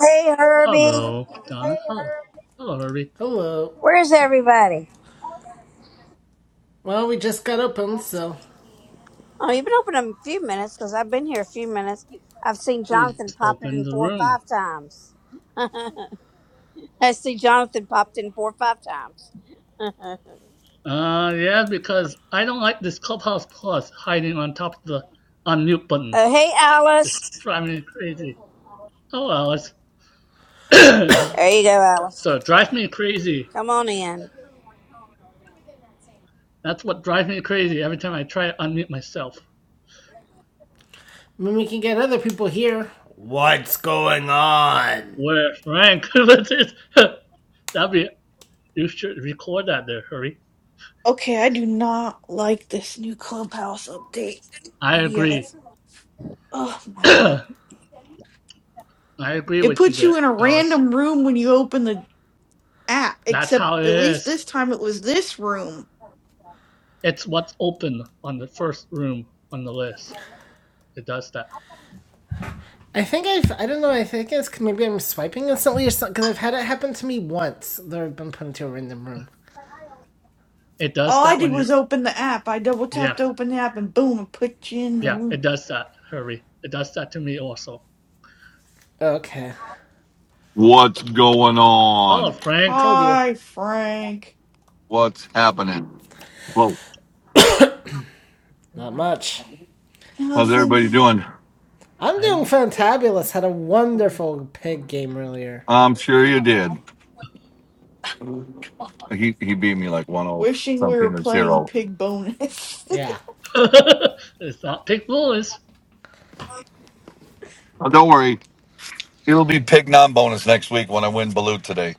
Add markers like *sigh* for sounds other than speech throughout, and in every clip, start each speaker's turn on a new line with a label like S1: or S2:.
S1: Hey, Herbie.
S2: Hello, Donna. Hello, hello Herbie.
S3: Hello.
S1: Where's everybody?
S3: Well, we just got open, so
S1: Oh, you've been open a few minutes because I've been here a few minutes. I've seen
S2: He
S1: Jonathan
S2: just
S1: pop
S2: opened
S1: in
S2: the
S1: four or
S2: room.
S1: five times. I see Jonathan popped in four or five times. Uh,
S2: Uh, yeah, because I don't like this Clubhouse Plus hiding on top of the unmute button.
S1: oh, hey, Alice.
S2: Just driving me crazy. Oh Alice. *coughs*
S1: There you go,
S2: *clears throat*
S1: Alice.
S2: so it drives me crazy.
S1: Come on in.
S2: That's what drives me crazy every time I try to unmute myself.
S3: I mean, we can get other people here. What's going on?
S2: Where Frank? *laughs* What's it? That'd be. You should record that there, Hurry.
S4: Okay, I do not like this new clubhouse update.
S2: I agree.
S4: Yes. Oh
S2: *coughs* *clears throat*
S4: my god.
S2: I agree
S4: It
S2: with you
S4: puts
S2: there,
S4: you in a
S2: Alice.
S4: random room when you open the app,
S2: That's
S4: except
S2: how it
S4: at least
S2: is.
S4: this time it was this room.
S2: It's what's open on the first room on the list. It does that.
S3: I think I've, I don't know, I think it's maybe I'm swiping instantly or something, because I've had it happen to me once, though I've been put into a random room.
S2: It does
S4: All I
S2: that
S4: did
S2: when you're.
S4: was open the app. I double tapped
S2: Yeah,
S4: to open the app and boom, it put you in the
S2: yeah, it
S4: room.
S2: does that, Hurry. It does that to me also.
S3: Okay.
S5: What's going
S2: Oh,
S5: on?
S2: Frank.
S3: Told you.
S4: Hi, Frank.
S5: What's happening? Whoa,
S3: Not much.
S5: how's
S4: Nothing.
S5: everybody doing?
S3: I'm doing
S2: And
S3: fantabulous. Had a wonderful pig game earlier.
S5: I'm sure you did. He he beat me like 10
S4: Wishing we
S5: something
S4: were
S5: or
S4: playing
S5: zero.
S4: pig bonus. *laughs*
S3: Yeah.
S2: *laughs* it's not Pink Bullets.
S5: Oh, don't worry, it'll be pick non bonus next week when I win Balut today.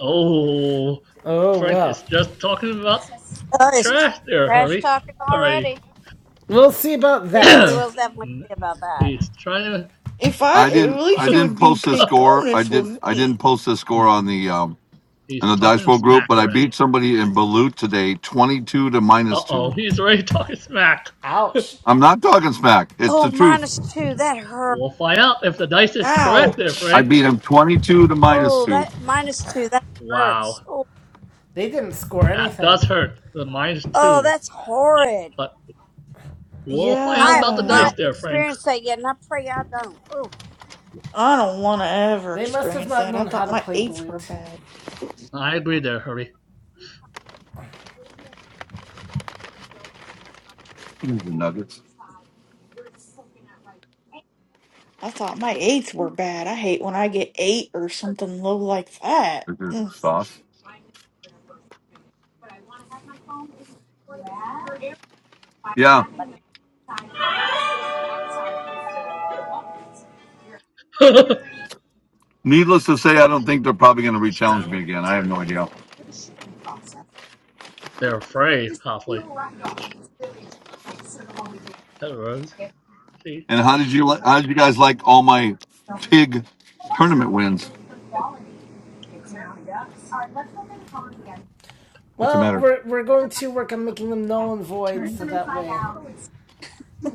S2: Oh,
S3: Oh,
S2: Frank
S3: well.
S2: is just talking about
S1: Oh, it's
S2: trash there,
S1: trash
S2: Hurry.
S1: talking
S2: Already.
S1: already.
S3: We'll see about
S1: Yeah, we
S3: that.
S2: *clears throat*
S1: will definitely see about that.
S2: he's trying to.
S4: if I,
S5: I
S4: at
S5: didn't I
S4: least it
S5: didn't
S4: would be
S5: post the
S4: pig
S5: score. I
S4: bonus
S5: did
S4: with
S5: I didn't
S4: me.
S5: post the score
S2: *laughs*
S5: on the um in
S2: he's
S5: the Dice
S2: talking
S5: World group,
S2: smack
S5: but I
S2: already.
S5: beat somebody in Balut today, 22 to
S2: Uh
S5: minus
S2: oh,
S5: two.
S2: he's already *laughs* talking smack.
S3: Ouch.
S5: I'm not talking smack. It's the
S1: Oh,
S5: truth.
S1: minus two. That hurt.
S2: We'll find out if the dice is correct there,
S4: Ouch.
S5: I
S2: Frank.
S5: beat him 22 to minus
S1: Oh,
S5: two.
S1: that minus two. That
S2: Wow,
S1: hurts. Oh,
S3: They didn't score
S2: that does
S3: anything.
S2: hurt. The mine's
S1: oh
S2: too.
S1: that's horrid.
S2: But we'll find out
S1: I have
S2: about the
S5: Yeah,
S4: Yeah.
S2: dice
S1: not
S2: there, Frank.
S1: experienced that yet, and I pray I don't. Oof.
S4: I don't want to ever
S3: They must have
S4: experience
S3: not
S4: that. I
S3: known how
S4: thought
S3: to
S4: my
S3: play
S4: eights were
S3: Balut.
S4: bad.
S2: I agree there, Hurry.
S5: nuggets.
S4: I thought my eights were bad. I hate when I get eight or something low like that.
S5: Is it
S4: Mm.
S5: sauce. Yeah.
S2: *laughs*
S5: Needless to say, I don't think they're probably going to re-challenge
S2: Sound.
S5: me again. I have no idea.
S2: They're afraid, hopefully. That was. See?
S5: And how did you? li- How did you guys like all my pig tournament wins? What's the
S3: Well,
S5: matter?
S3: we're we're going to work on making them null and void, so that way,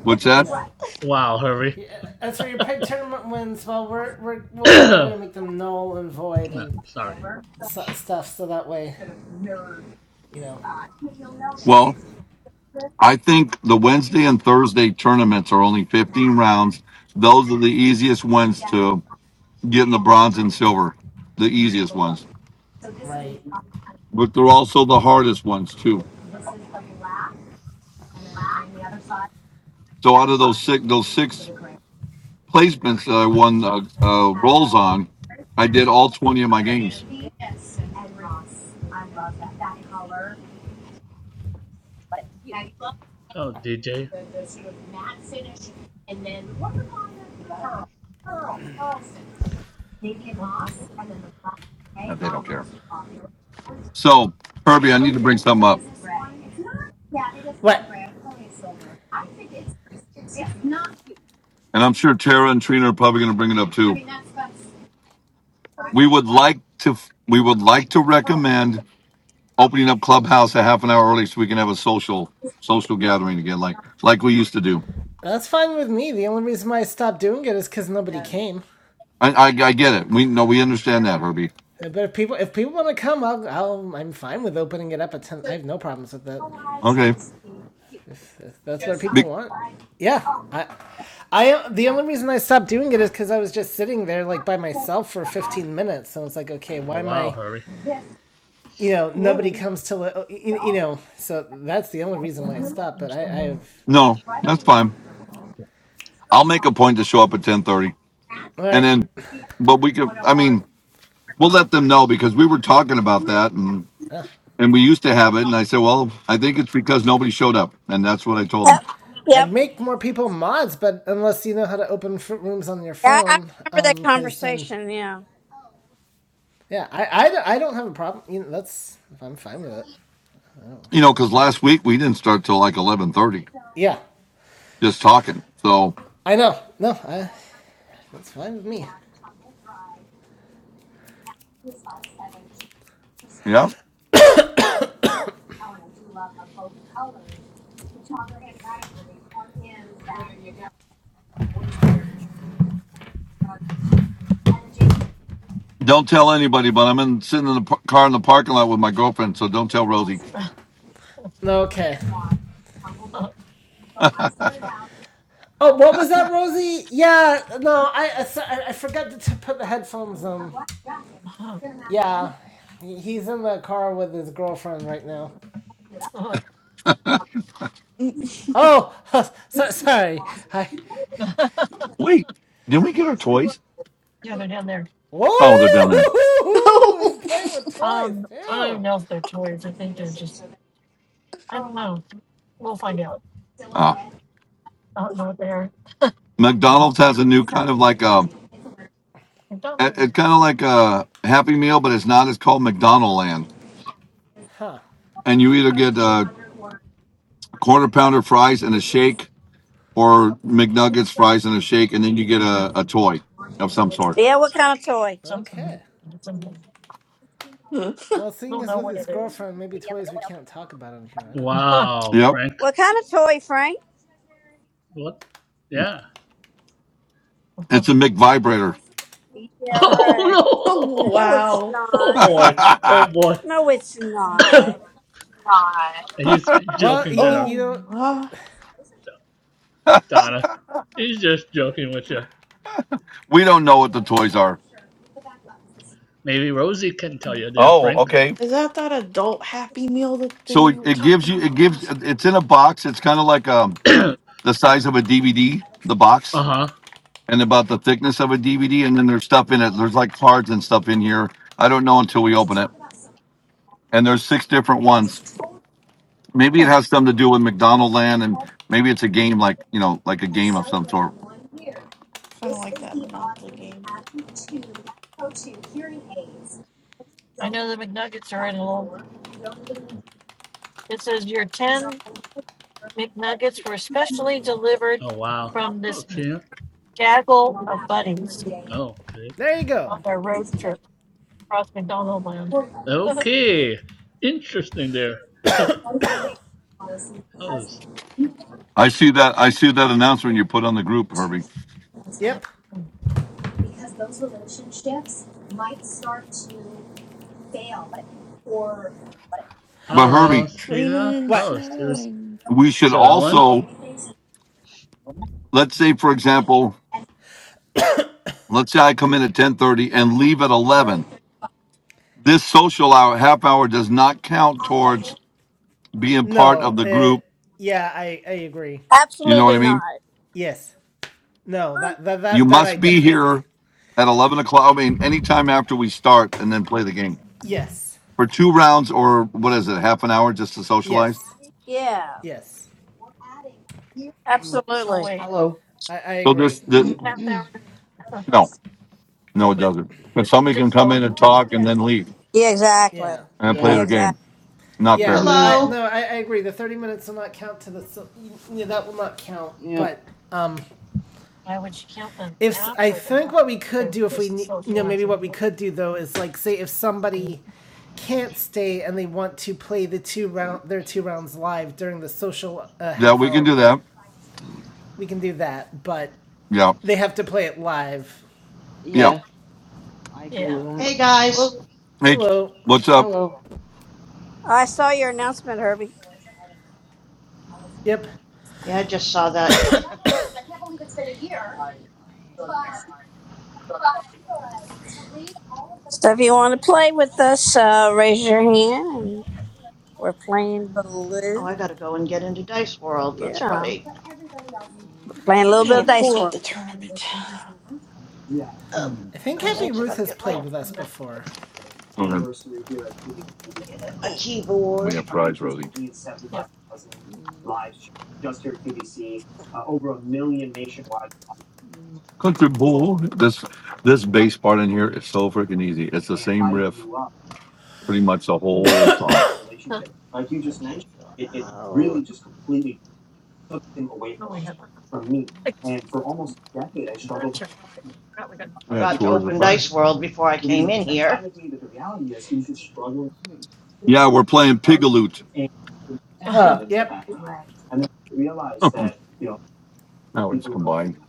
S5: What's
S3: you
S5: that?
S3: know.
S2: Wow, Hurry. *coughs*
S3: Yeah, as for your peg tournament wins, well, we're, we're
S2: *clears throat*
S3: we'll find a way
S2: no,
S3: to make them null and void and
S2: sorry.
S3: stuff, so that way, you know,
S5: Well, I think the Wednesday and Thursday tournaments are only 15 rounds. Those are the easiest ones to get in the bronze and silver, the easiest ones.
S3: right?
S5: But they're also the hardest ones too. So out of those six, those six placements that I won uh, uh, rolls on, I did all 20 of my games.
S2: Oh, DJ.
S5: Uh, They don't care. So, Herbie, I need to bring something up,
S3: What?
S5: and I'm sure Tara and Trina are probably going to bring it up too. We would like to we would like to recommend opening up Clubhouse a half an hour early so we can have a social social gathering again, like like we used to do.
S3: That's fine with me. The only reason why I stopped doing it is because nobody came.
S5: I I, I get it. We no, we understand that, Herbie.
S3: But if people if people want to come, I'll, I'll I'm fine with opening it up at ten. I have no problems with that.
S5: Okay,
S3: That's what people
S5: Be,
S3: want. Yeah, I, I the only reason I stopped doing it is because I was just sitting there like by myself for 15 minutes, so it's like, okay,
S2: Oh,
S3: why am
S2: wow,
S3: I?
S2: Hurry.
S3: You know, nobody
S4: Whoa.
S3: comes to li- you, you know. So that's the only reason why I stopped. But I, I have
S5: no, that's fine. I'll make a point to show up at 10:30,
S3: all
S5: and
S3: right.
S5: then, but we could. I mean. We'll let them know because we were talking about that and
S3: Uh,
S5: and we used to have it. And I said, well, I think it's because nobody showed up, and that's what I told them.
S1: Yep. Yep.
S3: I'd make more people mods, but unless you know how to open fruit rooms on your
S1: Yeah, I
S3: phone,
S1: remember
S3: um,
S1: that
S3: because then
S1: conversation. Yeah.
S3: yeah, I, I, I don't have a problem. You know, that's I'm fine with it. I don't
S5: You know,
S3: fine with
S5: because
S3: me.
S5: last week we didn't start till like eleven thirty,
S3: Yeah,
S5: just talking. So
S3: I know. No, I, that's fine with me.
S5: yeah, don't tell anybody. But I'm in sitting in the par- car in the parking lot with my girlfriend, so don't tell Rosie.
S3: Okay. Oh, what was that, Rosie? Yeah, no, I I so- I, forgot to t- put the headphones on. Yeah, he's in the car with his girlfriend right now.
S4: Mm.
S3: Oh, *laughs* so, sorry. I.
S5: Wait, didn't we get our toys? Oh, they're down there.
S3: Whoa! *laughs* He's playing with
S4: *laughs* oh,
S3: toys too.
S5: Ah, McDonald's has a new kind of like a it, it's kind of like a Happy Meal, but it's not. It's called McDonald Land,
S3: Huh.
S5: and you either get a quarter pounder fries and a shake or McNuggets, fries, and a shake, and then you get a, a toy of some sort.
S1: Yeah. What kind of toy?
S3: Okay. Well, seeing as with his girlfriend, maybe toys we can't talk about on here. I don't know.
S2: Wow,
S5: Yep,
S2: Frank.
S1: What kind of toy, Frank?
S2: What? Yeah.
S5: it's a McVibrator.
S1: Yeah.
S2: *laughs* Oh,
S1: Right. No, it's
S4: wow.
S2: no!
S1: not.
S2: Oh, boy.
S5: *laughs*
S2: Oh, boy.
S1: No, it's
S2: *coughs*
S1: not.
S2: He's
S3: Well,
S2: joking
S3: you
S2: there,
S3: you
S4: Oh,
S3: know,
S4: my.
S2: Donna. He's just joking with you.
S5: we don't know what the toys are.
S2: Maybe Rosie can tell you there,
S5: Oh,
S2: Frank.
S5: okay.
S4: Is that that adult Happy Meal that
S5: So
S4: they
S5: it,
S4: were
S5: it gives
S4: talking
S5: you it
S4: about
S5: gives
S4: last?
S5: it's in a box. It's kind of like um
S2: *clears throat*
S5: the size of a DVD, the box,
S2: Uh-huh.
S5: and about the thickness of a DVD. And then there's stuff in it. There's like cards and stuff in here. I don't know until we open it. And there's six different ones. Maybe it
S4: Huh.
S5: has something to do with McDonald Land, and maybe it's a game like you know like a game of some sort.
S4: Kind of like that Monopoly game.
S2: Oh wow. Oh Trina. Oh, okay.
S3: there you go.
S2: Okay. Interesting there. Hello.
S5: I see that. I see that announcement you put on the group, Herbie.
S3: Yep.
S5: But
S2: Hello,
S5: Herbie,
S4: Trina
S2: Trina.
S4: and
S3: What?
S2: Hello,
S4: Sue.
S2: Susie.
S4: and-
S5: we should
S2: So Owen.
S5: also let's say, for example, let's say I come in at ten thirty and leave at eleven. This social hour, half hour, does not count towards being part of
S3: No.
S5: the
S3: Uh.
S5: group.
S3: Yeah, I I agree.
S5: You know what
S1: Absolutely
S5: I mean?
S1: not.
S3: Yes. No,
S1: Huh?
S3: that that
S5: You
S3: that that I
S5: must be here
S3: definitely
S5: at eleven o'clock. I mean, anytime after we start, and then play the game
S3: Yes.
S5: for two rounds or what is it, half an hour, just to socialize.
S3: yes
S1: Yeah.
S3: yes
S6: Mm,
S1: Absolutely.
S6: hello.
S3: I, I
S5: So this,
S3: agree.
S6: *clears throat*
S5: the, no, no, it doesn't. 'Cause somebody can come in and talk and then leave.
S1: Yeah. Exactly.
S3: Yeah
S5: and play
S6: yeah.
S1: Yeah.
S5: their game.
S1: Exactly.
S5: Not
S3: yeah
S5: fair.
S3: no
S6: Mm-hmm.
S3: I
S7: Hello.
S3: no I, I agree. The thirty minutes will not count to the so- yeah, that will not count.
S6: Yep.
S3: But um if I think what we could do if we ne- you know maybe what we could do though is like say if somebody can't stay and they want to play the two round their two rounds live during the social uh,
S5: Yeah,
S3: half
S5: we
S3: hour
S5: can do that.
S3: part we can do that but
S5: Yeah,
S3: they have to play it live
S5: yeah.
S6: Yeah. I agree with that.
S4: Yep.
S7: Hey, guys.
S4: Well,
S5: Hey,
S3: hello
S5: what's up?
S6: Hello.
S1: I
S6: Uh,
S1: saw your announcement, Herbie.
S3: yep
S7: Yeah, I just saw that. *laughs*
S6: I,
S1: So if you want to play with
S6: I,
S1: us, uh, raise your hand. And we're playing
S7: Oh,
S1: Baloo.
S7: I gotta go and get into Dice World. That's
S1: Yeah.
S7: right.
S6: mm,
S1: Playing a
S4: I
S1: little bit
S4: gotta
S1: of Dice
S4: pull up the tournament.
S1: World.
S7: Uh,
S3: I think
S7: that
S3: Happy
S7: means I
S3: Ruth
S7: gotta
S3: has
S7: get my
S3: played with us before.
S5: Okay.
S7: a
S5: We
S7: keyboard.
S5: have fries, Rosie.
S6: mm, mm,
S5: Country boy. This this bass part in here is so freaking easy. It's the same riff, pretty much the whole song.
S7: Oh,
S6: mm,
S5: We had
S7: forgot
S5: two
S7: to
S5: orders of
S7: open
S5: fries.
S7: Dice World before I came in here.
S5: Yeah, we're playing Pigaloot.
S6: huh.
S3: Yep.
S5: *laughs* now it's combined.
S6: Mm,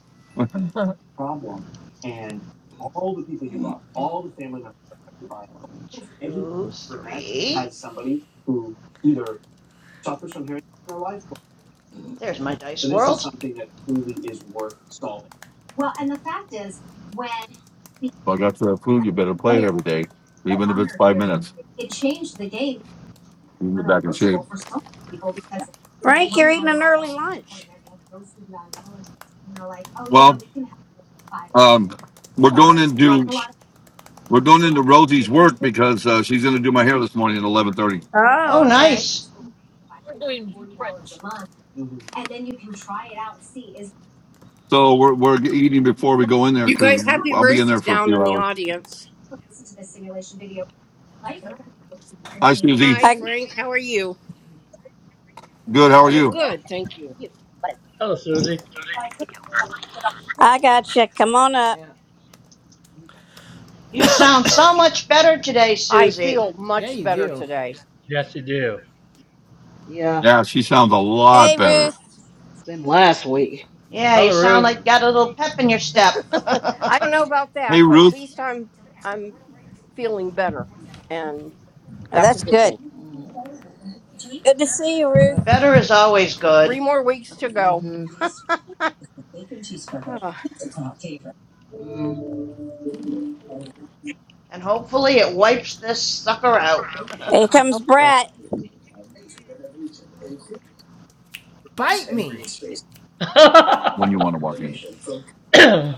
S6: mm,
S7: One, two, three.
S6: mm,
S7: There's my
S6: mm,
S7: Dice World.
S5: So I got the food. You better play it every day, even if it's five minutes. You can get back in shape.
S1: Frank, you're
S6: mm,
S1: eating an early lunch.
S5: Well, um, we're going into we're going into Rosie's work because uh, she's going to do my hair this morning at eleven thirty.
S1: Oh,
S7: Oh,
S1: okay.
S7: nice.
S5: So we're we're eating before we go in there
S8: You
S5: because
S8: guys, happy
S5: I'll be in there
S8: races
S5: for a
S8: down
S5: few
S8: in the
S5: hours.
S8: audience.
S5: Hi, Susie.
S8: Hi,
S1: I
S8: Frank. How are you?
S6: mm.
S5: Good. How are
S8: I'm
S5: you?
S8: good, thank you.
S2: Hello, Susie.
S1: I got you. Come on up.
S6: yeah.
S7: You sound so much better today,
S8: I
S7: Susie.
S8: feel
S3: Yeah,
S8: much
S3: you
S8: better
S3: do.
S8: today.
S2: Yes you do.
S6: Yeah.
S5: Yeah, she sounds a lot
S1: Hey,
S5: better.
S1: Ruth.
S6: Then last week.
S7: Yeah, you
S2: Hello
S7: sound
S2: Ruth.
S7: like you got a little pep in your step.
S8: *laughs* I don't
S7: *laughs*
S8: know about
S5: Hey,
S8: that, but at
S5: Ruth.
S8: least I'm I'm feeling better, and
S1: Oh,
S8: that's a
S1: that's
S8: good
S1: good.
S8: thing.
S6: Mm,
S1: Good to see you, Ruth.
S6: yeah.
S7: better is always good.
S8: Three more weeks to go.
S6: Mm-hmm.
S8: Ah,
S6: Mm,
S7: and hopefully it wipes this sucker out. *laughs*
S1: Here
S8: I
S1: comes
S8: hope so.
S1: Brat.
S3: Bite me.
S2: *laughs* *coughs*
S5: When you
S2: I
S5: want to walk in,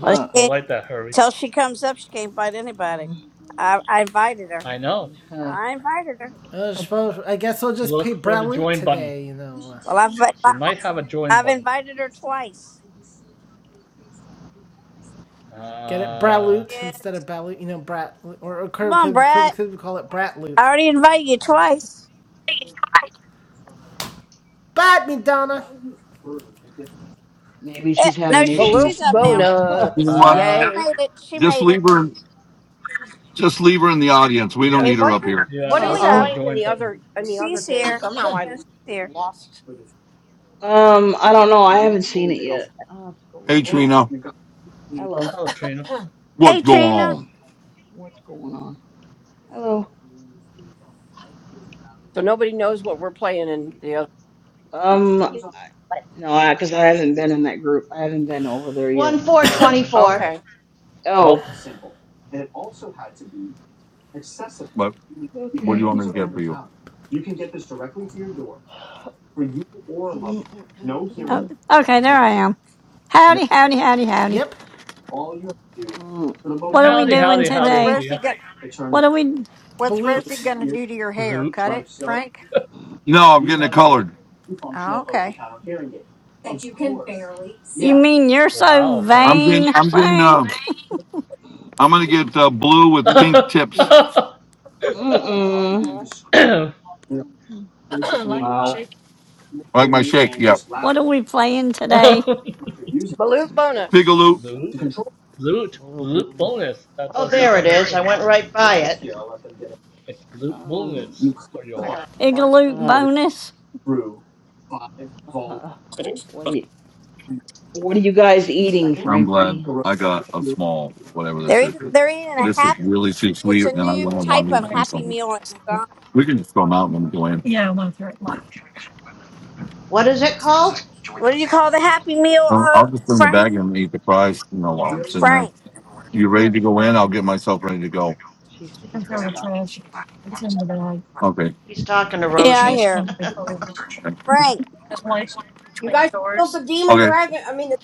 S1: Well, she can't,
S2: like that hurry.
S1: till she comes up, she can't bite anybody.
S6: Mm,
S1: I, I invited her.
S2: I know.
S6: huh.
S1: I invited her.
S3: Uh, I guess we'll just
S2: Look
S3: pay
S2: for the
S3: Braloot
S2: join button.
S3: today. You know, uh,
S1: Well,
S2: She
S1: I've
S2: might have a join
S1: I've
S2: button.
S1: invited her twice.
S3: get it
S1: There
S2: Uh
S1: she
S3: Braloot
S1: is.
S3: instead of Braloot. You know, Brat or, or
S1: Come on,
S3: could, could,
S1: Brat.
S3: could we call it
S1: I
S3: Bratloot?
S1: already invited you twice.
S3: Bite me, Donna.
S6: Maybe
S1: Eh,
S6: she's
S1: No,
S6: having
S2: she
S1: she
S2: might
S8: Balut
S1: she's
S6: issues. I
S1: up
S6: don't
S1: now.
S6: know. Huh.
S5: you know
S8: bonus,
S5: what?
S1: She
S2: uh
S8: yay!
S1: made it. She
S5: Just
S1: made it.
S5: leave her. Just leave her in the audience. We don't
S8: Hey,
S2: yes.
S5: need her
S8: what are
S5: up
S8: we
S5: here.
S2: Yeah,
S8: what are
S2: look
S1: She's
S8: we
S2: for the
S1: up.
S6: Uh-uh.
S8: playing in
S2: join
S8: the
S2: button.
S8: other in the other
S1: She's
S8: game?
S1: here.
S8: Somehow I
S1: Yes, here.
S8: lost.
S6: Um, I don't know. I haven't seen it
S8: Okay,
S6: yet. I'll have to go
S5: Hey,
S6: look.
S5: Trina.
S6: Hello.
S2: Hello Trina.
S5: What's
S1: Hey,
S5: going
S1: Trina.
S5: on?
S6: What's going on? Hello.
S8: so nobody knows what we're playing in the other.
S6: Um, I, no, I because I haven't been in that group. I haven't been over there
S7: One
S6: yet.
S7: four
S2: Uh,
S7: twenty-four.
S8: Okay.
S2: oh.
S6: Oh,
S5: What What do you
S6: okay.
S5: want me to get for you?
S6: Mm, mm, mm,
S9: Oh,
S6: mm.
S9: okay, there I am. Howdy, howdy, howdy, howdy.
S3: Yep,
S6: Mm, mm,
S9: What are we
S2: Howdy,
S9: doing
S2: howdy,
S6: mm,
S10: What's
S9: today?
S2: howdy.
S10: Rosie got?
S9: What are we?
S10: What's Rosie
S3: Baloot.
S10: gonna do to your hair?
S2: Zoot.
S10: Cut it, Frank?
S5: No, I'm getting it colored.
S10: Oh, okay.
S9: You mean you're so
S2: Wow,
S5: I'm
S2: Frank.
S5: getting.
S9: vain,
S5: I'm getting. Uh,
S9: Frank? *laughs*
S6: mm,
S5: I'm gonna get uh, blue
S2: *laughs*
S5: with pink
S2: Zoot.
S5: tips,
S6: mm. mm. Wow.
S5: like my shake. Yeah.
S9: What are we playing today?
S8: Balloon
S5: Pigaloo.
S8: bonus.
S2: Zoot.
S6: Blue
S2: Zoot
S6: bones.
S2: bonus. That's
S7: Oh,
S2: what it says
S7: there it
S2: on the
S7: is. I
S2: room.
S7: went right by
S6: Uh,
S7: it.
S2: It's Zoot
S6: Um,
S2: bonus for
S8: I
S2: y'all.
S8: gotta find it.
S9: Pigaloot
S6: uh,
S9: bonus?
S6: uh, what are you, what are you guys eating,
S5: I'm glad
S6: Frankie?
S5: I got a small whatever this
S1: They're
S5: is.
S1: eating, they're eating
S5: Yeah.
S1: a
S5: This is
S1: happy.
S5: really too
S1: It's
S5: sweet,
S1: a
S5: and I
S1: new
S5: really want
S1: type
S5: one
S1: of
S5: of these.
S1: Happy
S5: So
S1: Meal at McDonald's.
S5: we can just go out and go in. Yeah, I want to throw it left.
S8: Sharing vision. Web,
S7: What is
S8: Sam
S7: it called?
S8: website. Join the
S1: What do you
S8: Sam.
S1: call the Happy Meal,
S5: I'll
S1: uh,
S5: I'll just bring the
S8: Oh,
S1: Frank?
S5: bag in and eat the fries. You know, while
S8: Freedom
S5: I'm sitting
S8: Safari.
S5: there.
S1: Frank.
S5: You ready to go in? I'll get myself
S8: Here.
S5: ready to go.
S6: She's he's
S8: Sam.
S6: talking.
S8: Slash. Arms. Slash.
S5: Okay.
S7: He's talking to
S1: Yeah,
S7: Rosie.
S1: I hear.
S7: *laughs*
S8: Oh, Search.
S5: Okay.
S1: Frank.
S8: You guys killed the demon
S5: Okay.
S8: dragon. I mean the.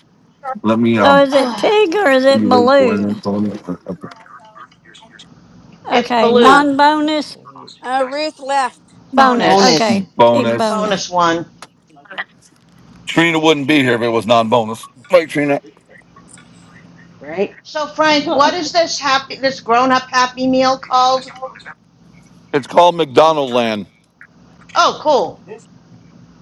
S8: Yes.
S5: Let me.
S8: Earth.
S9: So
S5: Um.
S9: is it pig or is
S5: You
S9: it
S5: ready to go in? Then?
S9: balloon?
S5: So
S8: Earth. Earth. Years. Years.
S7: It's
S9: Okay,
S1: Uh,
S7: Balut.
S9: non bonus,
S6: Oh,
S8: Box.
S6: huge.
S1: uh,
S8: Dice.
S1: Ruth left.
S6: It's
S9: bonus.
S7: Bonus.
S6: bonus.
S9: Okay,
S7: It's
S9: pig
S7: the
S5: Bonus.
S9: bonus.
S7: bonus one.
S5: Trina wouldn't be here if it was non-bonus. Right, Trina.
S6: right?
S7: So,
S6: *laughs* I'm
S7: Frank, what is this happy, this grown-up Happy Meal
S8: Big bonus.
S7: called?
S8: Young bonus. Map.
S5: It's called
S8: Tournament.
S5: McDonald
S8: G.
S7: Oh, cool.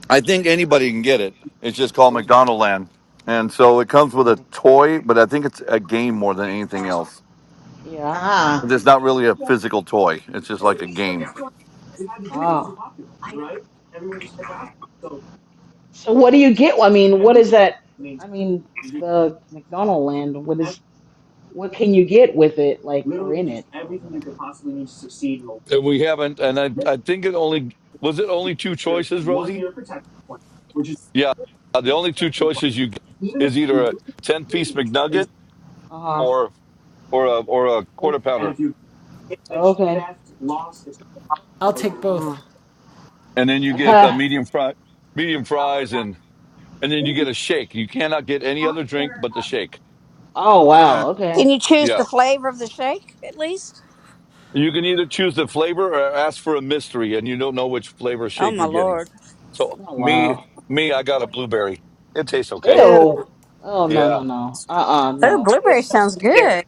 S5: I think anybody can get it. It's just called McDonald Land. And so it comes with a
S6: Like,
S5: toy, but I think it's a game more than
S8: D.
S5: anything
S8: Freeze. Bonus.
S5: else.
S6: yeah.
S7: Ah,
S5: It's not really a physical toy. It's just like a game.
S8: Yeah. With.
S6: Ah. So what do you get? I mean, what is that? I mean, the McDonald land, what is what can you get with it, like or in it or whatever?
S5: And we haven't, and I, I
S6: Is
S5: think it only was it only two choices, Rosie? Yeah. Uh, the only two choices you get is either a 10 piece McNugget
S6: uh
S5: or or a or a quarter pounder.
S6: okay.
S3: I'll take both.
S6: Oh.
S5: And then you get a
S6: Uh-huh. *laughs*
S5: medium fry medium fries and and then you get a shake. You cannot get any other drink but the shake.
S6: Oh wow, okay.
S1: Can you choose
S5: Yeah.
S1: the flavor of the shake at least?
S5: You can either choose the flavor or ask for a mystery, and you don't know which flavor
S1: Oh
S5: shake
S1: my
S5: you're getting.
S1: lord.
S5: So
S6: Oh
S5: me,
S6: wow.
S5: me, I got a blueberry. It tastes okay.
S6: Ew. Oh no
S5: Yeah,
S6: no no. Uh-uh,
S1: Oh,
S6: no.
S1: blueberry
S6: Mm.
S1: sounds
S8: Ew.
S1: good.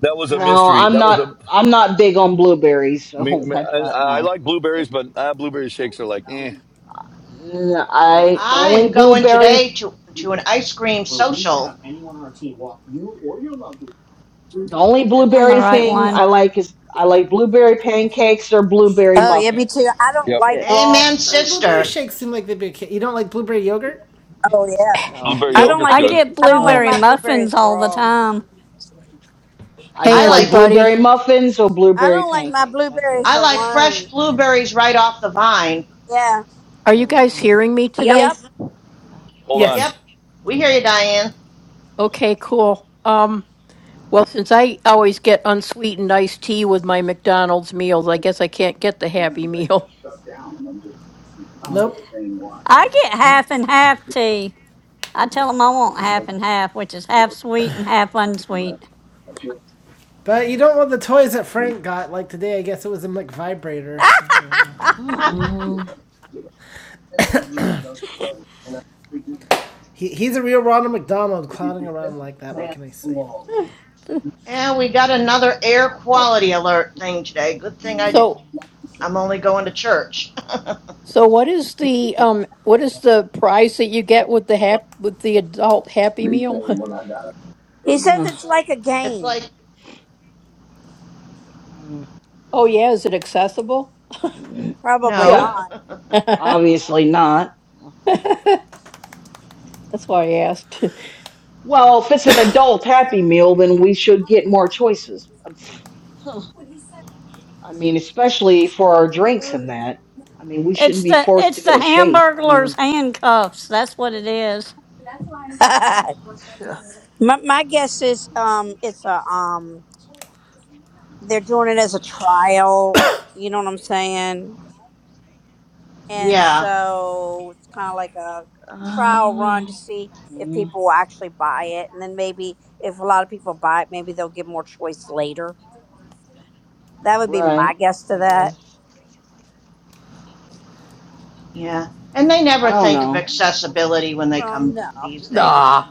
S5: that was a
S7: I-
S6: No,
S5: mystery.
S6: I'm
S5: That was a
S6: not I'm not big on blueberries,
S5: me.
S6: so *laughs*
S5: me-
S6: that's why
S5: I, I
S6: no.
S5: like blueberries, but uh, blueberry shakes are like, eh.
S6: N- I the
S7: I'm
S6: only blueberry.
S7: way to to an ice cream social.
S6: The only
S9: I'm the
S6: blueberry
S9: right
S6: thing
S9: one.
S6: I like is I like blueberry pancakes or blueberry
S1: Oh yeah, me
S6: muffins.
S1: too. I don't
S5: Yep,
S6: That's
S1: like
S6: it.
S1: raw.
S7: Amen,
S3: Uh, blueberry
S7: sister.
S3: shakes seem like they'd be okay. You don't like blueberry yogurt?
S1: Oh yeah.
S6: No,
S5: blueberry
S1: I
S11: Hey,
S1: don't
S5: yogurt's
S9: I
S1: like any.
S5: good.
S9: get
S1: I don't like
S6: no.
S9: blueberry
S1: my
S9: muffins
S1: blueberries
S9: all the
S1: raw.
S9: time.
S6: I
S11: hey,
S7: I
S6: just like
S7: like
S11: everybody.
S6: blueberry muffins or
S1: I
S6: blueberry
S1: don't like my
S6: pancakes. That's it.
S1: blueberries
S7: I like fresh
S1: alone.
S7: blueberries right off the vine.
S1: Yeah.
S11: Are you guys
S6: Uh-uh.
S11: hearing me
S8: Yep.
S11: today?
S1: Yep.
S6: Oh
S5: Hold
S6: God.
S5: on,
S7: Yep,
S3: Yes.
S7: we hear you, Diane.
S11: Okay, cool. Um,
S6: Oh
S11: well, since
S6: God.
S11: I always get unsweetened iced tea with my McDonald's meals, I guess I can't get the Happy Meal. *laughs*
S3: Nope.
S9: I get half and half tea. I tell them I want half and half, which is half sweet and half unsweet.
S3: But you don't want the toys that Frank got. Like today, I guess it was a McVibrator. So you know. Uh,
S8: *laughs*
S6: Uh-uh.
S3: He, he's a real Ronald McDonald clowning around like that. What can I say?
S7: And we got another air quality alert thing today. Good thing I did.
S11: So,
S7: I'm only going to church. *laughs*
S11: so what is the um, what is the price that you get with the hap- with the adult Happy Meal? *laughs*
S1: He says it's like a
S7: it's like,
S1: game.
S6: Mm,
S11: Oh yeah, is it accessible?
S6: mm.
S1: Probably
S6: Yeah,
S7: no.
S1: not.
S11: *laughs* That's
S6: obviously not.
S11: why I asked. *laughs*
S6: Well, if it's an adult Happy Meal, then we should get more choices. *laughs* I mean, especially for our drinks and that. I mean, we shouldn't
S9: It's
S6: be
S9: the
S6: forced to
S9: it's the
S6: get a shake. I
S9: Hamburglar's
S6: mean,
S9: handcuffs. That's what it is.
S1: *laughs*
S6: *sighs*
S1: my, my guess is um it's a um they're doing it as a trial. You know what I'm saying?
S7: *laughs*
S1: and
S7: yeah,
S1: so it's kind of like a trial run to
S6: uh,
S1: see if
S6: mm,
S1: people will actually buy it and then maybe if a lot of people buy it maybe they'll give more choice later that would be my
S6: right,
S1: guess to
S6: I
S1: that
S6: guess.
S7: yeah. And they
S6: I
S7: never think
S6: don't
S7: of
S6: know.
S7: accessibility when they come
S1: um no
S7: to these
S1: no no
S7: things.
S11: Nah.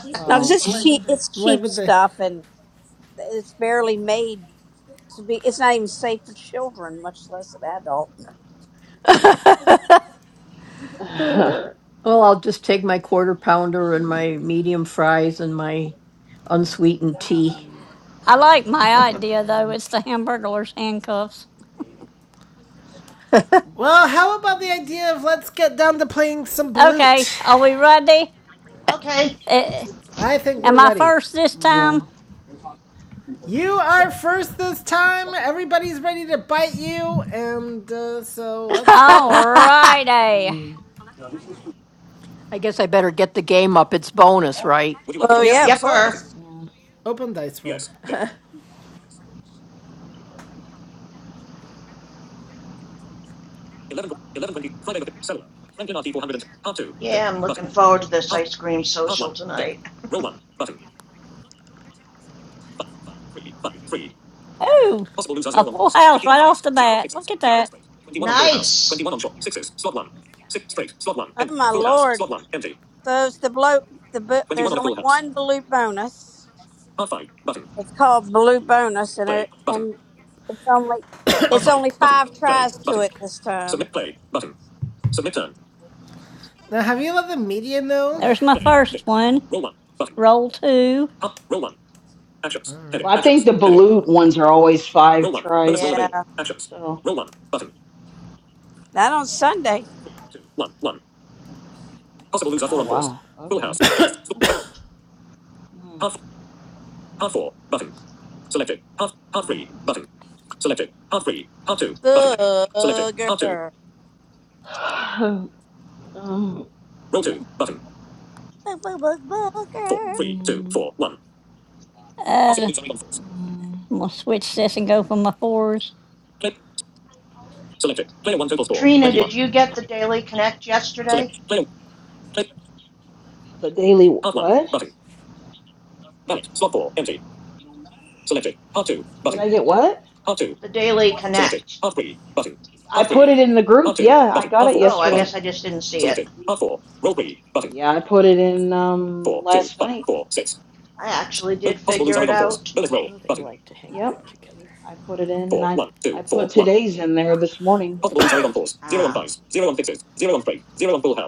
S1: because
S6: Well,
S1: it's cheap it's
S3: Why
S1: cheap
S3: would they?
S1: stuff and it's barely made to be it's not even safe for children much less an adult
S11: *laughs*
S6: *sighs* mm,
S11: Uh, well, I'll just take my quarter pounder and
S6: mm,
S11: my medium fries and my unsweetened tea.
S6: mm,
S9: I like my
S7: *laughs*
S9: idea though.
S6: mm,
S9: It's the Hamburglar's handcuffs.
S3: Well, how about the
S6: mm,
S3: idea of let's get down to playing some
S9: Okay,
S3: balut?
S9: are we ready?
S7: okay,
S9: Eh, eh,
S3: I think we're
S9: am I
S3: ready.
S9: first this
S6: yeah.
S9: time?
S3: You are first this time. Everybody's ready to bite you, and uh,
S11: *laughs*
S3: so let's go.
S9: All
S11: I
S9: righty.
S6: mm,
S11: guess I better get the game up. It's bonus, right?
S1: well
S3: Yep.
S1: yeah of
S7: yepper.
S1: course
S6: yeah.
S3: Open Dice World.
S7: Yeah, I'm looking forward to this ice cream social tonight. *laughs*
S9: Ooh, a full house right off the bat. Look at that.
S7: Nice.
S1: oh my lord so it's the bloat the bo- there's only one bloat bonus It's called Blue Bonus, and it and it's only it's only five tries to it this time.
S3: Now, have you let the media know?
S9: There's my first one. Roll two.
S6: Well, I think the balut ones are always five tries.
S1: Yeah,
S6: So,
S1: not on Sunday.
S6: oh wow, okay. Mm, mm,
S1: Booger, Boog,
S6: mm. *sighs* Um,
S1: boog, boog, booger.
S6: Mm,
S9: Uh, I'm
S6: mm.
S9: gonna switch this and go for my fours.
S7: Trina, did you get the Daily Connect yesterday?
S6: The daily what? Did I get what?
S7: The Daily Connect.
S6: I put it in the group. Yeah, I got it yesterday.
S7: Yes, I just didn't see it.
S6: Yeah, I put it in um last night.
S7: I actually did figure it out.
S11: Oh, they like to hang out
S6: Yep,
S11: together.
S6: I put it in, and I I put today's in there this morning. So
S7: Ah.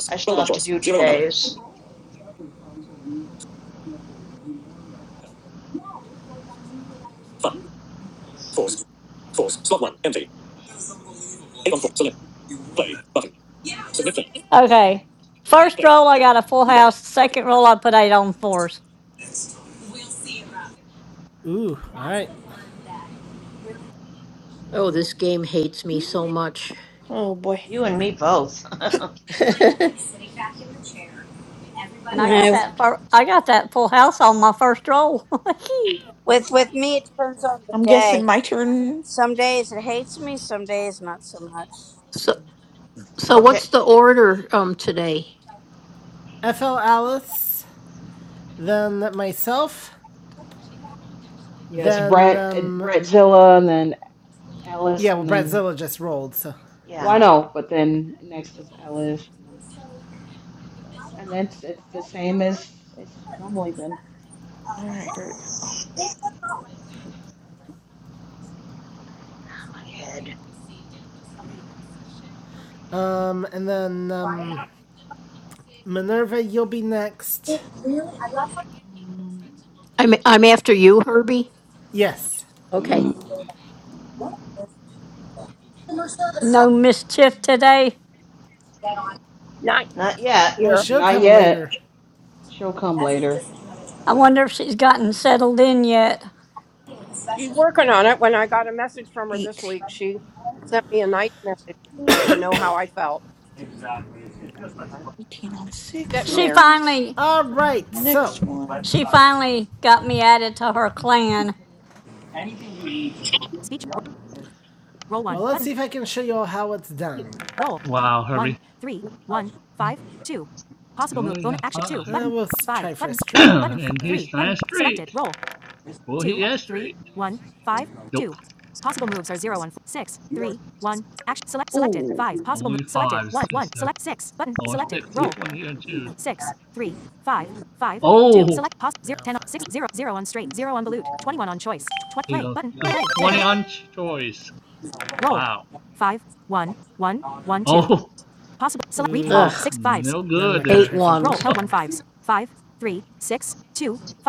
S7: I still have to do today's.
S6: Mm,
S9: Okay. First roll, I got a full house. Second roll, I put eight on fours,
S3: Ooh, alright.
S11: Oh,
S6: mm,
S11: this game hates me so much.
S4: Oh, boy.
S7: You and me
S11: *laughs*
S7: both.
S6: mm,
S9: and I got
S1: No,
S9: that. Fir- I got that full house on my first roll.
S1: with with me it depends on the
S4: I'm guessing
S1: day.
S4: my turn.
S1: Some days it hates me, some days not so much.
S11: so,
S6: mm.
S7: *laughs*
S11: so what's
S7: okay.
S11: the order um today?
S3: FL Alice, then myself,
S6: yeah, it's
S3: then,
S6: Brett it-
S3: um,
S6: Brettzilla, and then
S3: yeah,
S6: Alice,
S3: well,
S6: and then
S3: Bratzilla just rolled, so.
S6: why
S7: Yeah,
S6: no? But then next is Alice, and then and that's it's the same as it's normally been.
S4: All right, here we go.
S7: my head.
S3: Um, and then um, Minerva, you'll be next. Yes.
S11: Okay.
S6: Mm.
S9: *laughs* no mischief
S6: Mm,
S9: today.
S8: Not
S7: Not yet.
S3: Well,
S8: here.
S3: she'll
S6: Not
S3: come
S6: yet.
S3: later.
S6: She'll come later.
S9: I wonder if she's gotten settled in yet.
S8: She's working on it. When I got a message from her this
S4: 18,
S8: week, she sent me a nice message wanting to know how I felt. And, uh,
S4: 18 on
S8: getting
S9: She
S8: there.
S4: sixes.
S9: finally,
S3: All right. So,
S4: Next one.
S9: she finally got me added to her clan.
S6: Mm.
S3: well, let's see if I can show you all how it's done.
S2: Wow, Herbie. You only have
S3: Uh,
S2: five.
S3: Uh, we'll try for straight right
S2: *clears throat* and he's trying straight. Will he is straight. Nope.
S4: Ooh,
S2: Only five, sister. Or six. Which one do you choose? Oh! He's a 20 on choice. Wow. Oh! *laughs*
S11: Ugh,
S2: No
S3: No, I'm
S2: good
S3: not gonna
S2: there.
S11: hate
S3: try for Roll. bullet Roll.
S11: ones.
S2: *laughs*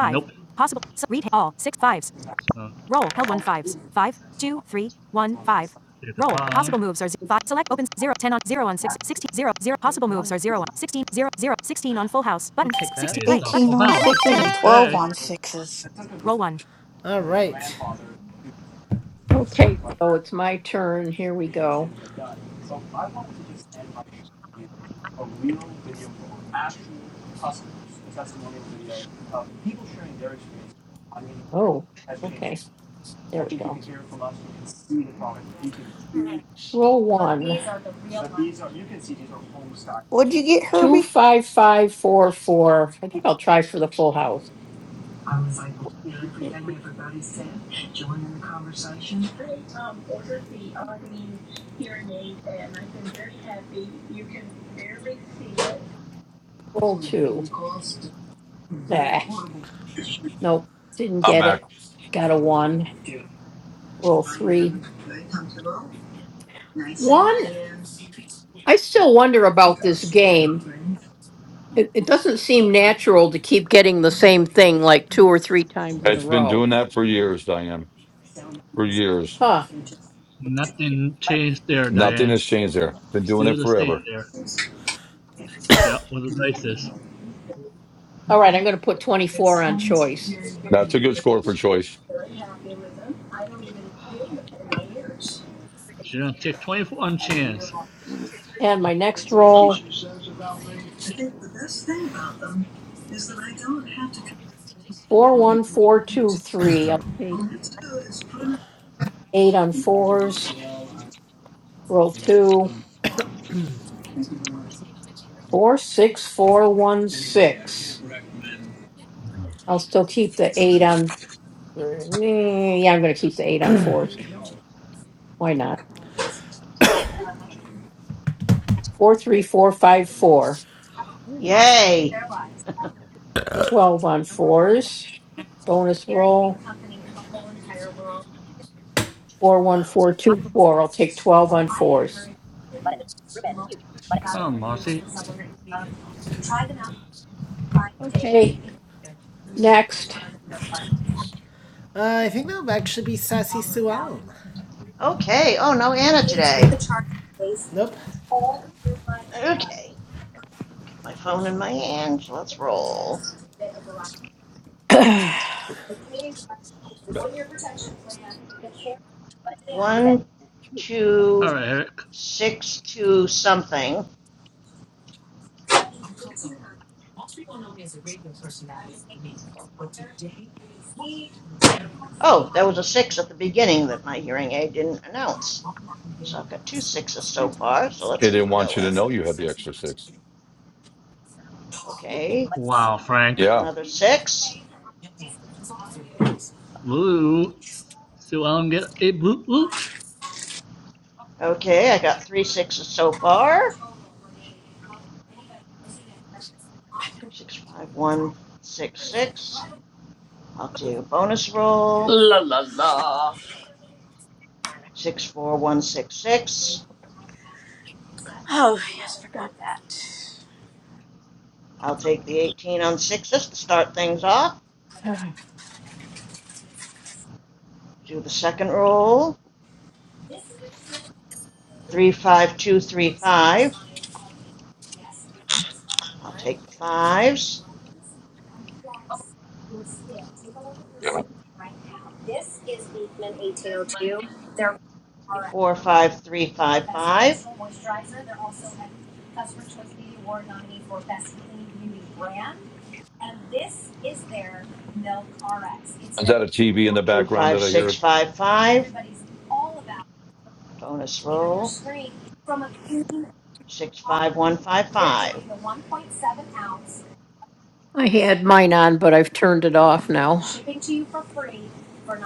S2: nope. So, take the five.
S3: ten sixteen sixteen take
S2: It's the
S4: 18 on
S2: house.
S4: sixes and 12
S2: Okay.
S4: on sixes.
S3: All right.
S11: Okay, so it's my turn. Here we go. Oh, okay. There we go. Roll one.
S4: What'd you get,
S11: Two,
S4: Herbie?
S11: five, five, four, four. I think I'll try for the full house.
S4: All
S11: Roll two. Nah, nope. Didn't
S5: I'm
S11: get
S5: back.
S11: it. Got a one. Roll three. One. I still wonder about this game. It, it doesn't seem natural to keep getting the same thing like two or three times in a
S5: It's been
S11: row.
S5: doing that for years, Diane. For years,
S11: Huh.
S2: Nothing changed there,
S5: nothing
S2: Diane.
S5: has changed there. Been doing
S2: Still
S5: it
S2: the same
S5: forever.
S2: there. Yeah, with the dices.
S11: All right, I'm going to put 24 on choice.
S5: That's a good score for choice.
S2: She gonna take 24 on chance.
S11: And my next roll,
S6: *clears throat*
S11: 41423.
S5: It
S11: I'll take eight on fours. Roll two, four, six, four, one, six. I'll still keep the eight on. Mm, Yeah, I'm going to keep the eight on fours. Why not? Four, three, four, five, four.
S7: *laughs*
S6: Ooh.
S7: Yay. *laughs*
S11: 12 on fours. Bonus roll, 41424. I'll take 12 on fours.
S2: Huh, Marcy?
S11: Okay, next.
S3: Uh, I think that'll actually be Sassy Sue Ellen.
S7: okay. Oh, no Anna today.
S3: Nope.
S7: Okay. My phone in my hand. so Let's roll.
S11: *clears throat* I
S7: One,
S2: All
S7: two,
S2: right, Eric.
S7: six, two, something. Oh, there was a six at the beginning that my hearing aid didn't announce. So I've got two sixes so far, so let's
S5: didn't
S7: keep
S5: want you
S7: going.
S5: to know you had the extra six.
S7: Okay,
S2: Wow, Frank.
S7: there's
S5: Yeah.
S7: another six.
S2: Blue. Still I don't get a blue loot.
S7: Okay, I got three sixes so far. Six five one six six. I'll do a bonus roll. Six four one six six.
S1: Oh yes, forgot that.
S7: I'll take the eighteen on sixes to start things off. Do the second roll. Three five two three five. I'll take the fives.
S5: Damn it.
S8: Mm.
S7: Four five three five five.
S5: Is that a TV in the
S7: Two
S5: background
S7: five
S5: that I
S7: six
S5: hear?
S7: five five. Bonus roll. Six five one five five.
S11: had mine on, but I've turned it off now.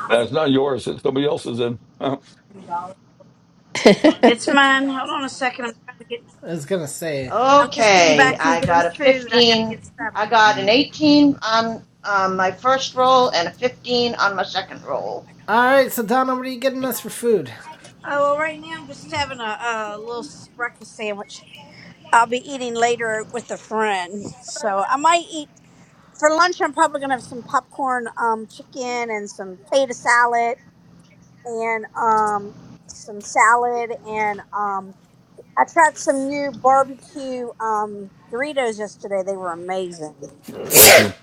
S5: That's not yours. It's somebody else's. In. Oh,
S11: *laughs* hmm.
S1: It's mine. Hold on a second. I'm trying to get.
S3: I was gonna say.
S1: I'm just getting
S7: Okay,
S1: back from
S7: I
S1: getting
S7: got a
S1: food. I gotta
S7: 15.
S1: get
S7: I
S1: settled.
S7: got an 18 on um, my first roll and a 15 on my second roll.
S3: All right, so Donna, what are you getting us for food?
S1: Oh, well, right now I'm just having a, a little s- breakfast sandwich. I'll be eating later with a friend. So I might eat for lunch. I'm probably gonna have some popcorn, um, chicken, and some potato salad, and um, some salad, and um, I tried some new barbecue um Doritos yesterday. They were amazing.
S5: Bless you.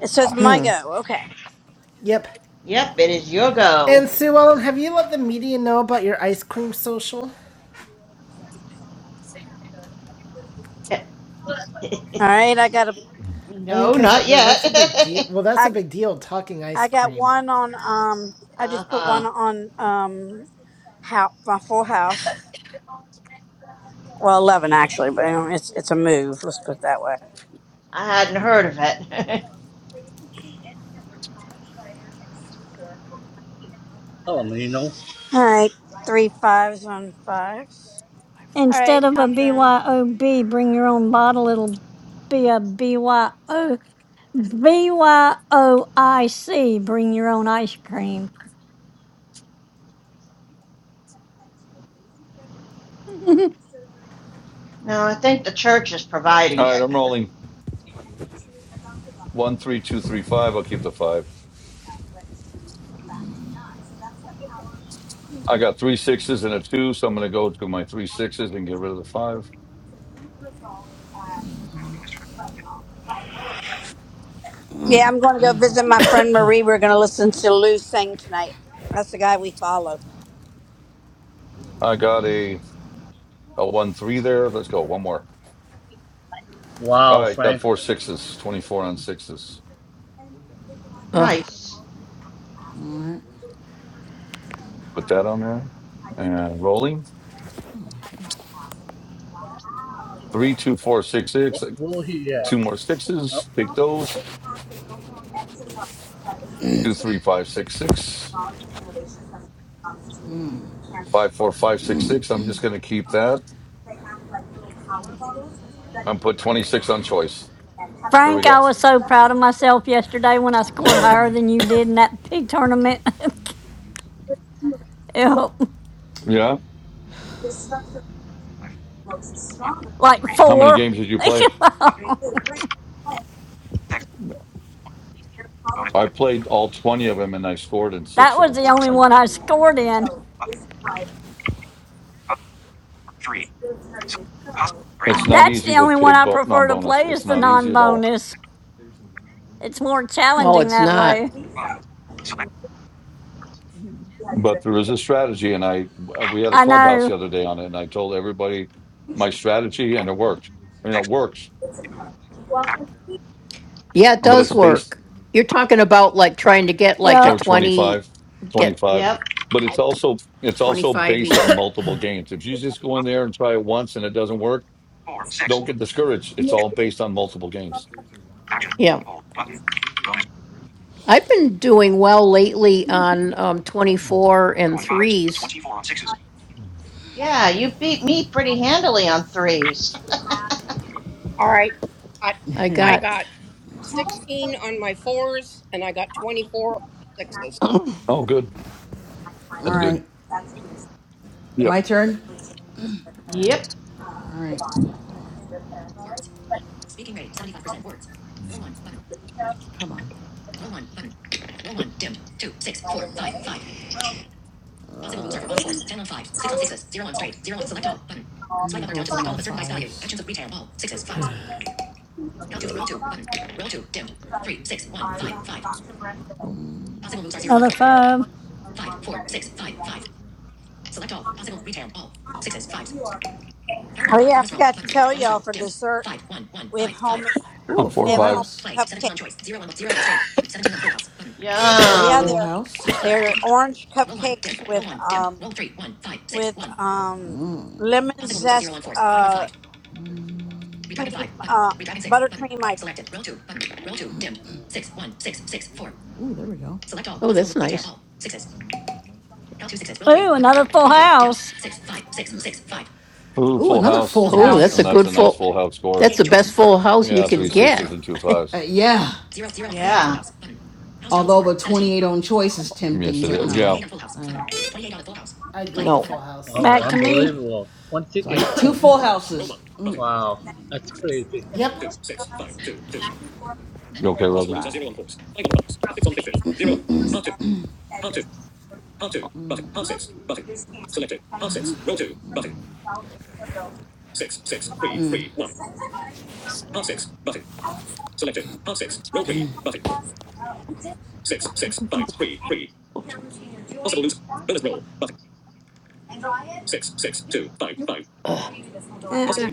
S1: It says my go. Okay.
S3: Yep.
S7: Yep, it is your go.
S3: And Sue Ellen, have you let the media know about your ice cream social?
S7: *laughs*
S1: All right. I got a.
S3: I mean,
S7: no,
S3: because
S7: not yet.
S3: that's a big deal.
S7: *laughs*
S3: Well, that's a
S1: I
S3: big deal talking ice
S1: I got
S3: cream.
S1: one on um. I
S7: uh
S1: just put one
S7: huh.
S1: on um. How my full house. Well, 11 actually, but you know, it's it's a move. Let's put it that way.
S7: I hadn't heard of it.
S2: Oh, Nino.
S1: All right, three fives on fives. All right,
S9: Instead of a
S1: I'm done.
S9: BYOB, bring your own bottle. It'll be a BYO, BYOIC, bring your own ice cream.
S7: *laughs* no, I think the church is providing
S5: All right,
S7: it.
S5: I'm rolling. One, three, two, three, five. I'll keep the five. I got three sixes and a two, so I'm going to go to my three sixes and get rid of the five.
S1: Yeah, I'm going to go visit my friend Marie. We're going to listen to Lou sing tonight. That's the guy we follow.
S5: I got a a one three there. Let's go. One more. All
S2: Wow,
S5: right, got
S2: Frank.
S5: four sixes. Twenty four on sixes.
S11: Ugh,
S7: Nice.
S5: Put that on there. And rolling. Three, two, four, six, six.
S2: What
S5: uh,
S2: will he get?
S5: Two more
S2: Oh,
S5: sixes. Take those. Two, three, five, six, six.
S6: Mm-mm.
S5: Five, four, five, six, six. I'm just going to keep that. and put 26 on choice. There we
S9: Frank, I
S5: go.
S9: was so proud of myself yesterday when I scored higher
S6: right.
S9: than you did in that pig tournament. *laughs* Yep,
S5: Yeah.
S8: five, one,
S9: like
S8: three, four,
S5: How many
S9: four.
S5: games did you
S9: *laughs*
S5: play?
S9: that
S8: button, six, one, bonus,
S5: I played all 20 of them and I scored in six of
S9: was
S5: them.
S9: the
S8: select,
S9: only
S8: select
S5: I,
S9: one I scored
S8: all
S9: in.
S8: two, button, five, four, three, select possible, range
S9: Uh,
S5: it's not
S9: That's
S5: easy
S9: the
S5: with
S9: only one
S5: pig
S9: I
S5: bo- non
S9: prefer to
S5: bonus.
S9: play is
S5: It's
S8: four,
S9: the
S5: not
S8: one,
S5: easy at all.
S9: non-bonus. It's more
S11: no,
S9: challenging
S11: it's
S9: that
S11: not.
S9: way.
S8: five, select
S5: But there is a strategy. And I we had a
S9: I
S5: clubhouse
S9: know.
S5: the other day on it. And I told everybody my strategy
S8: all
S5: and it worked. You know, it
S8: six,
S5: works,
S8: two, action,
S11: Yeah, it
S5: but
S8: button,
S11: does
S5: it's based
S11: work. You're
S8: button,
S11: talking about like trying to get like a
S8: three,
S5: over
S8: two,
S9: Yep.
S5: twenty
S11: 20,
S5: five, twenty
S8: button,
S11: get
S5: five.
S7: Yep.
S5: But
S8: roll,
S5: it's also it's also
S11: 25
S5: based
S11: each.
S5: on multiple games. If you just go in there and try it once and it doesn't work,
S8: four, four, six,
S5: Don't
S8: five,
S5: get discouraged. It's all based on multiple games.
S8: action,
S11: Yeah.
S8: hold, button, bonus,
S11: I've been doing well lately on um, 24
S8: zero
S11: and
S8: on fives,
S11: threes.
S8: 24 on sixes.
S7: Yeah, you beat me pretty handily on threes.
S8: All right, I,
S6: *laughs*
S11: I
S8: I
S11: got,
S8: got 16 on my fours and I got 24 on sixes.
S11: *clears throat* oh,
S5: Oh, good.
S6: All
S5: That's good.
S6: right.
S5: Yep.
S6: My turn.
S7: *laughs* yep.
S6: All right. Hold on. Come on.
S9: Another five.
S1: Oh yeah, I forgot to tell y'all for dessert we have homemade
S5: On
S6: Ooh,
S5: four
S1: we
S6: full
S1: have homemade
S5: fives.
S6: house.
S1: cupcakes. Yeah,
S7: Yum.
S1: they're
S6: house.
S1: they're orange cupcakes with um with um lemon zest uh cream uh buttercream ice.
S6: Ooh, there we go.
S11: that's nice.
S9: Ooh, another full house.
S5: Ooh,
S6: Ooh,
S5: full
S6: another
S5: house.
S6: full
S11: Oh,
S5: Nice.
S11: that's a
S5: And
S6: house.
S5: that's
S11: good
S5: a nice
S11: full.
S5: full house score.
S11: That's the best full house you
S5: Yeah, three
S11: could
S5: sixes
S11: get.
S5: and two
S6: Uh,
S5: fives.
S6: yeah.
S7: Yeah.
S6: 28 on choice is tempting,
S5: Yes, it is. Yeah.
S3: I'd go with the
S11: No,
S3: Full House.
S2: oh,
S9: Back to me. *laughs*
S2: unbelievable.
S6: so I got
S2: 28
S6: two full
S2: points.
S6: houses. Mm,
S2: Wow, that's crazy.
S3: Yep.
S5: You okay,
S6: all
S5: Rosie?
S6: right.
S11: Ugh.
S9: Uh,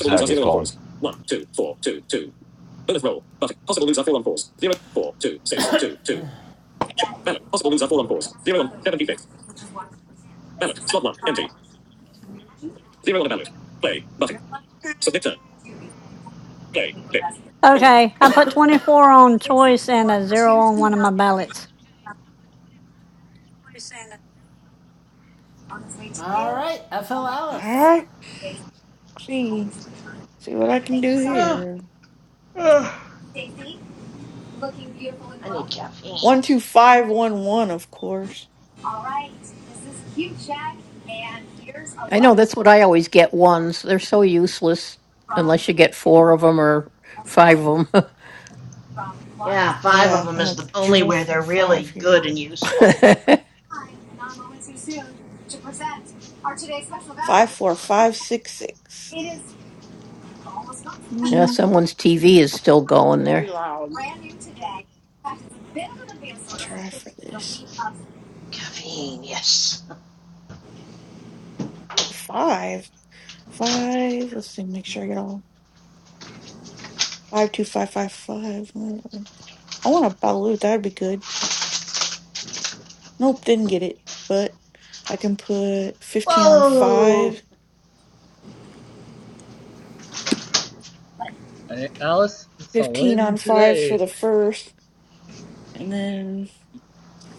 S5: Zach is calling.
S9: Okay, I put 24 on choice and a zero on one of my ballots.
S3: All right, FL Alice.
S4: right, see, see what I can do
S7: *sighs*
S4: here.
S7: I need caffeine.
S4: One, two, five, one, one, of course.
S11: I know that's what I always get. Ones they're so useless unless you get four of them or five of them.
S7: Yeah, five of
S4: Yeah,
S7: them
S4: I'm
S7: is
S4: gonna
S7: the only
S4: try
S7: where
S4: for
S7: they're
S4: five
S7: really good
S4: here.
S7: and useful.
S11: *laughs*
S4: Five, four, five, six, six.
S11: yeah,
S4: Hmm,
S11: someone's TV is still going
S8: Very
S11: there.
S8: loud.
S4: try for this.
S7: Caffeine, yes.
S4: Ooh, five. Five. Let's see, make sure I get all. Five two five five five. I want a Balut. That'd be good. Nope, didn't get it. But I can put fifteen on
S7: Whoa!
S4: five,
S2: And Alice, it's a
S4: fifteen
S2: win
S4: on fives for
S2: today.
S4: the first, and then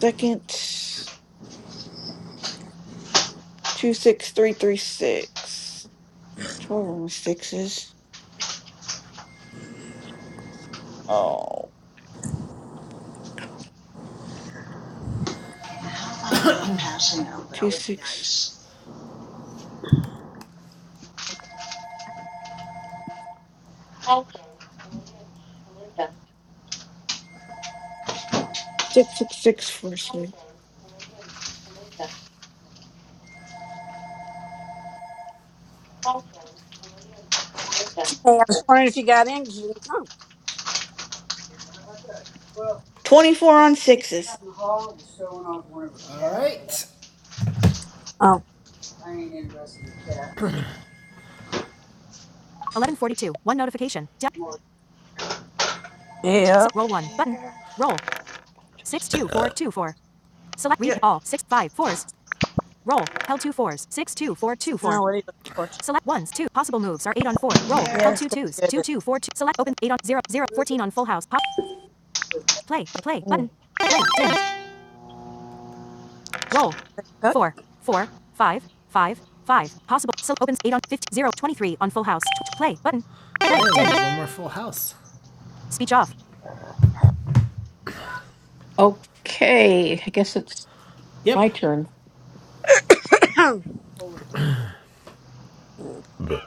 S4: second two six three three six. Twelve on the sixes. Oh,
S7: Yeah, How about not passing out? That
S4: two
S7: would be
S4: six.
S7: nice.
S4: Six six six four six.
S1: Hey, I was wondering if you got in 'cause you didn't come.
S4: Twenty four on sixes.
S3: All right.
S1: Oh. Yep.
S7: There,
S4: Yep.
S1: Now what are you looking for?
S7: put that
S1: Yeah,
S7: there.
S1: it's gonna be good. isn't it? Mm.
S3: Oh, one more Full House.
S11: Okay, I guess it's my
S3: Yep.
S11: turn.
S1: *coughs*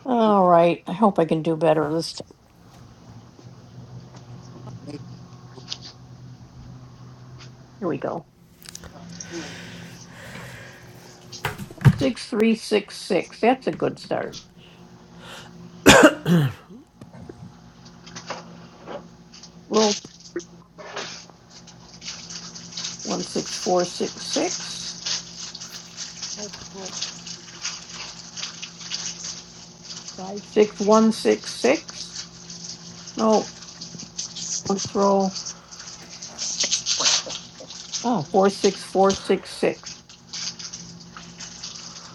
S11: All right, I hope I can do better this time. Here we go. Six three six six. That's a good start. Roll one six four six six. Oh, Roll five six one six six. No, let's roll. Ah, four, six, four, six, six.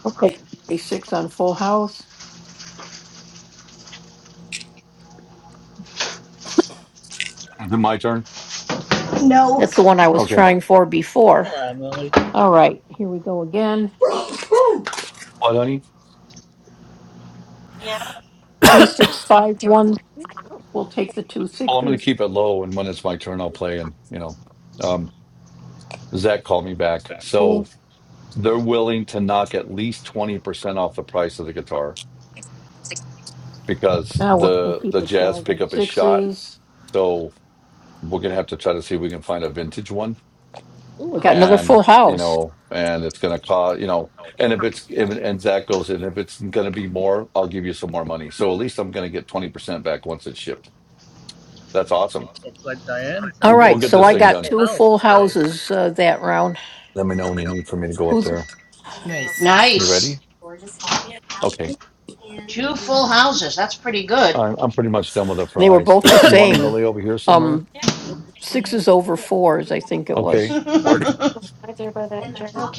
S11: Okay, A six on full house.
S5: Is it my turn?
S7: No.
S11: that's the one I was
S5: Okay.
S11: trying for before.
S2: Hello, Emily.
S11: All right, here we go again.
S5: What, honey?
S11: Three, six, five, one. We'll take the two
S5: Well, I'm going to
S11: sixes.
S5: keep it low. And when it's my turn, I'll play. And, you know, um, Zach called me back. So
S11: Cool.
S5: they're willing to knock at least 20% off the price of the guitar because
S11: Now we'll still
S5: the
S11: keep
S5: the
S11: the
S5: jazz
S11: twelve and
S5: pickup is shot.
S11: sixes.
S5: So. we're gonna have to try to see if we can find a vintage one
S11: Ooh, I got another
S5: and
S11: full
S5: you
S11: house.
S5: know and it's gonna cost you know and if it's if and zach goes in, if it's gonna be more i'll give you some more money so at least i'm gonna get 20% back once it's shipped that's awesome
S2: Looks like Diane's
S11: All
S2: gonna
S5: we'll,
S2: get
S5: we'll
S11: right,
S2: her
S5: get
S11: so
S5: this
S11: I
S5: thing
S2: own
S11: got
S5: done
S2: full
S11: two
S2: house
S11: full
S2: today.
S11: houses uh, that round.
S5: let me know when you need for me to go up
S11: Who's
S5: there
S3: Nice.
S5: you ready
S7: Nice.
S5: okay
S7: Two full houses. That's pretty good.
S5: i'm, I'm pretty much done with the
S11: they were
S5: fries
S11: both the
S5: you want them to
S11: same.
S5: lay over here somewhere
S11: Um, sixes over fours, I think it
S7: *laughs*
S5: okay
S7: okay,
S11: was.
S5: Where do-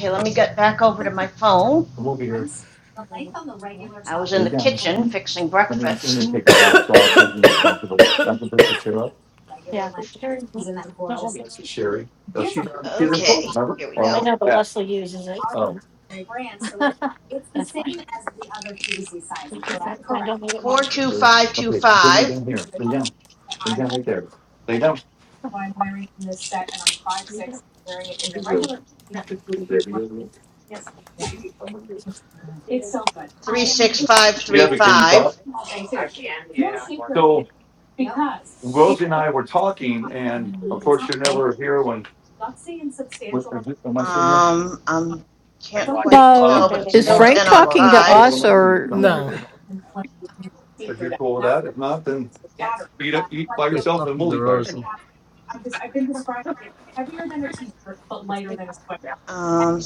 S7: let me get back over to my phone.
S5: we'll be here
S7: I was
S5: Are
S7: in
S5: you
S7: the
S5: down?
S7: kitchen
S5: Let
S7: fixing
S5: me- let me-
S7: breakfast.
S5: on, uh, so you can be comfortable. I can push the chair up. That one. That's Sherry. Oh, she, she's in
S7: Okay,
S5: Florida, remember?
S7: here we
S5: Oh,
S7: go.
S5: oh,
S7: Four two
S5: good.
S7: five two
S5: okay, so we
S7: five
S5: down here, lay down, lay down right there, lay down.
S7: three six five
S5: Yeah,
S7: three
S5: but can you
S7: five.
S5: talk? So Rosie and I were talking and of course you're never here when, what, am I sitting there?
S7: Um, I can't
S11: I-
S7: quite
S11: i-
S9: No.
S7: tell,
S5: Um,
S7: but it's
S5: we
S11: Is
S7: still
S5: wanna,
S11: Frank
S7: 10
S5: we
S7: on
S5: wanna
S11: talking to
S5: maybe have a
S11: us
S7: fives.
S5: lunch
S11: or?
S5: somewhere
S3: No.
S5: there. If you're cool with that, if not, then eat, eat by
S2: He's
S5: yourself and
S2: talking
S5: we'll
S2: to
S5: eat by ourselves.
S2: Rosie.
S7: Um,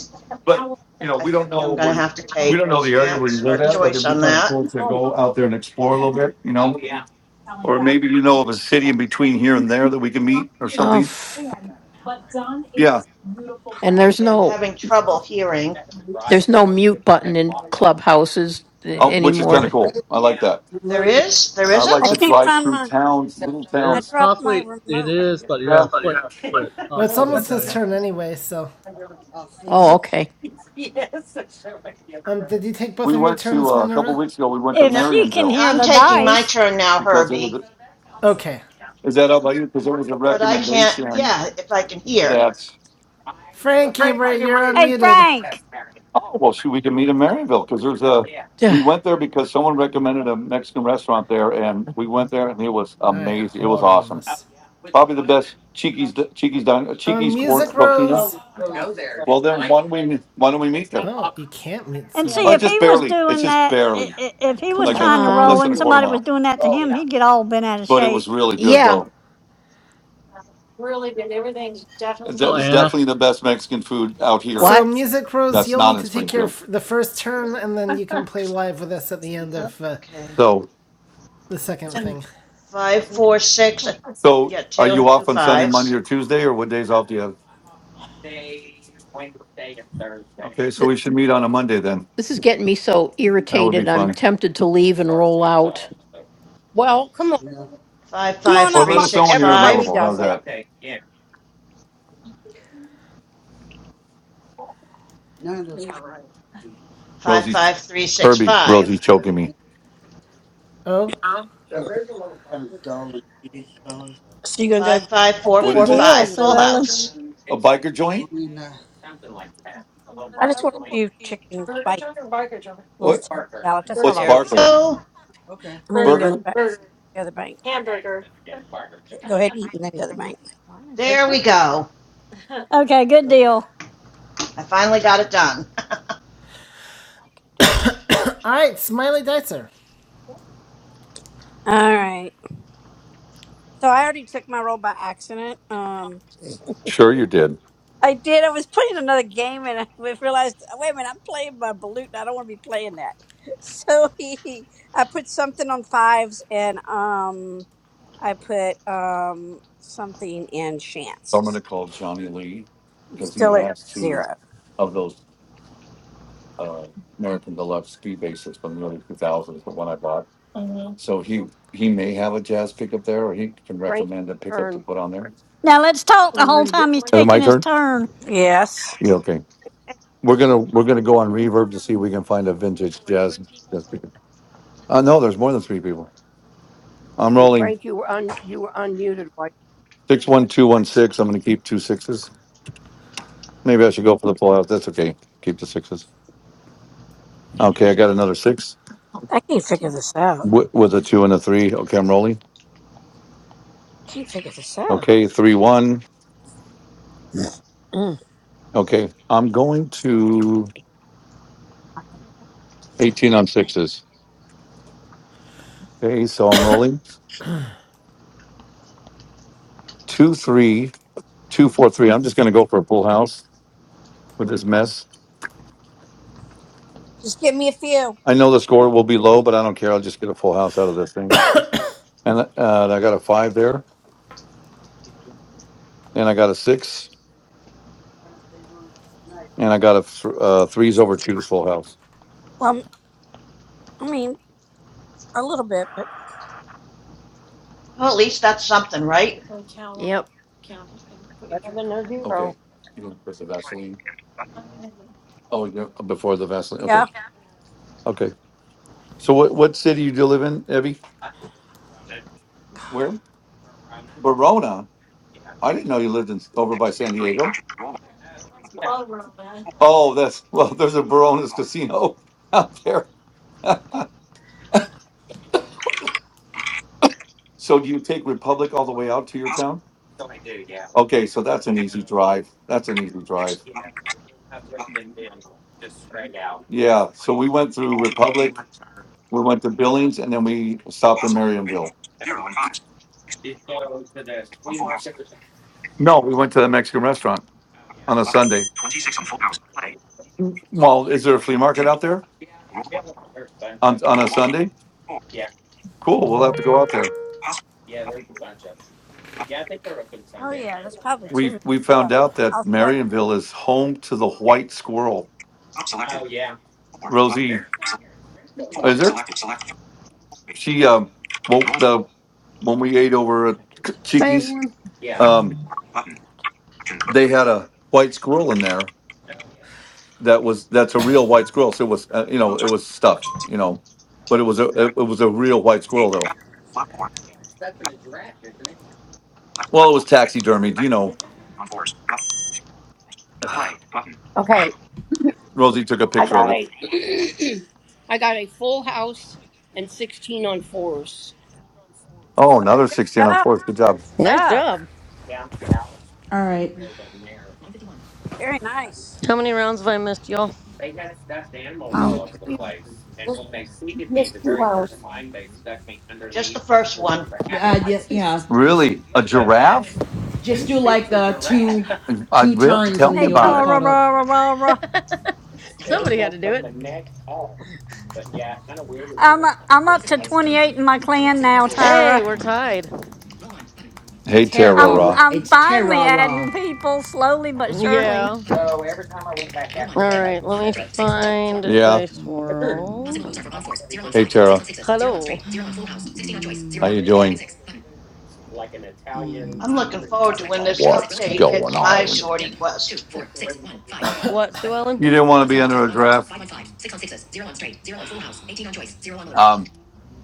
S5: But, you know,
S7: I
S5: we don't
S7: think
S5: know
S7: I'm going to
S5: where,
S7: have to
S5: we
S7: take
S5: don't know the area where you
S7: chance or
S5: live at, but
S7: choice
S5: it'd be
S7: on
S5: kind of
S7: that.
S5: cool to
S8: Oh,
S5: go out there and explore a little bit, you know? Or maybe you know of a city in between here and there that we can meet or
S11: Oh,
S5: something?
S11: f-
S5: Yeah.
S11: and there's
S7: Okay, I'm
S11: no
S7: having trouble hearing.
S11: there's no mute button in clubhouses uh,
S5: Oh, which is
S11: anymore.
S5: kind of
S11: To,
S5: cool. I like that.
S7: There is? There
S5: I
S1: I
S5: like
S3: Well,
S5: to
S7: isn't?
S3: it's
S1: can't
S5: drive
S1: find
S5: through
S1: my.
S5: towns, little
S1: I
S2: There,
S5: towns.
S1: dropped my
S2: possibly it
S1: remote. I
S2: is, but you
S5: Yeah.
S2: gotta flip to it.
S3: well, it's
S2: Possibly that
S3: almost his
S1: dro-
S2: Diane.
S3: turn anyway. So,
S11: oh, okay.
S3: um, did you take both
S5: We
S3: of your
S5: went to,
S3: turns,
S5: uh, a couple
S3: Minerva?
S5: weeks ago, we went to
S9: if
S7: No,
S9: she can
S5: Marionville
S9: hear
S7: I'm
S9: the
S7: taking my
S9: dice.
S7: turn now,
S5: because it
S7: Herbie.
S5: was,
S3: Okay.
S5: is that out by you? Because there was a
S7: But I can't,
S5: recommendation
S7: yeah, if I can hear.
S5: that
S3: Frankie, you're
S9: Hey,
S3: unmuted.
S9: Frank,
S5: Oh well, shoot, we can meet in Maryville because there's a. We
S11: Ugh,
S5: went there because someone recommended a Mexican restaurant there, and we went there, and it was
S3: All right,
S5: amazing. It was
S3: hold on.
S5: awesome.
S3: Let's.
S5: Probably the best Cheeky's Cheeky's Dine-
S3: Um,
S5: Cheeky's Cor-
S3: Music
S5: Coquina.
S3: Rose.
S5: Well, then why don't we why don't we meet there?
S3: Oh, you can't mute
S9: and
S5: Yeah.
S9: see
S3: somebody.
S5: Oh,
S9: if
S5: just
S9: he was
S5: barely. It's
S9: doing
S5: just
S9: that, i-
S5: barely
S9: i- if he was
S11: Come
S5: like a
S9: trying to
S5: qu- less
S9: roll
S11: on.
S5: than a
S9: and
S5: quarter
S9: somebody was
S5: mile,
S9: doing that to him, he'd get all bent out of
S5: but it was
S9: shape.
S5: really good
S11: Yeah.
S5: though. Really good. Everything's definitely. It's
S2: Hello,
S5: de- it's
S2: Anna.
S5: definitely the best Mexican food out here.
S3: So,
S11: What?
S3: Music Rose,
S5: That's
S3: you'll
S5: not
S3: need
S5: in
S3: to take your
S5: Springfield.
S3: the first turn, and then you can play live with us at the end of uh,
S7: Okay,
S5: So.
S3: the second thing.
S7: five, four, six, uh,
S5: So
S7: yeah,
S5: are
S7: two,
S5: you
S7: two
S5: off on Sunday, Monday,
S7: fives.
S5: or Tuesday, or what days off do you have? Okay, so
S11: Th-
S5: we should meet on a Monday then.
S11: This is getting me so
S5: That would be
S11: irritated. I'm
S5: fun.
S11: tempted to leave and roll out.
S8: well, come on,
S7: Five,
S1: Come
S7: five,
S1: on
S5: Or
S1: up,
S7: three,
S5: let
S1: Mark.
S5: us know
S7: six,
S5: when you're
S8: everybody
S7: five.
S5: available.
S8: does
S5: How's
S8: it.
S5: that?
S7: Five,
S5: Rosie's
S7: five, three, six,
S5: Herbie.
S7: five.
S5: Rosie's choking me.
S3: Oh?
S1: So you gonna go
S7: Five,
S1: to the
S7: five, four,
S5: What
S9: Good
S7: four,
S5: is it?
S9: deal,
S1: quarantine, or
S7: five.
S1: what are
S9: Sue
S1: you
S7: Full
S1: gonna do?
S9: Ellen.
S7: house.
S5: A biker joint?
S1: I just want a few chicken bites, little
S5: What?
S1: chicken salad. That's all I
S5: What's
S1: want.
S7: There we
S5: Barker?
S7: go.
S1: And then you can go to the,
S5: Burger?
S1: back, go to the bank. Go ahead and eat, and then go to the bank.
S7: There we go.
S9: Okay, good deal.
S7: I finally got it done. *laughs*
S3: Alright, Smiley Dicer.
S1: All right. So I already took my roll by accident. Um,
S5: Sure, you did.
S1: I did. I was playing another game and *laughs* I realized, wait a minute, I'm playing my balut and I don't want to be playing that. *laughs* So he, he- I put something on fives and um, I put um something in
S5: So I'm going
S1: chance.
S5: to call Johnny Lee
S1: I'm
S5: because he
S1: still at
S5: has two
S1: zero.
S5: of those uh, American Deluxe ski bases from the early 2000s, the one I bought. So he, he may have a jazz pickup there, or he can
S8: Frank,
S5: recommend a pickup to
S8: turn.
S5: put on there.
S9: Now let's talk
S5: Or
S9: the
S5: where
S9: whole
S5: to get
S9: time he's
S5: one. Is it my
S9: taking
S8: Yeah.
S9: his
S5: turn?
S9: turn.
S1: Yes,
S5: Yeah, okay. We're gonna, we're gonna go on reverb to see if we can find a vintage jazz, jazz pickup. Uh, no, there's more than three people. I'm
S8: And
S5: rolling
S8: Frank, you were un, you were unmuted. Why you
S5: six, one, two, one, six. I'm gonna keep two sixes. Maybe I should go for the pullout. That's okay. Keep the sixes. Okay, I got another six
S1: I can't figure this out.
S5: wi- with a two and a three. Okay, I'm rolling.
S1: Can't figure this out.
S5: Okay, three, one.
S1: Mm.
S5: Okay, I'm going to eighteen on sixes. Okay, so I'm rolling two, three. two, four, three. I'm just going to go for a full house with this mess.
S1: Just give me a few.
S5: I know the score will be low, but I don't care. I'll just get a full house out of this thing. And uh, and I got a five there, and I got a six, and I got a th- uh, threes over twos full house.
S1: Um, I mean, a little bit, but
S7: well, at least that's something, right?
S11: Yep.
S8: better than a
S5: Okay.
S8: zero?
S5: You don't put the
S8: Play.
S5: Vaseline.
S8: Dimmed. Button.
S5: Oh, you before the Vaseline. Okay.
S1: yeah.
S5: Okay. So what what city do you live in, Evie? Where? Verona. I didn't know you lived in over by
S8: Six.
S5: San
S8: Three.
S5: Diego.
S8: Action. Roll. one.
S5: Oh, that's well. There's a Verona's
S8: Roll.
S5: casino out there. *laughs* So do you take Republic all the way out to your
S8: Possible.
S5: town? Okay, so that's an
S8: Two.
S5: easy drive. That's an easy
S8: Six.
S5: drive.
S8: Button. Button.
S5: Yeah, so we went through
S8: Roll two. Dim.
S5: Republic, we went to Billings, and then we stopped in
S8: Possible. Rain on
S5: Marionville.
S8: fours. Zero and fives. Six. Six on full house.
S5: No, we went to the Mexican restaurant on a
S8: Button.
S5: Sunday.
S8: Twenty-six on full house. Play.
S5: Well, is there a flea market
S8: Dimmed.
S5: out there
S8: Roll one.
S5: on, on a
S8: Roll one.
S5: Sunday?
S8: Four.
S5: Cool, we'll have to go out there.
S8: Action. Possible. Button. Button.
S1: Oh yeah, that's probably too
S5: We,
S1: many.
S5: we
S1: Yeah,
S5: found out that
S1: I'll start
S5: Marionville is home to the
S8: Three.
S5: white squirrel.
S8: Up selected. Four. Button.
S5: Rosie,
S8: Select four.
S5: Is there?
S8: Selected. Select three. Roll three.
S5: She um. Well,
S8: Roll.
S5: the when we ate over at
S11: Gotta do some-
S5: K-
S11: The
S12: Hey
S5: Cheeky's,
S12: everyone.
S5: yeah,
S8: Select.
S5: um,
S8: Four. Button. Action.
S5: they had a white squirrel in there. That was that's a real white squirrel. So it was uh, you know
S8: Moves.
S5: it was stuffed
S8: are.
S5: you know, but it was a it, it was a real white
S8: C.
S5: squirrel though.
S8: Back. Platform. Back. Left.
S5: Well, it
S8: Left.
S5: was
S8: Select.
S5: taxidermied. You
S8: Left.
S5: know,
S8: On fours. Button. Play. Button. Okay.
S5: Rosie took a
S8: I
S5: picture of
S8: got
S5: it.
S8: a. *clears throat* I got a full house and 16 on fours.
S5: Oh, another sixteen on fourth. Good job.
S1: that. Good
S12: Nice
S1: Job.
S12: job.
S6: All right.
S1: Very nice.
S12: How many rounds have I missed, y'all?
S8: Um, we missed two rounds.
S7: Just the first one.
S6: Uh, The idea, yeah, just
S5: Really, a giraffe?
S6: just do like the two
S5: I,
S6: two
S5: really?
S6: turns
S5: Tell
S6: and
S5: me
S6: then
S9: Hey,
S6: you'll be
S5: about it.
S9: Tara,
S6: caught
S9: rah,
S6: up.
S9: rah, rah, rah.
S12: Somebody had to do it.
S9: I'm I'm up to 28 in my clan now,
S12: Hey,
S9: Tara.
S12: we're tied.
S5: Hey,
S6: Terra,
S9: I'm
S5: Tara.
S9: I'm
S6: it's
S9: finally
S6: Terra. ra.
S9: adding people slowly but
S12: Yeah.
S9: surely.
S12: All right, let me find
S5: Yeah.
S12: Dice World.
S5: Hey, Tara. How
S12: Hello.
S5: you doing?
S7: I'm looking forward to when this
S5: What's
S7: update
S5: going
S7: hits my
S5: on?
S7: sortie quest.
S12: What, Sue Ellen?
S5: You didn't want to be under a draft. Um,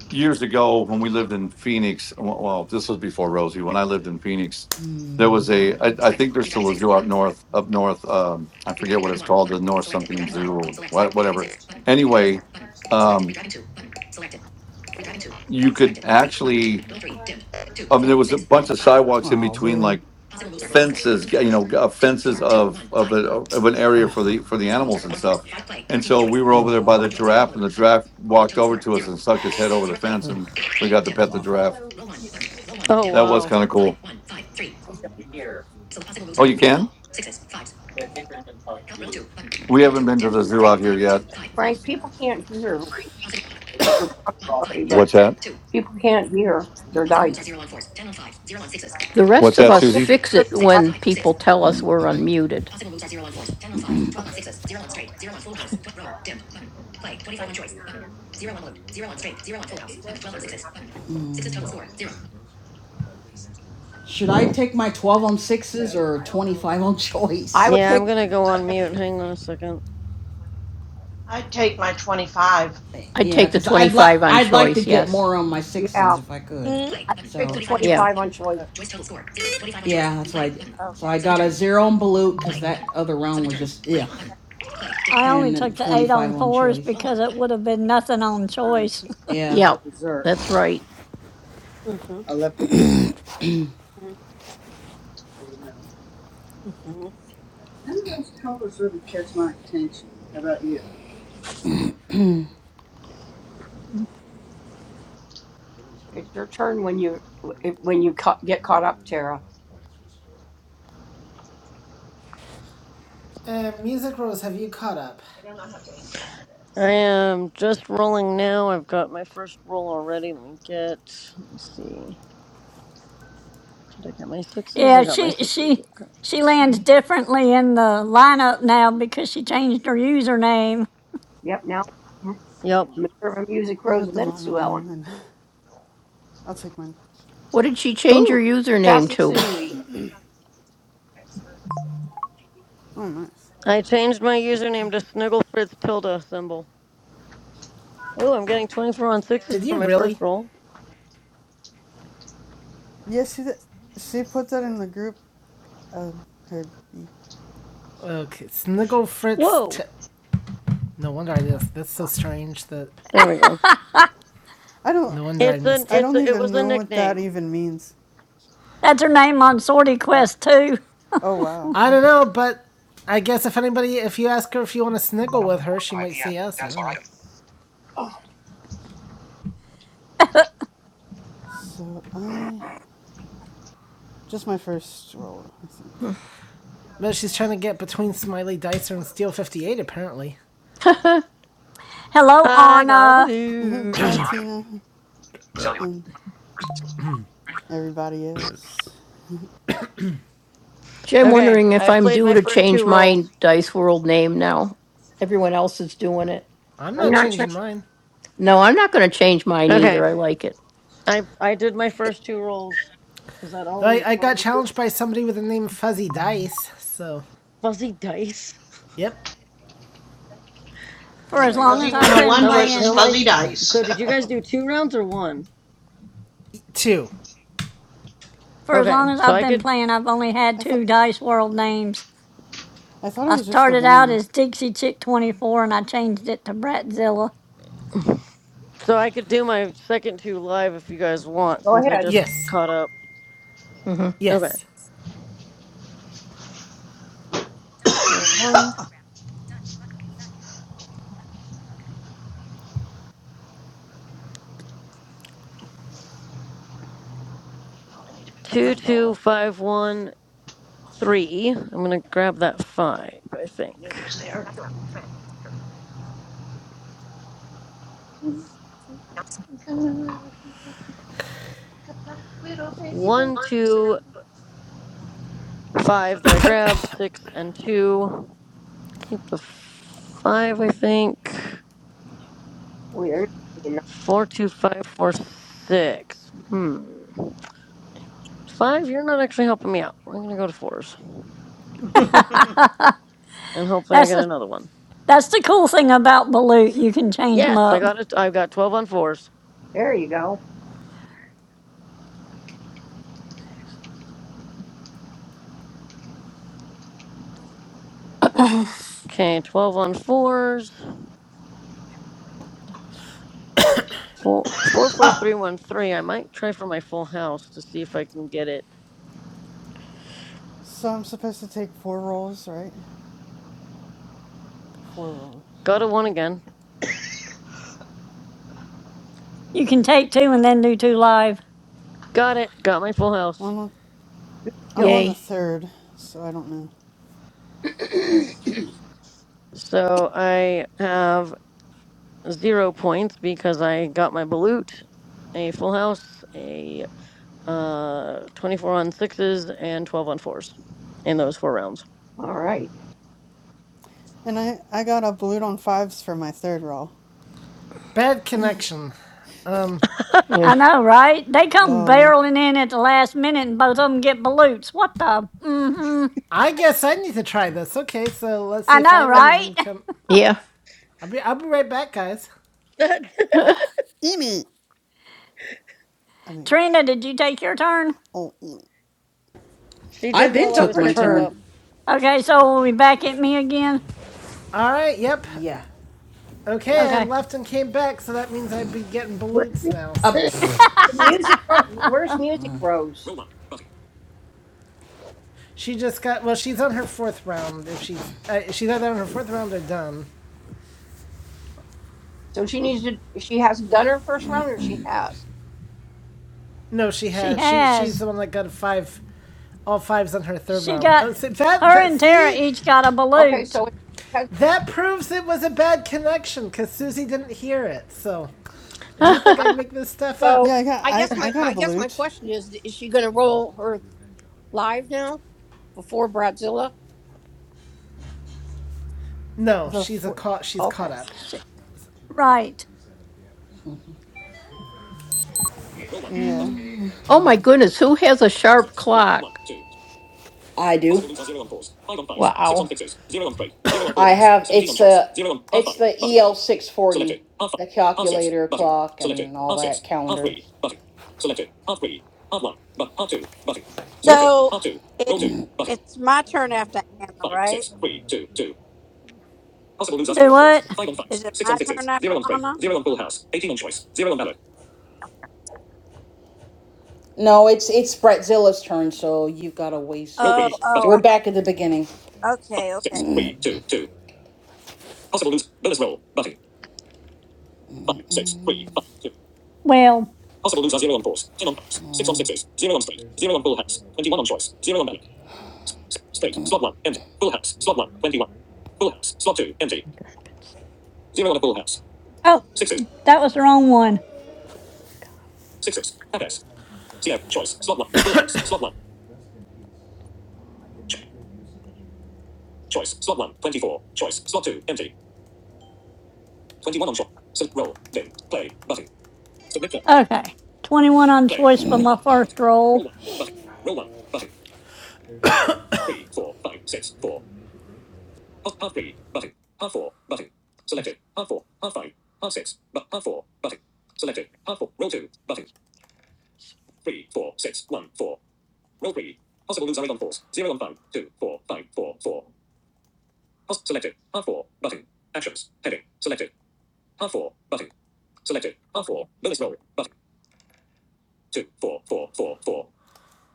S5: years ago, when we lived in Phoenix, well, well, this was before Rosie. When I lived in Phoenix, there was a. I I think there's still a zoo up north. Up north, um, I forget what it's called, the North something Zoo or what, whatever. Anyway, um, you could actually. I mean, there was a bunch of sidewalks in
S6: Oh,
S5: between,
S6: really?
S5: like fences, you know, uh, fences of of a, of an area for the for the animals and stuff. Yeah. And so we were over there
S6: Oh,
S5: by the
S6: yeah,
S8: Frank,
S5: giraffe, and the giraffe walked over to us and stuck his head
S6: *sighs*
S5: over the fence, and we got
S6: that
S5: to
S6: was
S5: pet the
S6: awful.
S5: giraffe.
S12: Oh,
S5: That was
S12: wow.
S5: kind of cool. Oh, you can? We haven't been to the zoo out here yet.
S11: rest
S8: Frank,
S11: of
S8: people
S11: us
S8: can't
S11: fix it.
S8: hear your I'm sorry,
S5: What's
S8: but
S5: that?
S8: people can't hear their dice.
S11: The
S5: What's
S11: rest of
S5: that,
S8: People
S11: us
S8: can't
S5: Susie?
S8: hear
S11: fix
S8: their
S11: it
S8: dice.
S11: when people tell us we're unmuted.
S6: Should I take my twelve on sixes or twenty five on *laughs*
S8: I
S6: choice?
S8: would
S12: Yeah,
S8: take,
S12: I'm going to go on mute. Hang on a second.
S7: I'd take my 25.
S11: I'd
S6: Yeah,
S11: take the
S6: because I'd like
S11: 25 on
S6: I'd like to
S11: choice,
S6: get
S11: yes.
S6: more on my
S8: yeah,
S6: sixes if I could.
S1: Mm.
S8: I would
S6: So
S8: take the
S11: Yeah.
S8: 25 on
S6: Choice
S8: choice.
S6: yeah, that's why. So
S1: Okay.
S6: I got a zero on Balut because that other round was just yeah,
S9: I only
S6: and then
S9: took the
S6: twenty
S9: eight
S6: five
S9: on
S6: on
S9: fours
S6: choice.
S9: because it would have been nothing on choice.
S6: Yeah,
S11: Yeah. That's right.
S1: Mm-hmm. Mhm.
S8: It's your turn when you when you ca- get caught up, Tara.
S3: Uh, Music Rose, have you caught up?
S12: I am just rolling now. I've got my first roll already. Let me get, let me see. Did I get my sixes?
S9: Yeah,
S12: I got my
S9: she
S12: sixes.
S9: she
S12: Okay.
S9: she lands
S12: So,
S9: differently in the lineup now because she changed her username.
S8: Yep. Now
S12: Yep.
S8: Minerva Music
S13: Not
S8: Rose,
S13: at
S8: and
S13: the
S8: then Sue
S13: moment,
S8: Ellen.
S13: no. And I'll take mine.
S11: What did she change her
S12: Ooh.
S11: username
S8: Sassy
S11: to?
S8: Susie.
S13: Oh, nice.
S12: I changed my username to Sniggle Fritz Tilda symbol. Oh, I'm getting 24 on sixes
S3: Did
S12: for
S3: you
S12: my first
S3: really?
S12: roll.
S13: Yeah, she she put that in the group. Um, her
S3: Okay, Sniggle Fritz. T-
S12: Whoa!
S3: no wonder I missed. That's so strange that.
S12: There we go.
S13: I don't
S3: No wonder I
S12: It's an
S3: missed
S13: I
S3: it.
S12: it's
S13: don't
S12: a, it
S13: even
S12: was a
S13: know what that
S12: nickname.
S13: even means.
S9: That's her name on Sortie
S13: Uh,
S9: Quest too.
S13: oh wow.
S3: I don't know, but I guess if anybody, if you ask her if you want to sniggle with her, she
S8: 5
S3: might say
S8: p.m.
S3: yes. I
S8: Status
S3: don't
S8: bar
S3: know.
S8: item. Oh.
S13: So I just my first roll, I think.
S3: But she's trying to get between Smiley Dicer and Steel 58, apparently.
S11: Hmm.
S9: Hello,
S12: I got a
S9: Anna.
S13: *laughs*
S12: balut.
S13: Hi
S8: Status bar item.
S13: Tina and everybody else.
S11: *laughs* Jim
S12: Okay,
S11: wondering if
S12: I've
S11: I'm
S12: played
S11: due
S12: my
S11: to
S12: first two
S11: change my
S12: rolls.
S11: Dice World name now. Everyone else is doing it.
S3: I'm
S8: I'm
S3: not
S8: not trying.
S3: changing mine.
S11: No, I'm not going to change mine
S12: Okay,
S11: either. I like it.
S12: I I did my first two rolls. Is that all
S3: Though I,
S12: we
S3: I
S12: all
S3: got
S12: we needed?
S3: challenged by somebody with the name Fuzzy Dice, so.
S12: Fuzzy dice.
S3: Yep.
S9: For
S12: Oh
S9: as
S12: my
S9: long
S7: Fuzzy
S9: as
S12: gosh.
S9: I've been
S7: 101
S12: How many
S7: versus
S12: how
S9: playing,
S12: many?
S7: Fuzzy
S9: I've,
S7: Dice.
S12: So
S7: *laughs* *coughs*
S12: did you guys do two rounds or one?
S3: Two.
S9: for as
S12: Okay,
S9: long as
S12: so
S9: I've
S12: I
S9: been
S12: could
S9: playing, I've only had
S13: I thought
S9: two Dice World names.
S13: I thought it
S9: I
S13: was just the
S9: started out
S13: one.
S9: as Dixie Chick 24 and I changed it to Bratzilla.
S12: So I could do my second two live if you guys want,
S8: Go
S12: since I
S8: ahead.
S12: just
S3: Yes.
S12: caught up.
S11: hmm
S12: Okay.
S3: Yes.
S12: Well,
S7: oh,
S12: one,
S7: I need to pick up my
S12: two, two,
S7: phone.
S12: five, one, three. I'm gonna grab that five, I think.
S7: I knew it was there. *laughs*
S12: One, two, five that I grabbed, six and two. Keep the five, I think.
S8: Weird.
S12: Four, two, five, four, six. Hmm. Five, you're not actually helping me out. We're gonna go to fours.
S7: *coughs*
S9: *laughs*
S12: And hopefully I
S9: that's
S12: get
S9: the
S12: another one.
S9: that's the cool thing about Balut. You can change them
S12: Yes, I
S9: up.
S12: got it. I've got twelve on fours.
S8: There you go.
S12: Okay, 12 on fours. Four, four, four, three, one, three. I might try for my full house to see if I can get it.
S13: So I'm supposed to take four rolls, right? Four rolls.
S12: Got a one again.
S9: You can take two and then do two live.
S12: Got it. Got my full
S13: Well,
S12: house.
S13: I'm on, I'm on
S8: Kill.
S13: the
S11: Yay.
S13: third, so I don't know.
S8: *clears throat*
S12: So I have zero points because I got my balut, a full house, a uh, 24 on sixes, and 12 on fours in those four rounds.
S8: All right.
S13: And I I got a balloon on fives for my third roll.
S3: Bad connection. Um,
S11: Yeah.
S9: I know, right? They come
S13: Oh man,
S9: barreling in at the last minute and both of them get balutes. What the? Mm-hmm.
S3: I guess I need to try this. Okay, so let's see
S9: I
S3: if I
S9: know,
S3: leave
S9: right?
S3: and come.
S11: Yeah.
S3: I'll be I'll be right back, guys.
S12: *laughs*
S13: Emi. I
S9: *laughs*
S13: mean,
S9: Trina, did you take your turn?
S13: oh Emi.
S12: she
S6: I
S12: did
S6: been
S12: while I
S8: Took
S12: was
S6: took
S8: her
S6: my
S12: catching
S8: turn.
S6: turn.
S12: up.
S9: Okay, so will be back at me again?
S3: All right. Yep.
S6: yeah.
S3: Okay,
S13: Oh
S3: I
S13: my.
S9: Okay.
S3: left and came back, so that means I'd be getting
S8: Where's
S3: balutes
S8: the
S3: now.
S6: Uh,
S3: So
S6: pfft.
S8: music? Ro- Where's
S9: *laughs*
S8: music rose?
S3: she just got well. She's on her fourth round. If she's uh, she's either on her fourth round or done.
S8: So she needs to. She hasn't done her first round, or she has.
S3: No, she
S9: she
S3: has. She she's
S9: has.
S3: the one that got five, all fives on her third
S9: She
S3: round.
S9: got,
S3: Oh, so that
S9: her
S3: that
S9: and Tara
S3: see
S9: each got a
S8: Okay.
S9: balut.
S8: So it- has,
S3: That proves it was a bad connection because Susie didn't hear it. So,
S11: *laughs*
S3: and you think I make this stuff up?
S8: so
S13: Yeah, I got
S8: I
S13: I
S8: guess
S13: I
S8: my,
S13: got
S8: my
S13: a
S8: I guess my
S13: balut.
S8: question is: Is she going to roll her live now before Bradzilla?
S3: No,
S13: The
S3: she's a
S13: four.
S3: caught. She's
S8: Okay.
S3: caught up.
S9: She, right.
S13: Yeah.
S11: oh my goodness, who has a sharp clock?
S6: I do.
S11: Wow.
S6: I have it's a it's the EL six forty, the calculator clock and all that calendar. Yep.
S1: So it, it's my turn after Anna, right?
S9: Possible losers Do what? five on fives,
S1: Is it
S9: six on
S1: my turn
S9: sixes, zero
S1: after
S9: on straight,
S1: Anna?
S9: zero on full house, eighteen on choice, zero on ballot.
S6: No, it's it's Bratzilla's turn, so you've got to waste
S1: Oh,
S6: because
S1: oh,
S6: we're
S1: I thought.
S6: back at the beginning,
S1: Okay, okay.
S9: Well,
S6: Mm.
S9: oh, that was the wrong one. Okay. 21 on choice for my first roll,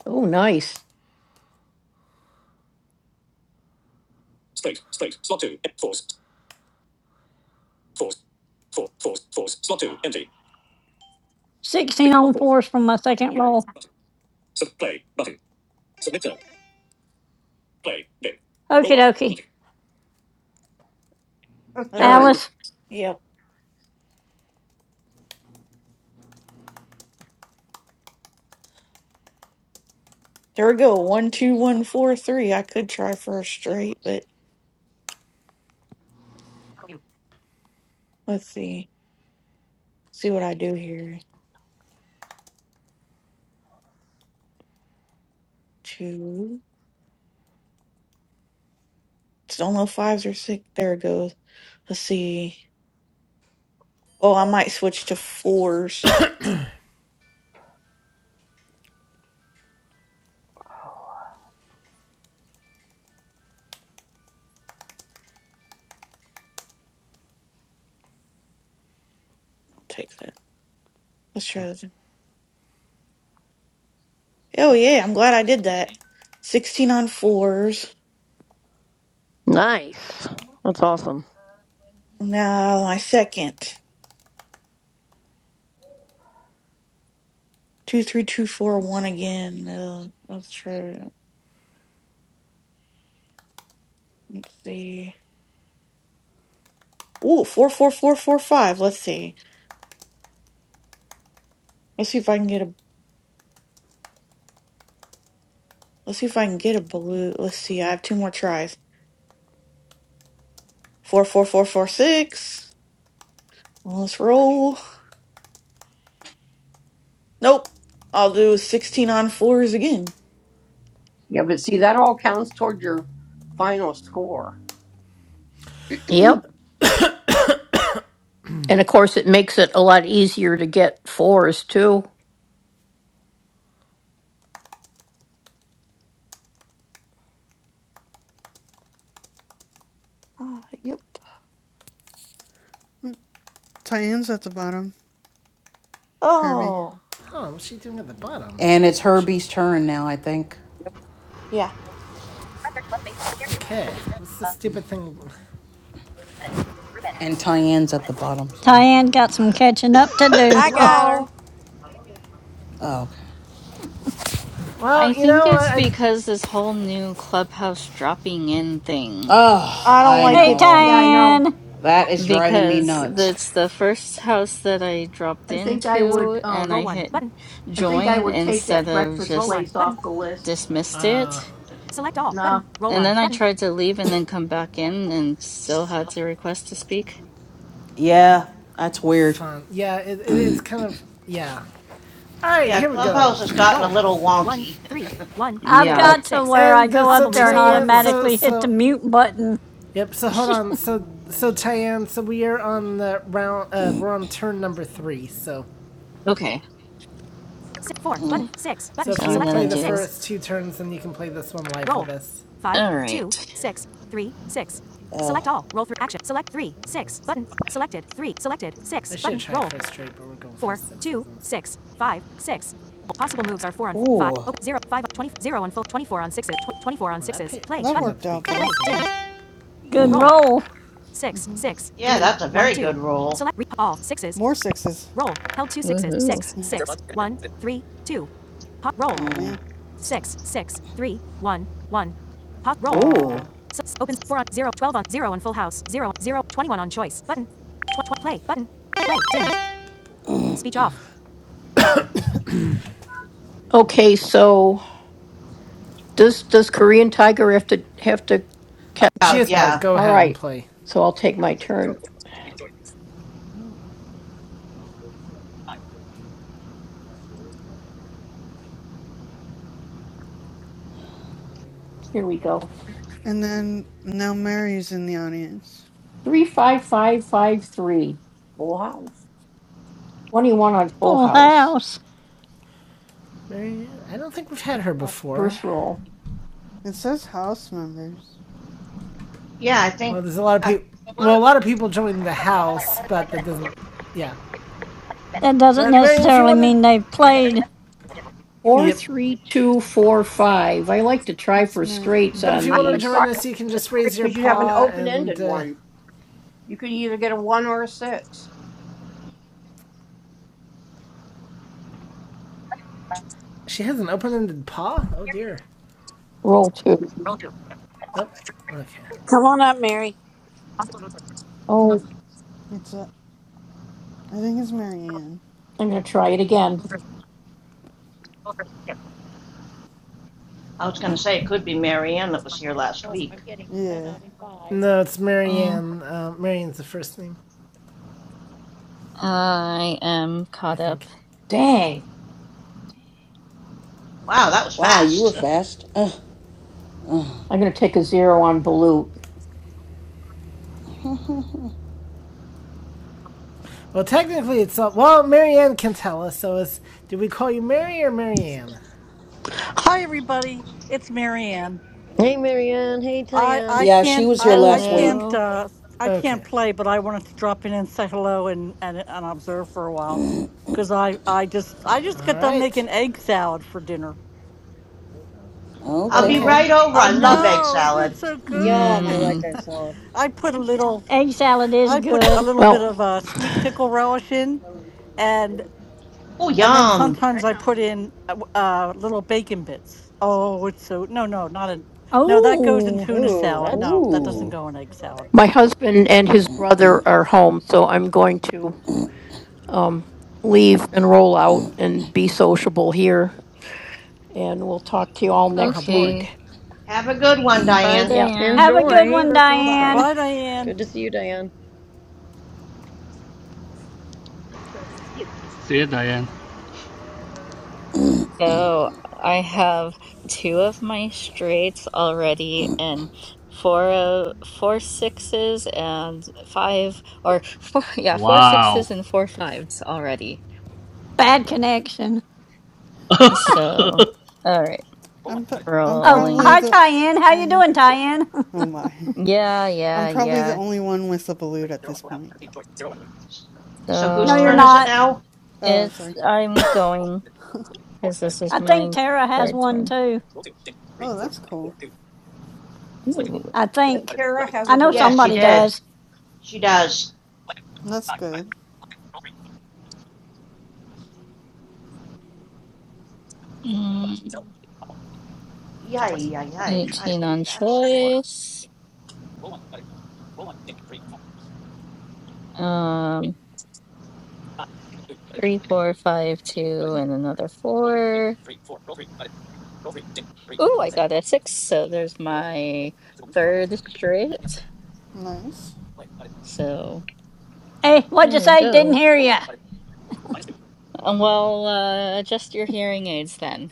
S11: Oh, nice.
S9: 16 on fours for my second roll. Okie dokie.
S8: Her
S4: Okay.
S8: turn.
S9: Alice,
S4: Yep. There we go. One, two, one, four, three. I could try for a straight, but let's see. See what I do here. Two. It's only fives or six. There it goes. Let's see. Oh, I might switch to fours. I'll take that. Let's try this. Oh yeah, I'm glad I did that. Sixteen on fours.
S12: Nice. That's awesome.
S4: Now my second. Two, three, two, four, one again. Uh, let's try. Let's see. Ooh, four, four, four, four, five. Let's see. Let's see if I can get a Let's see if I can get a blue. Let's see. I have two more tries. Four, four, four, four, six. Well, let's roll. Nope. I'll do sixteen on fours again.
S8: Yeah, but see that all counts toward your final score.
S11: Yep. And of course, it makes it a lot easier to get fours too.
S4: Ah, yep.
S13: Tyann's at the bottom. Herbie.
S4: Oh,
S3: Huh? What's she doing at the bottom? I
S6: and it's
S3: think she.
S6: Herbie's turn now, I think,
S4: yeah.
S3: Okay, what's the stupid thing?
S6: and Tyann's at the bottom. So,
S9: Tyann got some catching up to do.
S1: I got her.
S11: Hello.
S6: oh, okay.
S3: Well,
S14: I
S3: you
S14: think
S3: know,
S14: it's
S3: I.
S14: because this whole new clubhouse dropping in thing,
S6: Oh,
S4: I don't
S6: I
S4: like
S9: Hey,
S4: it.
S6: know
S11: Yeah, I know.
S9: Tyann,
S6: that is driving me
S14: because
S6: nuts.
S14: that's the first house that I dropped
S11: I think I would.
S14: into and I
S11: Um,
S14: hit
S11: I think I
S14: join
S11: would take
S14: instead
S11: that
S14: of
S11: breakfast
S14: just
S11: place off the list.
S3: I
S14: dismissed
S3: uh,
S14: it.
S11: No.
S14: And then I tried to leave and then come back in and still had to request to speak.
S6: Yeah, that's weird.
S3: fun. Yeah, it, it, it's kind of yeah. All right,
S7: yeah,
S3: here we go.
S7: Clubhouse has gotten a little wonky. *laughs*
S9: I've
S14: Yeah.
S6: Oh,
S9: got to where I
S3: And
S9: go
S3: uh, so
S9: up there and
S3: so
S9: automatically hit the
S3: so
S9: mute button.
S3: Yep. So hold on. So so Cheyenne. So we are on the round. Uh, we're on turn number three. So
S14: Okay.
S6: mm,
S14: So I'm gonna
S6: yeah.
S14: do.
S3: first two turns, then you can play this one live
S14: All right.
S6: Oh,
S3: for straight, but we're going
S6: ooh,
S13: That worked out though.
S9: Good roll.
S13: hmm
S7: Yeah, that's a very good rule.
S13: More sixes.
S14: Woohoo.
S13: Oh
S6: mm,
S13: man.
S6: ooh.
S13: Ah.
S11: Okay. So does does Korean Tiger have to have to?
S3: She
S7: Uh,
S3: is.
S14: Catch
S3: So
S14: up.
S7: yeah,
S3: go
S11: All
S3: ahead and
S11: right.
S3: play.
S11: So I'll take my turn. Here we go.
S13: And then now Mary's in the audience.
S11: Three five five five three.
S8: Full house.
S11: Twenty one on full
S9: Full
S11: house.
S9: house.
S3: Mary, I don't think we've had
S11: I
S3: her
S11: got
S3: before.
S11: first roll.
S13: It says house members.
S7: yeah. I
S3: Well,
S7: think
S3: there's a lot of
S7: I,
S3: people. Well, a lot of people joined the house, but that doesn't. Yeah,
S9: That doesn't
S3: but Marion, if you
S9: necessarily
S3: want to,
S9: mean they've played.
S11: Four
S3: yep.
S11: three two four five. I like to try
S13: It's
S11: for
S13: Mary.
S11: straights
S3: But if
S11: on
S3: you
S8: I
S3: want to
S8: would
S11: these.
S3: join
S8: try
S3: us, you can
S8: the
S3: just
S8: three
S3: raise your
S8: because you have an
S3: paw,
S8: open
S3: and
S8: ended
S3: uh,
S8: one. You can either get a one or a six.
S3: she has an open-ended paw. Oh dear.
S11: Roll two.
S3: Oh, okay.
S1: Come on up, Mary.
S11: Oh,
S13: It's uh, I think it's Marianne.
S11: I'm going to try it again.
S7: I was going to say it could be Mary Ann that was here last week.
S13: Yeah.
S3: No, it's
S14: Uh,
S3: Marianne. Uh, Marianne's the first name,
S14: I am
S3: I
S14: caught up.
S3: think.
S11: Dang.
S7: Wow, that was
S6: Wow,
S7: fast.
S6: you were fast. Ugh.
S11: I'm going to take a zero on Balut.
S3: Well, technically, it's not. Well, Marianne can tell us. So, is did we call you Mary or Marianne?
S15: Hi everybody, it's Marianne.
S12: Hey, Marianne. Hey,
S15: I
S12: Tyann.
S15: I
S6: yeah, she
S15: can't
S6: was here
S15: I I
S6: last week.
S15: can't
S14: Hello.
S15: uh I can't
S3: Okay.
S15: play, but I wanted to drop in and say hello and and, and observe for a while because I I just I just
S3: All
S15: got done
S3: right.
S15: making egg salad for dinner.
S7: I'll be
S6: Okay.
S3: Okay.
S12: Yum.
S7: right over.
S15: I
S7: I
S14: Mm-hmm.
S7: love egg
S15: know, isn't
S7: salad.
S15: it so
S12: Yum. I
S15: good?
S12: like
S14: Hmm.
S12: XL
S15: I put a little
S9: Egg salad is
S15: I put a
S9: good.
S15: little bit
S11: Well,
S15: of uh, sweet pickle relish in, and
S7: Oh,
S15: And then
S7: yum.
S15: sometimes
S1: Right
S15: I
S1: now.
S15: put in uh, uh, little bacon bits. Oh, it's so no, no, not in. No, that goes in
S9: Oh,
S15: tuna
S12: Ooh,
S15: salad.
S12: that's
S15: No, that
S12: cool.
S15: doesn't
S6: Ooh.
S15: go in egg salad.
S11: my husband and his brother are home, so I'm going to um, leave and roll out and be sociable here. And we'll talk to you all
S3: Oh, how
S11: next
S3: boring.
S14: Okay.
S11: week.
S7: Have a good one,
S14: Mm, Bye,
S7: Diane.
S11: Yeah.
S14: Diane.
S9: have a good
S12: Enjoy.
S9: one,
S12: That's
S9: Diane.
S12: awesome.
S11: Bye.
S15: Bye, Diane.
S12: Good to see you, Diane.
S2: See you, Diane.
S14: So I have two of my straights already, and four uh, four sixes and five, or four, *laughs* yeah, four sixes
S2: Wow.
S14: and four fives already.
S9: Bad connection.
S2: *laughs*
S14: So, all right,
S13: I'm i I'm
S9: Oh,
S13: probably
S14: rolling.
S9: hi,
S13: the
S9: Tyann. How you
S13: um.
S9: doing, Tyann? *laughs*
S13: Oh my. *laughs*
S14: Yeah,
S13: I'm
S14: yeah,
S13: probably the
S14: yeah.
S13: only one with a balut at this point.
S7: So whose
S9: No, you're
S7: turn
S14: So
S7: is it
S9: not.
S7: now?
S13: Oh,
S14: it's
S13: sorry.
S14: I'm going because this is
S9: I think
S14: my
S9: Tara has
S14: third
S9: one
S14: turn.
S9: too.
S13: Oh, that's cool.
S14: Ooh.
S9: I
S8: Yeah,
S9: think.
S8: Tara has
S9: I
S8: a
S9: know
S8: balloon.
S7: Yes, she
S9: somebody
S7: did.
S9: does.
S7: She does.
S13: That's good.
S14: Mm.
S7: Yay, yay, yay. Try to
S14: 18
S7: beat
S14: on
S7: that score.
S14: choice. Um, three, four, five, two, and another four. Ooh, I got a six. So there's my third straight.
S13: Nice.
S14: So
S9: Hey, what'd you
S14: there we
S9: say? Didn't
S14: go.
S9: hear you.
S14: Um, well, uh, adjust your hearing aids then.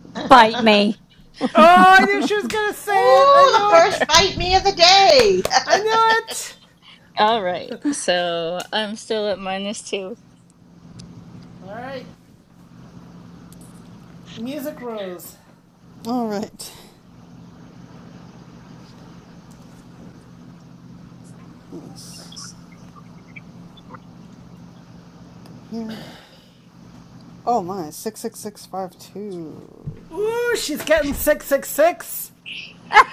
S7: *laughs* Ooh,
S9: Bite me.
S14: *laughs*
S3: Oh, I knew she was gonna say it. I
S7: the
S3: knew
S7: first
S3: it.
S7: bite me of the day.
S3: I knew it.
S14: All right. So I'm still at minus two. *laughs*
S3: All right, music rose.
S13: All right. Let's go here. Oh my, 66652.
S3: Ooh, she's getting six six six.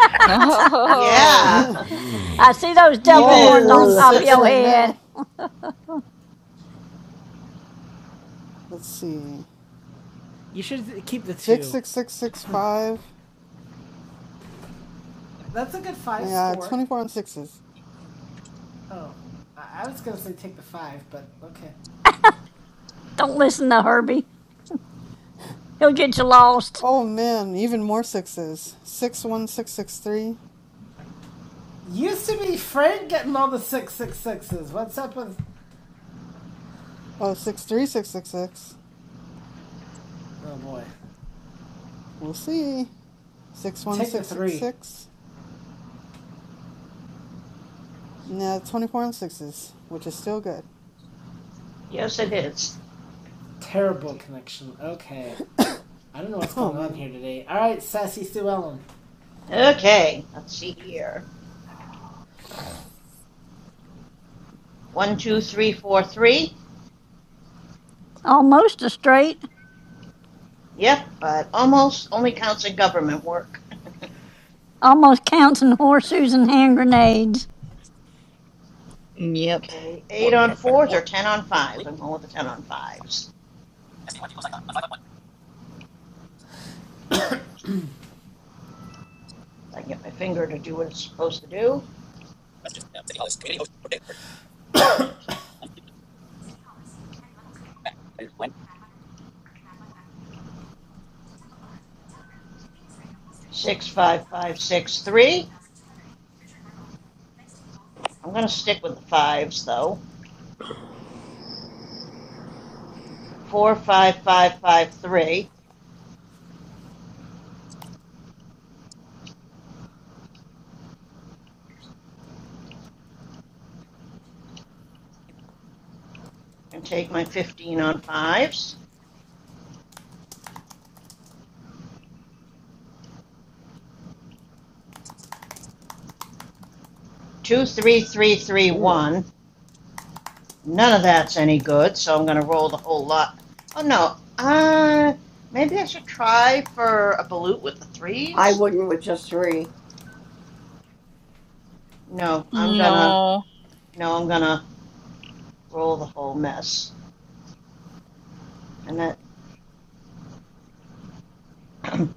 S3: What
S7: *laughs*
S3: does
S14: No.
S13: *laughs*
S3: that
S7: yeah.
S9: I
S3: mean?
S9: see those
S7: *laughs*
S9: devil
S13: oh, a
S9: horns
S13: fourth
S9: on
S7: Evil.
S9: top of
S13: six
S9: your
S13: right
S9: head.
S13: now. Let's see.
S3: You should keep the two.
S13: 66665.
S3: That's a good five
S13: Yeah,
S3: score.
S13: 24 on sixes.
S3: Oh, I, I was gonna say take the five, but okay.
S9: Don't listen to Herbie. He'll get you lost.
S13: Oh man, even more sixes. 61663. three.
S3: Used to be Frank getting all the six six sixes. What's up with?
S13: Oh, six three six six six.
S3: Oh boy,
S13: We'll see.
S3: take the three.
S13: 61666. Now 24 on sixes, which is still good.
S7: *laughs* yes, it is.
S3: Terrible connection. Okay, I don't know
S13: *laughs*
S3: what's
S13: Oh
S3: going on
S13: man.
S3: here today. All right, sassy Sue Ellen.
S7: Okay, let's see here. One, two, three, four, three.
S9: Almost a straight.
S7: Yep, but almost only counts in government work.
S9: Almost counting horseshoes and hand grenades.
S7: *laughs*
S14: Yep.
S7: okay, eight on fours or ten on fives. I'm going with the ten on fives. I can get my finger to do what it's supposed to do. Six, five, five, six, three. I'm going to stick with the fives though. Four, five, five, five, three, and take my fifteen on fives. Two, three, three, three,
S8: Ugh.
S7: one. None of that's any good, so I'm going to roll the whole lot. Oh no, uh, maybe I should try for a balut with the
S8: I
S7: threes.
S8: wouldn't with just three.
S7: No, I'm gonna,
S14: No.
S7: no, I'm gonna roll the whole mess. And that *clears throat*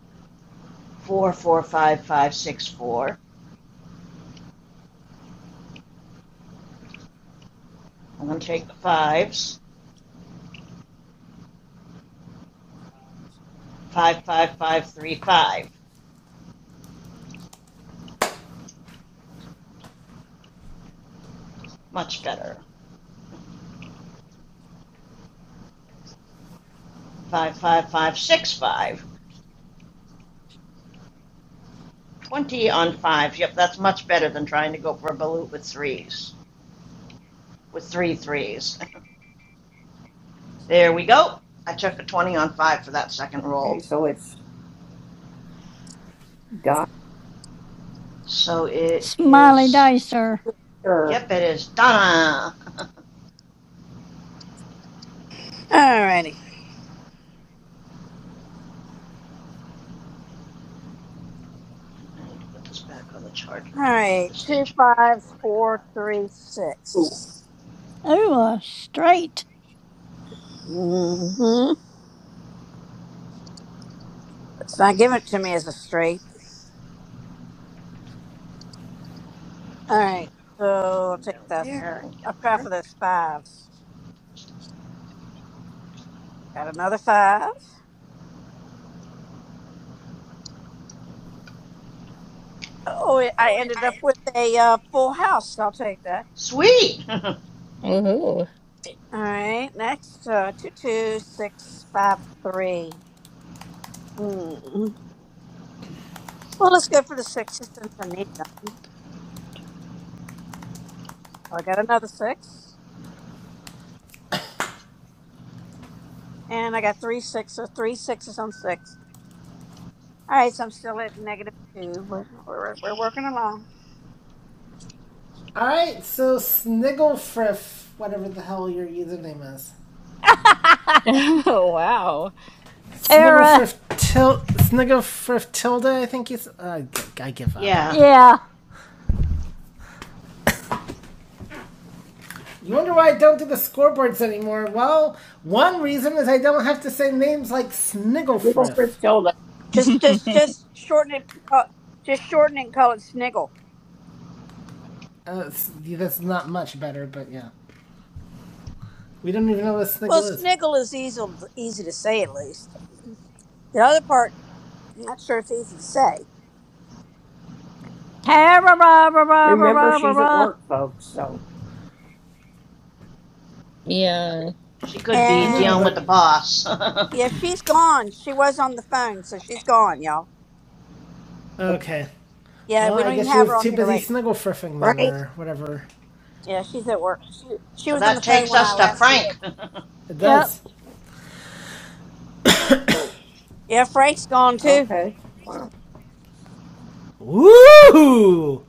S7: four, four, five, five, six, four. I'm gonna take the fives. Five, five, five, three, five. Much better. Five, five, five, six, five. Twenty on fives. Yep, that's much better than trying to go for a balut with threes, with three threes. *laughs* There we go. I took a 20 on 5 for that second
S8: Okay,
S7: roll.
S8: so it's
S7: So it
S9: Smiley
S7: is,
S9: Dicer.
S8: Doctor
S7: yep, it is Donna. *laughs* I
S1: All righty.
S7: need to put this back on the charger.
S1: All right. Two, five, four, three, six.
S9: Ooh, a straight.
S1: Mm-hmm. It's not giving it to me as a straight. All
S7: Okay,
S1: right. So I'll take this.
S7: there. we go.
S1: I'll try for those fives. Got another five. Oh, I ended up with a uh, full house. I'll take that.
S7: Sweet!
S14: Ooh.
S1: All right, next, uh, 22653. Hmm. Well, let's go for the sixes since I need them. I got another six, and I got three sixes, three sixes on six. All right, so I'm still at negative two. We're, we're, we're working along.
S3: All right, so Snigglefriff, whatever the hell your username is,
S9: *laughs*
S14: *laughs* wow.
S9: Tara.
S3: Snigglefriff til Snigglefriff tilde, I think you. Uh, I
S7: *laughs*
S3: give up.
S7: yeah,
S9: Yeah.
S3: You wonder why I don't do the scoreboards anymore? Well, one reason is I don't have to say names like
S8: Little
S3: Snigglefriff.
S8: Griselda.
S1: Just, just,
S14: *laughs*
S1: just shorten it. Call, just shorten it and call it sniggle.
S3: Uh, that's not much better, but yeah, we don't even know what a
S1: Well,
S3: sniggle is.
S1: sniggle is easy, easy to say at least. The other part, I'm not sure it's easy to say.
S9: Tara. Blah, blah, blah, blah,
S8: Remember,
S9: blah, blah,
S8: she's at
S9: blah.
S8: work, folks. So
S14: yeah.
S7: she could
S3: I
S7: be
S1: And
S3: know,
S7: dealing with the
S3: but
S7: boss.
S1: yeah,
S7: *laughs*
S1: she's gone. She was on the phone, so she's gone, y'all.
S3: okay.
S1: Yeah,
S3: Well,
S1: we
S3: I
S1: don't even
S3: guess she
S1: have her
S3: was
S1: on
S3: too
S1: here
S3: busy
S1: right
S3: snigglefriffing then,
S8: Frank.
S3: or whatever
S1: now. Yeah, she's at work. She, she
S7: so
S1: was on
S7: that
S1: the phone
S7: takes
S1: when I
S7: us to
S1: last
S7: Frank. *laughs*
S1: looked.
S7: yeah,
S3: it
S9: Yep.
S3: does.
S1: Yeah, Frank's gone too.
S8: Okay.
S3: Woo!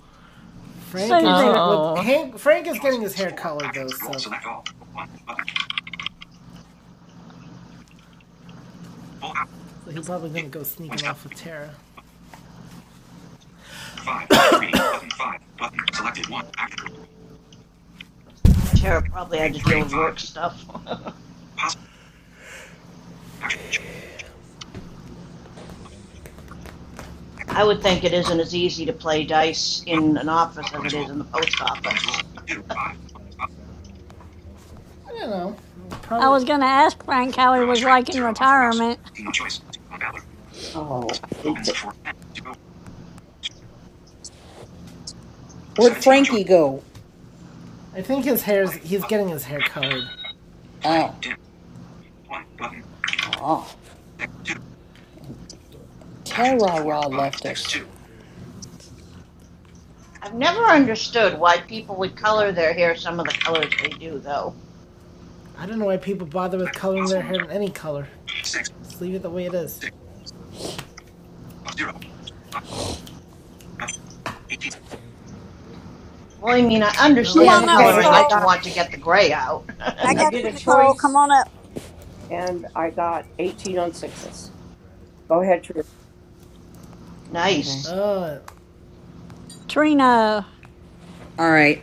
S3: Frank and Tara.
S9: Susie.
S3: Well,
S14: Oh,
S3: Hank. Frank is
S8: Choice.
S3: getting his hair
S8: Four.
S3: colored though,
S8: Actions. Roll.
S3: so
S8: Select all. one. Button. Full house.
S3: so he probably
S8: Di-
S3: didn't go
S8: Points.
S3: sneaking off with Tara.
S8: Five. Three. Button. Five. Button. Selected. One. Action.
S7: Tara probably
S8: Three.
S7: had to deal
S8: Three.
S7: with
S8: Five.
S7: work stuff.
S8: Possible. Action. Choice.
S7: *laughs* I would think it isn't as easy to play dice
S8: Possible.
S7: in an office
S8: Help.
S7: as it
S8: Bonus
S7: is
S8: roll.
S7: in the
S8: Button.
S7: post
S8: Bonus roll.
S7: office.
S8: Two.
S7: *laughs*
S8: Five. One. Five.
S3: I don't know.
S9: I
S3: Probably.
S9: was going to ask Frank how he
S8: Zero on
S9: was
S8: straight.
S9: like in
S8: Zero on full house.
S9: retirement.
S8: Eighteen on choice. Zero on ballot. Oh. Opens. Four. Ten. Zero.
S6: Where'd
S8: Seventeen on choice.
S6: Frankie go?
S3: I think his
S8: Play.
S3: hair's. He's
S8: Button.
S3: getting his hair colored.
S8: Play.
S6: Oh.
S8: Dim. One. Button.
S6: Oh.
S8: Six. Two. Actions.
S6: Tara
S8: Four.
S6: Ra
S8: Five.
S6: left
S8: Six.
S6: us.
S8: Two.
S7: I've never understood why people would
S8: Roll.
S7: color their hair some of the colors they do, though.
S3: I don't know why people bother with
S8: Select.
S3: coloring their
S8: Possible
S3: hair
S8: moves. are
S3: in any color.
S8: Six.
S3: Just leave it the way it is.
S8: Six. Zero. Five. 18.
S7: Well, I mean, I
S3: Not
S1: Come
S3: like
S1: on
S3: I
S7: understand
S1: up,
S3: can see
S8: Okay,
S7: coloring
S3: it.
S8: I
S7: it
S1: Nicole.
S7: to
S8: got,
S7: want to get the gray out.
S1: I
S8: I
S1: got
S8: did
S1: you,
S8: a
S1: Nicole. Come
S8: choice
S1: on up.
S8: and I got 18 on sixes. Go ahead, Trina.
S7: *laughs* nice.
S6: Okay.
S3: Oh.
S9: Trina,
S6: All right.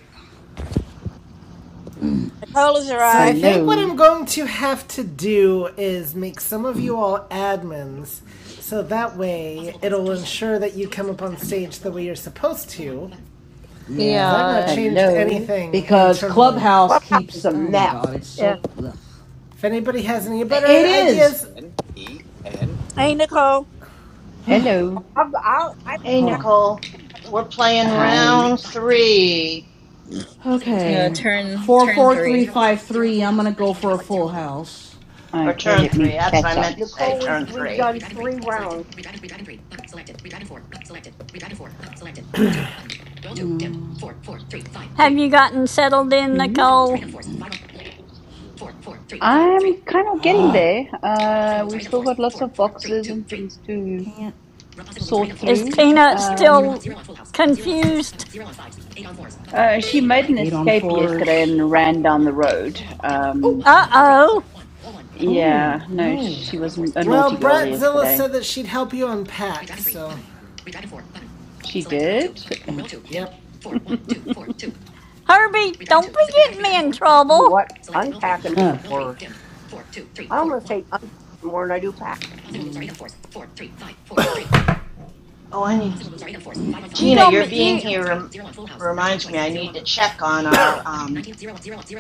S1: Nicole has
S3: So I
S1: arrived.
S3: think what
S16: Hello,
S3: I'm going to have to do is make some of you all admins, so that way it'll ensure that you come up on stage the way you're supposed to. Because
S6: Yeah.
S3: I've not
S14: yeah.
S3: changed
S16: hello,
S3: anything
S6: Because
S3: internally.
S6: Clubhouse
S8: Clubhouse is
S6: keeps.
S8: a
S6: Oh my god,
S8: mess.
S6: it's
S1: Yeah.
S6: so. Ugh.
S3: If anybody has any better
S6: It is!
S3: ideas.
S1: Hey, Nicole.
S6: *sighs* Hold
S16: hello.
S8: I'll, I'll, I,
S7: Hey,
S8: I
S6: on.
S7: Nicole, we're playing
S8: want me to.
S16: Hi.
S7: round three,
S14: Uh,
S6: Okay.
S14: turn turn three.
S6: 44353, I'm gonna go for a full house.
S7: or
S16: Okay,
S7: turn
S16: let
S7: three.
S16: me
S7: That's what I
S16: catch up.
S7: meant to say,
S8: Nicole, we've,
S7: turn
S8: we've
S7: three.
S8: done three rounds.
S9: have you gotten settled in,
S16: hmm
S9: Nicole?
S16: I'm kind of getting
S6: Ugh.
S16: there. Uh, we've still got lots of boxes and things to
S6: Can't.
S16: sort
S9: Is
S16: through.
S9: Peanut
S16: Um,
S9: still confused?
S16: uh, she made an
S6: on
S16: escape
S6: fours.
S16: yesterday and
S8: i
S16: ran down the road. Um,
S9: Uh
S3: Oh dear.
S9: oh.
S6: Oh
S16: yeah,
S6: Possible
S16: no,
S6: no.
S16: she was a naughty
S3: Well,
S16: girl
S3: Bratzilla
S16: yesterday.
S3: said that she'd help you unpack, so.
S16: She did.
S3: Yep.
S9: Herbie, don't be getting me in
S8: tell you
S9: trouble.
S8: what, unpacking is the worst. I almost hate unpacking more than I do pack.
S7: Oh, I need
S9: You
S7: Tina.
S9: gonna
S7: Your
S9: be,
S7: being
S9: you,
S7: here rem- reminds me. I need to check on our. Um,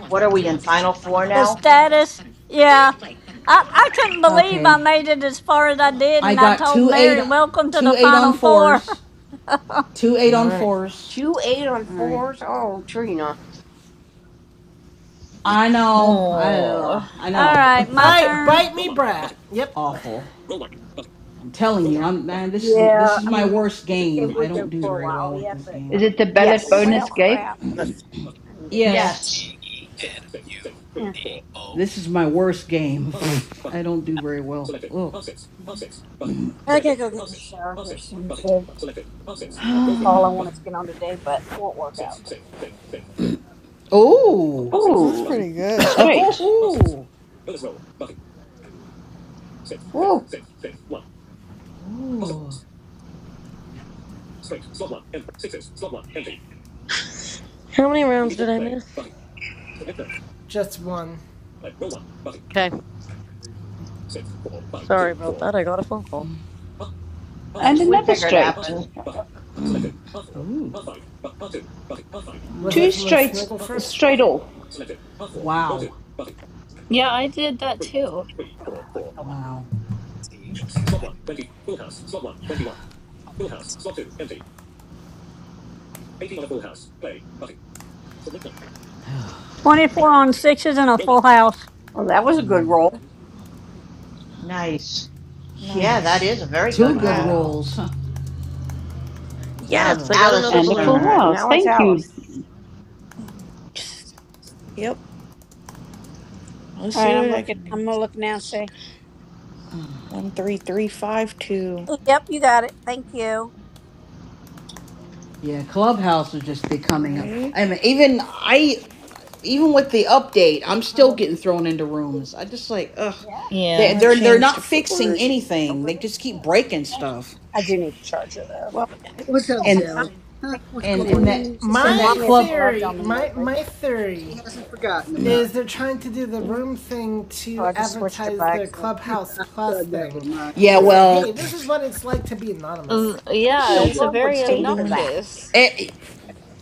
S7: what are we in final four
S9: the
S7: now?
S9: status? Yeah. I, I couldn't believe I
S6: Okay.
S9: made it as far as I did,
S6: I
S9: and I
S6: got
S9: told
S6: two eight,
S9: Mary, welcome to
S6: two
S9: the
S6: eight on
S9: final four.
S6: fours, two eight on
S3: Alright.
S6: fours.
S8: Two eight on
S6: All right.
S8: fours. Oh, Trina.
S6: I know. I
S14: Oh,
S6: uh, I
S9: *laughs* All
S1: Oh.
S6: know.
S9: right,
S6: *laughs*
S9: my
S3: Alright,
S9: turn.
S3: bite me, Brat. Yep.
S6: awful. I'm telling you, I'm man, this is this
S1: Yeah,
S6: is
S1: I
S6: my
S1: mean, it,
S6: worst
S1: it, it
S6: game. I
S1: would
S6: don't
S1: go
S6: do
S1: for a
S6: very
S1: while,
S6: well with
S1: yeah,
S6: this
S1: but I
S16: Is
S6: game.
S1: don't
S16: it the ballot
S8: Yes. It's
S9: Well,
S16: bonus gate?
S9: crap.
S8: the-
S1: I need it.
S14: yeah.
S6: Yes,
S7: Yes,
S1: Yeah.
S6: this is my worst game. *laughs* I don't do very well. Look.
S1: I gotta go get in the shower here soon too. That's all I wanted to get on today, but it won't work out.
S6: Oh.
S13: That's
S16: Oh,
S13: pretty good.
S16: straight.
S6: Oh.
S8: Woo.
S6: Oh.
S12: How many rounds did I miss?
S3: Just one.
S12: Okay. Sorry about that. I got a phone call.
S16: And
S7: that's what we
S16: another
S7: figured
S16: straight.
S7: happened.
S6: Oh. *laughs*
S3: Was
S16: Two
S3: it from a
S16: straight,
S3: Snigglefruff?
S16: straight off
S6: Wow.
S14: Yeah, I did that too.
S6: Wow.
S9: 24 on sixes and a full house.
S8: Well, that was a good roll.
S7: Nice. Yeah,
S6: Yeah.
S7: that is a
S4: Nice.
S7: very good.
S6: Two good
S4: Wow.
S6: rolls. Huh?
S7: Now it's
S12: Yes, I
S6: Ugh.
S12: got another
S7: Alice's
S16: and a full
S12: balut.
S8: So
S7: turn.
S16: house.
S8: now it's
S16: Thank you.
S8: Alice.
S4: Um, just- Yep. Let's
S1: All
S4: see
S1: right, I'm
S4: what I
S1: looking.
S4: can do.
S1: I'm gonna look now and say,
S4: One, three, three, five, two.
S1: "Yep, you got it. Thank you."
S6: Yeah, Clubhouse is just
S4: All
S6: becoming a.
S4: right.
S6: I mean, even I, even with the update, I'm still getting thrown into rooms. I just like, ugh,
S1: Yeah,
S4: I'm
S6: they
S14: Yeah.
S4: gonna
S6: they're they're
S4: change to
S6: not fixing
S4: fours.
S1: I'm
S6: anything.
S1: good.
S6: They just
S1: Yeah.
S6: keep breaking stuff,
S1: I do need to charge it though.
S8: Well, *laughs* I- people are
S6: and
S8: not. paying.
S6: and and that
S4: Four,
S1: She said,
S6: and
S3: My
S6: that
S1: Mommy hasn't
S6: club.
S1: loved
S3: theory,
S1: on me
S3: my
S1: lately.
S3: my theory is they're trying to do the
S4: four.
S3: room thing
S1: So
S3: to
S1: I just switched her
S3: advertise
S1: back.
S3: their
S1: So
S3: Clubhouse Plus thing
S6: Yeah,
S3: and say, "Hey,
S6: well,
S3: this is what it's like to be
S14: Um,
S3: anonymous."
S8: Who in
S14: yeah,
S8: the
S14: it's
S6: pfft,
S14: a
S8: world would
S14: very
S4: Still
S8: pay for
S4: doing
S8: that?
S4: f-
S14: obnoxious.
S6: it,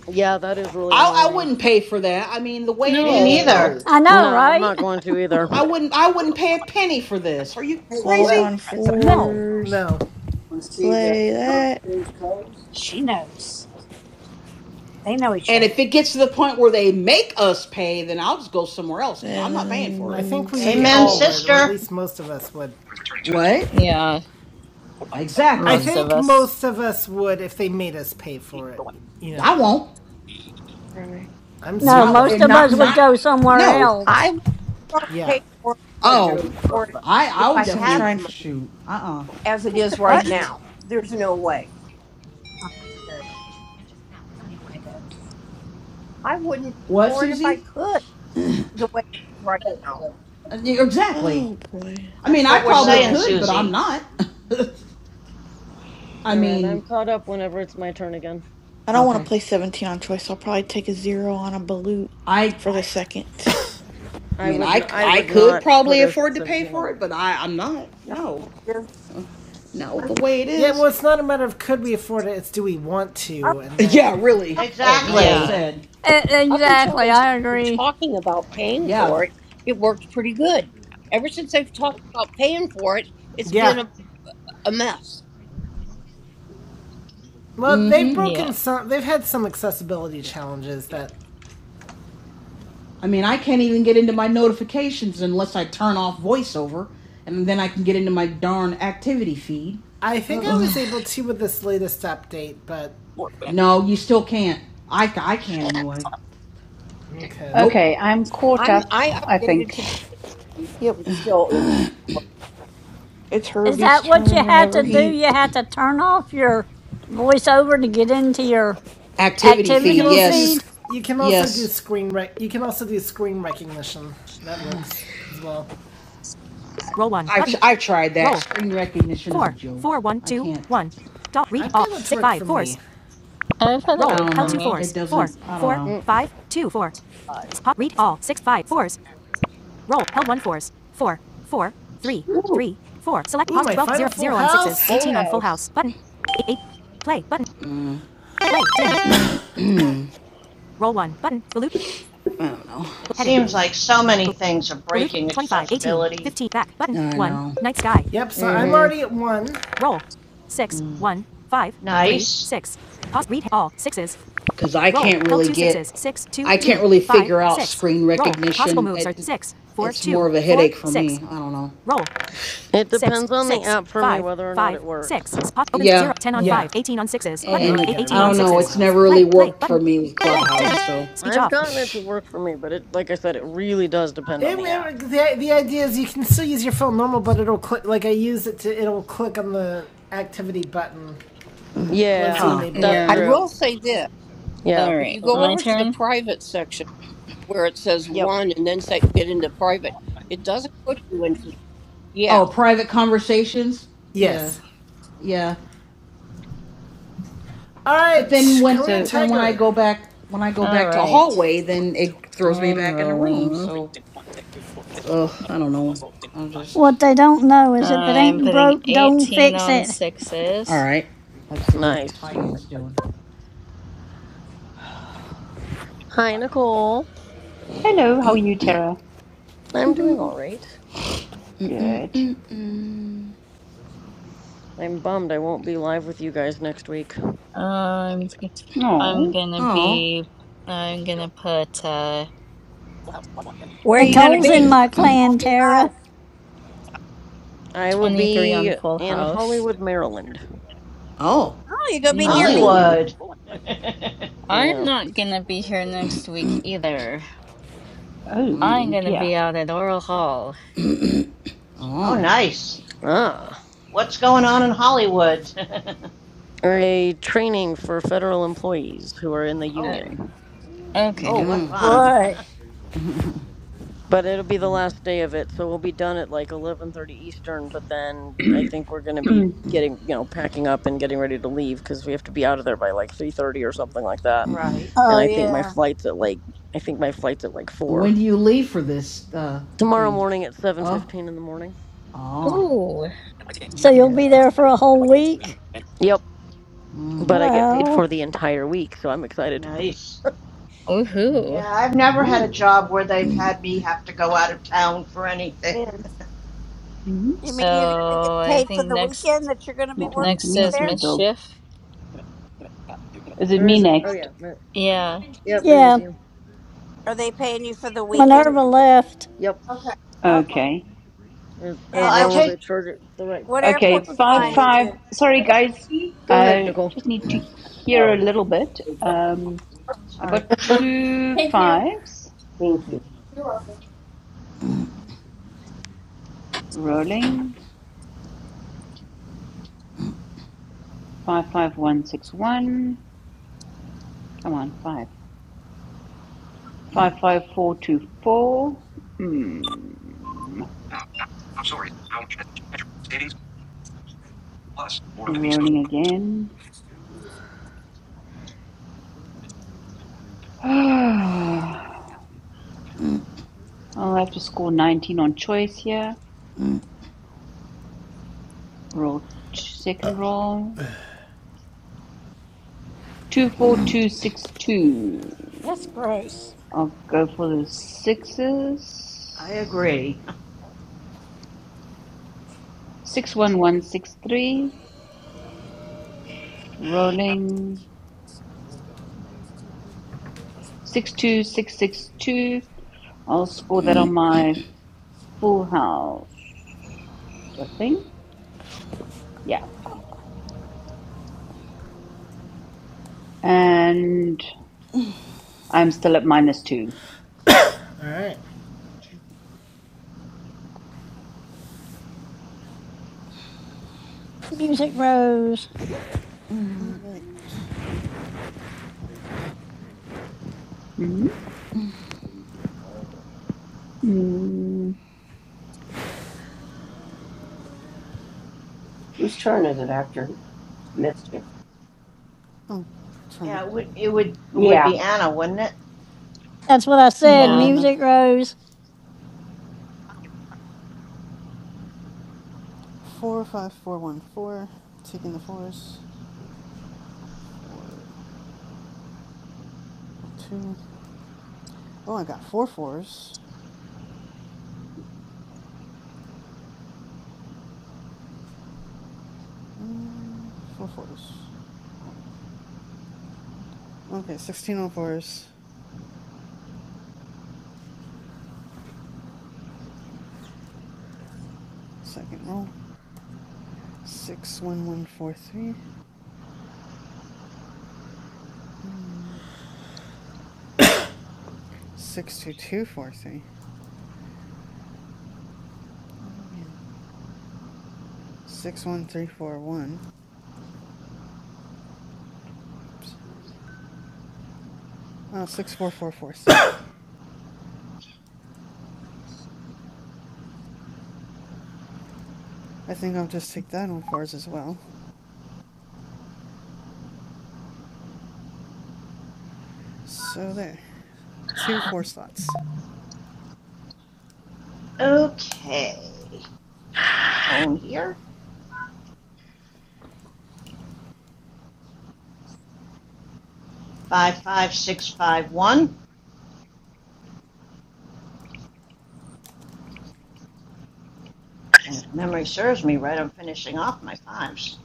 S12: Yeah, that is really
S6: I I
S12: annoying.
S6: wouldn't pay for that. I mean, the way it
S7: Me
S6: is,
S14: No.
S7: neither.
S6: no,
S9: I know,
S12: No, I'm
S9: right?
S12: not going to either.
S6: I wouldn't. I wouldn't pay a penny for this. Are you
S4: twelve
S6: crazy?
S4: on
S8: It's a mess.
S6: No.
S4: fours.
S3: No.
S4: Play that.
S1: she knows. They know each
S6: And
S1: other.
S6: if it gets to the point where they make us pay, then I'll just go somewhere else because I'm
S4: And
S6: not paying for
S3: I
S6: it.
S4: then
S3: think we
S4: second
S7: Amen,
S3: all
S4: roll.
S8: Smart
S3: would, or
S8: news.
S3: at
S7: sister.
S3: least most of us would.
S8: returning to that.
S6: What?
S14: Yeah,
S3: I
S6: Exactly.
S14: most of
S3: think
S14: us.
S3: most of us would if they made us pay for it. You know,
S6: I won't.
S4: Sorry.
S3: I'm
S9: No,
S3: certainly
S6: Not
S9: most
S6: eh,
S3: not
S9: of
S6: not
S3: going
S9: us would
S3: to.
S6: not.
S9: go somewhere
S6: No.
S8: I
S9: else.
S8: won't
S3: Yeah.
S8: pay for it
S6: Oh, I
S8: if
S6: I would
S8: I
S4: Unless I'm
S8: had the
S6: definitely
S4: trying for.
S8: money
S6: shoot. Uh uh
S8: as it
S1: Just
S8: is
S1: the
S8: right
S4: Dang
S1: button?
S4: it.
S8: now. There's no way.
S1: Oh, there you go.
S8: I wouldn't pay
S6: What,
S8: for it if I
S6: Susie?
S8: could the way it is right now.
S6: Uh, yeah, Exactly.
S4: Oh boy.
S6: I mean, I probably
S7: Saying
S12: No.
S6: could, but
S7: Susie.
S6: I'm not. *laughs* I
S12: All right, I'm
S6: mean,
S12: caught up whenever it's my turn again.
S4: I don't want
S6: okay.
S4: to play 17 on choice. so I'll probably take a zero on a balut
S6: I
S4: for the second.
S6: I
S12: I
S6: mean,
S12: would
S6: I
S12: n- I
S6: I
S12: would
S6: could
S12: not put
S6: probably
S12: a
S6: afford to pay
S12: 17 on
S6: for it,
S12: him.
S6: but I I'm not.
S8: Not
S6: No.
S8: the way it is.
S6: *laughs* No,
S8: I mean,
S6: the way it
S3: Yeah,
S6: is.
S3: well, it's not a matter of could we afford it, it's do we want
S8: up,
S3: to, and that.
S6: Yeah, really.
S14: Uh,
S6: Like I
S7: Exactly.
S14: yeah.
S6: said,
S9: E-
S8: up until
S9: Exactly,
S8: they
S9: I
S8: started
S9: agree.
S8: talking about paying
S6: yeah.
S8: for it, it worked pretty good. Ever since they've talked about paying for it, it's
S3: Yeah.
S8: been a, a mess.
S3: Well, they've
S6: Mm-hmm.
S14: Yeah.
S3: broken
S14: *laughs*
S3: some. They've had some accessibility challenges that
S6: I mean, I can't even get into my notifications unless I turn off voiceover, and then I can get into my darn activity feed.
S3: I think
S14: *sighs*
S3: I was
S6: Ugh.
S3: able to with this latest update, but.
S6: No, you still can't. I, I can't anyway.
S3: Okay.
S6: Nope.
S16: Okay, I'm caught
S8: I'm
S16: up,
S8: I
S16: I
S8: updated
S16: think.
S8: today.
S4: Yep.
S8: It still isn't.
S4: It's
S9: Is
S4: Herbie's
S9: that what
S4: turn
S9: you had
S4: whenever
S9: to do?
S4: he.
S9: You had to turn off your voiceover to get into your
S6: Activity
S3: You can
S6: feed,
S9: activity
S3: also
S6: yes.
S3: use.
S9: feed?
S3: You can also do
S6: Yes.
S3: screen rec. You can also do screen recognition. That works as well.
S6: I've, I've tried that. Screen recognition is a joke. I can't.
S14: I've had it
S6: I
S14: work
S6: don't
S14: for
S6: know.
S14: me.
S6: It doesn't. I don't know.
S12: Mm, full house.
S6: Mm, I don't know.
S7: It seems like so many things are breaking accessibility.
S6: I know.
S3: Yep, so
S6: Ugh.
S3: I'm
S12: Mm-hmm.
S3: already at one.
S7: Nice.
S6: because I can't really get, I can't really figure out screen recognition. It, it's more of a headache for me. I don't know.
S12: It depends on the app for me whether or not it works.
S6: Yeah,
S14: Yeah.
S3: now
S12: Like.
S3: I
S6: and I don't know. It's never really worked for me with Clubhouse. So,
S12: I've gotten it
S6: *sighs*
S12: to work for me, but it, like I said, it really does depend on
S3: It,
S12: the
S3: it,
S12: app.
S3: the, the idea is you can still use your phone normal, but it'll click, like I use it to, it'll click on the activity button once you
S12: Yeah,
S6: huh?
S3: enable
S12: that's
S3: it.
S8: I
S14: Yeah.
S12: true.
S8: will say this:
S12: Yeah,
S14: All
S8: if
S14: right.
S8: you
S12: it
S8: go
S14: My
S8: over
S12: will.
S8: to the
S14: turn.
S8: private section. where it says
S12: Yep.
S8: one and then say get into private. It doesn't put you into yeah.
S6: Oh, private conversations. Yeah,
S3: Yes.
S6: yeah.
S3: All
S6: But then
S3: right,
S6: when,
S3: Korean
S16: So,
S6: but then when I
S3: Tiger.
S6: go back, when I go
S14: All
S6: back to a
S14: right.
S6: hallway, then it throws me
S14: I'm
S6: back in the room.
S14: rolling.
S6: So, ugh, I don't know. I'm just
S9: What they don't know is if it
S14: I'm
S9: ain't
S14: putting
S9: broke, don't
S14: 18
S9: fix
S14: on
S9: it.
S6: all
S14: sixes.
S6: right. Let's see what
S12: Nice.
S6: Titan's doing.
S12: Hi, Nicole.
S16: hello, how are you, Tara?
S12: I'm doing all right.
S16: Good.
S12: I'm bummed I won't be live with you guys next week.
S14: I'm g- I'm
S16: Oh,
S14: gonna
S6: Oh.
S14: be, I'm gonna put uh
S1: Where are you going to
S9: Nicole's in
S1: be?
S9: my clan,
S1: Won't be
S9: Tara.
S1: live.
S12: I will
S14: 23 on
S12: be
S14: Full
S12: in
S14: House.
S12: Hollywood, Maryland.
S6: Oh.
S1: Oh, you're going to be
S14: Mm.
S1: near
S12: That's
S1: me.
S16: oh,
S7: Hollywood. *laughs*
S14: I'm
S12: yeah.
S14: not gonna be here next week either. I'm
S16: oh
S14: gonna
S16: dear.
S14: be out at Oral Hall.
S7: oh,
S6: Oh.
S7: nice.
S12: Ah,
S7: What's going on in Hollywood? *laughs*
S12: a training for federal employees who are in the
S7: oh,
S14: Uh,
S12: union.
S7: oh,
S14: okay,
S1: Oh,
S7: what fun.
S1: boy.
S12: But it'll be the last day of it, so we'll be done at like 11:30 Eastern, but then I think we're going to
S16: *clears throat*
S12: be getting, you know, packing up and getting ready to leave cuz we have to be out of there by like 3:30 or something like that. And
S1: Oh,
S12: I think my
S1: yeah.
S12: flight's at like I think my flight's at like
S6: When
S12: 4.
S6: do you leave for this uh,
S12: Tomorrow
S6: thing?
S12: morning at
S6: Oh.
S12: 7:15 in the morning.
S6: Oh.
S14: Ooh,
S9: So you'll
S6: Okay.
S12: Yeah.
S9: be there for a whole week?
S12: Yep,
S6: Mm.
S12: but I get paid
S9: Well,
S12: for the entire week, so I'm excited.
S7: Nice.
S6: No.
S14: woohoo.
S7: Yeah, I've never had a
S6: Ooh.
S7: job where they've had me have to go out of town for anything.
S8: Man,
S7: *laughs*
S16: Mhm.
S1: You
S14: So
S1: mean you're going
S12: Yeah.
S1: to get
S14: I
S1: paid for
S14: think
S1: the
S14: next
S1: weekend that you're going to be
S16: You're
S8: okay.
S1: work-
S16: talking to
S14: next
S16: me
S1: be
S16: or
S14: is
S16: to
S1: there?
S16: the dog?
S14: mischief.
S16: Is it
S12: Or
S16: me
S12: is it? Oh
S16: next?
S12: yeah. ma-
S8: I
S14: Yeah,
S12: Yep, it is
S9: yeah.
S12: you.
S1: Are they paying you for the
S8: don't want
S1: weekend?
S8: the
S9: Minerva left.
S12: Yep.
S1: Oh, cool.
S16: Okay.
S12: As,
S7: Oh,
S12: as
S1: And
S7: I
S1: uh,
S12: long
S1: what,
S12: as
S7: take.
S12: I charge it the right
S1: what
S12: time
S1: airport
S16: Okay,
S12: on
S1: you
S12: my
S16: five,
S1: flying
S12: timesheet.
S16: five.
S1: into?
S16: Sorry, guys.
S12: Go ahead,
S16: I
S12: Nicole.
S16: just need to hear a
S8: no.
S16: little bit. Um, I got
S7: Sorry,
S16: two fives
S8: Thank you.
S16: rolling. Five five one six one. Come on, five. Five five four two four. Hmm.
S8: Now, top stories, savings, plus more of the
S16: Rolling again. *sighs* I'll have to score nineteen on choice here. Roll second roll. Two four two six two. I'll go for the
S7: I
S16: sixes.
S7: agree.
S16: Six one one six three. Rolling. Six two six six two. I'll score that on my full house, I think. Yeah. And I'm still at minus two.
S3: All right,
S9: Music
S13: So,
S9: rose.
S13: all right.
S16: Mm-hmm. Mm,
S8: Whose turn is it after mischief?
S13: I'm trying to.
S7: Yeah, it would it would it would
S8: Yeah,
S7: be Anna, wouldn't it?
S9: That's what I
S13: I'm
S9: said.
S13: going
S14: yeah.
S13: in the
S9: Music rose.
S13: four five four one four, taking the fours. Four, one, two. Oh, I got four fours. Uh, four fours. Okay, sixteen on fours. Second roll. Six one one four three. Hmm. Six two two four three. Oh man. Six one three four one. Oops. Oh, six four four four three. I think I'll just take that on fours as well. So there. Two four slots.
S7: Okay. my phone here, 55651. And if memory serves me right, I'm finishing off my fives.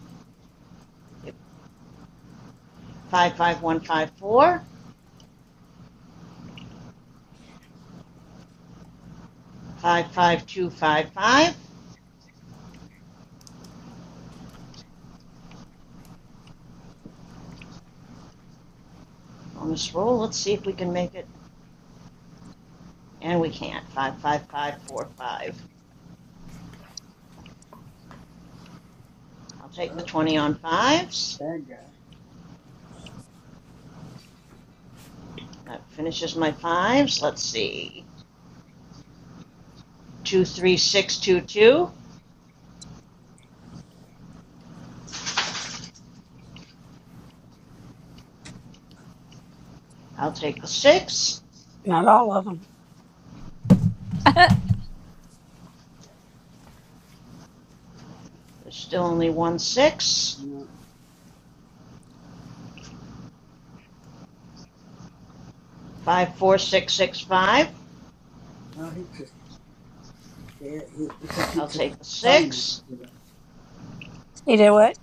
S7: 55154, 55255. On this roll, let's see if we can make it. And we can't. 55545. I'll take the 20 on fives. That finishes my fives. Let's see. 23622. I'll take the six.
S1: Not all of them.
S9: *laughs*
S7: There's still only one six. 54665. I'll take the six.
S1: You do what?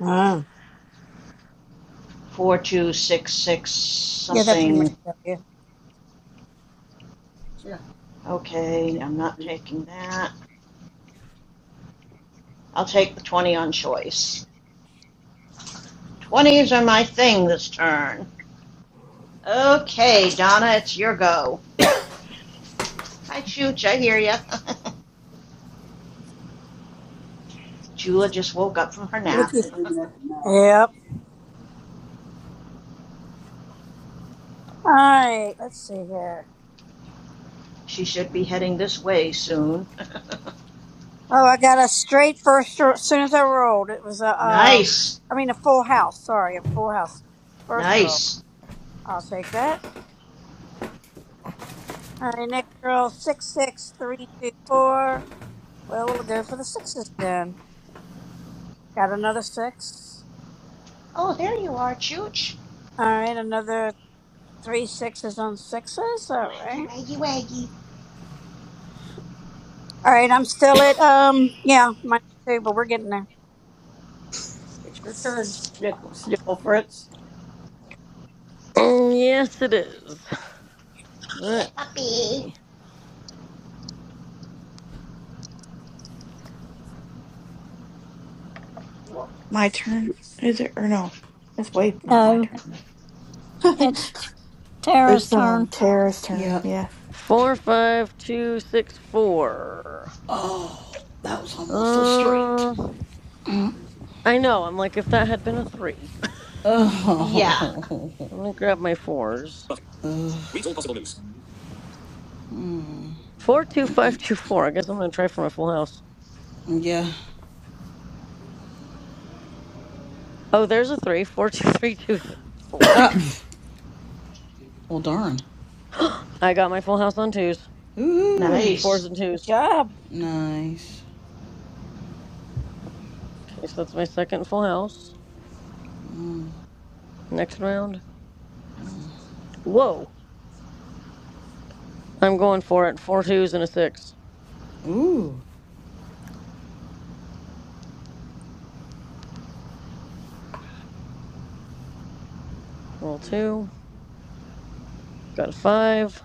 S1: Oh.
S7: 4266
S1: Yeah, that pretty much
S7: something.
S1: tell you.
S7: Okay, I'm not taking that. I'll take the 20 on choice. 20s are my thing this turn. Okay, Donna, it's your go. Hi, Chooch, I hear ya. *laughs* Jula just woke up from her nap.
S1: Look at you. Yep. All right, let's see here.
S7: She should be heading this way soon.
S1: Oh, I got a straight first ro- as soon as I rolled. It was a,
S7: *laughs*
S1: uh,
S7: nice,
S1: I mean a full house. Sorry, a full house. First roll.
S7: nice.
S1: I'll take that. All right, next roll six six three two four. Well, we'll go for the sixes then. Got another six.
S7: Oh, there you are, Chooch.
S1: All right, another three sixes on sixes. All right.
S7: Waggy waggy.
S1: All right, I'm still at um yeah minus two, but we're getting there.
S8: it's your turn, Snickle, Snickle Fritz.
S12: Mm, yes, it is.
S7: Yeah,
S12: Let's
S7: puppy.
S12: see.
S4: My turn. Is it? Or no. It's wait, not my
S9: No,
S4: turn. *laughs*
S9: it's Tara's
S4: it's
S9: turn.
S4: um Tara's turn.
S6: Yeah.
S4: Yeah.
S12: Four, five, two, six, four.
S6: Oh, that was almost a straight.
S12: Uh, I know. I'm like, if that had been a three,
S7: Yeah,
S6: Oh.
S12: I'm
S6: *laughs*
S12: gonna grab my fours. Four, two, five, two, four. I guess I'm gonna try for my full house.
S6: Yeah.
S12: Oh, there's a three. Four, *laughs* two, three, two, th- four.
S6: Uh, well, darn.
S12: *gasps* I got my full house on twos. With
S6: Ooh.
S7: nice.
S12: fours and
S1: Good
S12: twos.
S1: job.
S6: Nice.
S12: Okay, so that's my second full house.
S6: Mm.
S12: Next round. Whoa. I'm going for it. Four twos and a six.
S6: Ooh.
S12: Roll two. Got a five.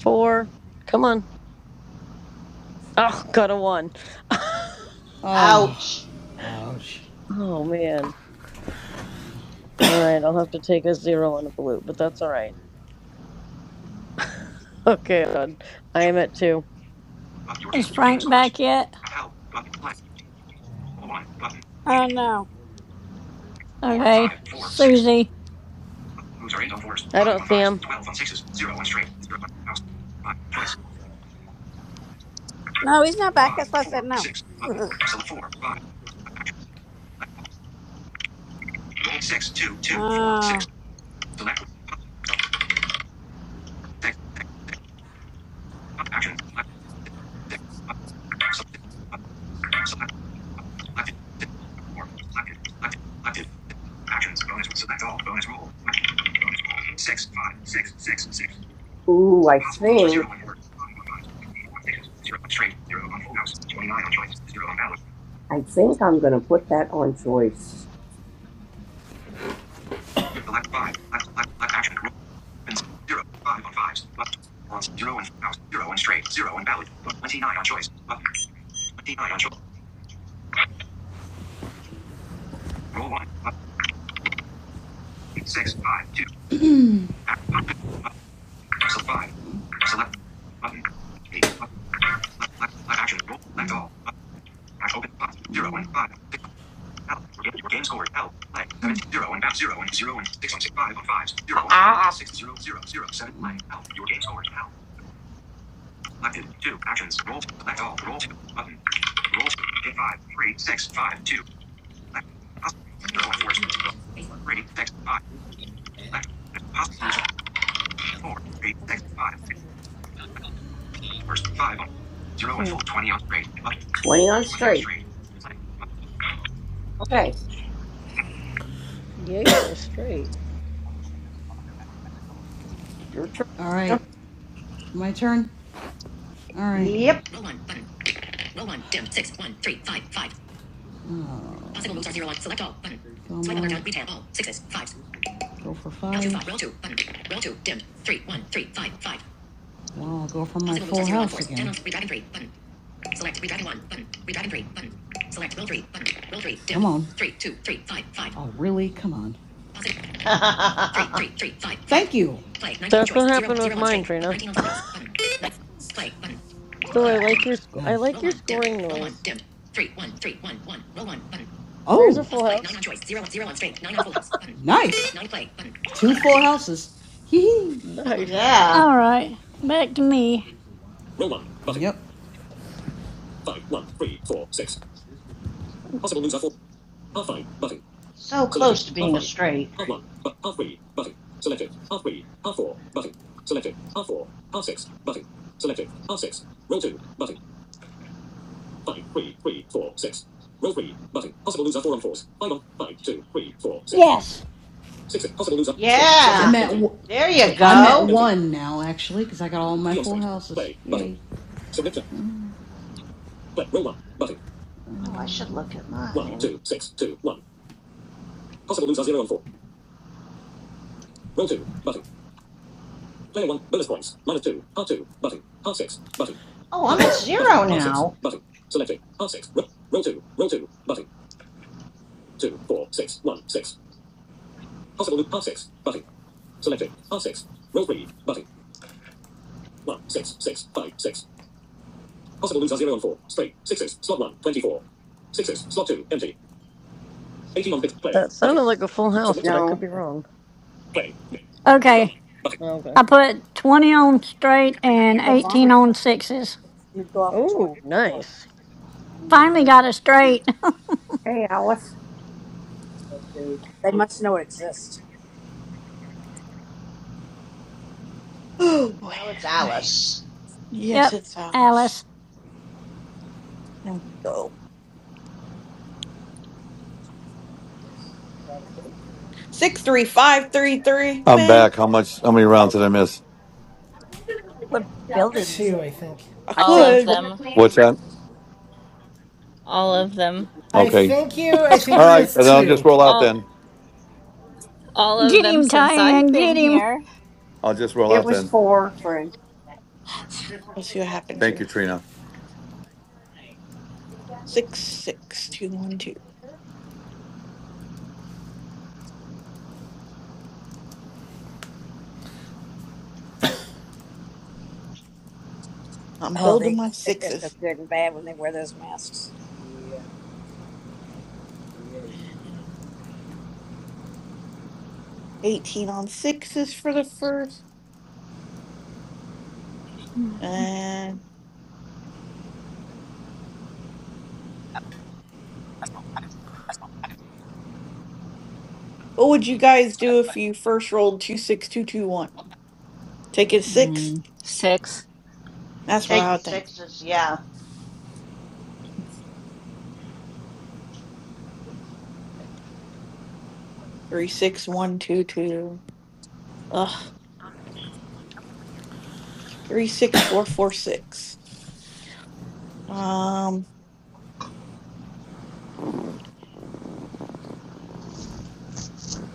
S12: four. Come on. Oh, got a one. *laughs*
S6: Oh.
S7: Ouch.
S6: Ouch.
S12: oh man.
S6: Damn.
S12: All right, I'll have to take a zero and a blue, but that's all right. Okay, I'm I am at two.
S8: your
S9: Is
S8: game, your game
S9: Frank
S8: scores.
S9: back yet?
S8: Help button play. Oh, one button.
S1: Oh no,
S8: Four, five,
S9: Okay.
S8: four, six.
S9: Susie.
S8: Moves are eight on fours,
S12: I
S8: five
S12: don't
S8: on
S12: see
S8: fives,
S12: him.
S8: twelve on sixes, zero on straight, zero on house. Five choice.
S1: no, he's not back.
S8: five,
S1: That's why I
S8: four,
S1: said no.
S8: six, button, select four, five, action, roll six, two,
S1: *laughs*
S8: two, four, six,
S1: Oh.
S8: select, six, six, six, action, select, six, six, button, select, select, selected, six, four, selected, selected, selected, six, actions, bonus, select all, bonus roll, bonus roll, six, five, six, six, six. Ooh, I think. Zero on board, five on fives, twenty-four on sixes, zero on straight, zero on full house, twenty-nine on choice, zero on ballot. I think I'm gonna put that on choice. Select five. Select select select action. Roll opens zero. Five on fives. Plus on zero and house. Zero and straight. Zero and valid. Plus twenty nine on choice. Button. Twenty nine on choice. Roll one. Button. Roll eight, six five two. Action. Button. So five. Select button. Eight. Button. Select select select action. Roll. Select all. Button. Action. Open spots. Zero and
S6: Mm.
S8: five. Six. Help. Your game, your game score. Help. Play. Seven. Zero and back. Zero and zero and six on six. Five on fives. Zero. Ah. Six. Zero. Zero. Seven. Play. Help. Your game score. Help. Selected. Two. Actions. Roll to select all. Roll two. Button. Roll two. Hit five. Three. Six. Five. Two. Select. Possible. Zero. and Fours. Three. Six. Five. Select. Possible. result. Four. Three. Six. Five. Two. Select. Fours. Five. On. Zero and full. Twenty on straight. Button. Twenty on straight. Okay.
S12: Yay for a straight.
S8: Your turn.
S6: All
S8: No.
S6: right. My turn. All right.
S7: Yep.
S6: Oh, Go more. go for five. Wow, I'll go for my full Oh, really? Come on.
S7: *laughs*
S6: Thank you.
S12: That's what happened with mine, Trina. Oh, I like your sc- I
S6: Nice.
S12: like your scoring noise. There's a
S6: Oh,
S12: full house.
S6: houses. Hee hee.
S12: Nice.
S7: yeah.
S9: All right. Back to me.
S6: Yep.
S7: So close to being a straight.
S9: Row three, button, possible loser, four on fours. Five, one, Yes.
S6: I'm
S7: Yeah.
S6: at w-
S7: There you
S6: I'm at
S7: go.
S6: one now actually because I got all my full houses. Yay!
S7: Oh, I should look at mine. Oh, I'm at zero now.
S12: That sounded like a full house, but I could
S8: no.
S12: be wrong.
S9: Okay.
S12: Okay.
S9: I put 20 on straight and
S1: The bombing
S9: 18 on sixes.
S1: doesn't go off in 24
S12: Oh,
S1: hours.
S12: nice.
S9: Finally got it straight. *laughs*
S8: What's,
S1: They must know it exists.
S4: Oh boy.
S7: Now it's
S4: Okay.
S7: Alice.
S4: Yes,
S9: yep.
S4: it's
S9: Alice.
S4: Thomas. Let's go. 63533.
S5: I'm
S4: Man,
S5: back. How much? How many rounds did I miss?
S1: What building is
S3: two,
S1: it?
S3: I think.
S4: I
S8: I
S14: All
S8: think
S14: of
S4: could.
S14: them.
S5: What's that?
S14: All of them.
S3: I
S5: Okay.
S3: think you. I think
S5: All
S3: you
S5: right.
S3: missed
S5: And I'll just
S3: two.
S5: roll out
S14: All
S5: then.
S14: all of
S9: Get
S14: them
S9: him,
S14: since
S9: Diane.
S14: I've been
S9: Get him.
S14: here.
S5: I'll just roll
S8: it
S5: out
S8: was
S5: then.
S8: four, friend.
S4: Let's see what happens
S5: Thank you,
S4: here.
S5: Trina.
S4: 66212. I'm
S1: Oh,
S4: building
S1: they
S4: my
S1: think they're so
S4: sixes.
S1: good and bad when they wear those masks.
S4: And 18 on sixes for the first. And what would you guys do if you first rolled 26221? Take a six?
S14: Mm, 6.
S4: That's what
S7: Take
S4: I
S7: the
S4: would think.
S7: sixes. Yeah.
S4: 36122. Ugh. 36446. Um,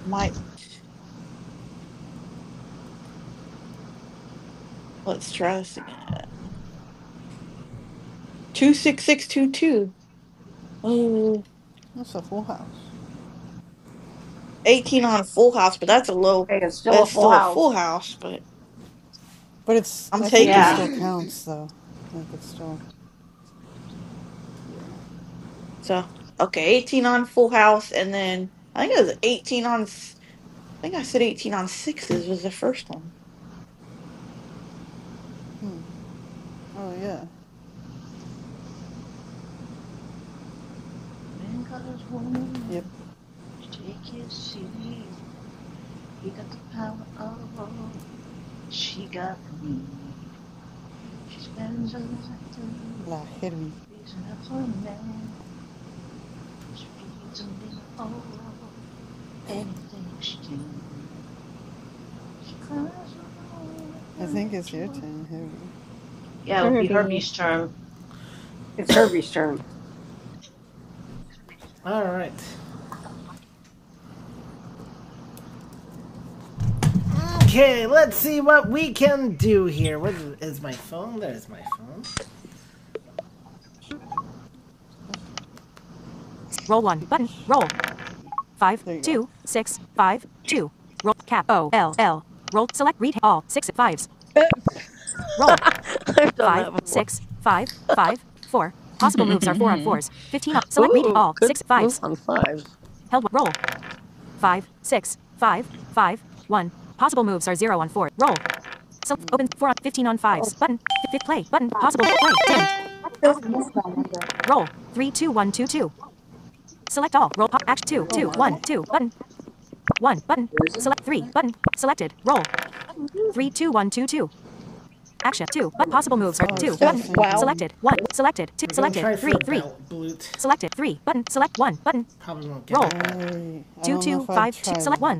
S4: might. Let's try this again. Two six six two two. Ooh,
S13: That's a full house.
S4: 18 on a full house, but that's a low.
S8: Okay. It's
S4: But
S8: still a
S4: it's
S8: full
S4: still a full
S8: house.
S4: house. But
S13: But it's,
S4: I'm
S13: I think it
S4: taking
S7: Yeah.
S4: it.
S13: still
S8: *clears throat*
S13: counts though. Like it's still, yeah.
S4: So okay, 18 on full house, and then I think it was 18 on. s- I think I said 18 on sixes was the first one.
S13: Hmm. Oh yeah.
S7: Man got his woman.
S13: Yep.
S7: Take his seed. He got the power of old. She got me. She spends her life through
S13: La Herbie.
S7: raising up her man. She feeds him dinner. Oh, anything she can. Cries alone with
S13: I
S7: her.
S13: think it's
S7: She
S13: your turn, Herbie.
S7: Yeah, it would be
S14: Kirby.
S7: Herbie's term.
S8: It's Herbie's turn.
S3: All right. Okay, let's see what we can do here. What is, my phone? There's my phone.
S13: That's good. Speech thingy. There you go.
S12: *laughs* I've done that before.
S14: *laughs*
S12: Ooh, good move on fives.
S13: Hmm.
S1: Oh,
S13: Oh my. Oh, it's still
S12: uh,
S13: the same
S12: wow.
S13: Herbie.
S3: 2 Probably won't get that.
S13: I, I don't know if I'd try that.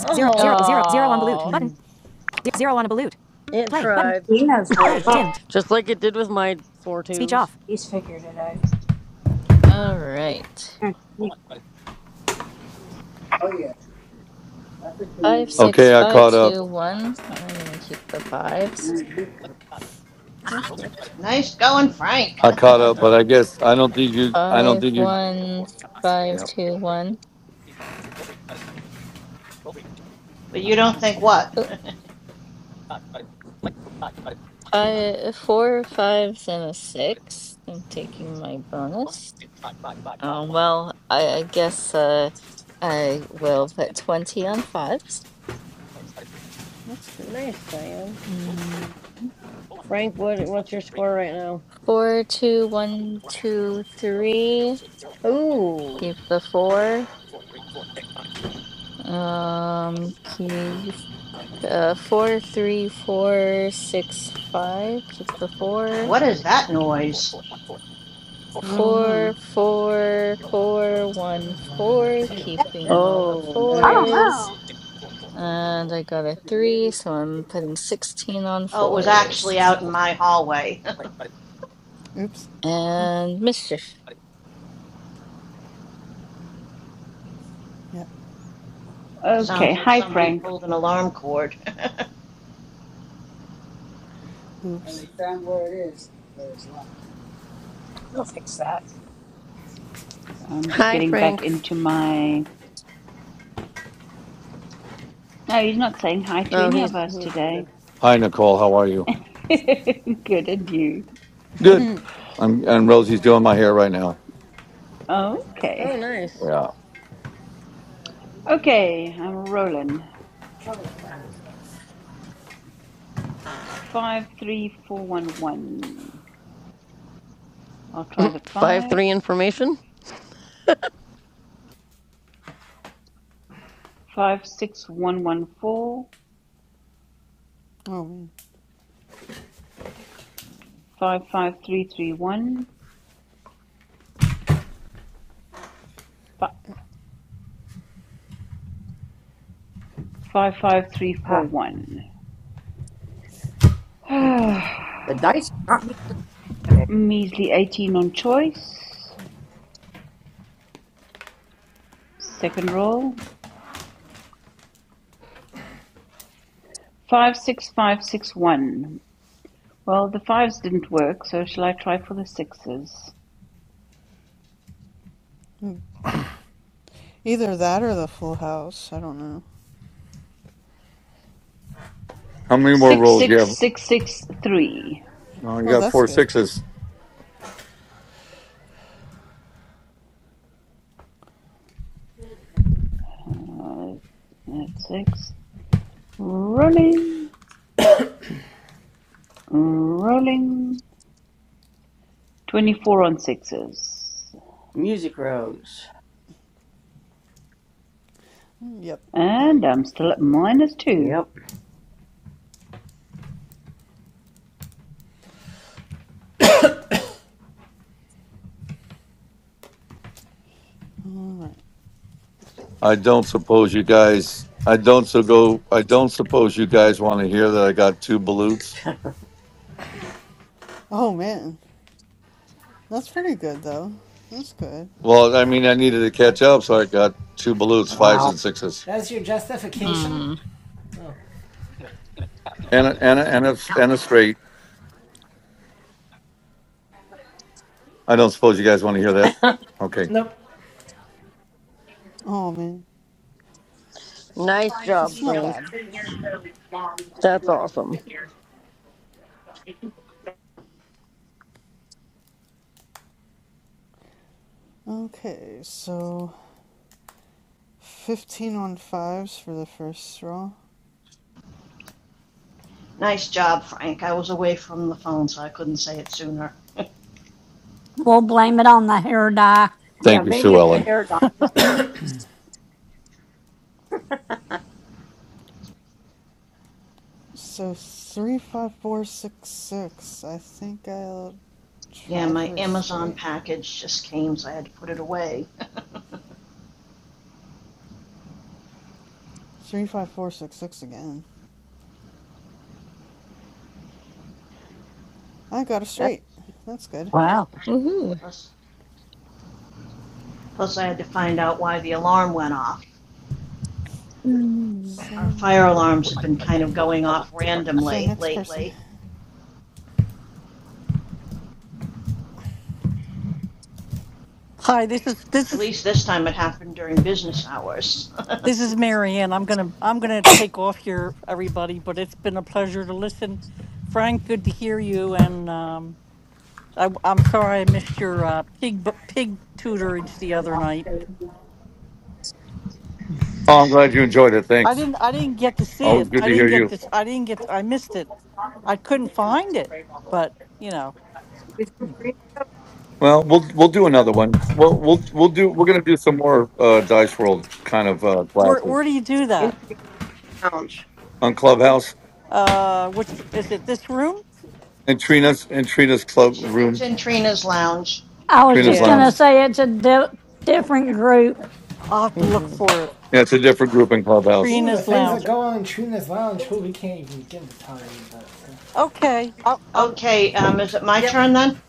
S12: Oh,
S14: Oh,
S13: Hmm.
S12: it tried.
S1: he knows where it is.
S12: Just like it did with my four twos.
S1: He's figured it out.
S14: all right. Five, six,
S5: Okay, I
S14: five,
S5: caught up.
S14: two, one. I'm gonna keep the fives.
S13: That's good.
S7: Nice going, Frank. *laughs*
S5: I caught up,
S7: but
S5: but I guess I don't think you. I don't
S14: Five,
S5: think you.
S14: one, five,
S5: Yeah.
S14: two, one.
S7: you
S13: Hmm.
S7: don't think what?
S14: Oh, I, four fives and a six. I'm taking my bonus. Um, well, I, I guess uh, I will put 20 on fives.
S13: That's good.
S12: Nice, Diane.
S14: Mm.
S12: Frank, what what's your score right now?
S14: Four, two, one, two, three.
S12: Ooh.
S14: Keep the four. Um, keep uh four, three, four, six, five. Keep the
S7: *laughs*
S14: four.
S7: what is that noise?
S13: I don't
S14: Four,
S13: know.
S14: four, four,
S3: I
S14: one,
S3: was wondering that
S14: four.
S3: too.
S14: Keeping all the
S12: Oh,
S1: I don't
S12: nice.
S14: fours.
S1: know.
S14: And I got a three, so I'm putting 16 on
S7: Oh, it was actually
S14: fours.
S7: out in my hallway. *laughs* it
S13: Oops.
S14: And mischief.
S13: Yep. Yes.
S16: okay.
S7: sounds like
S16: Hi,
S7: somebody
S16: Frank.
S7: pulled an alarm cord.
S13: Oops.
S1: They'll fix that.
S16: I'm just
S12: Hi,
S16: getting back
S12: Frank.
S16: into my. No, he's not saying hi to
S12: Oh,
S16: any of
S12: he's
S16: us
S12: he's
S16: today.
S12: muted.
S5: Hi, Nicole. How are you?
S16: *laughs* Good, and you?
S12: *laughs*
S5: Good.
S12: oh,
S5: I'm. And Rosie's doing my hair right now.
S16: Okay.
S12: nice.
S5: Yeah.
S16: Okay, I'm rolling. Five, three, four, one, one. I'll try the
S12: Five
S16: five.
S12: three information.
S16: Five, six, one, one, four.
S13: Oh man.
S16: Five, five, three, three, one. Five, five, three, four,
S8: Ah,
S16: one.
S13: Oh man.
S16: *sighs*
S8: the dice are not being played.
S16: Measly eighteen on choice, second roll. Five, six, five, six, one. Well, the fives didn't work, so shall I try for the sixes?
S13: Hmm. Either that or the full house. I don't know.
S5: How many more
S16: Six,
S5: rolls do you
S16: six,
S5: have?
S16: six, six, three.
S5: Oh, you
S13: Oh,
S5: got
S13: that's
S5: four
S13: good.
S5: sixes.
S16: Uh, that's six. Rolling, rolling. 24 on sixes.
S8: Music rose.
S13: Mm, Yep.
S16: And I'm still at minus two.
S8: Yep.
S13: All right.
S5: I don't suppose you guys. I don't so go. I don't suppose you guys want to hear that I got two balutes.
S13: Oh man, that's pretty good though. That's good.
S5: Well, I mean, I needed to catch up, so I got two balutes, fives
S8: Wow.
S5: and sixes,
S3: That's your justification?
S14: Mm.
S3: Oh.
S5: and a, and a, and a, and a straight. I don't suppose you guys want to hear that.
S8: *laughs*
S5: Okay.
S3: Nope.
S13: Oh man,
S12: Nice job,
S13: that's not
S12: Frank.
S13: bad.
S12: That's awesome.
S13: Okay, so fifteen on fives for the first row.
S7: *laughs* nice job, Frank. I was away from the phone, so I couldn't say it sooner.
S9: We'll blame it on the hair dye.
S8: Yeah,
S5: Thank you,
S8: maybe
S5: Sue
S8: it's the
S5: Ellen.
S8: hair dye.
S13: Ooh. So three, five, four, six, six. I think I'll
S7: *laughs* yeah,
S13: try
S7: my
S13: for a
S7: Amazon
S13: straight.
S7: package just came, so I had to put it away. *laughs*
S13: Three, five, four, six, six again. I got a
S8: That's
S13: straight. That's good.
S15: Wow.
S14: Woohoo.
S7: plus, plus, I had to find out why the alarm went off. Our
S13: So,
S7: fire alarms have been kind of going off
S13: so
S7: randomly
S13: next person.
S7: lately.
S15: Hi, this is this
S7: At
S15: is
S7: least this time it happened during business hours.
S15: this
S7: *laughs*
S15: is Marianne. I'm gonna I'm gonna take off here, everybody. But it's been a pleasure to listen. Frank, good to hear you. And um, I, I'm sorry I missed your uh, pig bu- pig tutorage the other night.
S5: Oh, I'm glad you enjoyed it.
S15: I
S5: Thanks.
S15: didn't I didn't get to see
S5: Always
S15: it.
S5: good
S15: I
S5: to hear
S15: didn't get
S5: you.
S15: this. I didn't get. I missed it. I couldn't find it, but you know,
S8: it's in Trina,
S5: Well, we'll we'll do another one. We'll we'll we'll do. We're gonna do some more uh, Dice World kind of uh,
S15: where
S5: classes
S15: where do you do
S8: in
S15: that?
S8: Trina Lounge.
S5: on Clubhouse
S15: Uh, which is it? This room?
S5: and Trina's and Trina's club
S7: it's it's
S5: room,
S7: in Trina's lounge.
S9: I was
S5: Trina's
S9: just going
S5: lounge.
S12: Yeah.
S9: to say it's a di- different group.
S15: I'll have to look
S12: Mm-hmm.
S15: for it.
S5: Yeah, it's a different group in Clubhouse.
S3: Ooh, the
S15: Trina's
S3: things
S15: Lounge.
S3: that go on in Trina's lounge. Who we can't even begin to tell you, but uh,
S15: Okay, I'll, I'll
S7: Okay, um, is it my
S3: Yep.
S7: turn then?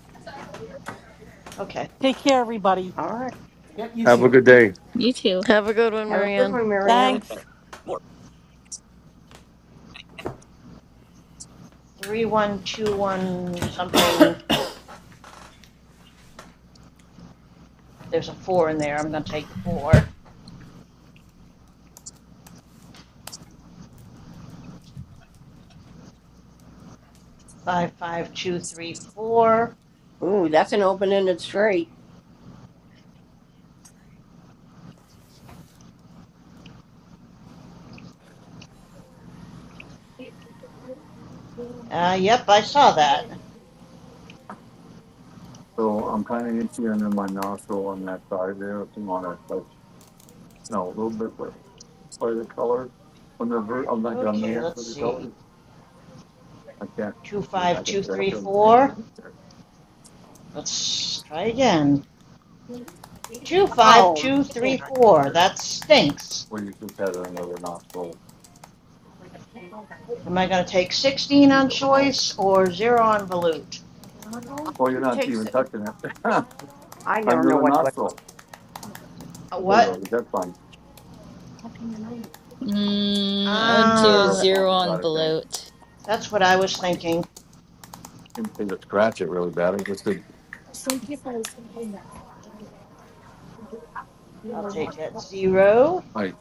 S7: Okay,
S15: take care, everybody.
S8: All right.
S3: yep, you
S5: Have a
S3: too.
S5: good day.
S14: You too.
S12: Have a good one,
S8: Have a good one,
S12: Marianne.
S8: Marianne.
S15: Thanks.
S7: three one two one something. There's a four in there. I'm gonna take the four. Five five two three four.
S8: Ooh, that's an open-ended straight.
S7: Uh, yep, I saw that.
S5: So I'm kind of itchy under my nostril on that side there. If you want to touch, no, a little bit for, for the color. On the ver- I'm like on the
S7: Okay,
S5: air
S7: let's
S5: for the
S7: see.
S5: color. I can't.
S7: Two
S5: I mean,
S7: five
S5: I can
S7: two
S5: stare at
S7: three
S5: them. I
S7: four.
S5: don't care.
S7: Let's try again. Two five
S8: Oh
S7: two
S8: man,
S7: three
S5: I
S7: four.
S5: stare at them.
S7: That stinks.
S5: Well, you just had another nostril.
S7: Am I gonna take sixteen
S5: You
S7: on
S5: don't know.
S7: choice or zero on volute?
S5: Oh, you're
S8: it
S5: not
S8: takes.
S5: even
S8: it-
S5: touching it. *laughs*
S8: I never
S5: Under
S8: know
S5: the
S8: what to. advise.
S5: nostril.
S7: A
S5: Okay,
S7: what?
S5: Rosie, that's fine.
S14: Mm, I'd
S5: Yeah,
S14: do
S5: that's
S7: Ah,
S14: zero
S5: fine. I
S14: on
S5: Got it, thanks.
S14: bloat.
S7: that's what I was thinking.
S5: Didn't seem to scratch it really bad. It just did,
S7: I'll take that. Zero.
S5: like,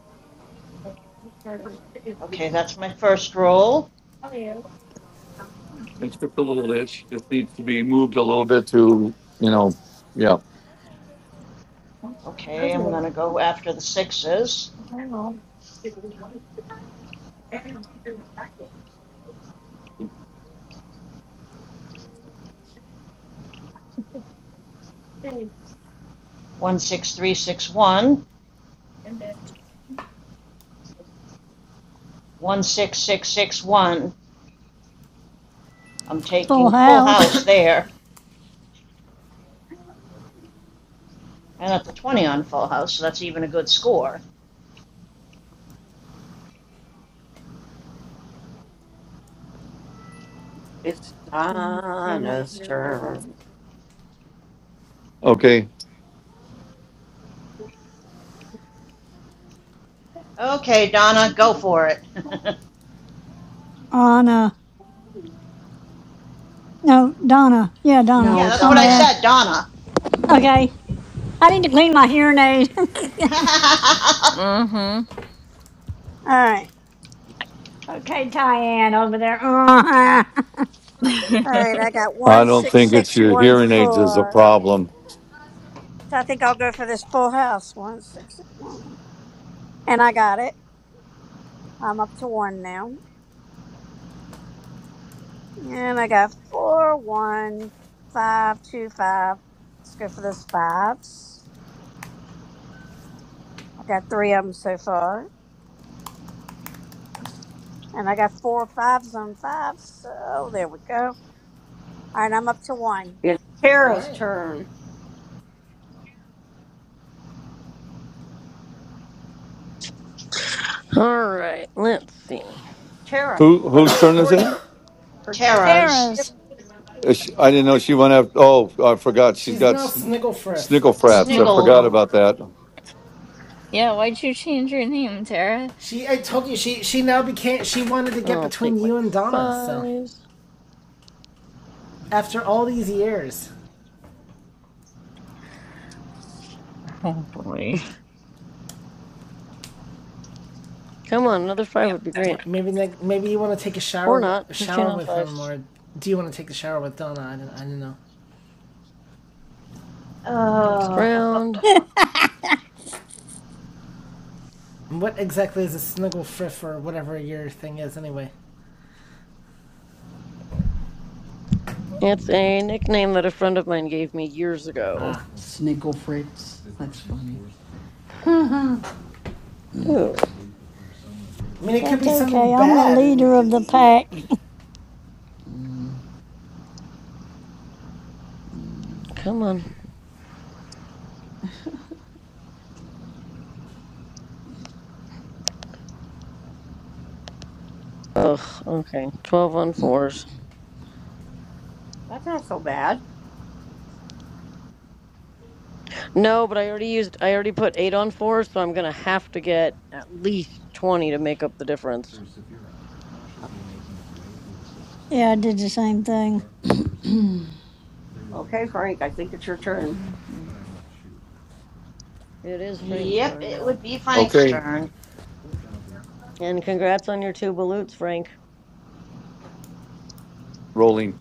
S7: Okay, that's my first roll.
S5: it's just a little itch. Just needs to be moved a little bit to, you know, yeah.
S7: Okay, I'm going to go after the sixes. One, six, three, six, one. One, six, six, six, one. I'm taking
S9: Full
S7: full
S9: house.
S7: house there. And that's a 20 on full house, so that's even a good score.
S8: It's Donna's turn.
S5: Okay.
S7: Okay, Donna, go for it. *laughs*
S9: Anna. No, Donna. Yeah, Donna.
S6: No,
S7: yeah, that's
S6: it's
S9: My
S7: what I
S9: bad.
S14: Donna.
S7: said, Donna.
S9: Okay. I need to clean my hearing aid. *laughs*
S7: *laughs*
S14: Mm-hmm.
S1: All right.
S9: okay, Tyann over there. Uh-huh.
S1: All
S14: *laughs*
S1: right. I got
S5: I don't think it's your hearing aids is a
S1: 16614.
S5: problem.
S1: So I think I'll go for this full house. 1661. And I got it. I'm up to one now. And I got four, one, five, two, five. Let's go for those fives. I got three of them so far. And I got four fives on fives. So there we go. All right, I'm up to one.
S8: It's
S3: All
S8: Tara's
S3: right.
S8: turn.
S12: All right, let's see.
S8: Tara
S5: Who
S8: goes
S5: whose turn is
S8: for
S5: it?
S8: you. Her dice were
S7: Tara's.
S8: different.
S9: Tara's.
S5: Is she- I didn't know she went after. Oh, I forgot. She's
S3: She's
S5: got
S3: now
S5: sn-
S3: Snigglefriff.
S5: snickle frats. I
S14: Snig-
S5: forgot
S7: Sniggle.
S5: about that.
S14: yeah, why'd you change your name, Tara?
S3: She, I told you, she she now became. She wanted to get
S12: I'll
S3: between
S12: take my
S3: you and Donna. So
S12: fives.
S3: after all these years,
S12: Come on, another five would be great.
S3: maybe maybe you want to take a
S12: Or
S3: shower
S12: not. Fifteen
S3: shower
S12: on
S3: with
S12: fives.
S3: him, or do you want to take the shower with Donna? I don't, I don't know.
S12: Next
S7: Oh.
S12: round.
S7: *laughs*
S9: *laughs*
S3: And what exactly is a Snigglefriff or whatever your thing is anyway?
S12: It's a nickname that a friend of mine gave me years ago.
S3: Ah,
S6: Snickle Fritz. That's funny.
S12: Ooh,
S3: I mean, it could
S9: That's
S3: be something
S9: okay. I'm the
S3: bad, and
S9: leader of
S3: you,
S9: the
S3: you,
S9: pack.
S12: come on. Ugh, okay. 12 on fours.
S8: That's not so bad.
S12: No, but I already used, I already put 8 on fours, so I'm gonna have to get at least 20 to make up the difference.
S9: yeah, I did the same thing.
S8: Okay, Frank. I think it's your turn.
S12: It is Frank's
S7: Yep,
S12: turn
S7: it would
S12: now.
S7: be Frank's
S5: Okay.
S7: turn.
S12: And congrats on your two balutes, Frank.
S5: Rolling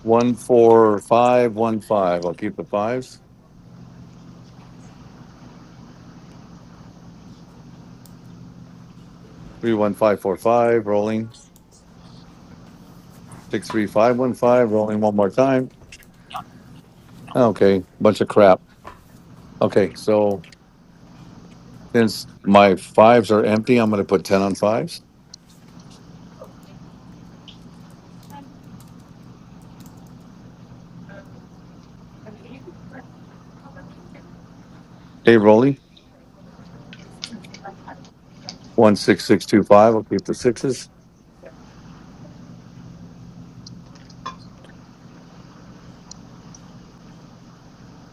S5: one four five one five. I'll keep the fives. Three one five four five rolling. Six three five one five rolling one more time. Okay, bunch of crap. Okay, so since my fives are empty, I'm gonna put ten on fives. Hey, rolling one six six two five. I'll keep the sixes.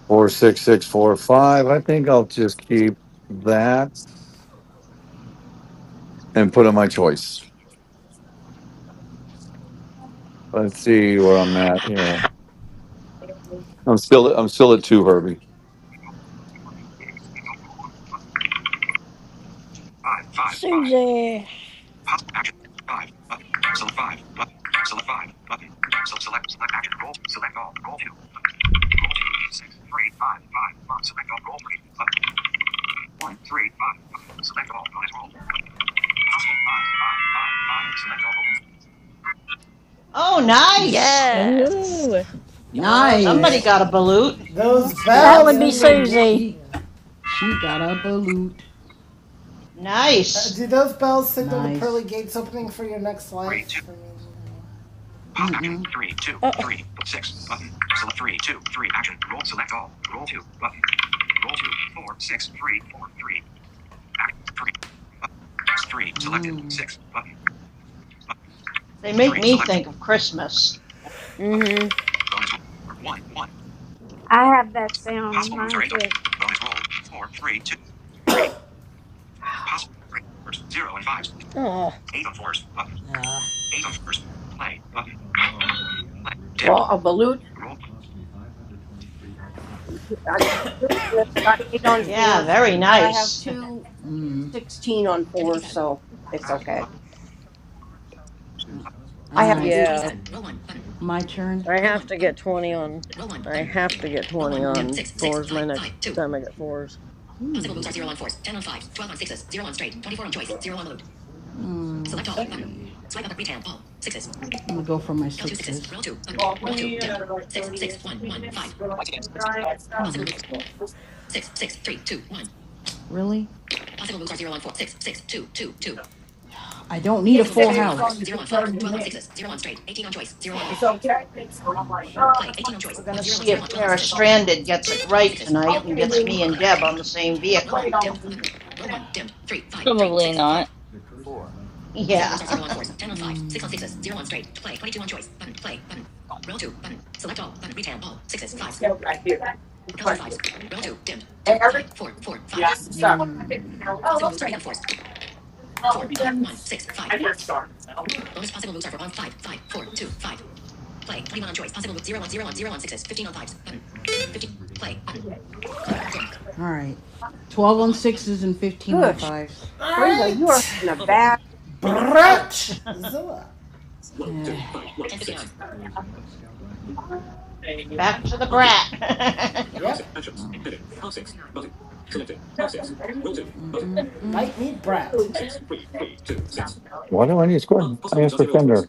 S5: Four six six four five. I think I'll just keep that and put in my choice. Let's see where I'm at here. I'm still I'm still at two, Herbie.
S9: Susie.
S8: Possible action. Five button. Select five button. Select five button. So select select action. Roll. Select all. Roll two. Roll two. Six. Three. Five. Five. Five. Select all. Roll three. Button. One. Three. Five. Five. Select all. Bonus roll. Possible five. Five. Five. Five. Select all. Open.
S7: Oh,
S8: Three button.
S7: nice!
S12: Yes!
S14: Ooh.
S12: Love
S7: Somebody
S12: it.
S6: Nice.
S7: got a balut.
S3: Those
S13: That's
S9: That
S13: good.
S12: Susie
S9: would
S3: bells
S12: got
S9: be
S12: a
S3: mean
S8: Out.
S3: you're
S12: balut.
S3: doomed.
S9: Susie.
S6: She
S3: You
S6: she got a balut.
S3: uh,
S7: Nice.
S3: do those bells signal the pearly
S6: Nice.
S3: gates opening for your next
S8: Three. Two.
S3: life? I mean, you
S8: Pause action. Three. Two.
S12: Uh,
S8: Three. Six. Button. Select three. Two. Three. Action. Roll. Select all. Roll two. Button. Roll two. Four. Six. Three. Four. Three. Action. Three. Button. Three. Selected. Six. Button. Button.
S7: They make
S8: Three.
S7: me
S8: Select.
S7: think of Christmas.
S8: three. Roll. Button.
S12: mm-hmm.
S8: Bonus roll. One. One.
S1: I have that
S8: Select.
S1: sound on
S8: Possible moves are
S1: mine
S8: eight on.
S1: too.
S8: Bonus roll. Four. Three. Two. Three. Possible. Three. Fours. Zero and fives.
S12: Oh,
S8: Eight on fours. Button.
S6: Uh,
S8: Eight on fours. Play. Button. Play. Dim. Well, a balut. Roll. I got eight on
S7: Yeah,
S8: fours,
S7: very
S8: but I have
S7: nice.
S8: two
S6: mm.
S8: 16 on fours, so it's Back. okay. Button.
S6: All
S8: I have
S6: right.
S8: to.
S12: yeah.
S6: my turn.
S12: I have to get 20 on. I have to get 20
S6: All right.
S12: on fours my next time I get fours.
S6: Mm, see. I'm gonna go for my Come on. Really? I don't need a full house. twelve Wow,
S7: *laughs* we're gonna
S6: shoot.
S7: we're gonna see if Paris Stranded gets it right tonight and gets me and Deb on the same vehicle.
S14: Probably not.
S7: Yeah.
S6: Alright. 12 on sixes and 15 on
S8: Gosh,
S6: fives.
S3: know.
S8: Trina, you are
S3: Alright!
S8: having a bad.
S7: Ouch.
S3: Bratzilla.
S6: *sighs*
S7: *laughs* Back to the brat.
S3: Yep. Bite me, brat.
S5: Why do I need to score? I asked for Fender.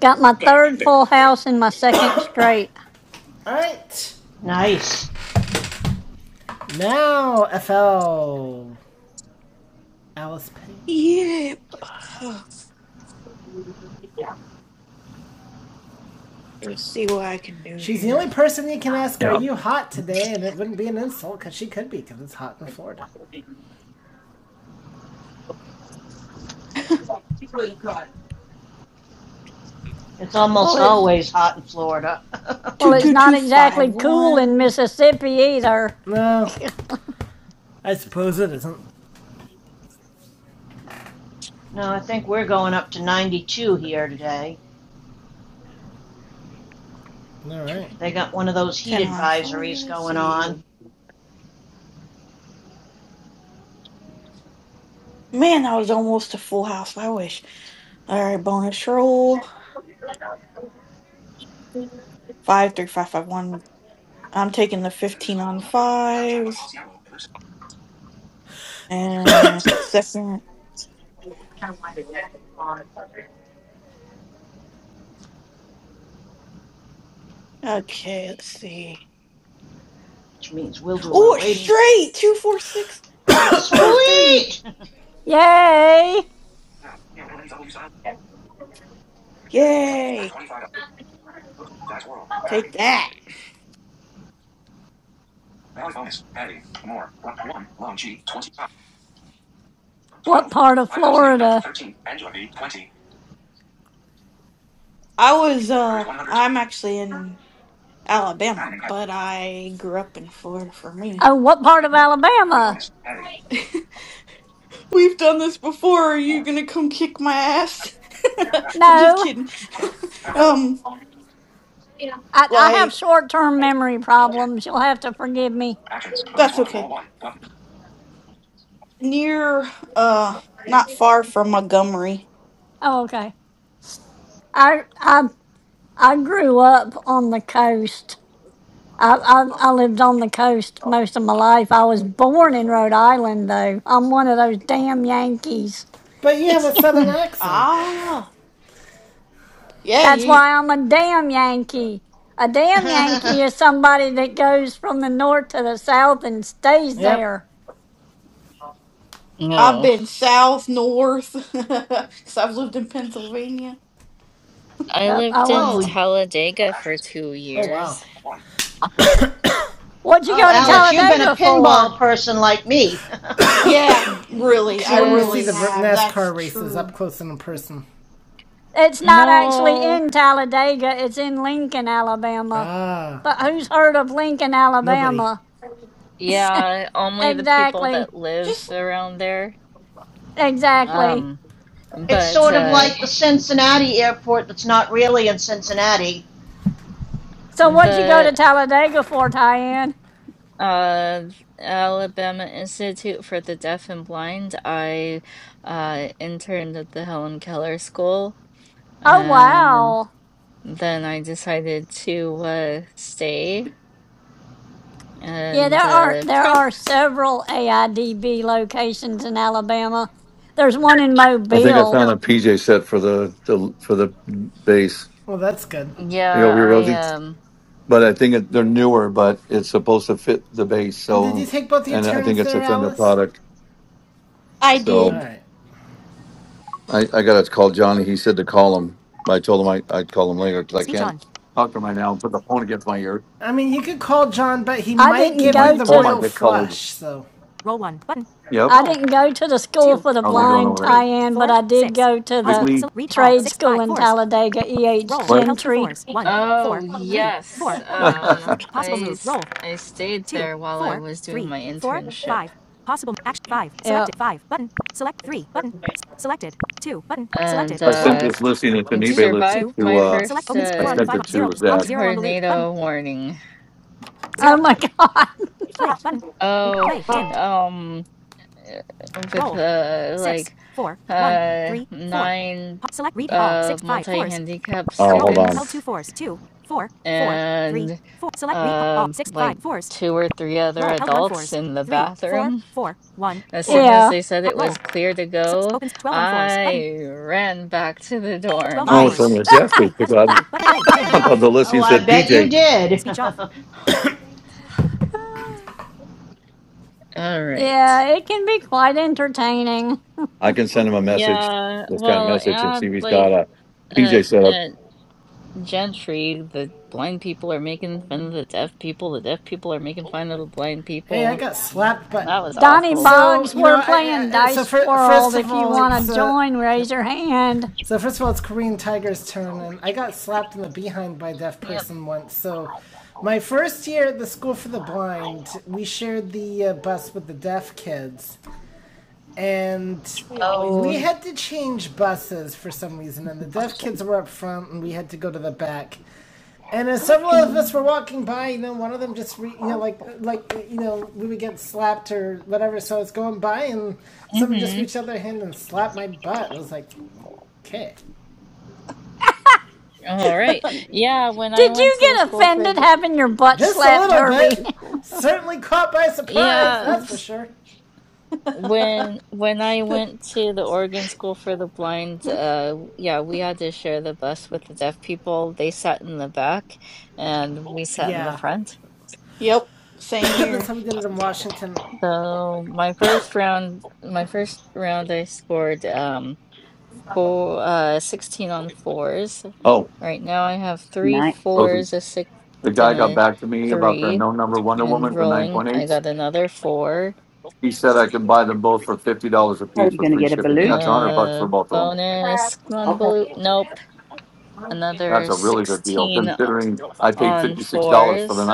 S9: Got my third full house and my second straight.
S3: Alright.
S7: *laughs* nice.
S3: Now, FL Alice Pink.
S4: Yeah. Ugh. *sighs* Let's see what I can do
S3: She's the
S4: here.
S3: only person you can ask, Are you hot today? And it wouldn't be an insult because she could be because it's hot in Florida.
S7: It's
S9: Well,
S7: almost
S9: it's
S7: always hot in Florida.
S9: well,
S4: Two
S9: it's
S4: two
S9: not
S4: two five
S9: exactly cool in
S4: one.
S9: Mississippi either.
S3: No, I suppose it isn't.
S7: *laughs* no, I think we're going up to 92 here today.
S3: Alright.
S7: They got one of those heat
S4: Ten on five.
S7: advisories
S4: Let's
S7: going
S4: see.
S7: on,
S4: Man, that was almost a full house. I wish. All right, bonus roll. Five three five five one. I'm taking the
S8: Senators
S4: 15
S8: call
S4: on
S8: for no. Child Jack by
S4: fives.
S8: Policy Yellow. Ellipsis.
S4: And my second. Okay, let's see.
S7: which means we'll do our
S4: Oh,
S7: waiting.
S4: straight! Two, four, six, five, three.
S7: Sweet!
S9: Yay!
S8: Now. Andy. Back
S4: Yay!
S8: 25. Dice world. Back
S4: Take
S8: button.
S4: that.
S8: Valid bonus. Heading. More. One. Loan G. 25.
S9: What
S8: 12.
S9: part of
S8: 5089.
S9: Florida?
S8: 13. Angela V. 20.
S4: I was, uh,
S8: Chris 100.
S4: I'm actually in Alabama, but I grew up in Florida for me.
S9: Oh, what part of
S8: Valid
S9: Alabama?
S8: bonus. Heading.
S4: We've done this before. Are you
S8: More.
S4: gonna come kick my ass? *laughs*
S8: Back.
S4: I'm just
S9: No,
S4: kidding. *laughs*
S8: Back.
S4: um,
S9: I, I have
S4: like,
S9: short term memory
S8: 10.
S9: problems. You'll have to forgive me.
S8: Actions. Bonus
S4: that's
S8: roll. Roll
S4: okay.
S8: 1. Button.
S4: Near, uh, not far from Montgomery.
S9: Oh, okay. I I I grew up on the coast. I, I I lived on the coast most of my life. I was born in Rhode Island, though. I'm one of those damn Yankees.
S3: But you have a
S9: *laughs*
S3: southern accent.
S4: Ah, yeah,
S9: That's
S4: you.
S9: why I'm a damn Yankee. A
S7: *laughs*
S9: damn
S7: oh,
S9: Yankee is somebody that goes from the north to the south and stays
S3: Yep.
S9: there.
S4: I've
S14: No.
S4: been south, north, *laughs* because I've lived in Pennsylvania.
S14: I
S9: Yep, I
S14: lived in
S9: was.
S7: oh,
S8: Up
S14: Talladega for
S8: actions.
S14: two
S3: Oh, wow.
S14: years.
S8: 1.
S9: What'd you go to
S14: Yuck.
S7: Alex, you've been a
S9: Talladega for?
S7: pinball person like me.
S4: Yeah, really,
S3: She
S4: I
S3: wanted to see
S4: really
S3: the
S14: Cause
S4: have. That's
S3: NASCAR races up
S4: true.
S3: close and in person.
S9: It's not actually
S14: no,
S9: in Talladega, it's in Lincoln, Alabama.
S3: Ah,
S9: But who's heard of Lincoln,
S3: nobody.
S9: Alabama? *laughs*
S14: yeah, only the people
S9: exactly.
S14: that live
S4: Just
S14: around there.
S9: Exactly.
S14: Um,
S7: *laughs* it's
S14: but
S7: sort of
S14: uh,
S7: like the Cincinnati airport that's not really in Cincinnati.
S9: So what'd you go
S14: the
S9: to Talladega for, Tyann?
S14: Uh, Alabama Institute for the Deaf and Blind. I uh, interned at the Helen Keller School,
S9: Oh
S14: and
S9: wow.
S14: then I decided to uh, stay.
S9: Yeah, there
S14: And
S9: are
S14: uh,
S9: there
S14: pro
S9: are several AIDB locations in Alabama. There's one in
S5: I think I
S9: Mobile.
S5: found a PJ set for the, the for the bass.
S3: Well, that's good.
S5: Are you
S14: yeah,
S5: over here, Rosie?
S14: I um.
S5: But I think it, they're newer, but it's supposed to fit the bass.
S3: And did you
S5: So,
S3: take both your
S5: and I think
S3: turns
S5: it's
S3: there,
S5: a Fender
S3: Alice?
S5: product.
S4: I
S3: All
S5: So
S4: did.
S3: right.
S5: I, I got to call Johnny. He said to call him. I told him I, I'd call him later because I can't talk to him right now and put the phone against my ear.
S3: I mean, you could call John, but he
S9: I
S3: might
S9: didn't
S5: 'cause
S3: give
S5: My
S3: you
S9: go
S3: the
S9: to
S5: phone might
S3: royal
S9: the
S5: get colored.
S3: flush. So,
S5: Yep.
S9: I didn't go to the school for the
S5: How's he doing
S9: blind,
S5: over there?
S9: Tyann, but I did go to the
S5: Wiggly?
S9: trade school in Talladega, E.H.
S5: What?
S9: Gentry
S14: Oh yes,
S5: *laughs* I
S14: um, I s- I stayed there while I was doing my internship,
S9: Yeah.
S14: and
S5: sent
S14: uh,
S5: this listing. It's an eBay listing
S14: survived
S5: to,
S14: my
S5: uh,
S14: first
S5: I
S14: uh,
S5: sent it to Zach.
S14: tornado warning.
S9: Oh my *laughs* God.
S14: Oh, um, uh, with uh, like uh, nine uh, multi-handicapped
S5: Oh, hold on.
S14: students and uh, like two or three other adults in the bathroom. As soon as
S9: Yeah.
S14: they said it was clear to go, I ran back to the
S5: Oh, it's
S14: dorms.
S5: only
S4: Nice.
S5: a Zach pick up. I thought the
S7: Oh,
S5: listening
S7: I
S5: said,
S7: bet you
S5: PJ,
S7: did.
S14: All right.
S9: Yeah, it can be quite entertaining.
S5: I can send him a message,
S14: Yeah,
S5: this kind of
S14: well,
S5: message, and see if
S14: and
S5: he's
S14: like
S5: got a
S14: uh,
S5: PJ set up.
S14: uh, gentry. The blind people are making fun of the deaf people. The deaf people are making fun of the blind
S3: hey, I
S14: people.
S3: got slapped, but
S14: That was
S9: Donnie
S14: awful.
S3: so
S9: Boggs,
S3: you know,
S9: we're
S3: I,
S9: playing
S3: I I- so
S9: Dice
S3: for,
S9: World.
S3: first of
S9: If you
S3: all,
S9: want
S3: it's
S9: to
S3: uh,
S9: join, raise
S3: yep.
S9: your hand.
S3: So first of all, it's Korean Tiger's turn, and I got slapped in the behind by a deaf
S14: Yep.
S3: person once. So my first year at the school for the blind, we shared the uh, bus with the deaf kids, and
S4: We always
S3: we
S14: Oh.
S4: did.
S3: had to change buses for some reason. And
S16: *laughs*
S3: the deaf
S16: So,
S3: kids were up front, and we had to go to the back. And as several
S16: Coffee.
S3: of us were walking by, you know, one of them just, re- you know,
S16: Coffee.
S3: like, like, you know, we would get slapped or whatever. So I was going by, and somebody just
S14: Mhm.
S3: reached out their hand and slapped my butt. I was like, okay.
S14: All right.
S16: What
S14: Yeah.
S16: you
S14: When I
S9: Did
S14: went
S9: you
S16: beautiful
S14: to the
S9: get
S14: school for
S9: offended
S14: the
S9: having your butt
S3: Just a
S9: slapped,
S16: You
S3: little
S9: Herbie?
S3: bit.
S16: beautiful.
S3: Certainly caught by surprise,
S14: yeah.
S3: that's for
S14: oops.
S3: sure.
S4: *laughs*
S14: When when I went to the Oregon School for the Blind, uh, yeah, we had to share the bus with the deaf people. They sat in the back, and we sat in the
S3: Yeah. *coughs*
S14: front.
S4: yep,
S3: *clears throat*
S4: same
S3: that's
S4: here.
S3: how we did it in Washington.
S14: So my first round, my first round, I scored. um four, uh, 16 on fours.
S5: Oh,
S14: Right now I have three
S16: nice.
S5: Rosie,
S14: fours, a six,
S5: the guy
S14: and
S5: got
S14: a
S5: back to me about the
S14: three.
S5: no number Wonder Woman
S14: And
S5: for
S14: rolling, I
S5: 9.8.
S14: got another four.
S5: He said I can buy them both for $50 a piece
S16: You are
S5: for
S16: gonna
S5: free
S16: get a
S5: shipping.
S16: balut?
S5: That's 100 bucks for
S14: Uh,
S5: both of them.
S14: bonus come on
S8: Okay.
S14: blue. Nope.
S5: That's
S14: Another
S5: a really good deal,
S14: 16 o-
S5: considering I paid
S14: on
S5: $56 for the
S14: fours.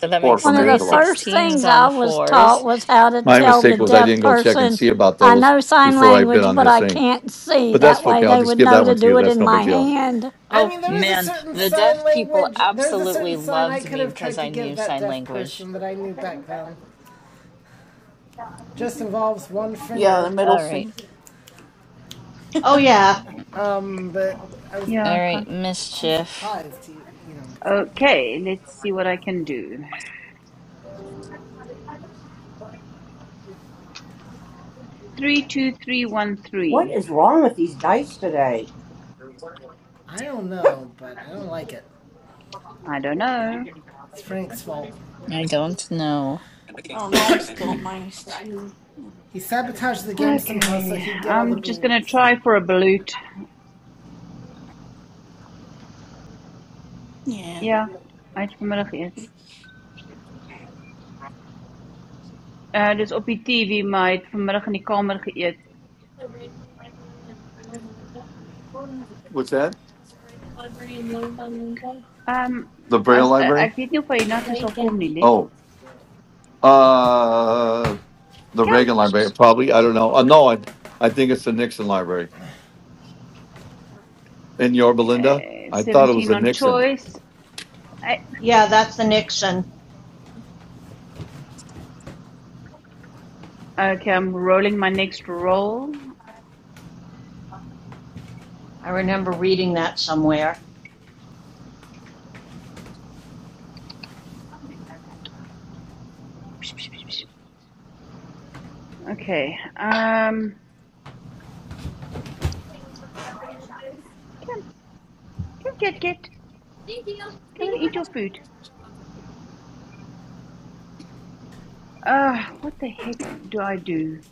S14: So that
S9: *laughs*
S14: makes
S9: One
S5: from
S9: of
S14: three
S9: the
S5: Angelo.
S9: first
S14: sixteens 16s
S9: things I
S14: on
S9: was taught
S14: fours.
S9: was how to
S5: My
S9: tell the
S5: mistake was I
S9: deaf
S5: didn't go check and
S9: person,
S5: see about
S9: I
S5: those
S9: know sign
S5: before I bid
S9: language,
S5: on
S9: but
S5: his
S9: I
S5: thing.
S9: can't see.
S5: But that's
S9: That way
S5: okay. I'll
S9: they
S5: just
S9: would
S5: give that
S9: know to
S5: one to you.
S9: do it
S5: That's
S9: in
S5: no big
S9: my
S5: deal.
S9: hand.
S3: I
S14: Oh
S3: mean, there was a
S14: man,
S3: certain
S14: the
S3: sign
S14: deaf people
S3: language, there was a
S14: absolutely
S3: certain sign I
S14: loved
S3: could
S14: me
S3: have
S14: because
S3: tried
S14: I
S3: to give
S14: knew
S3: that
S14: sign
S3: deaf
S14: language.
S3: person that I knew back then. Just involves one
S4: Yeah, the
S3: finger.
S4: middle
S14: All right.
S4: finger.
S7: *laughs* oh, yeah.
S3: Um, but I was
S16: Yeah,
S14: All
S16: I can.
S14: right,
S3: too
S14: mischief.
S3: surprised to, you know.
S16: Okay, let's see what I can do. Three two three one
S8: What
S16: three.
S8: is wrong with these dice today?
S3: I don't know, but I don't like it.
S16: I don't know.
S3: It's Frank's fault.
S14: I don't know.
S4: Oh no, I'm still at minus two.
S3: He sabotaged the game somehow so
S16: Okay,
S3: he'd get all the
S16: I'm just gonna
S3: bullets.
S16: try
S3: And
S16: for a balut.
S4: Yeah.
S16: Ja, hy het vanmiddag geëet.
S8: I
S16: Uh dis op die TV, maar hy het vanmiddag in die kamer geëet.
S5: What's that?
S16: Ehm
S5: The
S16: um,
S5: Braille
S16: as uh,
S5: Library?
S16: ek weet nie of hy hiernatoe sal kom nie, lief.
S5: Oh, uh, the
S16: Kom.
S5: Reagan Library, probably. I don't know. Uh, no, I, I think it's the Nixon Library in Yorba Linda.
S16: Okay,
S5: I thought it was
S16: 17
S5: the
S16: on
S5: Nixon.
S16: choice. I,
S7: Yeah, that's the Nixon.
S16: okay, I'm rolling my next roll.
S7: I remember reading that somewhere.
S16: Okay. Um, come, come, get, get. Come and eat your food. Ah, uh, what the heck do I do?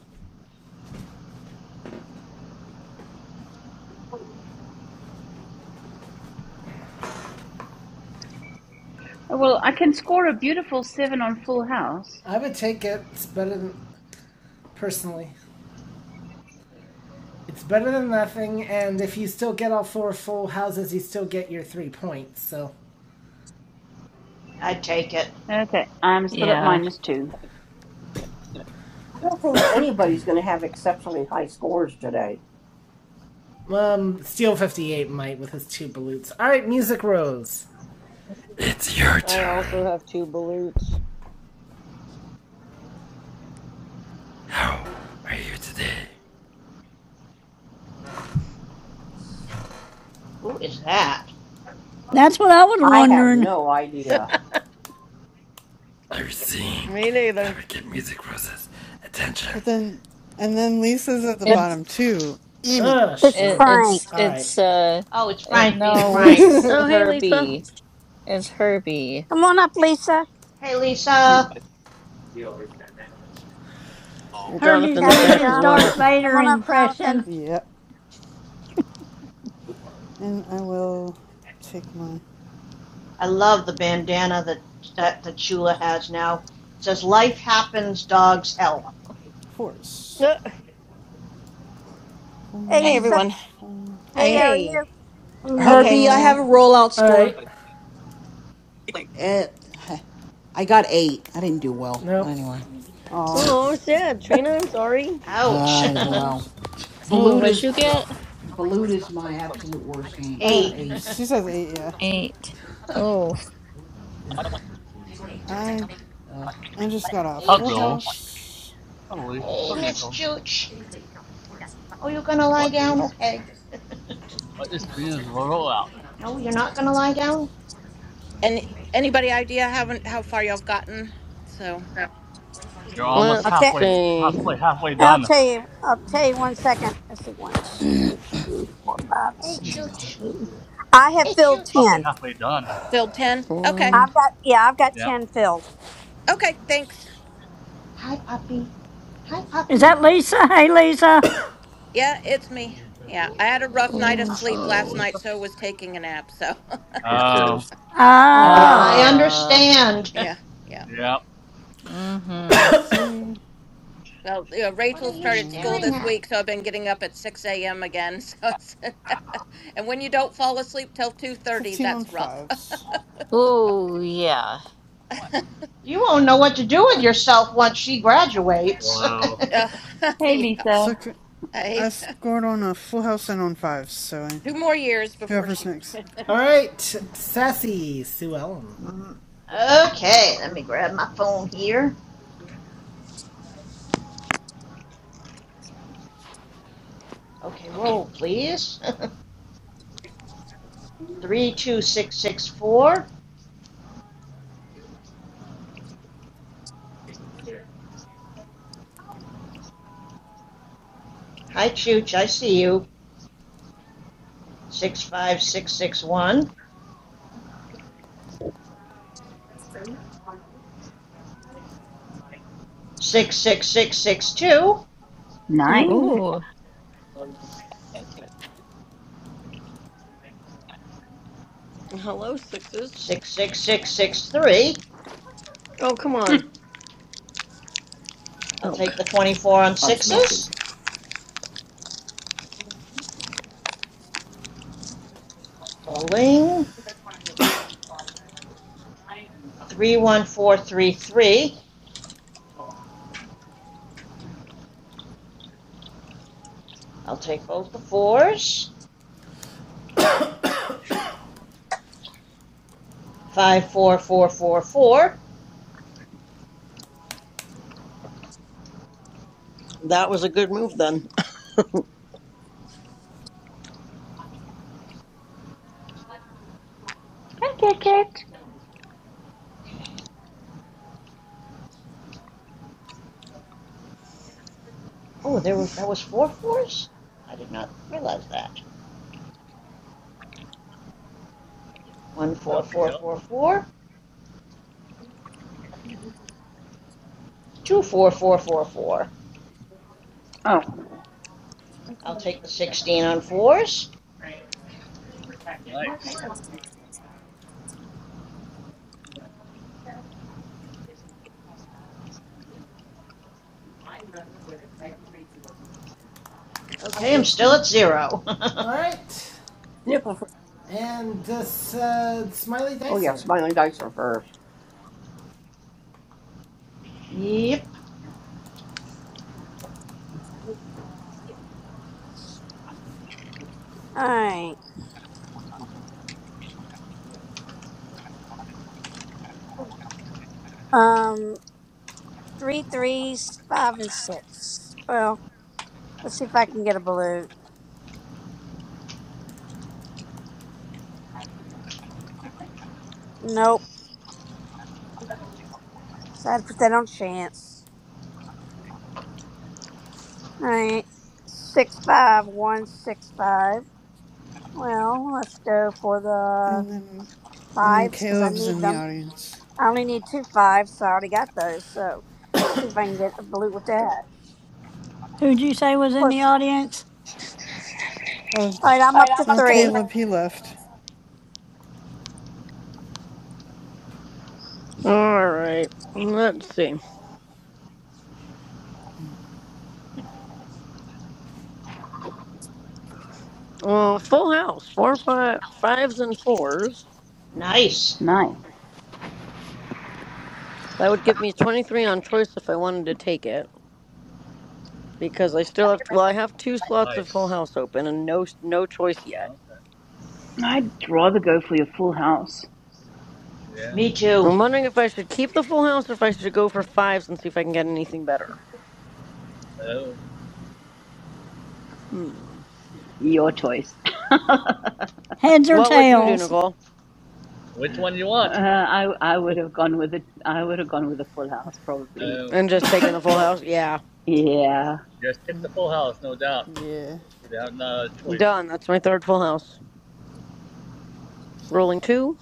S16: Oh, well, I can score a beautiful seven on Full House.
S3: I would take it. It's better than, personally, It's better than nothing, and if you still get all four full houses, you still get your three points. So,
S7: I'd take it.
S16: Okay, I'm still at
S14: Yeah,
S16: minus two.
S8: don't think anybody's going to have exceptionally high scores today.
S3: um, Steel 58 might with his two balutes. All right, Music Rose. It's your
S12: I also
S3: turn.
S12: have two balutes.
S3: How are you today?
S7: Who is that?
S9: That's what I was
S8: I have
S9: wondering.
S8: no idea.
S3: Are you
S12: *laughs*
S3: seeing
S12: Me
S3: that
S12: neither.
S3: would get Music Rose's attention?
S13: But then, and then Lisa's at the
S14: it's
S13: bottom too. Amy.
S3: Ugh,
S1: It's
S3: she
S14: it,
S3: would be.
S1: Frank.
S14: it's
S3: All right.
S14: it's uh
S7: Oh, it's
S14: it,
S7: Frank being
S14: no,
S7: Frank.
S14: it's
S12: Oh, hey, Lisa.
S14: Herbie. It's Herbie.
S1: Come on up, Lisa.
S7: Hey,
S12: Mm,
S7: Lisa.
S9: Herbie's
S12: Jonathan's
S1: Gotcha,
S9: doing
S12: back
S9: his
S12: as
S1: Jonathan.
S9: Darth
S12: well.
S1: Come
S9: Vader
S1: on up,
S9: impression.
S1: Jonathan.
S13: Yep. And I will take my
S7: I love the bandana that that, that Shula has now. It says life happens, dogs help.
S13: fours.
S12: Uh,
S1: Hey,
S17: Hey
S13: Four,
S1: Lisa.
S17: everyone.
S13: four.
S1: Hey, how
S17: Hi.
S1: are
S12: hey.
S1: you?
S6: Herbie,
S17: Okay.
S6: I
S13: Oh,
S6: have
S14: Hello.
S6: a rollout
S3: All
S6: score.
S3: right.
S6: At, *sighs* I got eight. I didn't do well, but
S3: Nope.
S6: anyway.
S13: aw,
S12: Oh, sad. Trina, I'm sorry.
S7: Ouch.
S6: Uh, well.
S13: fours.
S14: Oh,
S6: Balut
S14: what'd
S6: is,
S14: you
S6: ugh,
S14: get?
S6: Balut is my absolute worst game. I
S13: Uh,
S6: got
S7: Eight.
S6: eight.
S13: she
S7: *laughs*
S13: says eight. Yeah.
S14: Eight.
S6: Fuck.
S14: Oh.
S6: Oh
S13: I I just got a
S7: hey
S13: full
S2: Hello.
S7: Chooch.
S13: house.
S2: Holy.
S7: Hey
S2: Hello,
S7: Miss
S2: Nicole.
S7: Chooch. Oh you gonna lie
S2: What
S7: down?
S2: is
S7: Okay. *laughs*
S2: what is Trina's
S13: Oops.
S2: rollout?
S7: no, you're not gonna lie down?
S17: And anybody idea haven't how far y'all've gotten? So
S2: You're almost
S1: I'll,
S13: Mm,
S12: Let's
S1: te-
S2: halfway,
S12: see.
S2: possibly halfway
S1: I'll
S2: done.
S1: tell you. I'll tell you one second. Let's see. One, two, three, four, five,
S7: Hey
S6: my
S1: six,
S6: god.
S7: Chooch.
S1: eight. I have filled
S2: Possibly
S1: 10.
S2: halfway done.
S17: filled ten. Okay.
S12: One,
S1: I've got yeah, I've got
S2: Yep.
S1: ten filled.
S17: Okay. Thanks.
S13: six.
S7: Hi puppy. Hi
S9: Is
S7: puppy.
S9: that Lisa? *laughs* Hey, Lisa.
S17: Yeah, it's me. Yeah, I had a rough
S7: Hey,
S17: night of
S12: four,
S17: sleep
S2: Hello,
S17: last
S12: five.
S7: puppy.
S17: night,
S2: Lisa.
S17: so I
S12: s-
S17: was taking a nap. So
S5: Who
S2: Oh.
S5: cares?
S17: *laughs* yeah,
S13: Aw,
S7: I
S9: Oh.
S17: yeah,
S12: Ah.
S14: Uh.
S7: understand. *laughs*
S17: yeah, yeah.
S2: Yep.
S14: Mm-hmm.
S13: roll three.
S17: Well, you know,
S7: what are
S17: Rachel
S7: you
S17: started school
S13: Um,
S7: staring
S17: this
S7: at?
S17: week, so I've been getting up at six a.m. again. *laughs* So, it's, *laughs* and when you don't fall asleep till two thirty,
S13: fifteen on
S17: that's rough.
S13: fives.
S14: Oh yeah.
S17: *laughs* uh,
S7: You won't know what to do with yourself once she graduates.
S2: Wow.
S7: *laughs*
S17: *laughs*
S16: Hey,
S17: yeah,
S16: Lisa.
S13: Six. I
S17: hey,
S13: scored on a full house and on fives. So I,
S17: *laughs* two more years before
S13: whoever's
S17: she
S13: next.
S3: All right, Sassy Sue Ellen.
S7: Mm, Okay, let me grab my phone here. Okay, roll please. *laughs* 32664. Hi, Chooch, I see you. 65661. 66662.
S16: Nice.
S9: Ooh.
S14: Oh.
S12: Uh, hello, sixes.
S7: 66663.
S12: Oh, come on.
S16: Packet.
S7: I'll
S12: Oh,
S7: take the 24 on
S5: I was melting.
S7: sixes. Rolling. 31433. I'll take both the fours. 54444.
S12: that was a good move then.
S7: Oh, there was that was four fours? I did not realize that. One four
S2: Okay.
S7: four four four, Two four four four four.
S16: Oh,
S7: I'll take the sixteen on fours.
S2: Nice.
S7: Okay, I'm still at zero.
S3: All right.
S8: Nickel.
S3: And this, uh, Smiley
S8: Oh yeah,
S3: Dicer.
S8: smiling dice are first.
S7: *laughs* yep.
S1: All right. Um, three threes, five and six. Well, let's see if I can get a blue. Nope. So I had to put that on chance. All right. Six five one six five. Well, let's go for the
S13: And then and then
S1: fives because I
S13: Caleb's
S1: need
S13: in the
S1: them.
S13: audience.
S1: I only need two fives, so I already got those. So let's see if I can get a blue with that.
S9: Who'd you say was
S1: Of
S9: in the
S1: course not.
S9: audience?
S13: Oh,
S1: All right, I'm up to
S13: oh,
S1: three.
S13: Caleb, he left.
S12: All right. Let's see. Uh, full house, four five, fives and fours.
S7: Nice.
S16: nice.
S12: That would give me 23 on choice if I wanted to take it because I still have, well, I have two slots of full
S2: Nice.
S12: house open and no no choice yet.
S2: Okay.
S16: I'd rather go for your Full House.
S2: Yeah.
S7: Me too.
S12: I'm wondering if I should keep the full house or if I should go for fives and see if I can get anything better.
S2: Oh,
S12: Hmm.
S16: Your choice. *laughs*
S9: Heads or
S12: What would you do,
S9: tails?
S12: Nicole?
S2: which one you want?
S16: Uh, I I would
S2: *laughs*
S16: have gone with it. I would have gone with a Full House probably.
S2: Oh,
S12: And just taking the full house? Yeah.
S16: Yeah.
S2: just
S13: Hmm.
S2: pick the full house, no doubt,
S13: Yeah.
S2: without no choice.
S12: Done. That's my third full house. Rolling two.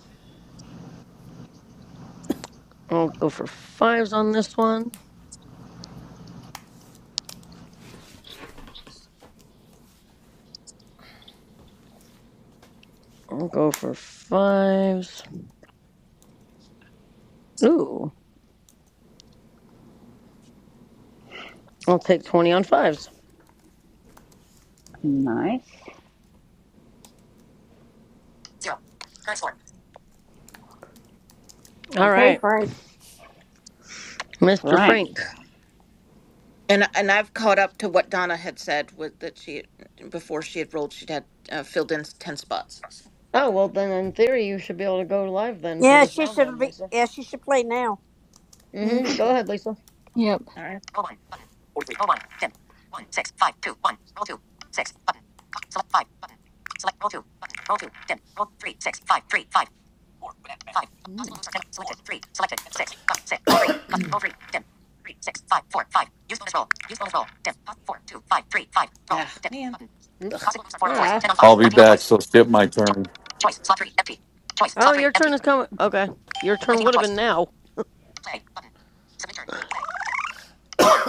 S12: I'll go for fives on this one. I'll go for fives. Ooh. I'll take 20 on fives.
S16: Nice.
S12: All right.
S8: Okay, Frank.
S12: Mr.
S16: Frank.
S12: Frank.
S17: And and I've caught up to what Donna had said with that she before she had rolled she'd had uh, filled in ten spots. So,
S12: Oh, well, then in theory, you should be able to go live then for
S1: Yeah,
S12: this
S1: she
S12: round,
S1: should
S12: then,
S1: be.
S12: Lisa.
S1: Yeah, she should play now.
S13: Yeah, you
S12: Mm hmm.
S13: can
S12: Go
S13: play.
S12: ahead, Lisa.
S14: Yep.
S17: all right.
S13: Mm.
S17: Ten, Yeah, Ten. man. Ugh.
S13: Oops.
S12: Ah.
S5: I'll be back. So skip my turn.
S12: Oh, your turn is coming. Okay. Your turn would have been now.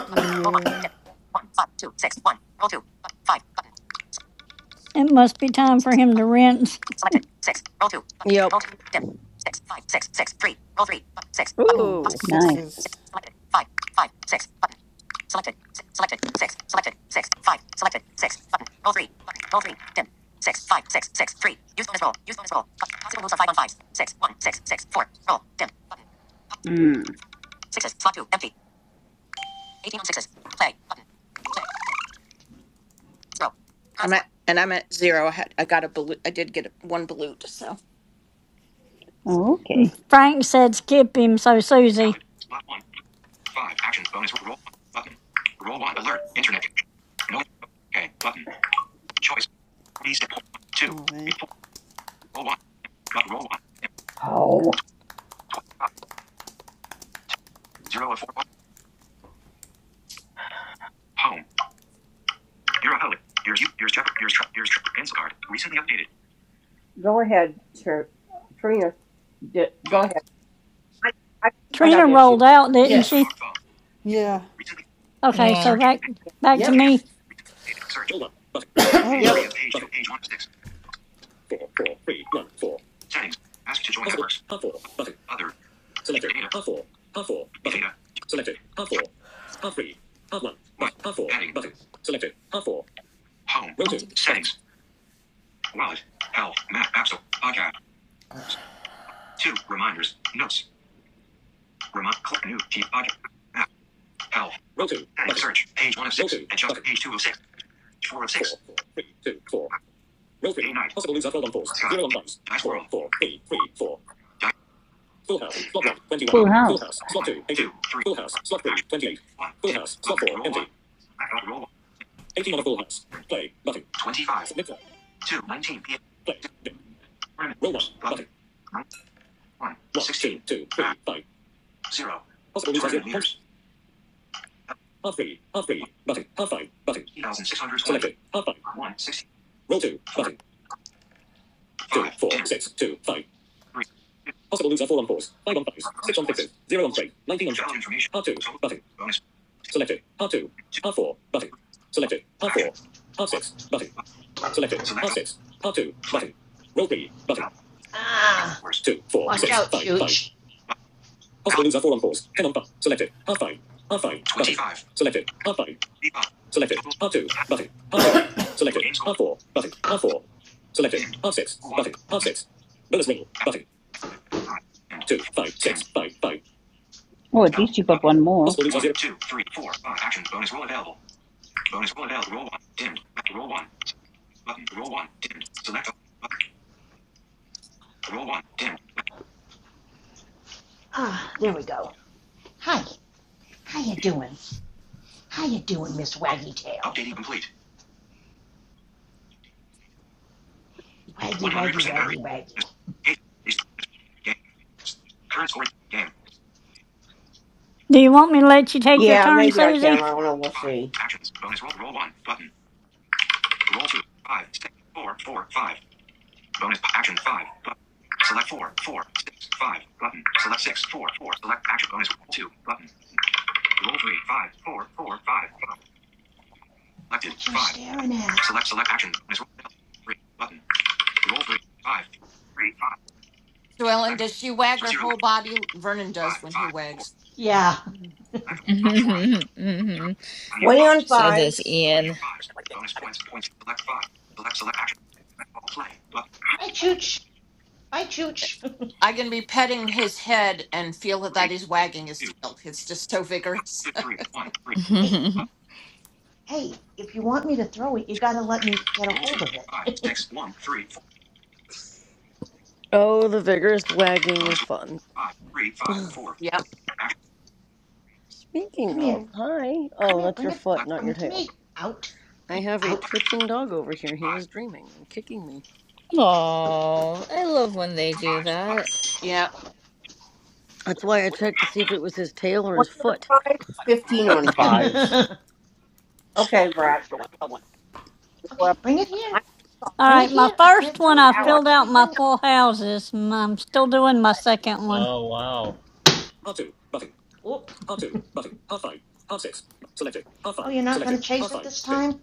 S13: Yeah.
S9: It must be time for him to rinse.
S12: Yep.
S13: Oh, I want
S12: Ooh.
S16: Nice.
S13: sixes.
S16: Mm.
S17: I'm at and I'm at zero. I had I got a balut. I did get one balut. So
S16: Oh, Okay.
S9: Frank said skip him, so Susie.
S8: Valid. Slot one. Five. Actions. Bonus. Roll. Button. Roll one. Alert. Internet. No. Okay. Button. Choice. Reset. Two.
S13: Oh man.
S8: Report. Roll one. But roll one. Home. Zero four. Home. You're a home. Here's you. Here's Trevor. Here's Trevor. Here's Trevor. Pencil card. Recently updated. Go ahead, Tr- Trina. D- go ahead. I, I, I
S9: Trina
S8: got issues.
S9: rolled out, didn't she?
S3: Yes.
S8: Safari phone.
S13: Yeah.
S8: Recently.
S9: Okay, so
S14: Yeah. *laughs*
S8: Search.
S9: back back to
S3: Yep.
S8: Chaos.
S9: me.
S8: Recently updated. Search.
S13: I thought it
S8: Page three
S12: Yep.
S13: was.
S8: is page two. Page one of six. Settings. Ask to join networks. Other. Your data. Your data. Why? Heading. Home. Settings. Wallet. Health. Map. Apps. Podcast. Two. Reminders. Notes. Remind. Click new. Keep. Podcast. Map. Health. Settings. Search. Page one of six. Adjust. Page two of six. Page four of six. Day night. Scott. Dice world. Dice.
S16: Full House.
S8: One. Two. Three. Four. Action. One. Dim. Button. Roll one. Roll one. Roll one. Twenty-five. Two. Nineteen. PM. Tournament. Button. 1. 16. Back. 0. Tournament leaders. 8,620. 1. 16. 4. 5. 10. 3. 2. uh, Bonus points. Totals. information. Total. Bonus. 2. 4. Action. 1. uh, Select. all. Play. Out.
S7: Ah,
S8: Scores. Your
S7: watch
S8: game.
S7: out, Chooch.
S8: uh, Ballot. 25. five five total Your game score. Dimmed. 1. Bonus. Act. Act. Dimmed. Dimmed.
S16: Oh, at
S8: Help.
S16: least you got
S8: Button.
S16: one more.
S8: One, two, three, four, five. Action. Bonus roll available. Bonus roll available. Roll one. Dimmed. roll one. Button. Roll one. Dimmed. Select Button. Roll one. Dimmed.
S7: Ah, there we go. Hi. How you doing? How you doing, Miss Waggy Tail?
S8: Updating complete.
S7: Waggy, waggy,
S8: 100% battery.
S7: waggy, waggy.
S8: Hey, Current score. Game.
S9: Do you want me to let you take your
S8: Yeah,
S9: turn,
S8: maybe I can.
S9: Susie?
S8: I don't know. We'll see. Actions. Bonus roll. Roll one. Button. Roll two. Five. Six. Four. Four. Five. Bonus action. Five. Button. Select four, four, six, five, button. Select six, four, four. Select action bonus roll two, button. Roll three, five, four, four, five, five. Selected.
S7: What you
S8: Five. Button.
S7: staring at?
S8: Select select action. Bonus roll. L. Three. Button. Roll three. Five. Three. Five.
S17: So Ellen,
S8: Select.
S17: does she wag her
S8: Zero.
S17: whole body? Vernon does
S8: Five.
S17: when he
S8: Five. Four.
S17: wags.
S7: Yeah. *laughs*
S8: Select. Up four on four. zero.
S14: Mm-hmm.
S8: Twenty on
S14: So does
S8: fives. Twenty
S14: Ian.
S8: on fives. Bonus points. Points. Select five. Select select action. play. Button.
S7: Hi, Chooch. Hi, Chooch.
S17: I can be petting his head and feel
S8: Three.
S17: that he's wagging his
S8: Two.
S17: tail. It's just so vigorous.
S8: Two. Three. One. Three.
S7: *laughs* hey,
S8: Button.
S14: *laughs*
S7: hey, if you want me to throw it, you gotta let me get a
S8: Roll two.
S7: hold of
S8: Five.
S7: it.
S8: Six. One. Three. Four.
S12: Oh, the vigorous wagging
S8: Bonus.
S12: is
S8: roll.
S12: fun.
S8: Five. Three. Five. Four.
S17: *laughs* yep.
S8: Action.
S7: *laughs*
S12: Speaking
S7: Come here.
S12: of, hi.
S7: Come
S12: Oh,
S7: here,
S12: that's
S7: bring
S12: your
S7: it,
S12: foot,
S8: Select.
S12: not
S7: bring
S12: your
S7: it to
S12: tail.
S7: me. Out,
S12: I have a
S7: out.
S8: Button.
S12: twitching dog over here. He
S8: Five.
S12: is dreaming and kicking me.
S14: Oh, I love when they
S8: On
S14: do
S8: fives. Button.
S14: that.
S17: Yep.
S12: That's why I checked to see if it was his tail or his
S8: Twenty on
S12: foot.
S8: fives. Fifteen on
S7: *laughs*
S14: *laughs*
S8: fives.
S7: okay,
S8: Okay, Brad. Well,
S7: bring it here,
S8: I'm
S9: All
S7: bring it
S9: right, my
S7: here. I
S9: first
S7: can't throw
S9: one
S7: it
S9: I
S7: if you
S8: Ally.
S7: don't
S9: filled
S7: let me
S9: out my
S7: bring it.
S9: full houses. and I'm still doing my second one.
S2: Oh wow.
S7: Whoop. Oh, you're not gonna chase it this time.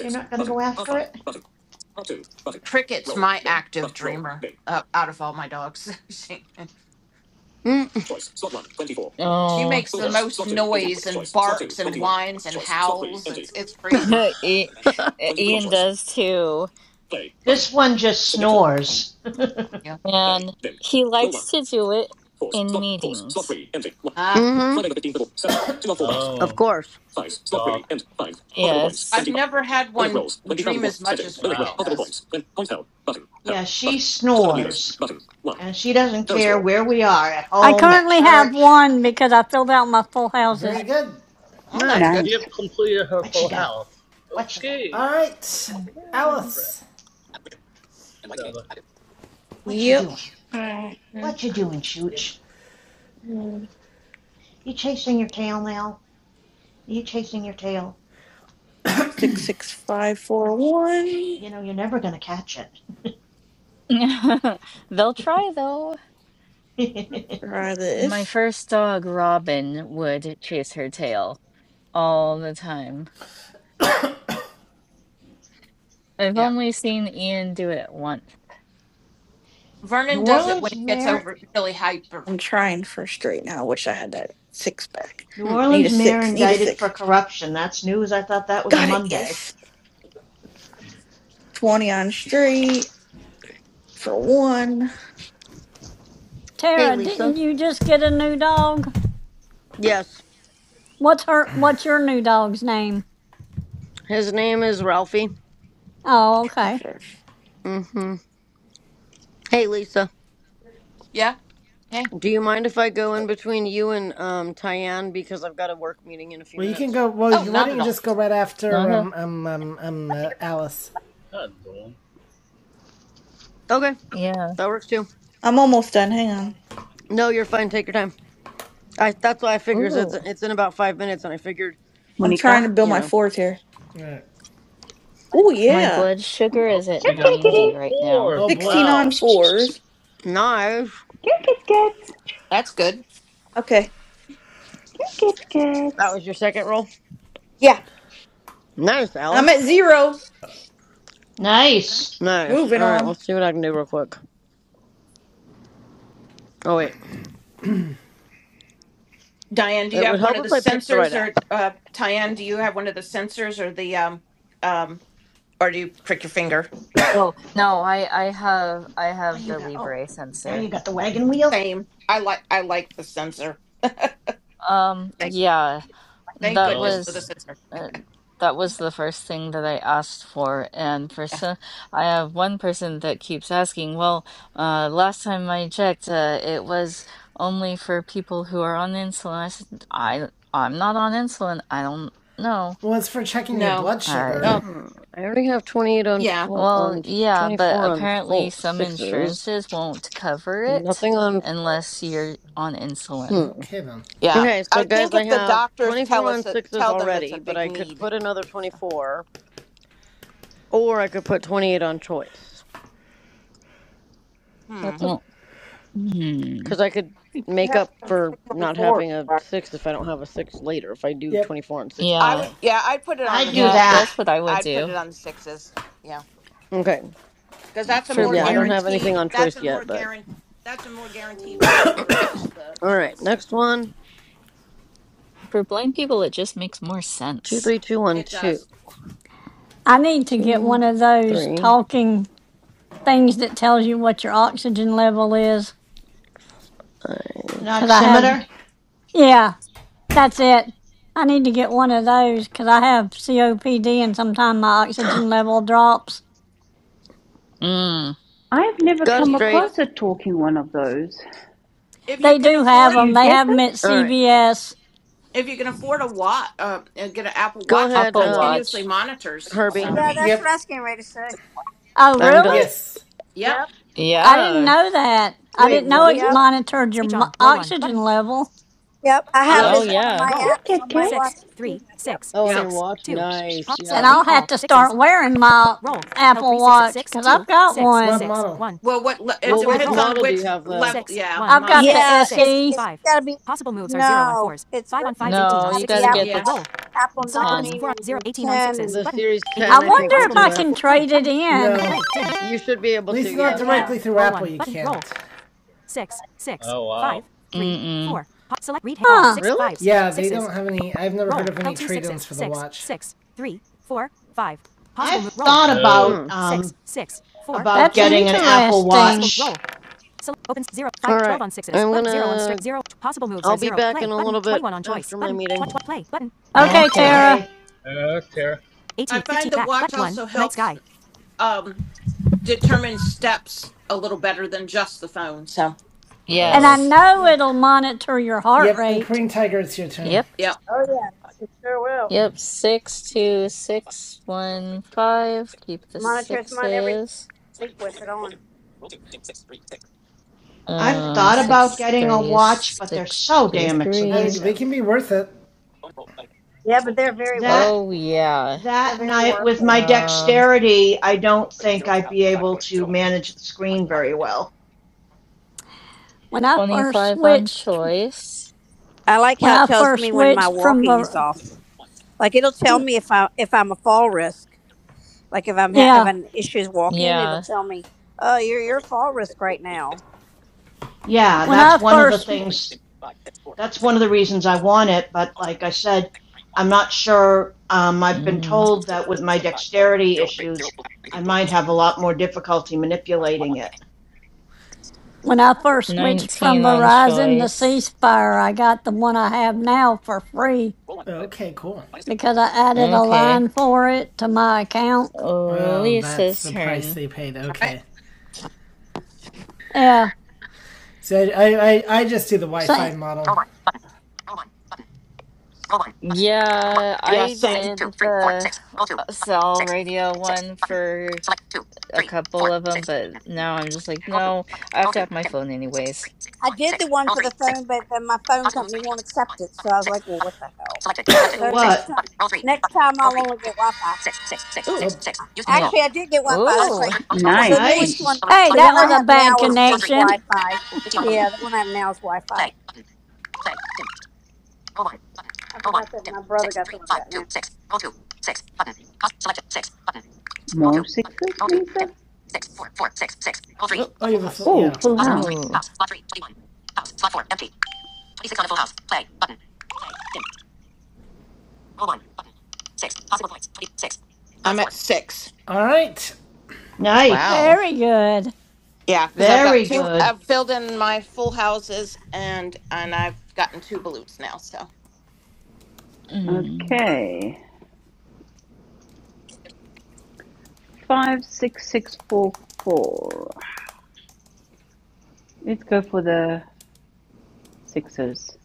S7: You're not gonna go after it.
S17: Cricket's my active dreamer uh, out of all my dogs. *laughs* she,
S12: Mm
S17: she
S14: Oh.
S17: makes the
S7: This
S17: most noise and barks and whines and howls. It's it's
S14: *laughs*
S17: crazy.
S14: I- I-
S12: *laughs*
S14: Ian does too,
S7: this one just snores.
S17: Yeah.
S14: and he likes to do it in meetings.
S17: Ah,
S12: hmm. Of
S2: Oh,
S12: course.
S2: good dog.
S17: I've
S14: Yes.
S17: never had one dream as much as Cricket
S2: Wow.
S17: does.
S7: *laughs* yeah, she snores, and she doesn't care where we are at
S9: I
S7: home, at
S9: currently have
S7: church. *laughs*
S9: one because I filled out my full
S3: Very
S9: houses.
S3: good.
S17: Oh,
S2: So
S17: that's good.
S12: Nice.
S2: she
S16: Nice.
S2: have completed her
S7: what
S2: full
S7: you got?
S2: house.
S7: What you got?
S2: Okay.
S3: All right,
S14: Mhm.
S2: Right.
S3: Alice.
S2: So the
S7: What you doing?
S4: All right.
S7: What you doing, Chooch? You chasing your tail now? You chasing your tail?
S4: Six six five four one.
S7: You know you're never gonna catch it.
S14: *laughs* They'll
S7: *laughs*
S14: try though.
S7: *laughs* New
S4: Try
S14: My
S4: this.
S14: first dog, Robin, would chase her tail all the time. I've
S17: Yeah.
S14: only seen Ian do it once.
S17: Vernon does it when
S7: Orleans
S17: he gets
S7: mayor,
S17: over really hyper.
S4: I'm trying for straight now. I wish I had that six back.
S7: New
S12: Hmm.
S4: Need
S7: Orleans
S4: a
S7: mayor
S4: six. Need a
S7: indicted for
S4: six.
S7: corruption. That's news. I thought that was a
S4: Got it.
S7: Monday.
S4: Yes. 20 on straight for one.
S12: Hey,
S9: Tara,
S12: Lisa.
S9: didn't you just get a new dog?
S12: Yes.
S9: What's her? What's your new dog's name?
S12: His name is Ralphie.
S9: Oh,
S4: Try
S9: okay.
S4: for
S12: hmm Hey, Lisa.
S17: Yeah. Hey.
S12: Do you mind if I go in
S4: another.
S12: between you and um Tyann because I've got a work meeting in a few
S3: Well, you can
S12: minutes?
S3: go. Well,
S17: Oh,
S3: why
S17: not
S3: don't
S17: at
S3: you
S17: all.
S3: just go right after
S14: Not a,
S3: um um um um uh, Alice?
S2: how's it doing?
S12: Okay,
S14: yeah.
S12: that works too.
S4: I'm almost done. Hang on.
S12: No, you're fine. Take your time. I that's why I figured it's
S14: Ooh,
S12: it's in about five minutes, and I figured
S4: I'm trying
S16: Monica.
S4: to build
S12: you
S4: my
S12: know
S4: fours here.
S3: All right.
S4: Oh,
S14: my
S4: yeah.
S14: blood sugar
S2: Oh,
S14: is at
S2: she
S16: Come,
S2: got
S16: kitty, kitty.
S14: 90
S2: all
S14: right now.
S3: Oh
S2: fours.
S4: 16
S3: boy.
S4: on
S2: Wow.
S16: Psh, psh, psh, psh.
S4: fours.
S12: nice.
S16: Come, kids, cats.
S17: That's good.
S4: Okay.
S16: Come, kids,
S12: That
S16: cats.
S12: was your second roll.
S4: Yeah.
S12: Nice,
S4: I'm
S12: Alice.
S4: at zero.
S7: Nice.
S12: Nice.
S4: Moving
S12: All right,
S4: on.
S12: let's see what I can do real quick. Oh wait,
S17: Diane, do you
S12: it would
S17: have one
S12: help
S17: of the
S12: if I picked the right
S17: sensors
S12: app.
S17: or uh Tyann, do you have one of the sensors or the um um or do you prick your finger?
S14: Oh, no, I I have I
S7: What do
S14: have
S7: you
S14: the
S7: got? Oh,
S14: Libre
S7: now you
S14: sensor.
S7: got the wagon wheel.
S17: Same. I like I like the sensor.
S14: Um,
S17: Thank
S14: yeah.
S17: thank
S14: That
S17: goodness
S2: Oh,
S17: for the
S2: okay.
S14: was
S17: sensor.
S14: uh, that was the first thing that I asked for, and for
S17: Yeah.
S14: so I have one person that keeps asking, well, uh, last time I checked, uh, it was only for people who are on insulin. I said, I I'm not on insulin. I don't know.
S3: Well, it's for checking your
S17: No.
S3: blood
S14: I
S3: sugar.
S17: Oh
S12: Hmm. I already have twenty eight on
S17: yeah.
S12: full
S14: well,
S12: on
S14: yeah,
S12: twenty
S14: but
S12: four on
S14: apparently
S12: full
S14: some
S12: sixes.
S14: insurances won't cover it
S12: Nothing on.
S14: unless you're on insulin.
S12: Hmm.
S3: Okay then.
S17: Yeah.
S12: Okay, so
S17: I
S12: guys,
S17: think if
S12: I
S17: the
S12: have
S17: doctors
S12: 24
S17: tell
S12: on
S17: us it,
S12: sixes
S17: tell them it's
S12: already,
S17: a
S12: but
S17: big
S12: I could
S17: need.
S12: put another
S17: So
S12: 24, or I could put 28 on choice.
S17: hmm.
S12: That's a
S14: Well, hmm.
S12: because I could
S8: You
S12: make
S8: have to
S12: up
S8: have
S12: for
S8: 21
S12: not
S8: fours,
S12: having a
S8: right?
S12: six if I don't have a six later, if I do
S3: Yep.
S12: 24 on sixes
S17: I
S14: Yeah,
S17: would
S12: again.
S17: yeah, I'd put it on the
S7: I'd do
S14: yeah,
S7: that.
S17: sixes.
S14: that's what I would
S17: I'd put
S14: do
S17: it on the sixes. Yeah.
S12: Okay,
S17: Because that's a
S14: for
S12: because
S17: more
S12: yeah, I
S14: blind.
S12: don't have anything
S17: guaranteed
S12: on
S17: that's
S12: choice
S17: a more
S12: yet, but
S17: guaran. that's a more guaranteed row versus the
S12: all right,
S17: choice.
S12: next one
S14: For blind people, it just makes more
S12: two,
S14: sense.
S12: three, two, one,
S17: It
S12: two,
S17: does.
S9: I need to get
S12: two,
S9: one of those
S12: three,
S9: talking things that tells you what your oxygen level is.
S7: An
S12: five.
S9: Cause I have,
S7: oximeter.
S9: yeah, that's it. I need to get one of those because I have COPD and sometimes my
S12: *gasps*
S9: oxygen level drops.
S14: Mm,
S16: I've never
S12: Got
S17: If
S12: it
S16: come
S17: you can
S12: straight.
S16: across a
S17: aff-
S16: talking one of those.
S17: if you
S9: They
S17: can
S9: do have
S17: afford
S16: Do
S9: them.
S16: you
S9: They
S16: get
S9: have
S16: them?
S9: them at
S12: All right,
S9: CVS.
S17: if you can afford a watch, uh, uh, get an Apple
S12: go
S17: Watch, it
S12: ahead,
S14: Apple
S12: um,
S17: continuously
S14: Watch.
S17: monitors.
S12: Herbie.
S17: So,
S1: Yeah, that's what I
S3: Yep.
S1: was getting ready to say.
S9: Oh,
S12: I'm done.
S9: really?
S3: Yes.
S17: yep.
S1: Yep,
S9: I didn't
S14: Yeah.
S9: know that. I
S12: Wait,
S9: didn't
S12: what
S9: know
S12: is
S9: it
S17: Mhm.
S1: yep,
S12: it?
S9: monitored your mo- oxygen level.
S1: yep. I have
S12: What?
S1: it
S17: Um,
S14: Oh,
S1: as
S17: uh,
S1: one of
S14: yeah.
S1: my
S16: Come,
S1: apps
S16: cat,
S1: on my
S16: cat.
S1: watch to do that. Yep.
S12: Oh, on
S17: yeah.
S12: your watch?
S16: Psh, psh,
S12: Nice,
S16: psh, psh.
S9: Then
S12: yeah.
S9: I'll have to start wearing my Apple Watch because I've got
S3: What
S9: one.
S3: model?
S17: Well, what le- it
S8: You
S12: Well,
S8: have
S12: which
S8: to.
S17: depends on
S12: model do you
S17: which
S12: have though?
S17: level. Yeah,
S9: I've got
S17: model.
S9: the
S1: Yeah, it's
S9: SE.
S1: it's gotta be no, it's
S17: Mm,
S1: it's
S14: No,
S1: gotta
S14: you
S1: be
S14: gotta get
S1: Apple
S14: the
S17: Yeah,
S14: t
S1: Watch, Apple
S14: 10.
S1: Nine and Ten
S12: The
S1: and
S12: Series
S9: I
S12: 10, I
S9: wonder
S12: think, will
S9: if
S12: do
S9: I
S12: it.
S9: can trade it
S3: No.
S9: in.
S3: At
S12: You should be able to,
S3: least not
S1: Ten.
S12: yes.
S1: Yeah.
S3: directly through Roll Apple. You can't.
S2: Oh wow.
S14: Mm-mm.
S9: Huh.
S12: Really?
S3: Yeah, they do don't have any. I've never heard of any trade trade-ins for the watch.
S7: I've thought
S2: Oh.
S7: about
S12: Hmm.
S7: um about
S9: That's
S7: getting an Apple
S9: interesting.
S7: Watch.
S12: All right. I'm gonna. I'll be back in a little bit after my meeting.
S9: Okay,
S14: Okay.
S9: Tara.
S7: Okay.
S2: Oh, Tara.
S17: I find the watch also helps um determine steps a little better than just the phone. So,
S9: And I
S2: Oh.
S14: Yes.
S9: know
S7: Yeah.
S9: it'll monitor your heart
S3: Yep, and
S9: rate.
S3: Korean Tiger, it's your
S17: yeah,
S3: turn.
S14: Yep.
S17: yeah.
S1: Oh yeah, it sure will.
S14: Yep. Six, two, six, one, five. Keep the
S1: Monitors mine every
S14: sixes.
S1: week with it on.
S7: I've
S1: And
S14: Uh,
S7: thought about
S14: six,
S7: getting a
S14: three,
S7: watch, but they're
S14: six,
S7: so
S14: two,
S7: damn
S3: But they
S14: three.
S3: they
S7: expensive.
S3: can be worth it.
S1: yeah, but they're very worth
S7: That
S1: it.
S14: Oh, yeah.
S1: They're
S7: that
S1: very
S7: night
S1: worth
S7: with
S1: it.
S7: my
S14: Um,
S7: dexterity, I don't think I'd be able to manage the screen very well.
S9: When I first
S14: 25 on
S9: switched,
S14: choice.
S1: I like
S9: when
S1: how it
S9: I
S1: tells
S9: first
S1: me when my
S9: switched from
S1: walking is
S9: Ver-
S1: off. Like it'll tell
S9: when,
S1: me if I if I'm a fall risk Like if I'm ha-
S9: yeah,
S1: having issues walking, it'll
S14: Yeah.
S1: tell me, "Oh, you're your fall risk right now."
S7: Yeah,
S9: when
S7: that's
S9: I
S7: one of the
S9: first
S7: things. That's one of the reasons I want it. But like I said, I'm not sure. Um, I've been
S14: Mm.
S7: told that with my dexterity issues, I might have a lot more difficulty manipulating it.
S9: when I first switched
S14: 19
S9: from
S14: on
S9: Verizon to
S14: choice.
S9: ceasefire, I got the one I have now for free
S3: Okay, cool.
S9: because I added a
S14: Okay.
S9: line for it to my account.
S3: Oh, that's
S14: Lisa's
S3: the price
S14: turn.
S3: they paid.
S17: All right.
S3: Okay,
S9: Yeah.
S3: so I I, I, just do the
S9: So,
S3: Wi-Fi model.
S14: Yeah,
S17: Yeah,
S14: I
S17: same. Six,
S14: did
S17: two, three, four,
S14: the
S17: six, All two,
S14: uh,
S17: button,
S14: cell
S17: six,
S14: radio one for a couple of them, but now I'm just like, no, I have to have my phone anyways.
S1: I did the one for the phone, but then my phone company won't accept it. So I was like, "Well, what the hell?"
S7: So
S1: So next
S7: what?
S1: time, next time I'll only get Wi-Fi.
S17: six, six, six, Ooh. six,
S3: Oh,
S17: six. Use phone as
S14: Yep.
S17: well.
S1: Actually, I did get Wi-Fi. That's
S14: Ooh.
S1: right, because the
S16: Nice.
S1: newest
S7: Nice,
S1: one,
S9: hey,
S1: the
S9: that
S1: one I
S9: was a
S1: have
S9: bad
S1: now, is just
S9: connection.
S1: Wi-Fi. Yeah, the one I have now is Wi-Fi. I forgot that my brother got the one I got now.
S16: More sixes, Lisa?
S17: Six, four, four, six, six, all three. Ooh,
S3: oh, you
S17: Full
S3: have a full
S17: house.
S16: Oh,
S3: yeah.
S16: full house.
S14: Ooh.
S17: I'm at six.
S3: All right.
S7: nice,
S14: Wow.
S9: Very good.
S17: Yeah, because I've got
S7: very
S17: two.
S7: good.
S17: I've filled in my full houses, and and I've gotten two balutes now. So
S14: Mm.
S16: Okay. Five, six, six, four, four. Let's go for the sixes.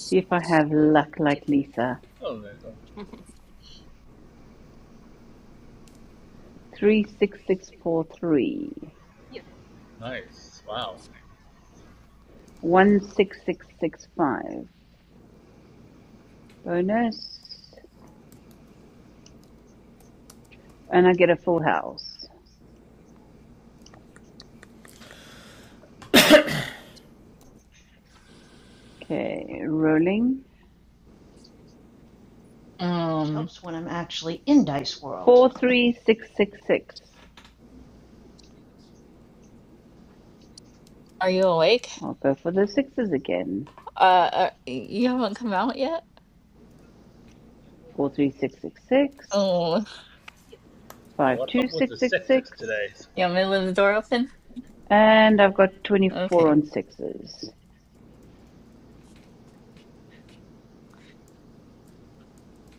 S16: See if I have luck like Lisa.
S2: Oh, there you go.
S17: *laughs*
S16: Three, six, six, four, three.
S2: Nice. Wow.
S16: One six six six five. Bonus. And I get a full house. Okay, rolling.
S7: It
S14: Um,
S7: helps when I'm actually in Dice World.
S16: Four three six six six.
S14: are you awake?
S16: I'll go for the sixes again.
S14: Uh, uh, you haven't come out yet?
S16: Four three six six six.
S14: Oh,
S2: Yeah,
S16: Five
S2: what's
S16: two
S2: up with the
S16: six six six.
S2: sixes today?
S14: you want me to leave the door open?
S16: And I've got twenty four
S14: Okay.
S16: on sixes.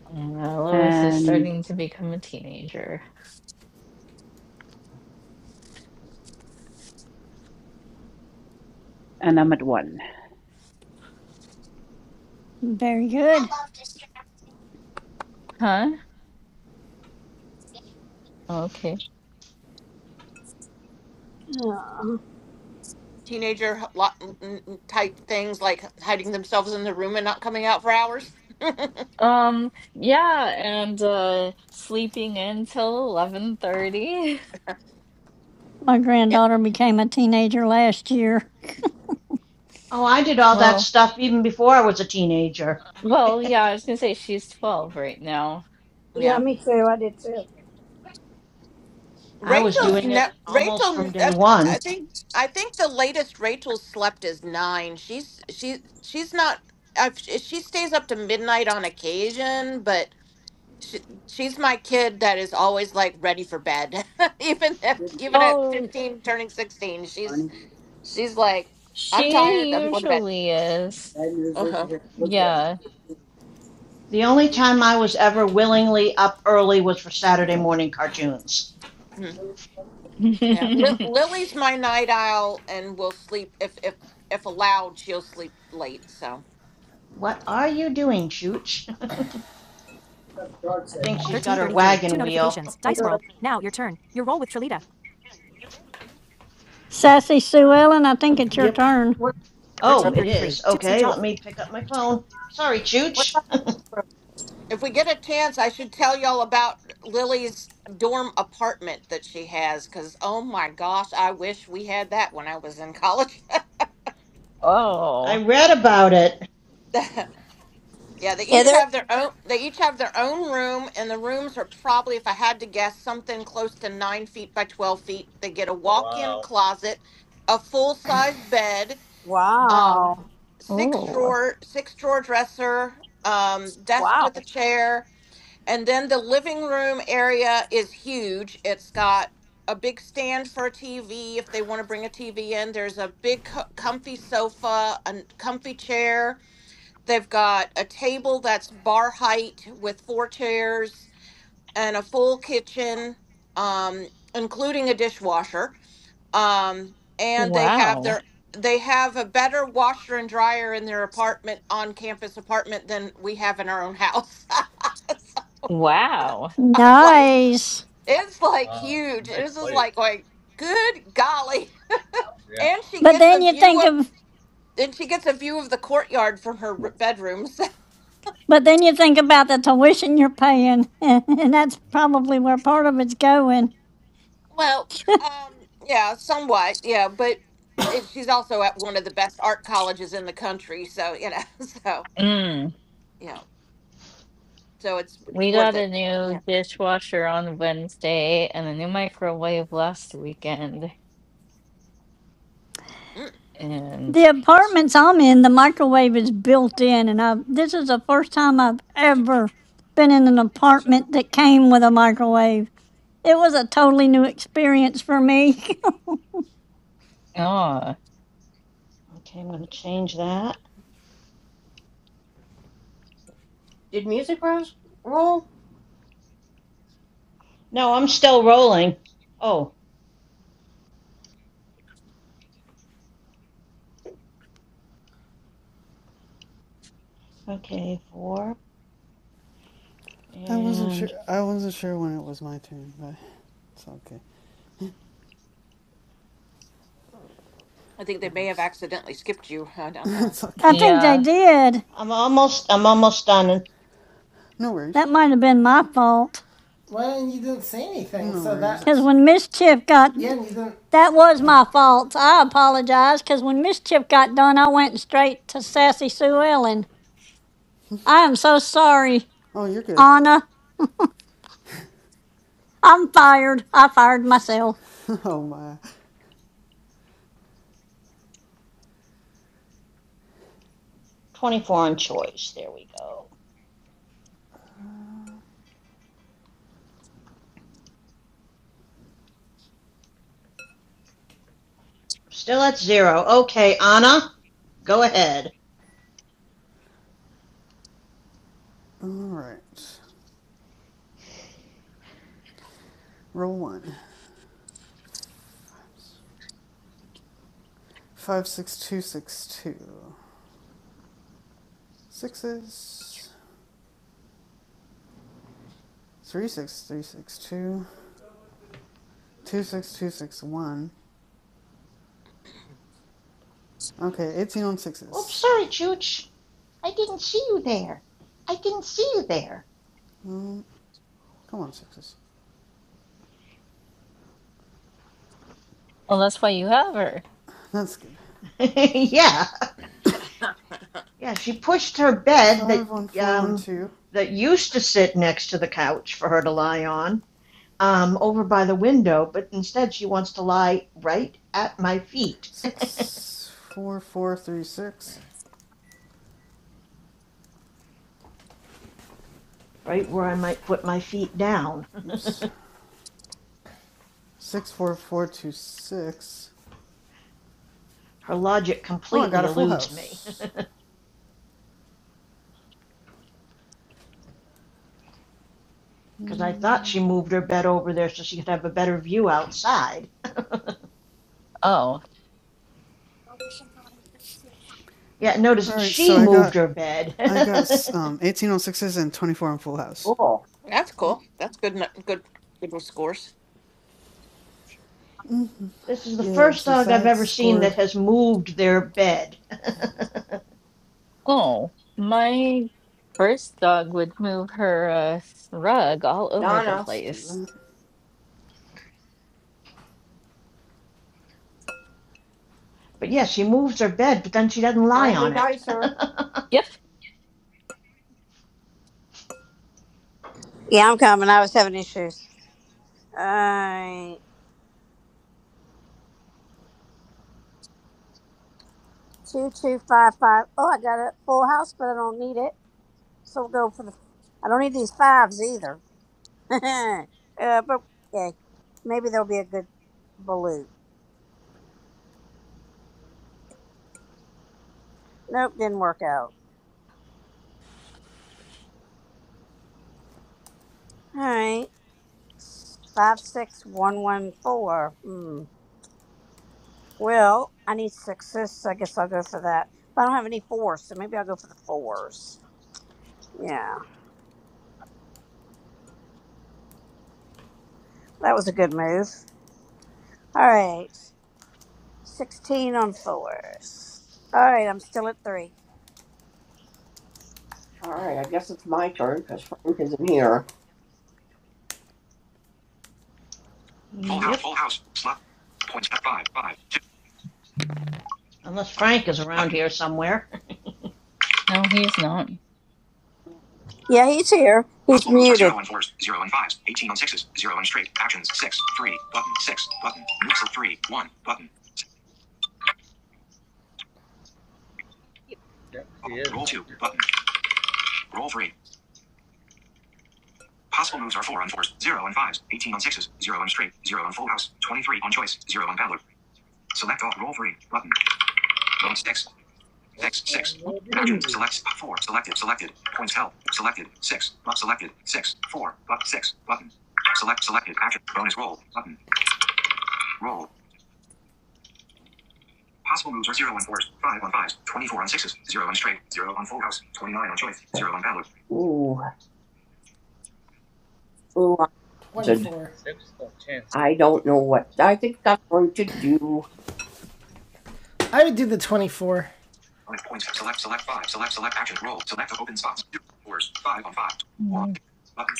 S14: Uh, Lois is
S16: And
S14: starting to become a teenager.
S16: and I'm at one.
S9: Very good.
S14: Huh? Okay.
S1: Yeah,
S17: teenager h- lot n- n- type things like hiding themselves in the room and not coming out for hours.
S14: Um, yeah, and uh sleeping in till 11:30. *laughs*
S9: My
S17: Yeah,
S9: granddaughter became a teenager last year.
S7: Oh, I did all that
S14: Well,
S7: stuff even before I was a teenager. *laughs*
S14: well, yeah, I was gonna say she's 12 right now.
S17: yeah.
S7: I was
S17: Rachel's
S14: Uh,
S7: doing it
S17: ne-
S7: almost
S17: Rachel.
S7: from
S17: n- I
S7: day
S17: th-
S7: one.
S17: I think I think the latest Rachel slept is nine. She's she she's not. I've, she stays up to midnight on occasion, but she, she's my kid that is always like ready for bed *laughs* even if even at
S14: oh,
S17: 15 turning 16 she's she's like i'm tired
S14: she
S17: i'm going to bed
S14: usually is.
S17: uh-huh
S14: Yeah.
S7: The only time I was ever willingly up early was for Saturday morning cartoons.
S17: Mhm. yeah Lil
S14: *laughs*
S17: lily's my night owl and will sleep if if if allowed she'll sleep late so
S7: What are you doing, Chooch? *laughs* I think she's got her wagon wheel.
S9: Sassy Sue Ellen, I think it's your
S3: Yep.
S9: turn.
S8: What
S7: Oh, it
S8: rose?
S7: is. Okay, let me pick up my phone. Sorry,
S8: What
S7: Chooch.
S8: about rose?
S17: if we get a chance i should tell y'all about lily's dorm apartment that she has because oh my gosh i wish we had that when i was in college
S7: *laughs* I
S14: Oh.
S7: read about it.
S17: *laughs* Yeah, they
S1: Yeah,
S17: each
S1: there.
S17: have their own. They each have their own room, and the rooms are probably, if I had to guess, something close to nine feet by twelve feet. They get a
S2: Oh,
S17: walk-in
S2: wow.
S17: closet, a full-size bed, um,
S1: Wow.
S17: six
S14: Oh.
S17: drawer, six drawer dresser, um, desk
S1: Wow.
S17: with a chair, and then the living room area is huge. It's got a big stand for a TV if they want to bring a TV in. There's a big, co- comfy sofa, a comfy chair They've got a table that's bar height with four chairs and a full kitchen, um, including a dishwasher. Um, and they have
S14: Wow.
S17: their they have a better washer and dryer in their apartment on campus apartment than we have in our own house. *laughs* It's
S14: Wow.
S17: like
S9: Nice.
S17: it's like
S2: Wow.
S17: huge.
S2: Nice
S17: It's just
S2: place.
S17: like like good golly.
S2: Yeah.
S17: And she
S9: But
S17: gets a
S9: then you
S17: view
S9: think
S17: of
S9: of
S17: and she gets a view of the courtyard from her r- bedroom. *laughs*
S9: but then you think about the tuition you're paying *laughs* and that's probably where part of it's going.
S17: Well, um, yeah, somewhat, yeah, but it, she's also at one of the best art colleges in the country, so you know, *laughs* so
S14: Mm.
S17: you know, so it's
S14: We
S17: worth
S14: got
S17: it.
S14: a
S17: Yeah,
S14: new dishwasher on Wednesday and a new microwave last weekend.
S17: mm,
S14: And
S9: The apartments I'm in, the microwave is built in and I this is the first time I've ever been in an apartment that came with a microwave. It was a totally new experience for me.
S14: oh,
S7: Okay, I'm going to change that.
S8: Did music rose Roll,
S7: No, I'm still rolling. Oh, okay, four.
S13: I wasn't sure.
S7: And
S13: I wasn't sure when it was my turn, but it's okay.
S17: I think they may have
S13: Oops.
S17: accidentally skipped you. I
S13: *laughs*
S17: don't know.
S13: it's
S9: *laughs* I
S13: okay.
S9: think they
S14: yeah.
S9: did.
S7: I'm almost I'm almost done
S13: No worries.
S9: That might have been my fault.
S3: Well, you didn't say anything,
S13: No
S3: so
S13: worries.
S3: that
S9: Because
S13: It's.
S9: when mischief got,
S3: yeah, and you didn't
S9: that was my fault. I apologize. Because when mischief got done, I went straight to Sassy Sue Ellen. I am so sorry,
S13: Oh, you're good.
S9: Anna. I'm
S13: It's,
S9: fired. I fired myself.
S13: *laughs* oh my.
S7: 24 on choice. There we go. Still at zero. Okay, Anna, go ahead.
S13: All right. Roll one. Five six two six two. Sixes. Three six three six two. Two six two six one. Okay, eighteen on
S7: Oops,
S13: sixes.
S7: sorry, Chooch. I didn't see you there. I didn't see you there.
S13: Um, Come on, sixes.
S14: Well, that's why you have her.
S13: That's good.
S7: *laughs* yeah, yeah. She pushed her bed that
S13: Five one four one
S7: um,
S13: two
S7: that used to sit next to the couch for her to lie on um, over by the window, but instead she wants to lie right at my feet, *laughs*
S13: six four four three six.
S7: right where I might put my feet down.
S13: Oops. Six four four two six.
S7: *laughs* her logic
S13: Oh, I
S7: completely
S13: got a full
S7: eludes me
S13: house.
S7: because *laughs* I thought she moved her bed over there so she could have a better view outside. *laughs*
S14: Oh,
S7: Yeah,
S13: All
S7: notice
S13: right,
S7: she
S13: so I
S7: moved
S13: got
S7: her
S13: I got
S7: bed. *laughs*
S13: um eighteen on sixes and twenty four on full house.
S8: roll.
S17: That's cool. That's good. n- Good. Good scores.
S7: This is the
S13: Yeah,
S7: first
S13: since
S7: dog
S13: I
S7: I've
S13: had
S7: ever seen that
S13: scored,
S7: has moved their bed. *laughs* but
S14: oh. My first dog would move her uh, rug all over the
S8: Donna.
S13: let's do
S14: place.
S13: that.
S7: yes, she moves her bed, but then she doesn't lie
S8: Smiley
S7: on it.
S8: Dicer.
S14: Yep.
S1: Yeah, I'm coming. I was having issues. I. Two two five five. Oh, I got a full house, but I don't need it. So we'll go for the. I don't need these fives either. *laughs* uh, but okay, maybe there'll be a good balut. Nope, didn't work out. All right, five six one one four. Hmm. Well, I need sixes, so I guess I'll go for that. But I don't have any fours, so maybe I'll go for the fours. Yeah, that was a good move. All right, sixteen on fours. All right, I'm still at three.
S8: All right, I guess it's my turn because Frank isn't here. Full
S7: *laughs*
S8: house,
S7: yep.
S8: full house. Slot. Points at five, five, two.
S7: Unless Frank is around
S8: Button.
S7: here somewhere.
S14: No, he's not.
S1: Yeah, he's here. He's
S8: Possible moves are
S1: muted.
S8: 0 and 4s, 0 and 5s, 18 on 6s, 0 and straight. Actions 6, 3, button, 6, button. Moves are 3, 1, button.
S2: Jack
S8: Roll,
S2: hears
S8: roll 2, button. Roll 3. Possible moves are 4 on 4s, 0 and 5s, 18 on 6s, 0 and straight, 0 and full house, 23 on choice, 0 and paddler. Select all, roll 3, button. Roll 6, six,
S2: and
S8: six.
S2: confronts
S8: Actions select 4, selected, selected. Points help, selected, 6, but selected, 6, 4, but 6, button. Select selected action bonus roll button roll Possible moves are 0 on 4s, 5 on 5s, 24 on 6s, 0 on straight, 0 on full house, 29 on choice, 0 on ballot. Ooh, ooh, I
S3: twenty-four.
S2: seeks for chances.
S8: I don't know what I think I'm going to do.
S3: I would do the 24.
S8: Bonus points. Select, select 5, select, select action, roll, select open spots, 0 4s, 5 on 5, 4 on
S14: Mm-hmm.
S8: 6, button,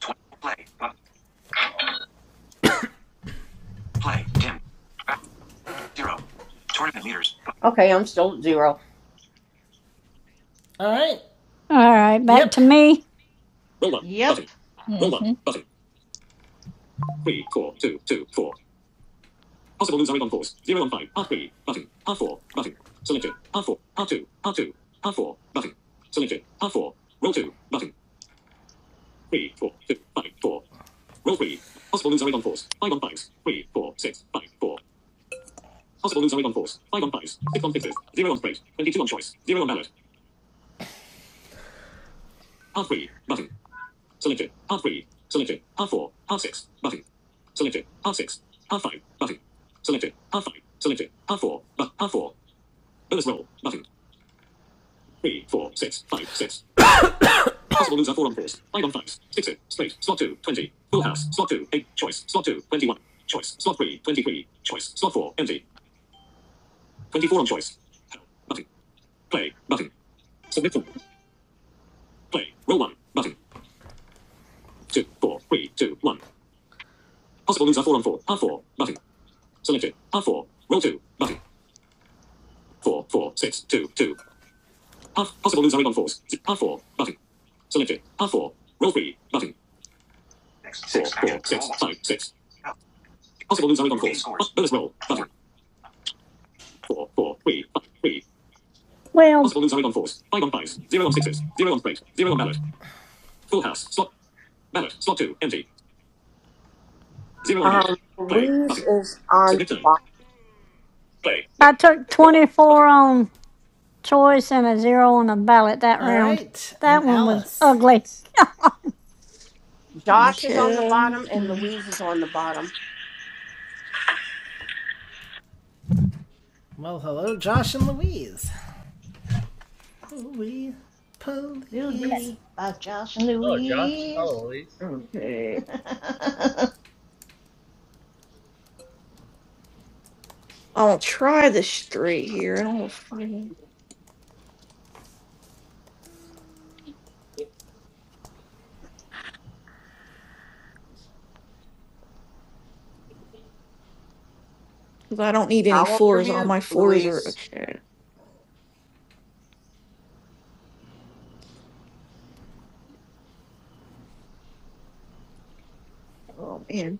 S8: 20, play, button, play, dim, back, 0. Tournament leaders, button, Okay, I'm still at zero.
S3: All right.
S9: All right, back
S3: Yep.
S9: to me.
S7: *laughs* yep.
S14: Mm-hmm.
S8: 6, 6, action, roll, Your game scores, 4,
S9: Well,
S8: Um, Louise is on. five.
S9: I took 24 on choice and a zero on the ballot that
S3: All
S9: round.
S3: right. And
S9: That one was
S3: Alice.
S9: ugly.
S8: Josh is on the
S4: Okay.
S8: bottom and
S4: Hmm.
S8: Louise is on the bottom.
S3: Well, hello, Josh and Louise. Louise,
S7: Little
S3: police.
S7: ditty about Josh and
S2: Oh, Josh.
S7: Louise.
S2: Hello, Elise.
S7: *laughs*
S4: I'll try the straight here. I don't find because I don't need any
S8: Toggle your
S4: fours. All
S8: mute,
S4: my fours are
S8: Louise.
S4: okay. Oh man.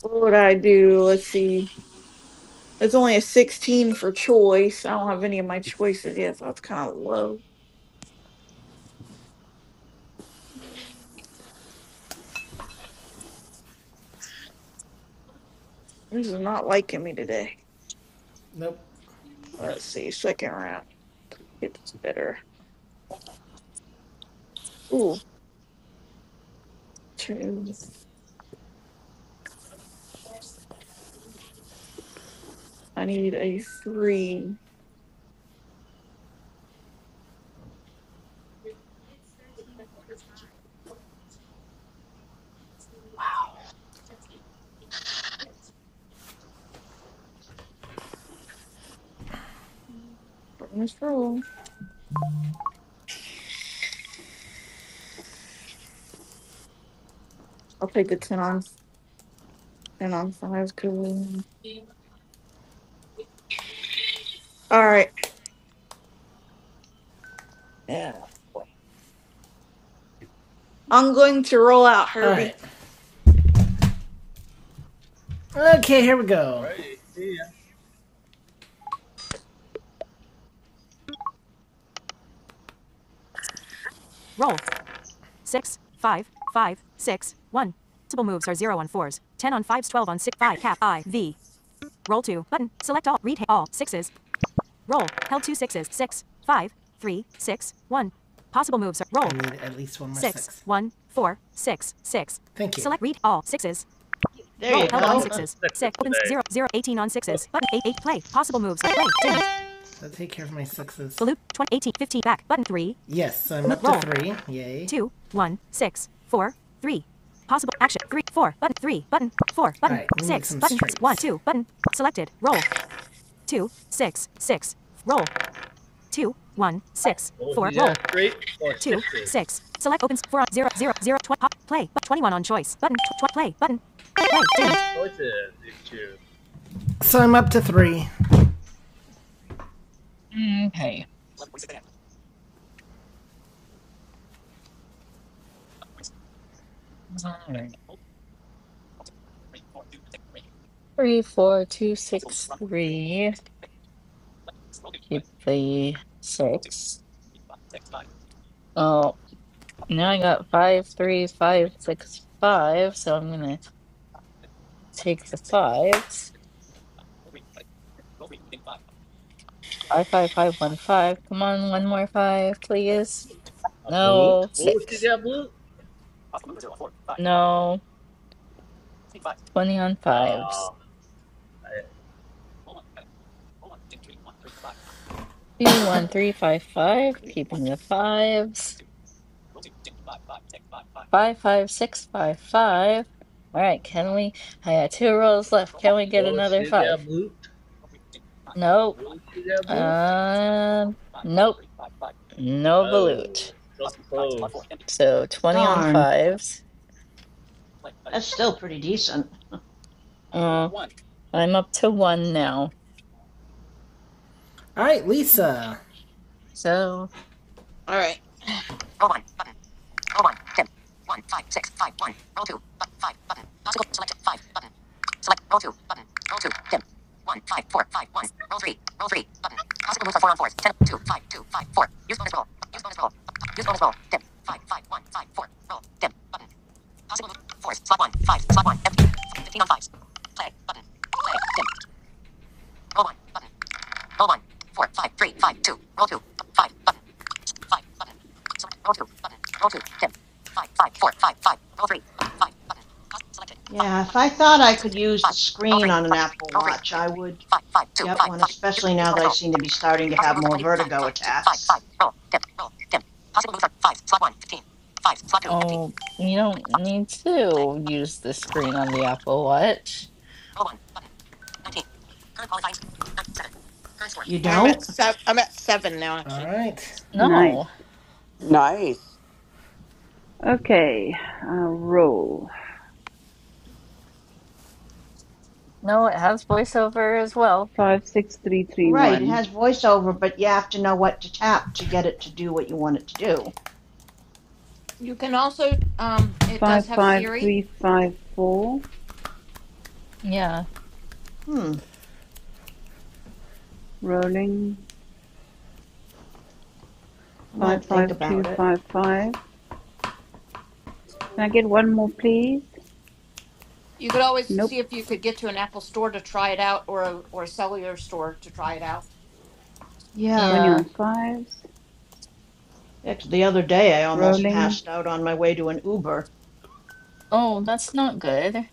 S4: What would I do? Let's see. It's only a 16 for choice. I don't have any of my choices yet, so that's kind of low. This is not liking me today.
S3: Nope.
S4: Let's see. Second round. It's better. Ooh, twos. I need a three. Bonus roll. I'll take the 10 on 10 on 5. Cool. All right. Yeah. I'm going to roll out,
S3: All
S4: Herbie.
S3: right. Okay, here we
S2: All
S3: go.
S2: right, see ya.
S3: I need at least one more six. Six. Thank you.
S7: there you
S2: What's up
S7: go.
S2: with the sixes today? *laughs*
S3: I'll take care of my sixes. 20 18 15 Yes, so I'm up to three. Yay. Two one six four three Alright, straights.
S2: Will she get a straight or sixes? Choices if you choose.
S3: So I'm up to three.
S14: Okay. All right. Three, four, two, six, three. Keep the six. Oh. Now I got five, three, five, six, five. So I'm gonna take the fives. Five, five, five, one, five. Come on, one more five, please.
S2: a blute.
S14: No,
S2: Will she
S14: six.
S2: get a blute?
S14: No, 20 on fives.
S2: No.
S14: Three, one, three, five, five. Keeping the fives. Five, five, six, five, five. All right, can we? I got two rolls left. Can we get
S2: Will
S14: another
S2: she get a
S14: five?
S2: blute?
S14: Nope.
S2: Will she get a blute?
S14: Um, nope. No
S2: Oh,
S14: volute.
S2: so close.
S14: So
S7: *laughs*
S14: 20 on
S7: Darn.
S14: fives.
S7: That's still pretty decent.
S14: Uh, I'm up to one now.
S3: Alright, Lisa.
S14: So,
S17: All right,
S7: Yeah, if I thought I could use the screen on an Apple Watch, I would get one, especially now that I seem to be starting to have more vertigo attacks.
S14: oh, you don't need to use the screen on the Apple Watch.
S7: You
S17: I'm
S7: don't?
S17: at seven. I'm at seven now, actually.
S3: Alright.
S16: Nice.
S14: No,
S18: Nice,
S16: Okay. Uh, roll.
S14: no, it has voiceover as well.
S16: Five six three three
S7: Right, it
S16: one.
S7: has voiceover, but you have to know what to tap to get it to do what you want it to do.
S17: You can also, um, it does
S16: Five
S17: have
S16: five
S17: Siri.
S16: three five four.
S14: Yeah,
S7: Hmm,
S16: Rolling.
S7: I
S16: Five
S7: might
S16: five
S7: think about
S16: two
S7: it.
S16: five five. Can I get one more, please?
S17: You could always
S16: Nope.
S17: see if you could get to an Apple store to try it out, or a or a cellular store to try it out.
S7: Yeah.
S16: Twenty
S14: yeah.
S16: on fives.
S7: the other day I almost
S16: Rolling.
S7: passed out on my way to an Uber,
S14: Oh, that's not good.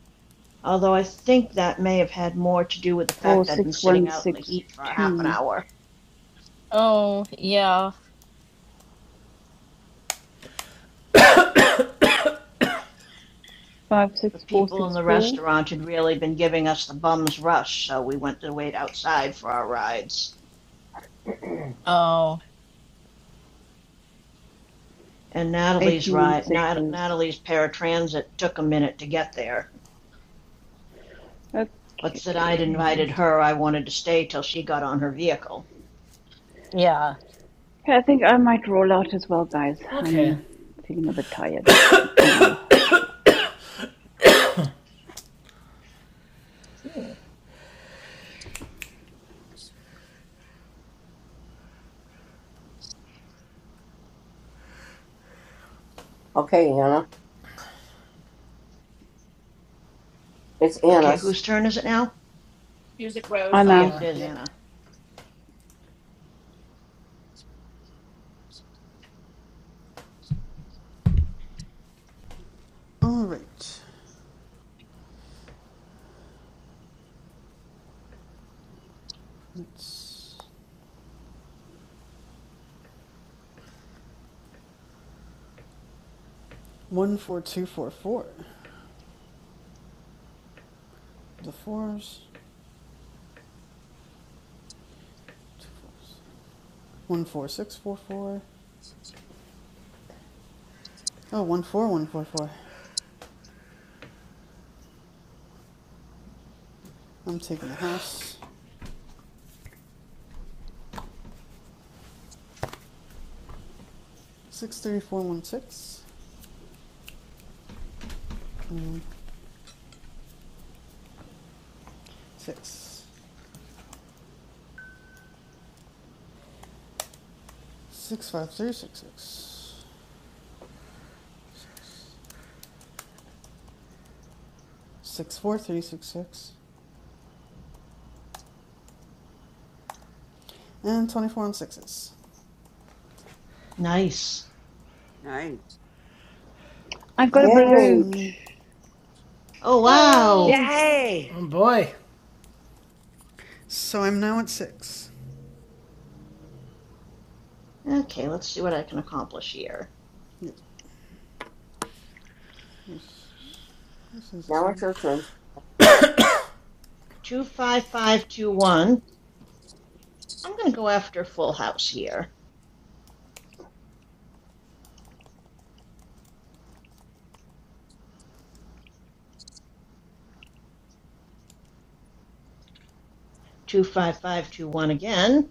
S7: although I think that may have had more to do with the
S16: Four
S7: fact I'd been
S16: six
S7: sitting
S16: one
S7: out in the
S16: six
S7: heat for half an
S16: two.
S7: hour.
S14: Oh, yeah.
S16: Five
S7: The
S16: six four
S7: people in
S16: six
S7: the
S16: four.
S7: restaurant had really been giving us the bum's rush, so we went to wait outside for our rides.
S8: *clears throat*
S14: Oh,
S7: And Natalie's
S16: Eighteen on
S7: ride, Nat-
S16: sixes.
S7: Natalie's paratransit took a minute to get there.
S16: Okay.
S7: but said I'd
S16: Okay,
S14: mm,
S7: invited her. I wanted to stay till she got on her vehicle.
S14: yeah.
S16: I think I might roll out as well, guys.
S3: Okay.
S16: I'm feeling a bit tired. Uh,
S14: Mm,
S8: Okay, Anna. It's
S7: Okay,
S8: Anna's.
S7: whose turn is it now? Oh,
S16: Anna,
S7: yes, it
S3: Anna,
S7: is
S3: yep.
S7: Anna.
S13: All right, let's one four two four four. The fours, two fours. One four six four four. Oh, one four one four four. I'm taking the house. Six three four one six. Um, six. Six five And twenty four three six six, and twenty-four on sixes.
S7: Nice.
S18: nice.
S13: So
S16: I've got a
S13: that puts
S8: Yay!
S16: balut
S13: me.
S7: Oh, wow.
S14: Yay.
S18: Yay!
S3: Oh boy.
S13: So I'm now at six.
S7: Okay, let's see what I can accomplish here.
S13: Yeah. Where's, where's six,
S8: Now it's
S13: seven?
S8: your turn.
S7: 25521. I'm going to go after Full House here. 25521 again.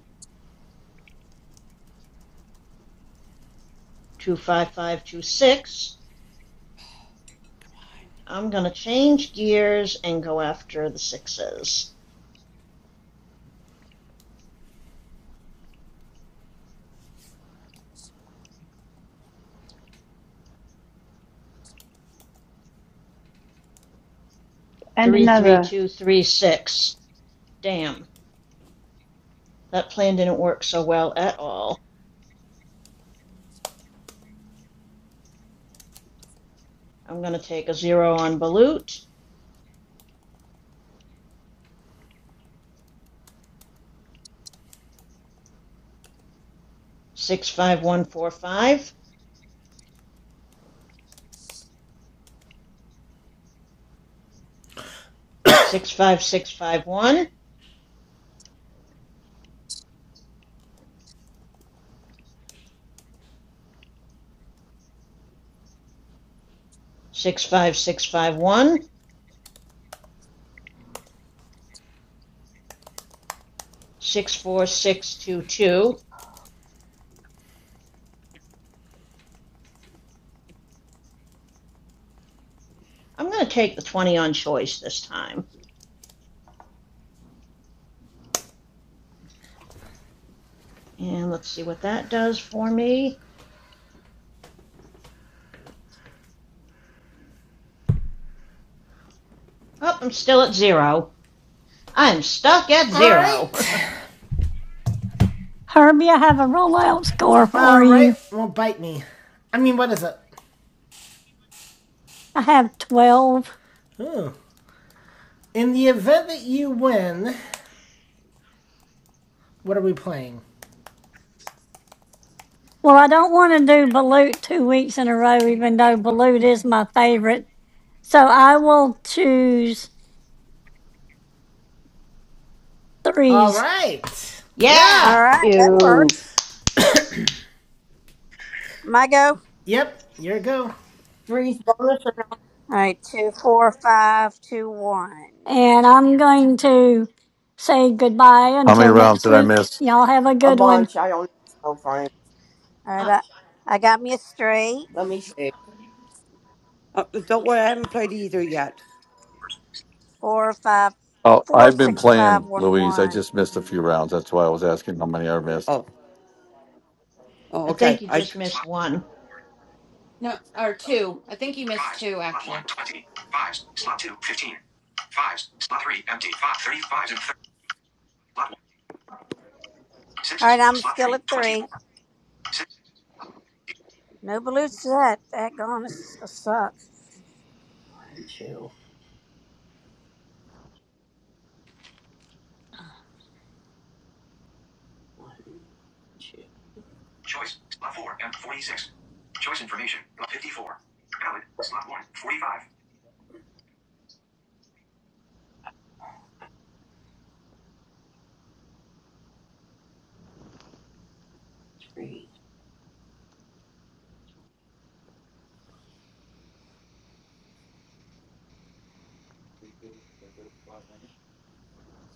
S7: 25526.
S18: Come
S7: I'm going to change gears and go after the sixes.
S16: and another.
S7: 33236. Damn, that plan didn't work so well at all. I'm going to take a zero on Balut. six five one four five, six five six five one, six five six five one, six four six two two. I'm going to take the 20 on choice this time. And let's see what that does for me. Oh, I'm still at zero. I'm stuck at
S3: Alright.
S7: zero.
S9: Herbie, I have a rollout score for you.
S3: Alright, well, bite me. I mean, what is it?
S9: I have 12.
S3: Ooh. In the event that you win, what are we playing?
S9: Well, I don't want to do Balut two weeks in a row, even though Balut is my favorite. So I will choose
S3: All
S9: threes.
S3: right.
S7: *laughs* yeah!
S1: All
S3: Yeah.
S1: right, that
S16: Ew.
S1: works. My go.
S3: Yep. Your go. I
S8: Three's bonus or
S1: All right, two, four, five, two, one.
S9: And I'm going to say goodbye
S5: How many
S9: until
S5: rounds
S9: next
S5: did I
S9: week.
S5: miss?
S9: Y'all have a
S8: a
S9: good one.
S8: bunch. I don't know. Fine.
S1: All right, I, I got me a straight.
S8: Let me see.
S18: on. Uh, don't worry, I
S8: Fours,
S18: haven't played
S8: two,
S18: either yet.
S8: fours,
S1: Four, five,
S5: Oh,
S1: four,
S5: I've been
S1: six, five,
S5: playing,
S1: one,
S5: Louise. I
S1: one.
S5: just missed a few rounds. That's why I was asking how many I missed.
S18: Oh, oh,
S7: I
S18: okay.
S7: think you
S18: I
S8: fours,
S7: just missed
S8: slot,
S7: one.
S17: No, or two. I think you missed
S8: fives,
S17: two
S8: slot
S17: actually.
S8: one, 20, fives, slot two, 15, fives, slot three, empty, five, 30, fives and 30, slot one,
S1: All
S8: sixes,
S1: right, I'm
S8: slot
S1: still
S8: three,
S1: at
S8: 24,
S1: three.
S8: six.
S1: No balloons yet. Daggone, this is gonna suck.
S8: One, two, one, two. Choice. Slot 4 and 46. Choice information. Lot 54. Valid. Slot one 45.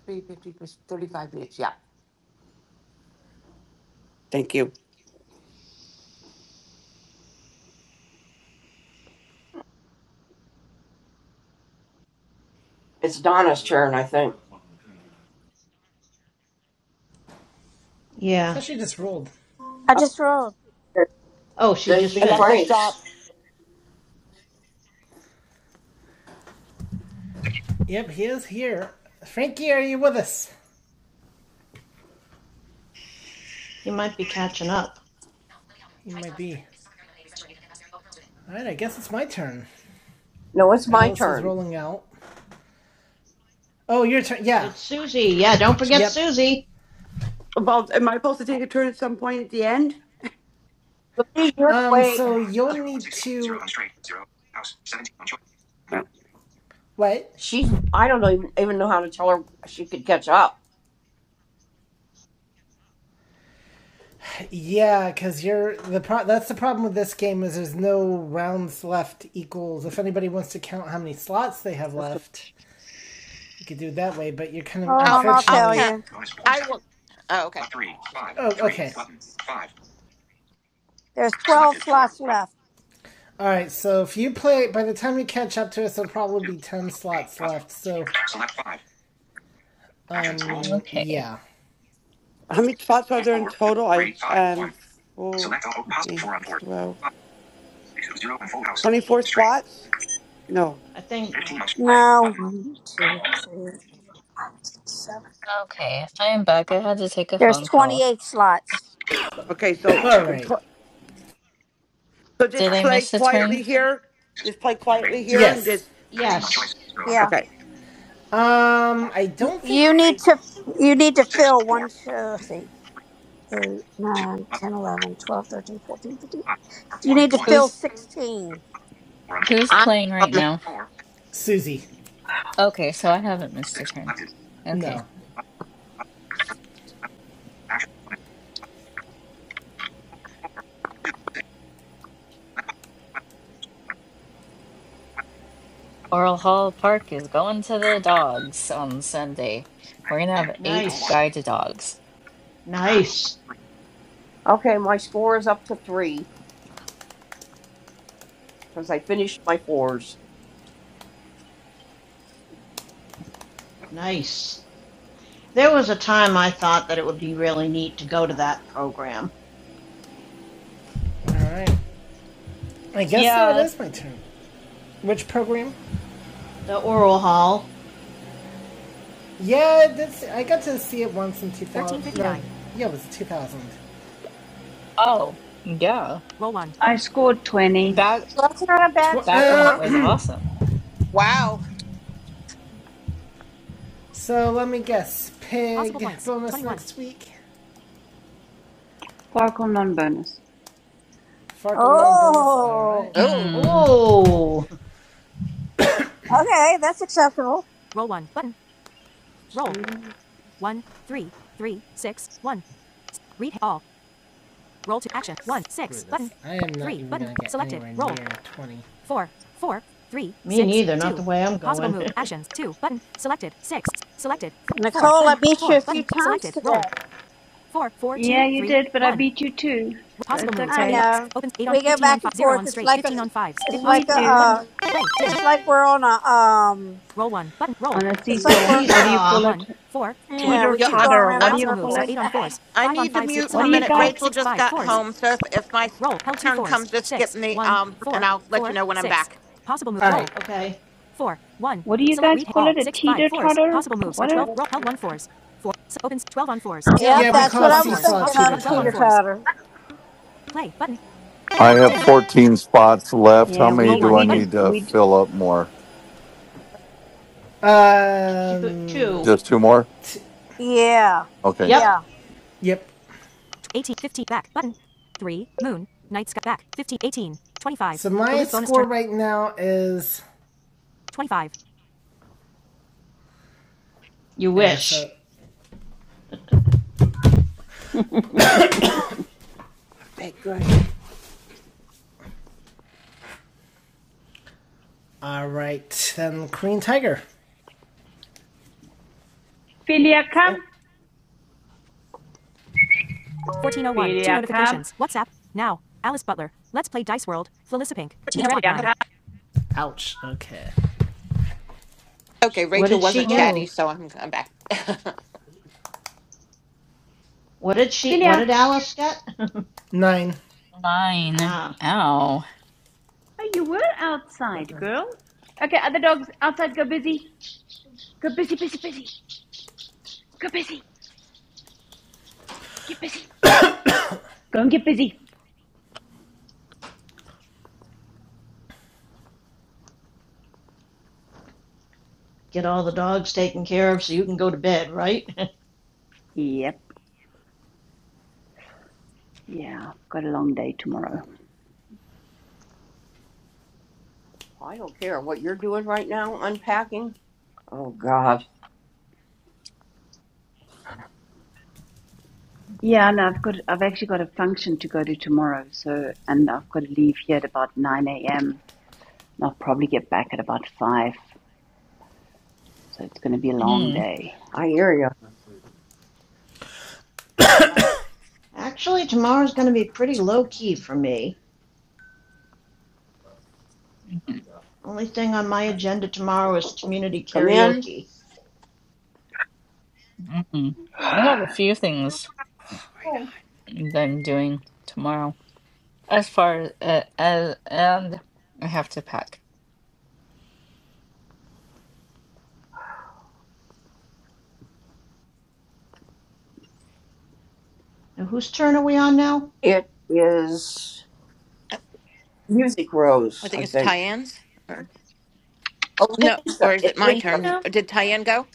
S18: three fifty plus thirty-five minutes. Yeah. Thank you,
S8: It's Donna's turn, I think.
S7: Yeah.
S3: thought she just rolled.
S1: I
S8: Oh,
S1: just rolled.
S7: Oh, she
S8: They'd
S7: just
S8: be
S18: Alexa.
S7: finished.
S18: Stop.
S8: Frank's.
S3: Yep. He is here. Frankie, are you with us?
S7: You might be catching up.
S3: He might be. All right. I guess it's my turn.
S8: No, it's my
S3: Alice was
S8: turn.
S3: rolling out. Oh, your turn. Yeah.
S7: It's Susie.
S8: Dimmed.
S7: Yeah, don't
S8: Lot
S7: forget
S3: Yep.
S7: Susie.
S18: Well, am I supposed to take
S8: Roll.
S18: a turn at some point at the end?
S8: Louise, you're
S3: Um.
S8: way. 5,
S3: So you'll
S8: 0 and
S3: need
S8: 6s. 0
S3: to.
S8: and straight. 0. House. 17 on choice. Ballot,
S18: Oh,
S3: What?
S8: She's I don't know, even even know how to tell her she could catch up.
S3: Yeah, because you're the pro. That's the problem with this game is there's no rounds left equals. If anybody wants to count how many slots they have
S8: This could-
S3: left, we could do it that way. But you're kind of
S1: Hold
S17: I'll
S1: on, I'll
S8: Heading.
S17: I'll
S1: tell
S3: unfortunately.
S17: count.
S1: you.
S8: Bonus points.
S17: I will. Oh, okay.
S8: But three.
S17: Alright, She's
S8: five,
S17: gonna do.
S3: Oh,
S17: It.
S8: three,
S3: okay.
S8: Button. Five.
S1: There's 12
S8: Selected four.
S1: slots
S8: Button.
S1: left.
S3: All right, so if you play, by the time you catch up to us, there'll
S8: Two.
S3: probably be ten
S8: Three.
S3: slots
S8: Button.
S3: left. So,
S8: Select five. Actions. Rolls.
S14: Okay.
S3: yeah.
S18: How many spots are
S8: Roll
S18: there in total? I um four,
S8: Select all. Possible.
S18: eight,
S8: Four on fours.
S18: twelve,
S8: Five. six, zero, And full house.
S18: twenty-four
S8: Straight.
S18: spots. No.
S7: I think,
S8: 15 on play.
S1: No,
S8: Button.
S1: one, two, three, four, five, six, seven.
S14: Okay, I am back. I had to take a
S1: There's
S14: phone call.
S1: 28 slots.
S18: Okay,
S3: *coughs*
S8: Roll
S18: so
S3: All
S8: 2.
S3: right.
S18: so
S14: Did
S8: Star
S18: just
S14: I
S8: 4.
S18: play
S14: miss a
S8: 0.
S14: turn?
S18: quietly here.
S8: 6.
S18: Just play
S8: 3.
S18: quietly
S8: 0.
S18: here and
S3: Yes.
S18: just
S8: 17 on
S7: yes.
S8: choice. 0 on back.
S1: Yeah.
S18: okay.
S8: 4.
S3: Um, I don't think
S1: You need to you need to
S8: 6.
S1: fill one
S8: 4. 3.
S1: two
S8: Action.
S1: let's see, eight,
S8: 2.
S1: nine,
S8: Button.
S1: ten, 11, 12, 13, 14, 15.
S8: 5. 4.
S1: You
S8: 1.
S1: need to
S8: 1.
S1: fill
S14: Who's
S1: 16.
S8: 4 on
S14: who's
S8: I
S14: playing right
S8: am
S14: now?
S8: 4.
S3: Susie.
S14: Okay, so I haven't
S8: 2.
S14: missed a
S8: 6.
S14: turn.
S8: Selected.
S14: Okay.
S3: No.
S8: Button. Button. Action. 1. 2. 6. 12.
S14: Oral Hall
S8: Button.
S14: Park is going to the dogs on Sunday.
S8: Bang.
S14: We're gonna
S8: Dimmed.
S14: have
S8: Roll
S14: eight
S8: 1.
S7: Nice,
S14: guide dogs.
S8: Back. Button.
S7: nice,
S8: 3. Okay, my score is up to 3 because I finished my fours.
S7: nice. There was a time I thought that it would be really neat to go to that program.
S3: All right. I guess now it
S14: Yeah.
S3: is my turn. Which program?
S7: The oral hall.
S3: Yeah, that's, I got to see it once in 2000. No, yeah, it was 2000.
S14: Oh, yeah.
S16: I scored 20.
S14: Back
S8: Well, that's not a
S3: Tw-
S8: bad
S14: back when it
S8: score.
S14: was
S3: uh,
S14: awesome.
S17: Wow.
S3: *clears throat* so let me guess. Pig bonus next week.
S16: Farkle non bonus.
S3: Farkle non bonus. All right.
S1: Oh,
S17: Oh.
S14: Mm.
S7: Oh,
S1: okay, that's acceptable.
S18: Two.
S3: 20.
S7: me neither, not the way I'm going.
S1: Nicole, I beat you a few times today.
S16: Yeah, you did, but I beat you too, so it's
S1: I
S16: okay.
S1: know. We go back and forth. It's like a, it's like
S16: We
S1: a,
S16: do
S1: uh, it's like we're on a, um,
S16: on a
S1: it's
S7: *laughs*
S1: like
S16: seesaw.
S1: we're,
S16: What do you
S7: Seesaw.
S16: call it?
S1: yeah,
S16: Teeter
S1: we
S17: Yeah.
S1: keep
S17: I,
S1: going
S16: totter.
S1: around in
S16: What do
S17: I'm.
S16: you call it?
S1: circles.
S17: I need to mute
S16: What
S17: for
S16: do
S17: a
S16: you
S17: minute.
S16: guys?
S17: Rachel just got home, so if if my turn comes, just skip me. Um, and I'll let you know when I'm back.
S7: Okay,
S16: What do you guys call it? A teeter totter? What? A,
S1: *laughs* yep, that's what I was thinking of a teeter totter.
S5: I have 14 spots left. How
S16: yeah,
S5: many
S16: we
S5: do I
S16: we just
S5: need to
S16: we. j-
S5: fill up more?
S7: two.
S3: Um.
S7: two.
S5: Just two more?
S1: Yeah,
S5: Okay.
S7: Yep,
S1: yeah.
S3: yep. now is
S7: you
S3: yeah.
S7: wish.
S3: So
S18: Perfect.
S3: All right, then Korean Tiger.
S16: *laughs* Philia, come.
S18: Good.
S16: Philia, come.
S3: Ouch. Okay.
S17: Okay.
S7: What
S17: Rachel
S7: did she
S17: wasn't
S7: get?
S17: chatty,
S14: Ooh,
S17: so I'm I'm back. *laughs* I
S7: What did she, what
S16: Philia,
S7: did Alice get?
S3: Nine.
S7: *laughs*
S14: nine.
S7: ah,
S14: Ow.
S16: oh, you were outside, girl. Okay, other dogs outside. Go busy. Go busy, busy, busy. Go busy. Get busy. Go and get busy.
S7: get all the dogs taken care of so you can go to bed, right? *laughs*
S16: Yep. Yeah, I've got a long day tomorrow.
S8: I don't care what you're doing right now, unpacking. Oh, God.
S16: Yeah, and I've got I've actually got a function to go to tomorrow, so and I've got to leave here at about 9 a.m. and I'll probably get back at about 5. So it's going to be a long
S14: Mm.
S16: day.
S8: I hear you.
S7: Actually, tomorrow's going to be pretty low key for me.
S14: *laughs*
S7: Only thing on my agenda tomorrow is community
S8: Come in.
S7: karaoke.
S14: Mm. I got a few things.
S18: Oh, Right on.
S14: that I'm doing tomorrow. As far as, as and I have to pack.
S7: Now, whose turn are we on now?
S8: It is Music Rose,
S17: think
S8: I
S17: it's
S8: think.
S17: Tyann's. Or,
S8: Oh,
S17: no, or
S8: Lisa.
S17: is
S8: It's
S17: it my
S8: Lisa.
S17: turn?
S16: Oh,
S17: Did Tyann go?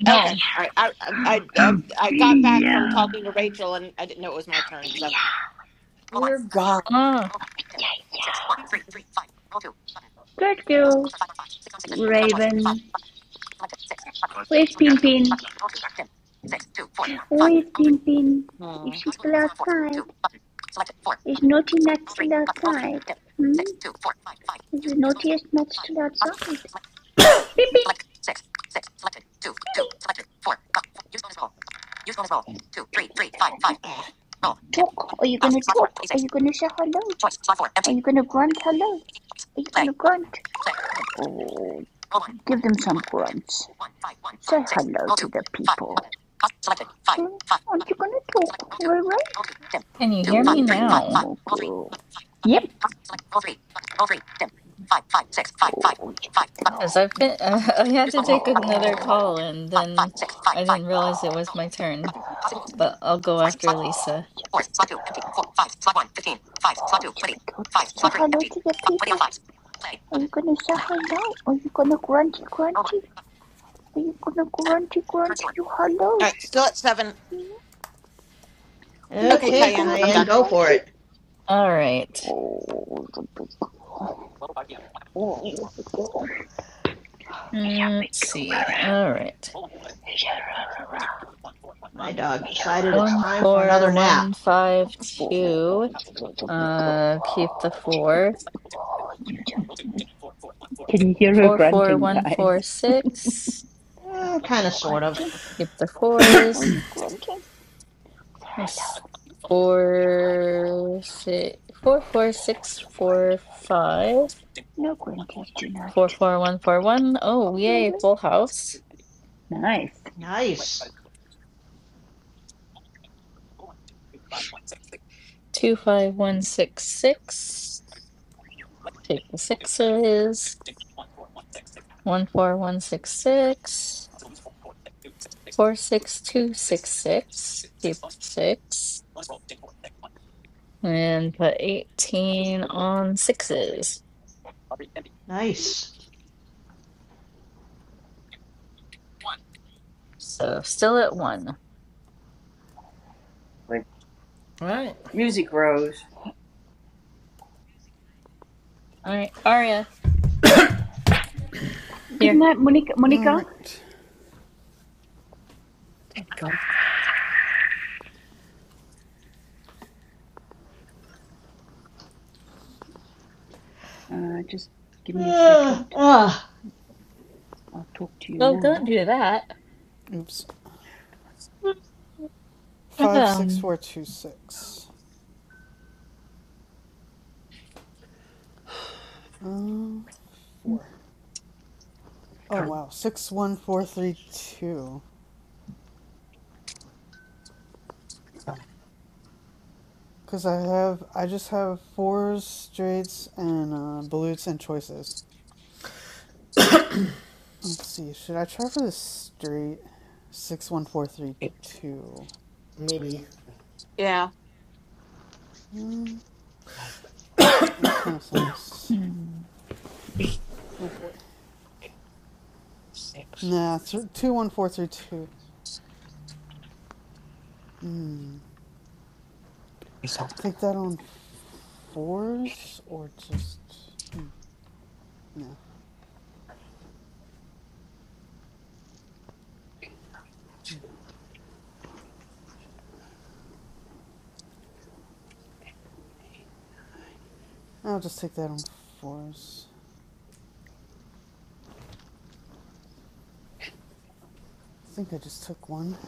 S14: No.
S17: Okay. All right. I I I I I got back from talking to Rachel, and I didn't know it was my turn. So.
S8: Dear God.
S14: Ah,
S16: Where's Pin Pin? Where's Pin Pin? Is
S17: Hmm.
S16: she still outside? Is Naughty Nut still outside? Hmm? Is the naughtiest nut still outside? Pin Pin! Pin Pin!
S17: Two,
S16: Pin
S17: three,
S16: Pin's
S17: three,
S16: still
S17: five, five.
S16: outside.
S17: Ugh.
S16: Talk. Are you gonna talk? Are you gonna say hello? Are you gonna grunt hello? Are you gonna grunt? Oh, give them some grunts. Say hello to the people. Hmm? Aren't you gonna talk, Ray Ray?
S14: can you hear me
S16: Oh, it's
S14: now?
S16: my girl. Yep. Oh, it's your big
S14: Because
S16: girl.
S14: I've been *laughs* I had to take another call
S16: Oh,
S14: and then I didn't realize it
S16: oh,
S14: was
S16: it's your
S14: my
S16: big
S14: turn.
S16: girl.
S14: But I'll go after
S16: Oh,
S14: Lisa.
S16: it's your big girl. Oh, it's your big girl. Just say hello to the people. Are you gonna say hello? Are you gonna grunty grunty? Are you gonna grunty grunty your hellos?
S17: All right. Still at seven.
S16: Hmm? Are you
S17: Okay,
S16: gonna
S7: Okay,
S17: Cayenne, I'm
S16: grunty
S7: Tyann,
S17: done.
S7: go for
S16: grunty?
S7: it.
S14: All right.
S16: Oh, it's your big girl. Oh, it's your big girl.
S14: Mm, Let's see. All right.
S7: My dog decided it's
S14: One
S7: time for another
S14: four
S7: nap.
S14: one five two. Uh, keep the four.
S16: Can you hear her
S14: Four four
S16: grunting,
S14: one four
S16: guys?
S14: six.
S7: Mm,
S16: Are
S7: kind of,
S16: you
S7: sort of.
S16: grunting?
S7: Okay.
S14: Keep the
S16: Are
S14: fours.
S16: you grunting? Say
S14: Oh, s-
S16: hello. Yeah, hello.
S14: Four,
S16: You
S14: six, four, four,
S16: oh
S14: six,
S16: you grunty
S14: four,
S16: hello.
S14: five,
S16: No grunties
S14: four,
S16: tonight.
S14: four, one, four, one. Oh, yay,
S16: Really?
S14: full house.
S16: Nice.
S7: Nice,
S14: Two, five, one, six, six. Take the sixes. One, four, one, six, six. Four, six, two, six, six. Keep six. And put 18 on sixes.
S7: nice.
S14: So still at one.
S3: All right.
S8: Music Rose.
S14: All right, Aria.
S16: Good
S14: Here.
S16: night, Monica.
S13: All
S16: Monica.
S13: right.
S18: There you go.
S16: Uh, just give me a
S7: Ugh,
S16: second.
S7: ugh.
S16: I'll talk to you
S14: Oh, don't
S16: now.
S14: do that.
S13: Oops. Five six
S14: Um.
S13: four two six. Um, uh, four. Oh
S18: There you go.
S13: wow. Six one four three two.
S18: Five,
S13: Cause I have I just have fours, straights, and uh, balutes and choices. Let's see. Should I try for the street?
S18: six,
S13: 61432.
S3: Maybe.
S17: Yeah.
S13: Mm,
S18: five,
S13: that kind of
S18: two,
S13: sounds.
S14: hmm.
S18: three,
S13: Oh boy.
S18: six.
S13: Nah, 21432. Hmm.
S18: Okay, so,
S13: Take that on fours or just. No. I'll just take that on fours. I think I just took one.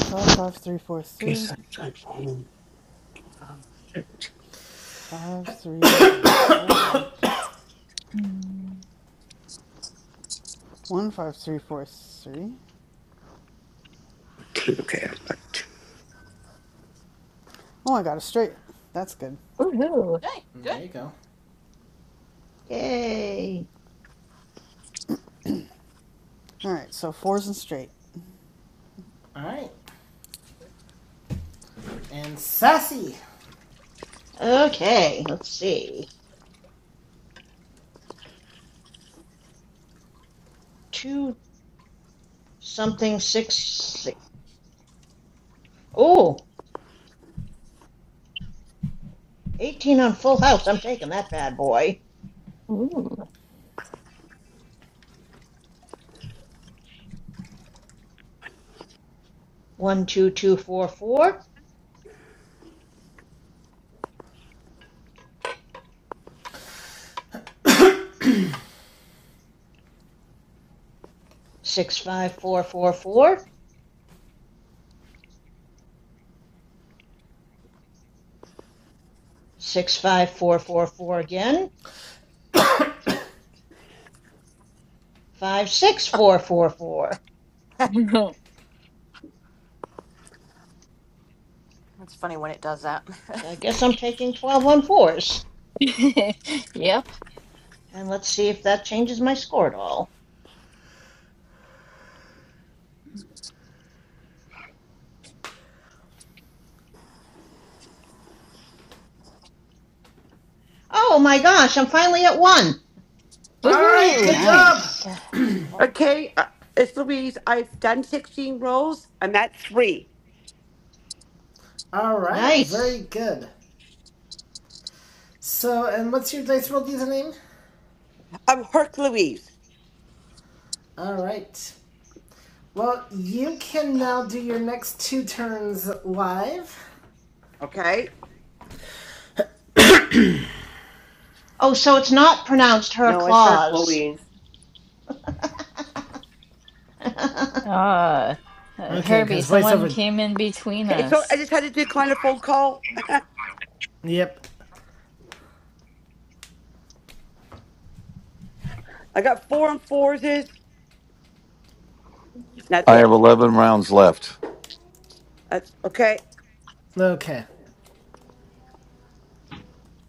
S13: 55343. 5, 3, four
S18: okay,
S13: three.
S18: so, so, um, thirteen.
S13: Five, three, and 4. One, five, three four three.
S18: okay, I'm at-
S13: Oh, I got a straight. That's good.
S14: Woohoo.
S17: Hey, good.
S3: There you go.
S7: Yay.
S13: Alright, so fours and straight.
S3: All right. And Sassy.
S7: Okay, let's see. Two something six six. Oh, eighteen on Full House. I'm taking that bad boy.
S14: Ooh.
S7: One two two four four six five four four four. 65444 again, 56444.
S14: *laughs*
S17: That's funny when it does that. *laughs*
S7: So I guess I'm taking twelve one fours,
S14: Yep.
S7: And let's see if that changes my score at all. Oh my gosh, I'm finally at one.
S3: All right.
S14: Woohoo.
S3: Good
S16: Nice.
S3: job.
S18: okay, uh, it's Louise. I've done 16 rolls. I'm at three.
S3: All right. Very
S7: Nice.
S3: good. So, and what's your dice roll username?
S18: I'm Herc Louise.
S3: All right. Well, you can now do your next two turns live.
S18: Okay.
S7: Oh, so it's not pronounced her
S8: No, it's her,
S7: claws.
S8: Chloe.
S7: *laughs*
S14: Ah. Uh,
S3: Okay,
S14: Herbie,
S3: because
S14: someone
S3: voiceover.
S14: came in between
S18: Okay, so I
S14: us.
S18: just had to decline a phone call.
S3: Yep.
S18: I got four and fours. Is That's
S5: I have
S18: it.
S5: 11 rounds left.
S18: That's okay.
S3: Okay.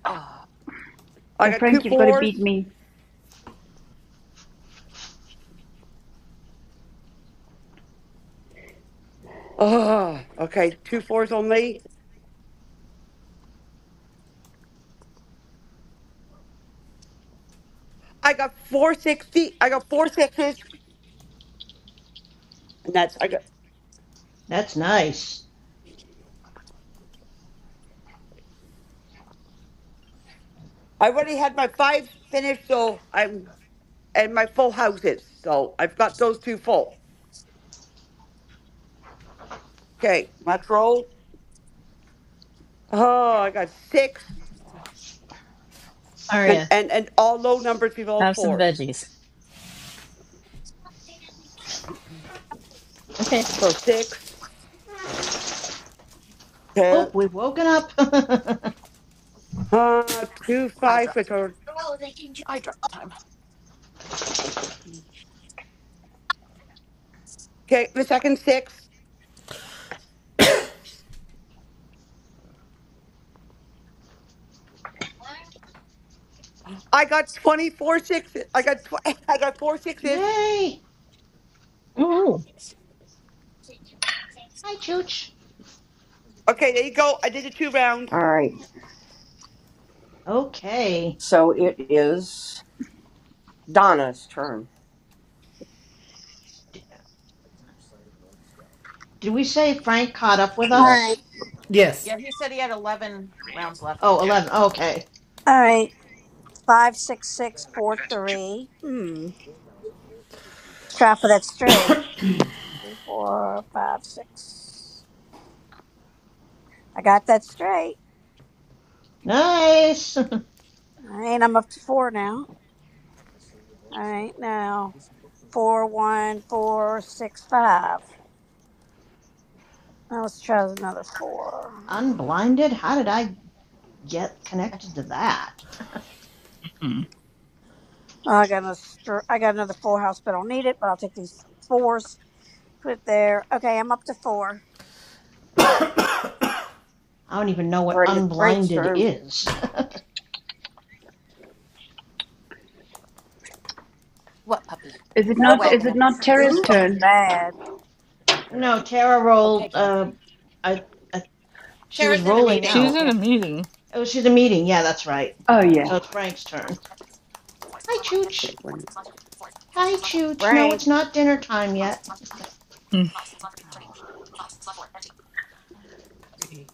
S17: oh.
S18: I
S16: So,
S18: got two
S16: Frank, you've got to beat
S18: fours.
S16: me.
S18: Oh, okay, two fours only. I got 460. I got four sixes. And that's I got.
S7: That's nice.
S18: I already had my five finished, so I'm and my full houses. So I've got those two full. Okay, let's roll. Oh, I got six and
S14: Aria,
S18: and and all low numbers below
S14: have some
S18: fours.
S14: veggies. Okay.
S18: So six,
S7: Oh,
S18: okay,
S7: we've woken up. *laughs*
S18: uh, two five, which are okay. The second six, I got twenty four sixes. I got tw- *laughs* I got four sixes.
S7: Yay.
S14: Woohoo.
S7: Hi, Chooch.
S18: Okay, there you go. I did the two rounds.
S8: All right.
S7: Okay.
S8: So it is Donna's turn.
S7: Did we say Frank caught up with
S1: All
S7: us?
S8: Yeah.
S1: right.
S3: Yes.
S17: Yeah, he said he had 11
S8: Radio.
S17: rounds left.
S7: Oh, 11. Okay.
S1: All right, five six six four three. Hmm. Let's try for that straight. Three, four, five, six. I got that straight.
S7: Nice.
S1: All right, I'm up to four now. All right, now four one four six five. Now let's try another four.
S7: *laughs* Unblinded? How did I get connected to that. *laughs*
S14: Hmm.
S1: Oh, I got another. str- I got another full house, but I don't need it. But I'll take these fours. Put it there. Okay, I'm up to four.
S7: I don't even know
S8: All
S7: what
S8: right, it's Frank's
S7: unblinded
S8: turn.
S7: is.
S17: What
S16: Is it
S17: are you
S1: No
S16: not? Is
S17: wagging
S16: it
S17: at?
S16: not
S1: Belushi
S16: Tara's
S1: is going
S16: turn?
S1: bad.
S7: *laughs* no, Tara
S18: Okay,
S7: rolled.
S18: good.
S7: Uh, I, I, she was
S17: Tara's in a
S7: rolling
S17: meeting.
S14: She's
S7: out.
S14: in a meeting.
S7: Oh, she's a meeting. Yeah, that's right.
S16: Oh yeah.
S7: So it's Frank's turn. Hi,
S18: Okay,
S7: Chooch.
S18: one,
S7: Hi, Chooch. No,
S8: Frank.
S7: it's not dinner time yet.
S18: three,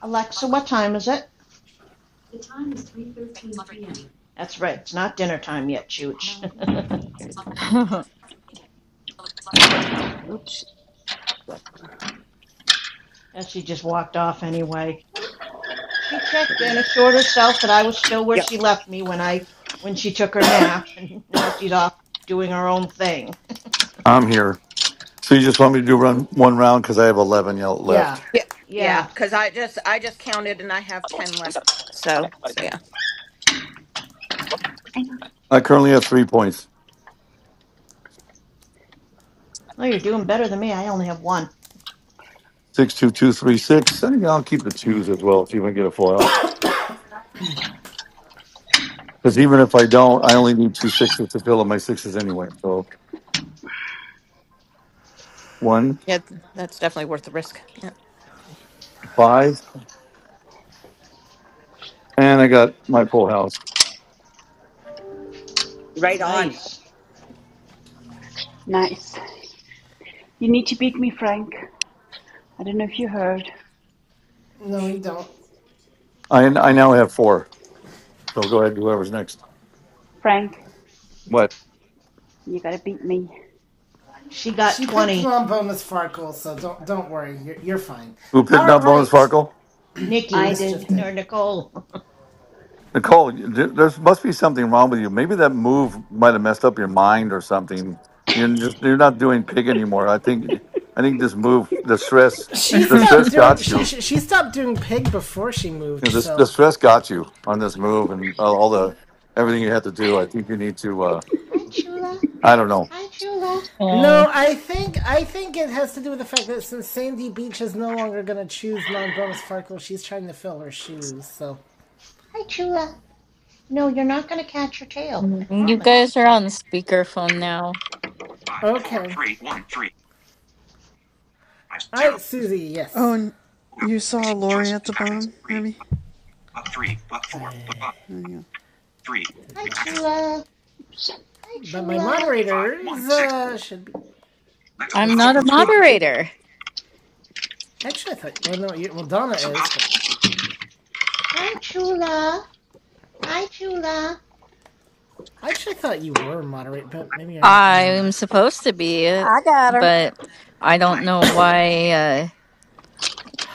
S7: Alexa, what time is it? That's right. It's not dinner time yet, Chooch. *laughs*
S18: good.
S14: Hmm.
S16: Oops.
S7: and she just walked off anyway. She checked in, assured herself that I was still where
S18: Yeah,
S7: she left me when I when she took her nap, *laughs* and now she's off doing her own thing.
S5: I'm here. So you just want me to do run one round because I have 11 y- left.
S3: Yeah.
S17: Yeah, yeah,
S7: Yeah.
S17: because I just I just counted and I have 10 left. So, so yeah.
S16: I know.
S5: I currently have three points.
S7: Oh, you're doing better than me. I only have one.
S5: Six, two, two, three, six. I think I'll keep the twos as well if you even get a foil. Because even if I don't, I only need two sixes to fill up my sixes anyway. So one,
S17: Yeah, th- that's definitely worth the risk. Yeah.
S5: five, and I got my full house.
S18: right on.
S7: Nice.
S16: Nice. You need to beat me, Frank. I don't know if you heard.
S3: No, you don't.
S5: I I now have four. So go ahead, whoever's next.
S16: Frank,
S5: What?
S16: you gotta beat me.
S7: She got
S3: She picked
S7: twenty.
S3: non-bonus Farkle, so don't don't worry, you're, you're fine.
S5: Who picked
S3: All
S5: up bonus
S3: right,
S5: Farkle?
S16: I
S7: Nikki
S16: did.
S3: mischief did.
S7: or Nicole.
S5: Nicole, you- there there's- must be something wrong with you. Maybe that move might have messed up your mind or something. You're just you're not doing pig anymore. I think I think this move, the stress,
S3: She
S5: the
S14: *laughs*
S5: stress
S3: stopped doing
S5: got
S3: she
S5: you.
S3: she stopped doing pig before she
S5: you know,
S3: moved.
S5: this the
S3: So
S5: stress got you on this move and all the everything you had to do. I think you need to. Uh,
S7: *laughs* Hi, Chula.
S5: I don't know.
S7: Hi, Chula.
S14: Oh,
S3: no, I think I think it has to do with the fact that since Sandy Beach
S8: six,
S3: is no
S8: actions,
S3: longer going to choose non-bonus Farkle, she's trying to fill her shoes. So
S7: Hi, Chula. No, you're not gonna catch your tail. I
S14: you
S7: promise.
S14: guys are on speakerphone now.
S8: five, four,
S3: okay,
S8: three, one, three, five,
S3: all
S8: zero,
S3: right, Susie,
S13: Oh,
S3: yes,
S13: and
S8: Move.
S13: you saw
S8: six,
S13: Lori
S8: choice,
S13: at the
S8: actions,
S13: bottom,
S8: three,
S13: Herbie?
S8: up, three, up, four,
S3: I
S8: up, five,
S13: Oh, yeah.
S8: three,
S3: did
S7: Hi,
S8: three, action,
S3: not,
S7: Chula. Hi,
S3: but my
S7: Chula.
S8: five, one,
S3: moderators
S8: six,
S3: uh, should be.
S8: select all
S14: I'm
S3: That's
S8: possible
S3: what
S14: not a
S3: they're
S8: moves are
S3: paid.
S8: five,
S3: to...
S14: moderator.
S3: Actually, I thought well no, well Donna
S8: so
S3: is,
S8: possible,
S3: but
S7: Hi, Chula. Hi, Chula.
S3: I
S8: six,
S3: actually thought you were moderate, but
S8: select,
S3: maybe you're not. I don't know.
S14: I'm supposed to be,
S1: I got her.
S14: but I don't
S8: play,
S14: know
S8: up,
S14: why. Uh,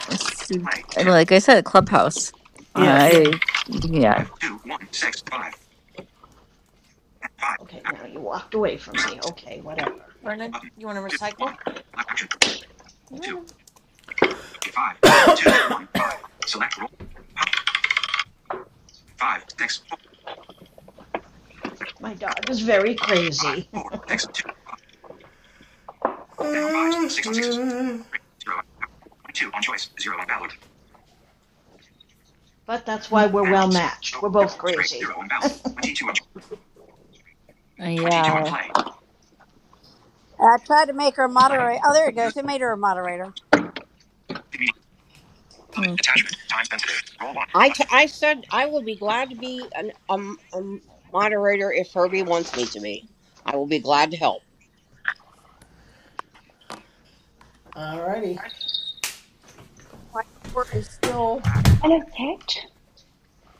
S14: it's,
S8: play, dim,
S14: like I said, Clubhouse.
S3: Yes.
S14: I yeah
S8: five, two, one, six, five, and five,
S7: Okay,
S8: action,
S7: now you walked away from
S8: select,
S7: me. Okay, whatever.
S17: Vernon,
S8: button,
S17: you want to
S8: two, one,
S17: recycle?
S8: select action, two,
S17: Vernon.
S8: five, one, two, one, five, select roll, five, six, four,
S7: My dog is very
S8: five,
S7: crazy.
S8: four,
S7: *laughs*
S8: six, two, 10 on fives, 6 on sixes, 0 on ballot, 22 on choice, 0 on ballot,
S7: but that's why we're
S8: 10 on
S7: well
S8: zero,
S7: matched.
S8: zero
S7: We're both
S8: straight,
S7: crazy.
S8: 0 on
S7: *laughs*
S8: ballot, 22 on cho- 22 on
S14: yeah.
S8: play,
S1: I tried to make her a
S8: play.
S1: moderator. Oh, there it goes.
S8: News,
S1: They made her a moderator.
S8: media, summit,
S14: Okay.
S8: attachment, time sensitive, roll 1. I, t- I said I will be glad to be an, um um moderator if Herbie wants me to be. I will be glad to help.
S3: Alrighty.
S8: My report is still Back,
S16: Hello,
S8: button,
S16: cat.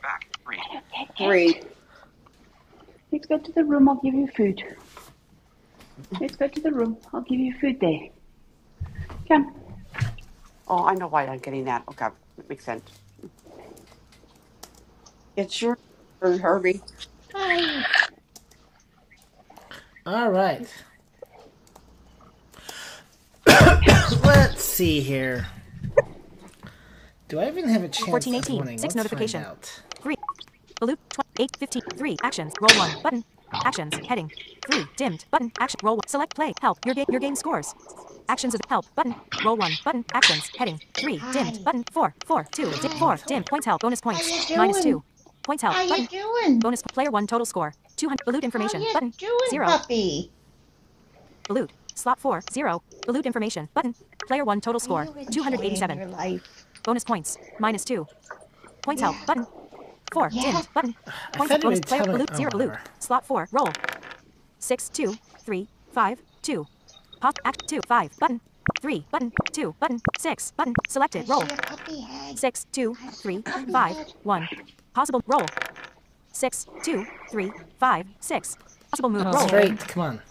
S8: back, 3.
S16: Hello, cat,
S8: three.
S16: cat. Let's go to the room. I'll give you food. Let's go to the room. I'll give you food there. Come.
S18: Oh, I know why I'm getting that. Okay, that makes sense.
S8: It's your turn, Herbie.
S7: hi.
S3: All right.
S16: Come.
S3: Let's see here. Do I even have a chance? 6 out.
S7: Hi. Hi. How you doing? How you doing? How you doing, puppy? Are you enjoying your life? Yeah. Yeah.
S3: I thought it would tell it- oh, whatever.
S7: I see a puppy head. I see a puppy head.
S14: Oh,
S3: Straight. Come on.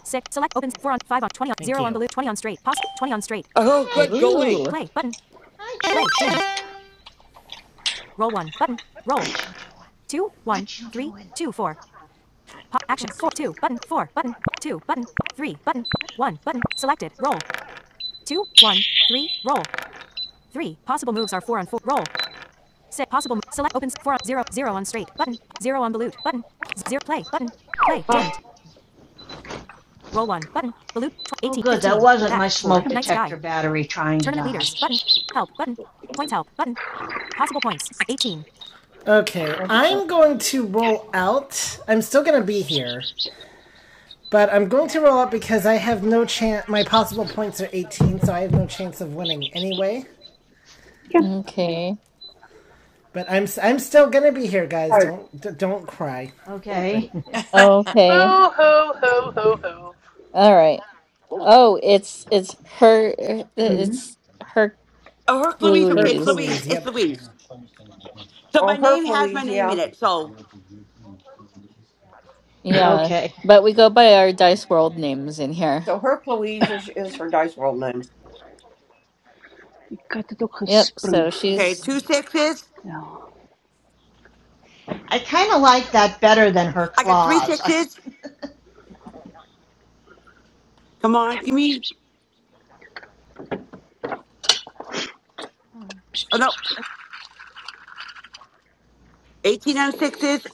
S3: you.
S18: Oh,
S7: Hi,
S18: good going.
S7: Chooch.
S14: ooh.
S7: Hi, Chooch. What you doing? What you doing? Oh, good. That wasn't my smoke
S16: Come.
S7: detector battery trying to die.
S3: Okay, I'm going to roll out. I'm still going to be here. But I'm going to roll up because I have no chance. My possible points are 18, so I have no chance of winning anyway.
S16: Come.
S14: Okay.
S3: But I'm i I'm still gonna be here, guys.
S8: Oh,
S3: Don't don't cry.
S7: Okay.
S3: But
S17: *laughs*
S14: Okay.
S19: Boo hoo hoo hoo hoo.
S14: All right. Oh, it's it's her.
S16: Mm-hmm.
S14: It's
S18: Oh, her Louise.
S3: her
S18: Okay, it's
S14: Hercules.
S18: Louise.
S3: clues.
S18: It's
S3: Yep.
S18: Louise. So
S8: oh
S18: my name has my
S8: Hercules,
S18: name in
S8: yeah.
S18: it. So
S7: *laughs*
S14: Yeah,
S7: okay.
S14: but we go by our Dice World names in here.
S8: So Hercules is, is her dice world name.
S16: Ik had het ook
S14: Yep. So
S16: gespring.
S18: okay,
S14: she's
S18: two sixes.
S16: Ja.
S7: I kind of like that better than her
S18: I got three
S7: claws. I,
S18: sixes. Come on,
S16: Come.
S18: give me.
S17: Hmm.
S18: Oh no, eighteen on sixes.